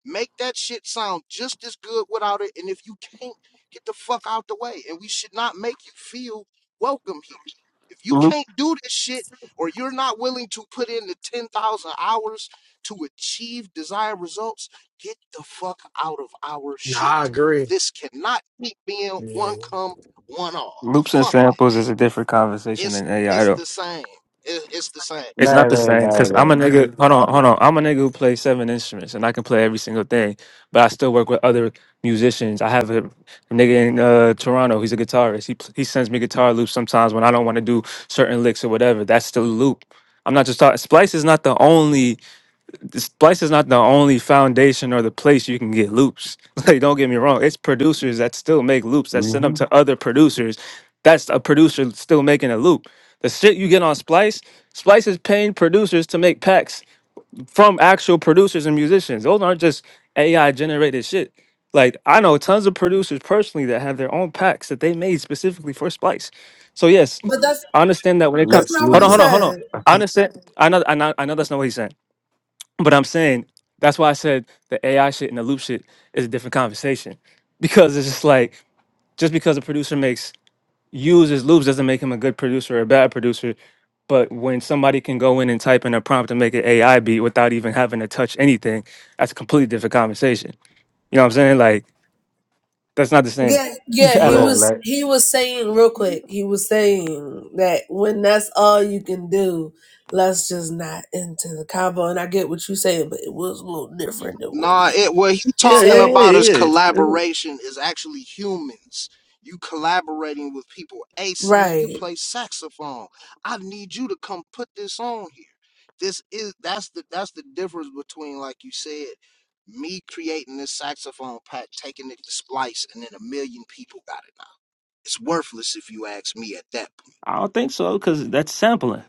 Speaker 15: Make that shit sound just as good without it. And if you can't, get the fuck out the way. And we should not make you feel welcome here. If you
Speaker 14: Loop,
Speaker 15: can't do this shit or you're not willing to put in the 10,000 hours to achieve desired results, get the fuck out of our
Speaker 16: Nah, I
Speaker 15: shit.
Speaker 16: agree.
Speaker 15: This cannot keep being one
Speaker 16: Yeah.
Speaker 15: come, one all.
Speaker 14: loops and
Speaker 15: Fuck it.
Speaker 14: samples is a different conversation
Speaker 15: It's,
Speaker 14: than
Speaker 15: it's
Speaker 14: AI.
Speaker 15: the same. It- it's the same.
Speaker 14: It's not the
Speaker 13: No, no,
Speaker 14: same because I'm a
Speaker 13: no,
Speaker 14: nigga. Hold on, hold on. I'm a nigga who plays seven instruments and I can play every single thing, but I still work with other musicians. I have a nigga in uh, Toronto. He's a guitarist. He pl- he sends me guitar loops sometimes when I don't want to do certain licks or whatever. That's the loop. I'm not just talking. Splice is not the only this Splice is not the only foundation or the place you can get loops. [LAUGHS] Like, don't get me wrong, it's producers that still make loops that send
Speaker 13: no.
Speaker 14: them to other producers. That's a producer still making a loop. The shit you get on Splice, Splice is paying producers to make packs from actual producers and musicians. Those aren't just AI generated shit. Like I know tons of producers personally that have their own packs that they made specifically for Splice. So yes,
Speaker 11: But that's
Speaker 14: I understand that when it
Speaker 11: that's
Speaker 14: comes.
Speaker 13: Lex
Speaker 11: not what
Speaker 14: Hold
Speaker 11: he
Speaker 14: on, hold
Speaker 13: Luger,
Speaker 14: on, hold on.
Speaker 11: said.
Speaker 14: I understand. I know. I know. I know that's not what he's saying. But I'm saying that's why I said the AI shit and the loop shit is a different conversation because it's just like just because a producer makes uses loops doesn't make him a good producer or a bad producer. But when somebody can go in and type in a prompt and make an AI beat without even having to touch anything, that's a completely different conversation. You know what I'm saying? Like that's not the same
Speaker 11: Yeah, yeah,
Speaker 14: [LAUGHS] at
Speaker 11: he
Speaker 13: bro.
Speaker 14: all.
Speaker 11: was
Speaker 13: Like,
Speaker 11: he was saying real quick. He was saying that when that's all you can do, let's just not into the combo. And I get what you're saying, but it was a little different than what
Speaker 15: Nah,
Speaker 11: he
Speaker 15: it what he
Speaker 14: Yeah,
Speaker 15: talking
Speaker 11: said.
Speaker 14: yeah,
Speaker 15: about is
Speaker 14: yeah, yeah.
Speaker 15: collaboration is actually humans. You collaborating with people. Hey, sin, you
Speaker 11: Right.
Speaker 15: play saxophone. I need you to come put this on here. This is that's the that's the difference between, like you said, me creating this saxophone pack, taking it to splice, and then a million people got it now. It's worthless if you ask me at that point.
Speaker 14: I don't think so because that's sampling.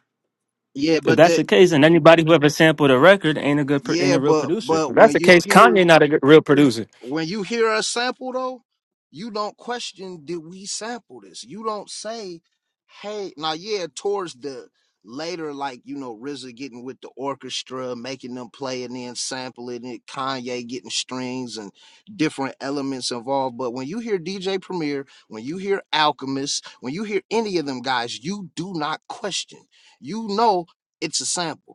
Speaker 15: Yeah,
Speaker 14: If
Speaker 15: but
Speaker 14: that's the
Speaker 15: that
Speaker 14: case, and anybody who ever sampled a record ain't a good, pro- ain't
Speaker 15: yeah,
Speaker 14: a real
Speaker 15: but
Speaker 14: producer.
Speaker 15: but
Speaker 14: If that's
Speaker 15: when
Speaker 14: the
Speaker 15: you
Speaker 14: case,
Speaker 15: hear
Speaker 14: Kanye not a good, real producer.
Speaker 15: when you hear a sample though, you don't question did we sample this. You don't say, hey, now yeah, towards the later, like you know, RZA getting with the orchestra, making them play and then sampling it, Kanye getting strings and different elements involved. But when you hear DJ Premier, when you hear Alchemist, when you hear any of them guys, you do not question. You know it's a sample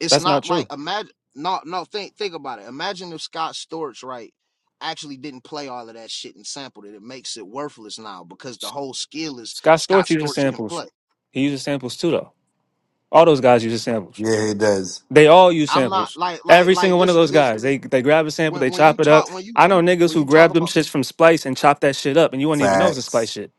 Speaker 15: it's
Speaker 14: That's not
Speaker 15: not like
Speaker 14: true.
Speaker 15: imagine no no think think about it. Imagine if Scott Storch right actually didn't play all of that shit and sampled it. It makes it worthless now because the whole skill is
Speaker 14: Scott
Speaker 15: Scott
Speaker 14: Storch uses
Speaker 15: Storch can
Speaker 14: samples.
Speaker 15: play.
Speaker 14: He uses samples too, though. All those guys use samples.
Speaker 13: yeah, he does.
Speaker 14: They all use
Speaker 15: I'm not
Speaker 14: samples.
Speaker 15: like like
Speaker 14: Every
Speaker 15: like
Speaker 14: single one of
Speaker 15: this
Speaker 14: those
Speaker 15: this
Speaker 14: guys, they they grab a sample,
Speaker 15: when
Speaker 14: they
Speaker 15: when you
Speaker 14: chop it up.
Speaker 15: talk when you
Speaker 14: I know niggas
Speaker 15: when
Speaker 14: who
Speaker 15: you talk
Speaker 14: grab them
Speaker 15: about
Speaker 14: shits from Splice and chop that shit up, and you wouldn't even know it's a Splice
Speaker 13: Facts.
Speaker 14: shit.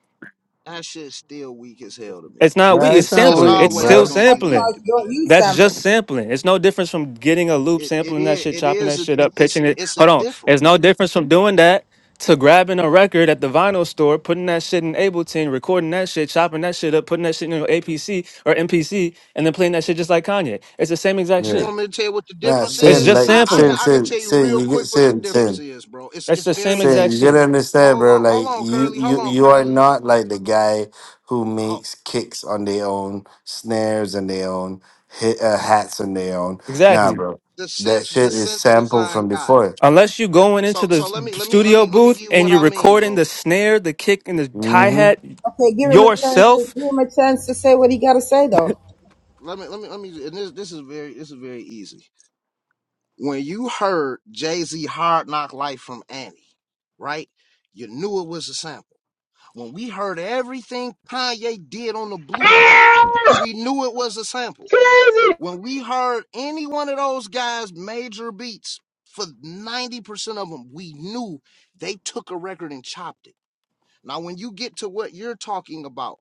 Speaker 15: that shit still weak as hell to me,
Speaker 14: It's
Speaker 15: man.
Speaker 14: not we.
Speaker 13: Nah,
Speaker 14: It's
Speaker 13: it's
Speaker 15: It's
Speaker 13: not
Speaker 15: it's
Speaker 14: sampling.
Speaker 13: weak,
Speaker 14: It's
Speaker 15: always
Speaker 14: still
Speaker 13: bro.
Speaker 15: gonna be weak
Speaker 14: sampling.
Speaker 6: Because
Speaker 15: to me.
Speaker 6: your- you
Speaker 14: That's
Speaker 6: sample.
Speaker 14: just sampling. It's no difference from getting a loop,
Speaker 15: It it
Speaker 14: sampling that
Speaker 15: is
Speaker 14: shit,
Speaker 15: it
Speaker 14: chopping
Speaker 15: is
Speaker 14: that
Speaker 15: a
Speaker 14: shit up,
Speaker 15: it's
Speaker 14: pitching it.
Speaker 15: it's a
Speaker 14: Hold on.
Speaker 15: difference.
Speaker 14: It's no difference from doing that to grabbing a record at the vinyl store, putting that shit in Ableton, recording that shit, chopping that shit up, putting that shit in your APC or MPC, and then playing that shit just like Kanye. It's the same exact
Speaker 15: You
Speaker 13: Yeah.
Speaker 15: want
Speaker 14: shit.
Speaker 15: me to tell you what the
Speaker 13: Nah,
Speaker 15: difference
Speaker 14: It's
Speaker 13: sin,
Speaker 15: is?
Speaker 14: just
Speaker 13: like,
Speaker 15: I, I can
Speaker 14: sampling.
Speaker 13: sin,
Speaker 15: I can
Speaker 13: sin,
Speaker 15: tell you
Speaker 13: sin.
Speaker 15: real
Speaker 13: You get
Speaker 15: quick what the
Speaker 13: sin,
Speaker 15: difference
Speaker 13: sin,
Speaker 15: is, bro. It's
Speaker 14: That's
Speaker 15: it's
Speaker 14: the
Speaker 15: very
Speaker 14: same
Speaker 13: sin.
Speaker 14: exact
Speaker 13: You
Speaker 15: easy
Speaker 14: shit.
Speaker 13: gotta understand,
Speaker 15: hold
Speaker 13: bro.
Speaker 15: on, hold
Speaker 13: Like,
Speaker 15: on,
Speaker 13: you,
Speaker 15: Curly, hold
Speaker 13: you,
Speaker 15: on,
Speaker 13: you are
Speaker 15: Curly.
Speaker 13: not like the guy who
Speaker 15: Ho-
Speaker 13: makes kicks on their own, snares on their own, hit, uh, hats on their own. Nah,
Speaker 14: Exactly.
Speaker 13: bro.
Speaker 15: the
Speaker 13: That
Speaker 15: synth, the
Speaker 13: shit is
Speaker 15: synth
Speaker 13: sampled
Speaker 15: design
Speaker 13: from
Speaker 15: guy.
Speaker 13: before.
Speaker 14: Unless you are going
Speaker 15: So,
Speaker 14: into the
Speaker 15: so
Speaker 14: s-
Speaker 15: let me, let me, let
Speaker 14: studio
Speaker 15: me, let me give
Speaker 14: booth
Speaker 15: you
Speaker 14: and
Speaker 15: what
Speaker 14: you're
Speaker 15: I mean,
Speaker 14: recording
Speaker 15: bro.
Speaker 14: the snare, the kick, and the hi
Speaker 13: Mm-hmm.
Speaker 14: hat
Speaker 6: Okay, give him a chance. To,
Speaker 14: yourself
Speaker 6: give him a chance to say what he got to say, though.
Speaker 15: Let me, let me, let me. And this, this is very, this is very easy. When you heard Jay Z "Hard Knock Life" from Annie, right? You knew it was a sample. When we heard everything Kanye did on the Blueprint, we knew it was a sample. When we heard any one of those guys' major beats, for 90% of them, we knew they took a record and chopped it. Now, when you get to what you're talking about,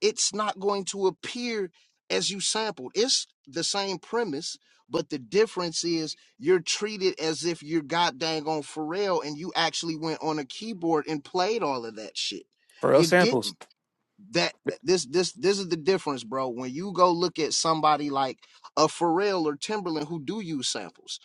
Speaker 15: it's not going to appear as you sampled. It's the same premise, but the difference is you're treated as if you're god dang on Pharrell and you actually went on a keyboard and played all of that shit.
Speaker 14: for real
Speaker 15: You didn't
Speaker 14: samples.
Speaker 15: that this this this is the difference, bro. When you go look at somebody like a Pharrell or Timberland who do use samples,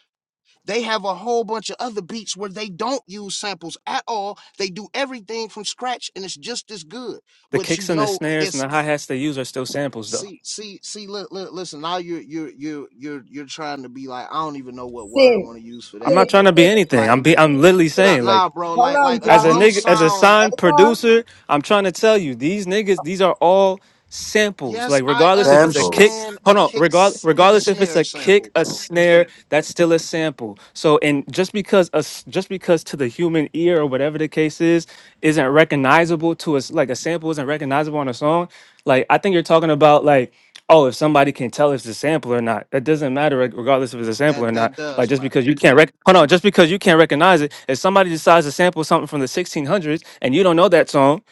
Speaker 15: they have a whole bunch of other beats where they don't use samples at all. They do everything from scratch and it's just as good.
Speaker 14: The
Speaker 15: But you
Speaker 14: kicks and the
Speaker 15: know
Speaker 14: snares and
Speaker 15: it's
Speaker 14: the hi hats they use are still samples, though.
Speaker 15: see see see look, look listen now you're you're you're you're you're trying to be like I don't even know what word I
Speaker 6: Sim,
Speaker 15: want to use for
Speaker 14: I'm
Speaker 15: that,
Speaker 14: not
Speaker 6: Sim,
Speaker 14: trying
Speaker 15: but
Speaker 14: to be
Speaker 6: Sim,
Speaker 14: anything.
Speaker 15: like
Speaker 14: I'm be I'm literally
Speaker 6: Sim.
Speaker 15: nah
Speaker 14: saying like
Speaker 15: nah bro
Speaker 6: Hold
Speaker 15: like
Speaker 6: on,
Speaker 15: like a
Speaker 14: As a
Speaker 6: John.
Speaker 15: drum
Speaker 14: nigga, as a
Speaker 15: sound
Speaker 14: signed
Speaker 6: Hold on.
Speaker 14: producer, I'm trying to tell you, these niggas, these are all samples.
Speaker 15: Yes,
Speaker 14: Like
Speaker 15: I
Speaker 14: regardless if it's a kick,
Speaker 13: Samples.
Speaker 15: understand a
Speaker 14: hold on,
Speaker 15: kick
Speaker 14: regard
Speaker 15: s- and a
Speaker 14: regardless if it's
Speaker 15: snare
Speaker 14: a
Speaker 15: sample,
Speaker 14: kick, a
Speaker 15: bro
Speaker 14: snare, that's still a sample. So and just because us just because to the human ear or whatever the case is, isn't recognizable to us like a sample isn't recognizable on a song, like I think you're talking about like oh, if somebody can tell if it's a sample or not, it doesn't matter reg- regardless if it's a sample
Speaker 15: That
Speaker 14: or not.
Speaker 15: that
Speaker 14: Like
Speaker 15: does
Speaker 14: just
Speaker 15: matter.
Speaker 14: because you can't rec- hold on, just because you can't recognize it, if somebody decides to sample something from the 1600s and you don't know that song,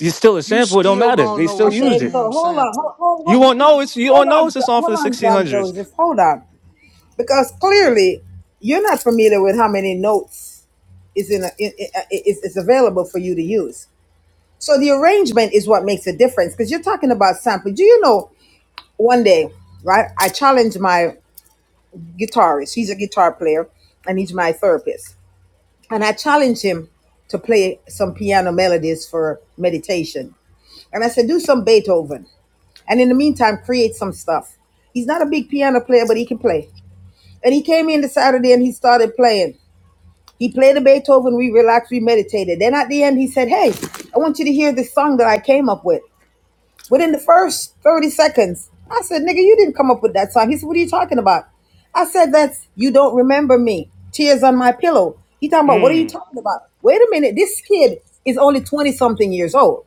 Speaker 14: it's still a
Speaker 15: You
Speaker 14: sample. It don't
Speaker 15: still
Speaker 14: matter.
Speaker 15: gonna
Speaker 14: They
Speaker 15: know
Speaker 14: still
Speaker 15: it's a
Speaker 14: used
Speaker 6: Okay,
Speaker 14: it.
Speaker 6: so
Speaker 15: damn
Speaker 6: hold on,
Speaker 15: sample.
Speaker 6: hold, hold,
Speaker 14: You
Speaker 6: hold
Speaker 14: won't know it's you
Speaker 6: hold
Speaker 14: won't know
Speaker 6: on,
Speaker 14: it's a
Speaker 6: Jo-
Speaker 14: song for
Speaker 6: hold
Speaker 14: the
Speaker 6: on, John
Speaker 14: 1600s.
Speaker 6: Joseph. Hold on, because clearly you're not familiar with how many notes is in, a, in, in uh, is, is available for you to use. So the arrangement is what makes a difference, because you're talking about sample. Do you know? One day, right? I challenged my guitarist. He's a guitar player, and he's my therapist And I challenged him to play some piano melodies for meditation. And I said, do some Beethoven. And in the meantime, create some stuff. He's not a big piano player, but he can play. And he came in the Saturday and he started playing. He played a Beethoven, we relaxed, we meditated. Then at the end, he said, Hey, I want you to hear this song that I came up with. Within the first 30 seconds, I said, nigga, you didn't come up with that song. He said, what are you talking about? I said, that's You Don't Remember Me, Tears on My Pillow. He talking about, what are you
Speaker 14: Mm.
Speaker 6: talking about? Wait a minute, this kid is only 20 something years old.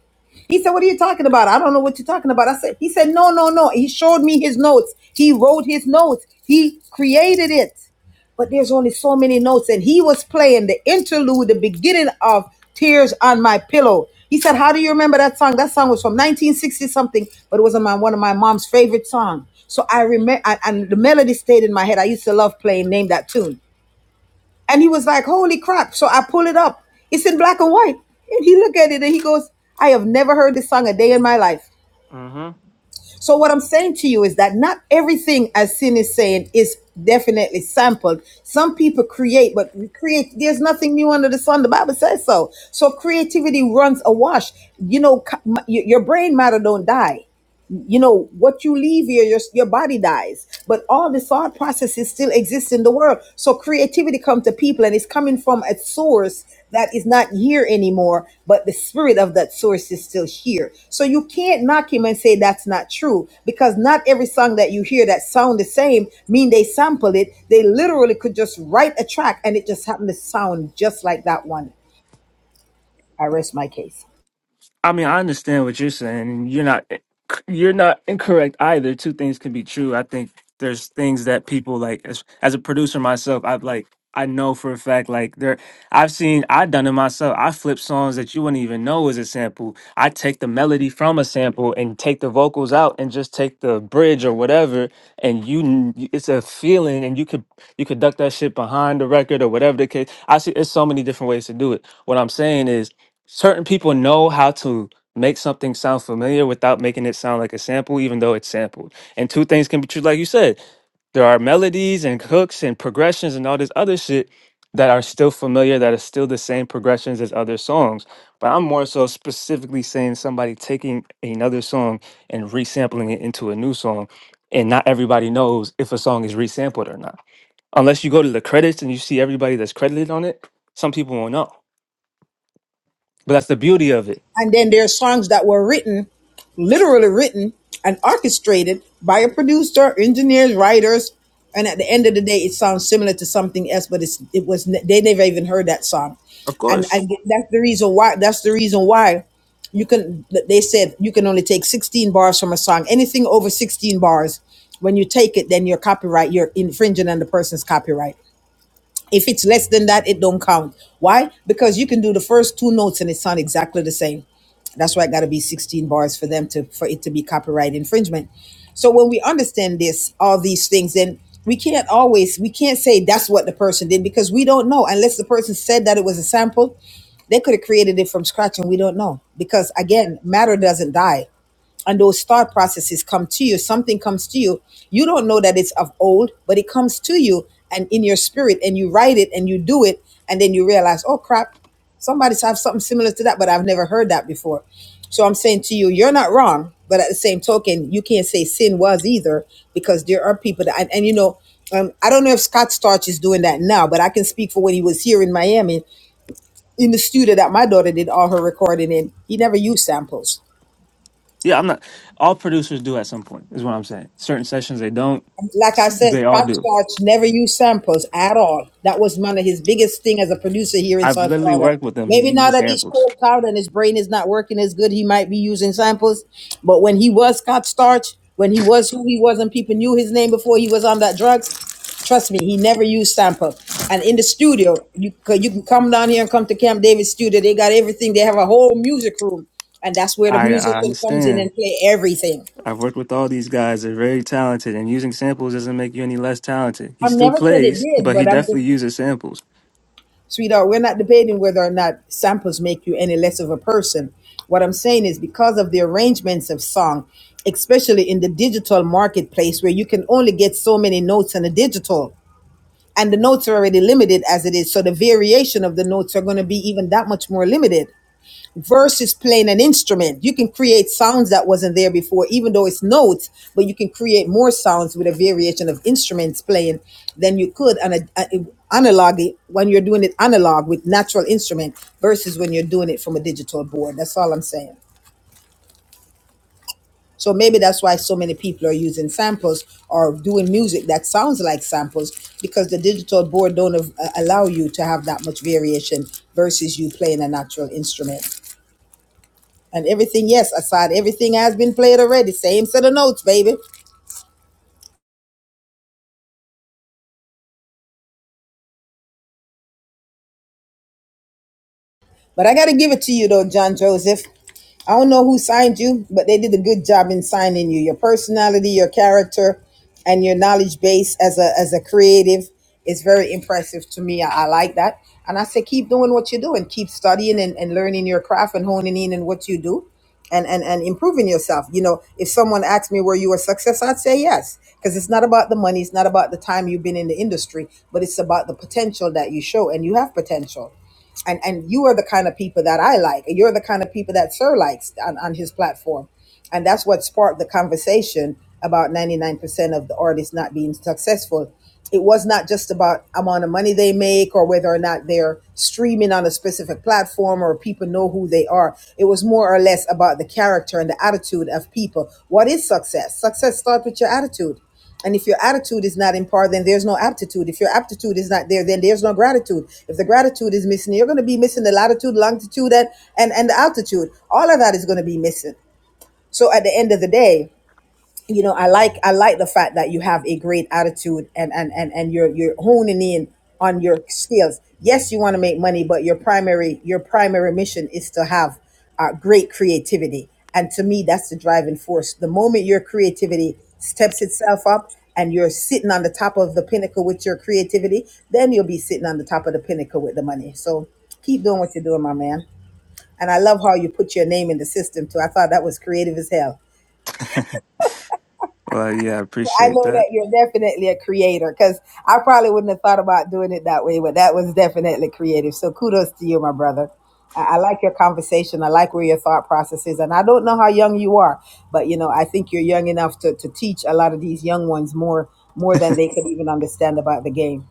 Speaker 6: He said, What are you talking about? I don't know what you're talking about. I said, He said, No, no, no. He showed me his notes. He wrote his notes. He created it but there's only so many notes. And he was playing the interlude, the beginning of Tears on My Pillow. He said, How do you remember that song? That song was from 1960 something, but it was my, one of my mom's favorite songs. So I remember, and the melody stayed in my head. I used to love playing Name That Tune. And he was like, Holy crap. So I pull it up. It's in black and white. And he looked at it and he goes, I have never heard this song a day in my life.
Speaker 14: mm-hmm.
Speaker 6: So what I'm saying to you is that not everything as sin is saying is definitely sampled. Some people create, but we create there's nothing new under the sun. The Bible says so. So creativity runs awash. You know, c- m- y- your brain matter don't die you know what you leave here your, your body dies but all the thought processes still exist in the world so creativity comes to people and it's coming from a source that is not here anymore but the spirit of that source is still here so you can't knock him and say that's not true because not every song that you hear that sound the same mean they sample it they literally could just write a track and it just happened to sound just like that one i rest my case
Speaker 14: I mean, I understand what you're saying. and You're not you're not incorrect either. Two things can be true. I think there's things that people like as, as a producer myself, I've like I know for a fact like there I've seen I've done it myself. I flip songs that you wouldn't even know is a sample. I take the melody from a sample and take the vocals out and just take the bridge or whatever and you kn- it's a feeling and you could you could duck that shit behind the record or whatever the case. I see it's so many different ways to do it. What I'm saying is certain people know how to make something sound familiar without making it sound like a sample, even though it's sampled. And two things can be true, like you said. There are melodies and hooks and progressions and all this other shit that are still familiar, that are still the same progressions as other songs. But I'm more so specifically saying somebody taking another song and resampling it into a new song. And not everybody knows if a song is resampled or not. Unless you go to the credits and you see everybody that's credited on it, some people won't know. But that's the beauty of it
Speaker 6: And then there are songs that were written, literally written and orchestrated by a producer, engineers, writers. And at the end of the day, it sounds similar to something else, but it's it was they never even heard that song,
Speaker 14: Of
Speaker 6: and
Speaker 14: course.
Speaker 6: and that's the reason why that's the reason why you can they said you can only take 16 bars from a song anything over 16 bars when you take it then you're copyright you're infringing on the person's copyright if it's less than that, it don't count. Why? Because you can do the first two notes and it sound exactly the same. That's why it got to be 16 bars for them to for it to be copyright infringement. So when we understand this, all these things, then we can't always we can't say that's what the person did because we don't know unless the person said that it was a sample. They could have created it from scratch and we don't know because again, matter doesn't die and those thought processes come to you something comes to you you don't know that it's of old but it comes to you and in your spirit and you write it and you do it and then you realize oh crap somebody's have something similar to that but i've never heard that before so i'm saying to you you're not wrong but at the same token you can't say sin was either because there are people that and, and you know um, I don't know if Scott Storch is doing that now, but I can speak for when he was here in Miami in the studio that my daughter did all her recording in. He never used samples
Speaker 14: Yeah, I'm not. All producers do at some point, is what I'm saying. Certain sessions they don't,
Speaker 6: like I said,
Speaker 14: they all
Speaker 6: Scott
Speaker 14: do.
Speaker 6: never used samples at all. That was one of his biggest thing as a producer here in
Speaker 14: I've
Speaker 6: South
Speaker 14: literally
Speaker 6: Florida.
Speaker 14: worked with them. He
Speaker 6: Maybe now
Speaker 14: uses
Speaker 6: that he's
Speaker 14: samples.
Speaker 6: coked out and his brain is not working as good, he might be using samples. But when he was Scott Storch, when he was who he was and people knew his name before he was on that drugs, trust me, he never used sample. And in the studio, you, c- you can come down here and come to Camp David studio. They got everything. They have a whole music room. And that's where the
Speaker 14: I, I
Speaker 6: musician comes in
Speaker 14: understand.
Speaker 6: and play everything.
Speaker 14: I've worked with all these guys. They're very talented, and using samples doesn't make you any less talented. He
Speaker 6: I
Speaker 14: still
Speaker 6: never said it
Speaker 14: plays,
Speaker 6: did,
Speaker 14: but he
Speaker 6: but I'm just
Speaker 14: definitely uses samples.
Speaker 6: Sweetheart, we're not debating whether or not samples make you any less of a person. What I'm saying is because of the arrangements of song, especially in the digital marketplace where you can only get so many notes on a digital and the notes are already limited as it is. So the variation of the notes are going to be even that much more limited versus playing an instrument. You can create sounds that wasn't there before, even though it's notes, but you can create more sounds with a variation of instruments playing than you could on a, a- analog when you're doing it analog with natural instrument versus when you're doing it from a digital board. That's all I'm saying. So maybe that's why so many people are using samples or doing music that sounds like samples because the digital board don't av- allow you to have that much variation versus you playing a natural instrument. and everything. Yes, aside everything has been played already. Same set of notes, baby. But I got to give it to you, though, John Joseph. I don't know who signed you, but they did a good job in signing you. Your personality, your character, and your knowledge base as a as a creative is very impressive to me. I, I like that. And I say keep doing what you're doing. Keep studying and, and learning your craft and honing in on what you do and, and and improving yourself. You know, if someone asked me were you a success, I'd say yes. Because it's not about the money, it's not about the time you've been in the industry, but it's about the potential that you show and you have potential and and you are the kind of people that I like. You're the kind of people that Sir likes on, on his platform, and that's what sparked the conversation about 99% of the artists not being successful. It was not just about amount of money they make or whether or not they're streaming on a specific platform or people know who they are. It was more or less about the character and the attitude of people. What is success? Success starts with your attitude. And if your attitude is not in par, then there's no aptitude. If your aptitude is not there, then there's no gratitude. If the gratitude is missing, you're going to be missing the latitude, longitude, and, and, and the altitude. All of that is going to be missing. So at the end of the day, you know i like i like the fact that you have a great attitude and and and, and you're you're honing in on your skills yes you want to make money but your primary your primary mission is to have uh, great creativity and to me that's the driving force the moment your creativity steps itself up and you're sitting on the top of the pinnacle with your creativity then you'll be sitting on the top of the pinnacle with the money so keep doing what you're doing my man and i love how you put your name in the system too i thought that was creative as hell
Speaker 14: [LAUGHS] well, yeah, I
Speaker 6: I
Speaker 14: appreciate
Speaker 6: know
Speaker 14: that.
Speaker 6: that you're definitely a creator because I probably wouldn't have thought about doing it that way, but that was definitely creative. So kudos to you, my brother. I, I like your conversation. I like where your thought process is. And I don't know how young you are, but you know, I think you're young enough to, to teach a lot of these young ones more more than they could even understand about the game.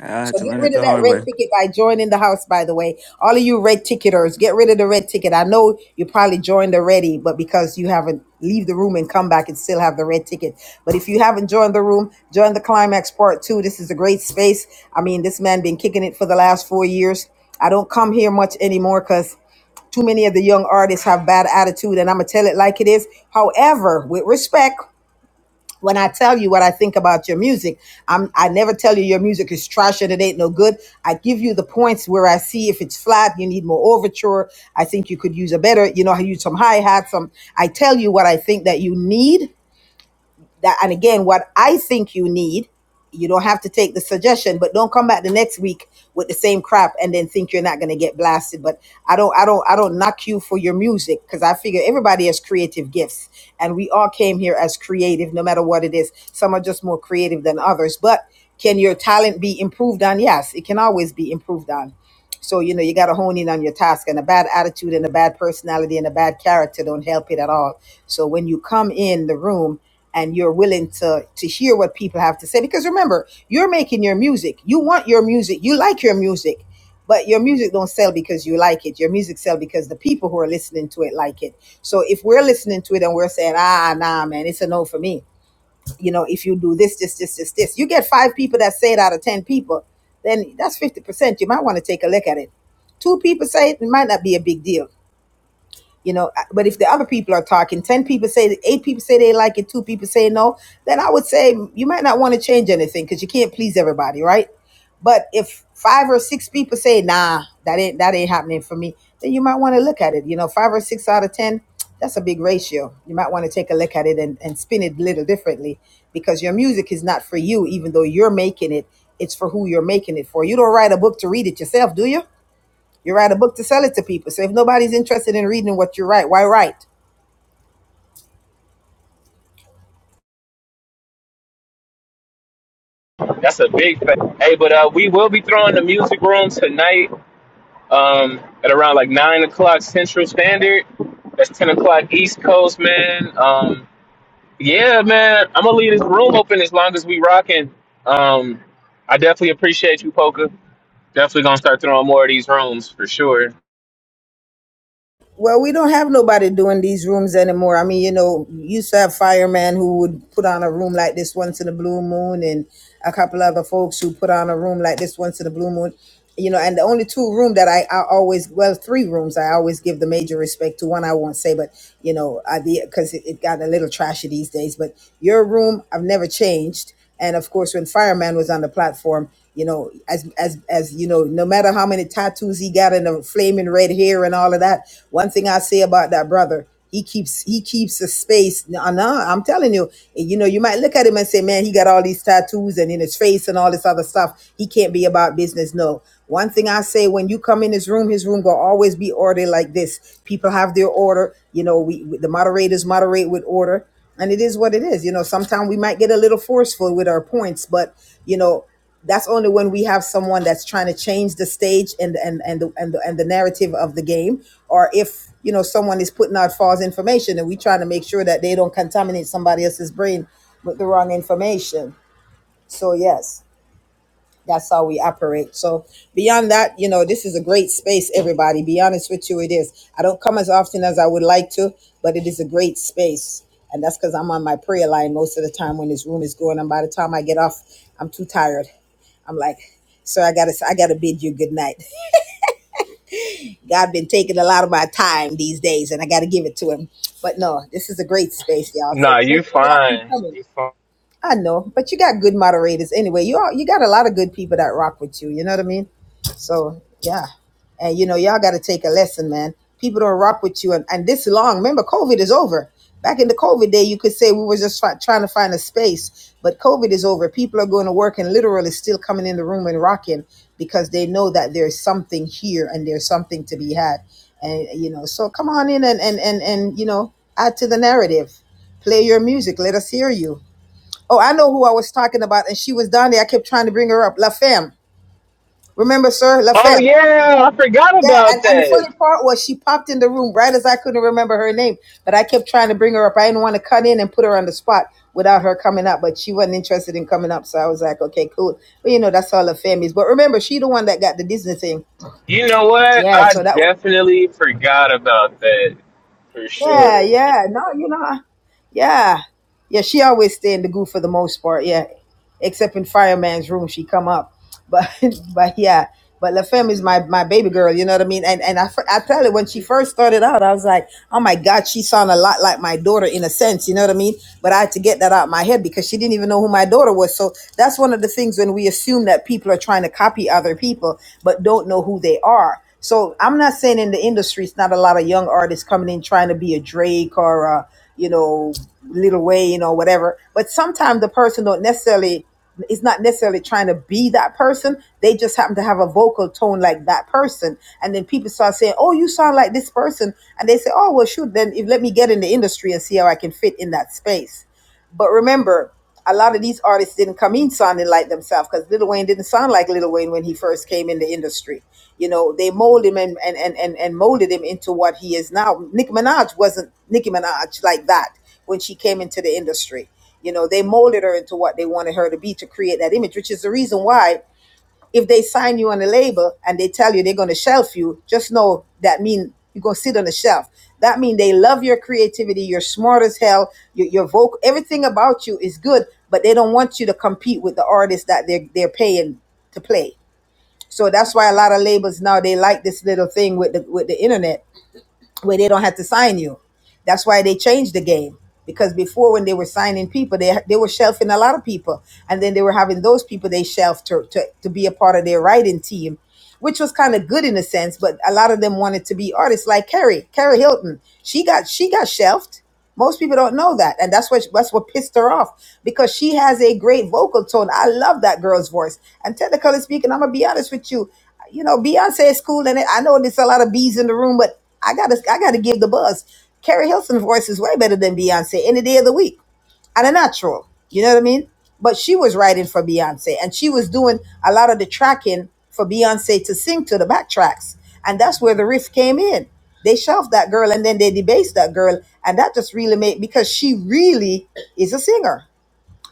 Speaker 14: I had
Speaker 6: So
Speaker 14: to
Speaker 6: get
Speaker 14: learn it
Speaker 6: rid of
Speaker 14: the
Speaker 6: that
Speaker 14: hard way.
Speaker 6: red ticket by joining the house, by the way. All of you red ticketers, get rid of the red ticket. I know you probably joined already, but because you haven't leave the room and come back and still have the red ticket. But if you haven't joined the room, join the climax part two. This is a great space. I mean, this man been kicking it for the last four years. I don't come here much anymore because too many of the young artists have bad attitude and I'm gonna tell it like it is. However, with respect when I tell you what I think about your music, I'm I never tell you your music is trash and it ain't no good. I give you the points where I see if it's flat, you need more overture. I think you could use a better, you know, use some hi hat, some. I tell you what I think that you need, that and again what i think you need you don't have to take the suggestion but don't come back the next week with the same crap and then think you're not going to get blasted but i don't i don't i don't knock you for your music because i figure everybody has creative gifts and we all came here as creative no matter what it is some are just more creative than others but can your talent be improved on yes it can always be improved on so you know you got to hone in on your task and a bad attitude and a bad personality and a bad character don't help it at all so when you come in the room and you're willing to to hear what people have to say because remember you're making your music you want your music you like your music but your music don't sell because you like it your music sell because the people who are listening to it like it so if we're listening to it and we're saying ah nah man it's a no for me you know if you do this this this this this you get five people that say it out of ten people then that's 50% you might want to take a look at it two people say it, it might not be a big deal you know but if the other people are talking 10 people say eight people say they like it two people say no then i would say you might not want to change anything because you can't please everybody right but if five or six people say nah that ain't that ain't happening for me then you might want to look at it you know five or six out of ten that's a big ratio you might want to take a look at it and, and spin it a little differently because your music is not for you even though you're making it it's for who you're making it for you don't write a book to read it yourself do you you write a book to sell it to people. So if nobody's interested in reading what you write, why write?
Speaker 3: That's a big thing. Hey, but uh, we will be throwing the music room tonight um, at around like nine o'clock Central Standard. That's ten o'clock East Coast, man. Um, yeah, man. I'm gonna leave this room open as long as we rocking. Um, I definitely appreciate you, Poker. Definitely gonna start throwing more of these rooms for sure.
Speaker 6: Well, we don't have nobody doing these rooms anymore. I mean, you know, you used to have firemen who would put on a room like this once in a blue moon, and a couple other folks who put on a room like this once in a blue moon. You know, and the only two room that I, I always well three rooms I always give the major respect to one I won't say but you know I because it, it got a little trashy these days but your room I've never changed And of course, when Fireman was on the platform, you know, as as as you know, no matter how many tattoos he got and the flaming red hair and all of that, one thing I say about that brother, he keeps he keeps a space. No, no, I'm telling you, you know, you might look at him and say, man, he got all these tattoos and in his face and all this other stuff. He can't be about business. No, one thing I say when you come in his room, his room will always be ordered like this. People have their order. You know, we the moderators moderate with order and it is what it is. You know, sometimes we might get a little forceful with our points, but you know, that's only when we have someone that's trying to change the stage and and and the, and the, and the narrative of the game, or if you know someone is putting out false information, and we trying to make sure that they don't contaminate somebody else's brain with the wrong information. So yes that's how we operate. So beyond that, you know, this is a great space, everybody. Be honest with you, it is. I don't come as often as I would like to, but it is a great space. And that's because I'm on my prayer line most of the time when this room is going. And by the time I get off, I'm too tired. I'm like, sir, I gotta I gotta bid you good night. God been taking a lot of my time these days and I gotta give it to him. But no, this is a great space, y'all. So
Speaker 3: Nah, you
Speaker 6: make sure y'all keep
Speaker 3: fine.
Speaker 6: coming.
Speaker 3: You fine.
Speaker 6: I know, but you got good moderators anyway. You all, you got a lot of good people that rock with you. You know what I mean? So yeah, and you know y'all got to take a lesson, man. People don't rock with you, and, and this long. Remember, COVID is over. Back in the COVID day, you could say we were just try, trying to find a space, but COVID is over. People are going to work and literally still coming in the room and rocking because they know that there's something here and there's something to be had, and you know. So come on in and and and and you know add to the narrative. Play your music. Let us hear you Oh, I know who I was talking about, and she was down there. I kept trying to bring her up. La Femme. Remember, sir? La
Speaker 3: Oh
Speaker 6: Femme.
Speaker 3: yeah, I forgot
Speaker 6: Yeah,
Speaker 3: about
Speaker 6: and, and the
Speaker 3: that.
Speaker 6: funny part was she popped in the room right as I couldn't remember her name, but I kept trying to bring her up. I didn't want to cut in and put her on the spot without her coming up, but she wasn't interested in coming up, so I was like, okay, cool. But you know, that's all La Femme is. But remember, she the one that got the Disney thing.
Speaker 3: You know what?
Speaker 6: Yeah,
Speaker 3: I
Speaker 6: so that was,
Speaker 3: definitely forgot about that. For
Speaker 6: yeah,
Speaker 3: sure.
Speaker 6: yeah. No, you know, yeah. Yeah, she always stay in the goo for the most part, yeah. Except in Fireman's room, she come up. But, [LAUGHS] but yeah. But La Femme is my, my baby girl, you know what I mean? And and I, I tell you, when she first started out, I was like, oh my God, she sounded a lot like my daughter in a sense, you know what I mean? But I had to get that out of my head because she didn't even know who my daughter was. So that's one of the things when we assume that people are trying to copy other people but don't know who they are. So I'm not saying in the industry, it's not a lot of young artists coming in trying to be a Drake or a, you know, Little Wayne or whatever. But sometimes the person don't necessarily it's not necessarily trying to be that person. They just happen to have a vocal tone like that person. And then people start saying, Oh, you sound like this person. And they say, Oh, well, shoot, then if, let me get in the industry and see how I can fit in that space. But remember, a lot of these artists didn't come in sounding like themselves because Lil Wayne didn't sound like Lil Wayne when he first came in the industry. You know, they molded him and and and and, and molded him into what he is now. Nicki Minaj wasn't Nicki Minaj like that when she came into the industry. You know, they molded her into what they wanted her to be to create that image, which is the reason why if they sign you on a label and they tell you they're going to shelf you, just know that means you're going to sit on the shelf. That means they love your creativity. You're smart as hell. Your, your vocal, everything about you is good, but they don't want you to compete with the artists that they're, they're paying to play. So that's why a lot of labels now, they like this little thing with the, with the internet where they don't have to sign you. That's why they changed the game because before when they were signing people, they they were shelving a lot of people, and then they were having those people they shelved to to, to be a part of their writing team, which was kind of good in a sense. But a lot of them wanted to be artists, like Carrie Carrie Hilton. She got she got shelved. Most people don't know that, and that's what that's what pissed her off because she has a great vocal tone. I love that girl's voice. And technically speaking, I'm gonna be honest with you. You know, Beyonce is cool, and I know there's a lot of bees in the room, but I gotta I gotta give the buzz. Carrie Hilson's voice is way better than Beyonce any day of the week and a natural. You know what I mean? But she was writing for Beyonce and she was doing a lot of the tracking for Beyonce to sing to the backtracks. And that's where the riff came in. They shelved that girl and then they debased that girl. And that just really made because she really is a singer.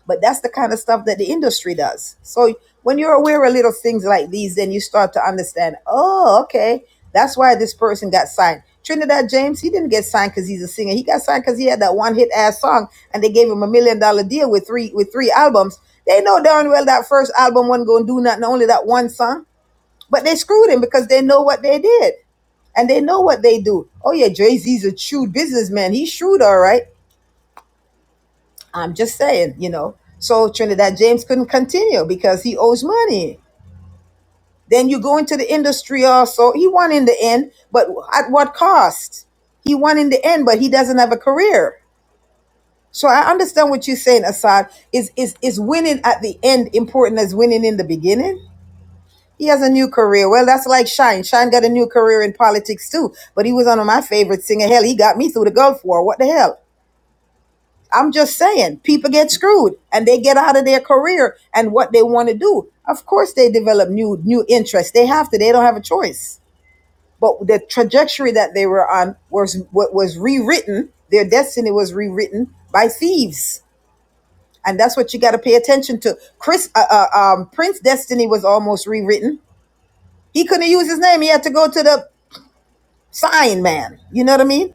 Speaker 6: But that's the kind of stuff that the industry does. So when you're aware of little things like these, then you start to understand, oh, okay, that's why this person got signed. Trinidad James, he didn't get signed because he's a singer. He got signed because he had that one hit ass song and they gave him a million dollar deal with three with three albums. They know darn well that first album wasn't gonna do nothing, only that one song. But they screwed him because they know what they did and they know what they do. Oh yeah, Jay-Z's a shrewd businessman. He's shrewd, all right. I'm just saying, you know. So Trinidad James couldn't continue because he owes money. Then you go into the industry also. He won in the end, but at what cost? He won in the end, but he doesn't have a career. So I understand what you're saying, Assad. Is is is winning at the end important as winning in the beginning? He has a new career. Well, that's like Shine. Shine got a new career in politics too, but he was one of my favorite singer. Hell, he got me through the Gulf War. What the hell? I'm just saying, people get screwed and they get out of their career and what they want to do. Of course, they develop new new interests. They have to. They don't have a choice. But the trajectory that they were on was what was rewritten. Their destiny was rewritten by thieves, and that's what you got to pay attention to. Chris uh, uh, um, Prince Destiny was almost rewritten. He couldn't use his name. He had to go to the sign man. You know what I mean?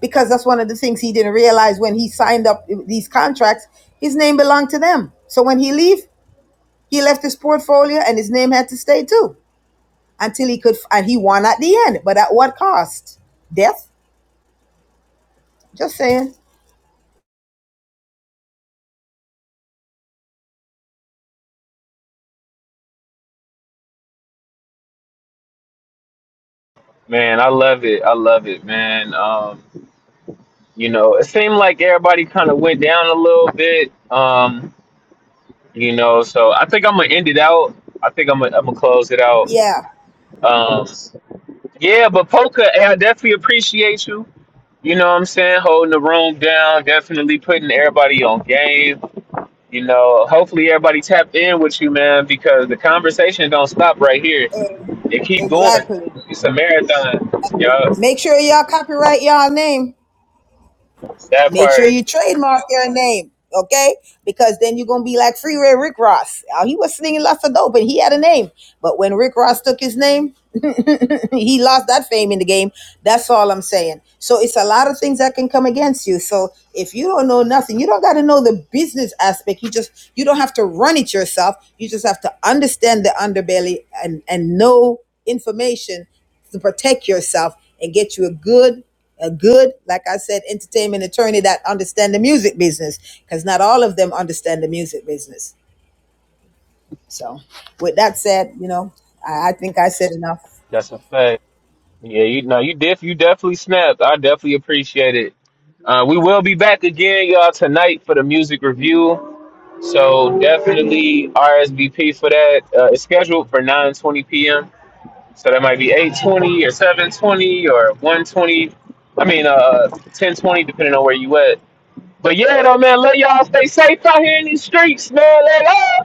Speaker 6: because that's one of the things he didn't realize when he signed up these contracts. His name belonged to them. So when he leave, he left his portfolio and his name had to stay too until he could, and he won at the end. But at what cost? Death? Just saying.
Speaker 3: Man, I love it. I love it, man. Um, you know, it seemed like everybody kind of went down a little bit. Um, you know, so I think I'm gonna end it out. I think I'm gonna, I'm gonna close it out.
Speaker 6: Yeah,
Speaker 3: Um, yeah, but Polka, hey, I definitely appreciate you. You know what I'm saying? Holding the room down, definitely putting everybody on game. You know, hopefully everybody tapped in with you, man, because the conversation don't stop right here. It keep going.
Speaker 6: exactly.
Speaker 3: It's a marathon. Yo,
Speaker 6: Make sure y'all copyright y'all name.
Speaker 3: that
Speaker 6: Make sure
Speaker 3: part.
Speaker 6: you trademark your name, okay? Because then you're gonna be like Freeway Rick Ross. Uh, He was slinging lots of dope, and he had a name. But when Rick Ross took his name, [LAUGHS] he lost that fame in the game. That's all I'm saying. So it's a lot of things that can come against you. So if you don't know nothing, you don't got to know the business aspect. You just you don't have to run it yourself. You just have to understand the underbelly and and know information to protect yourself and get you a good a good like i said entertainment attorney that understand the music business because not all of them understand the music business so with that said you know i, I think i said enough
Speaker 3: That's a fact. Yeah, you know, you def you definitely snapped. I definitely appreciate it. Uh, we will be back again, y'all, tonight for the music review. So definitely RSVP for that. Uh, it's scheduled for 9:20 p.m. So that might be 820 or 720 or 120. I mean, uh, 1020, depending on where you at. But yeah, though, man, let y'all stay safe out here in these streets, man. Let's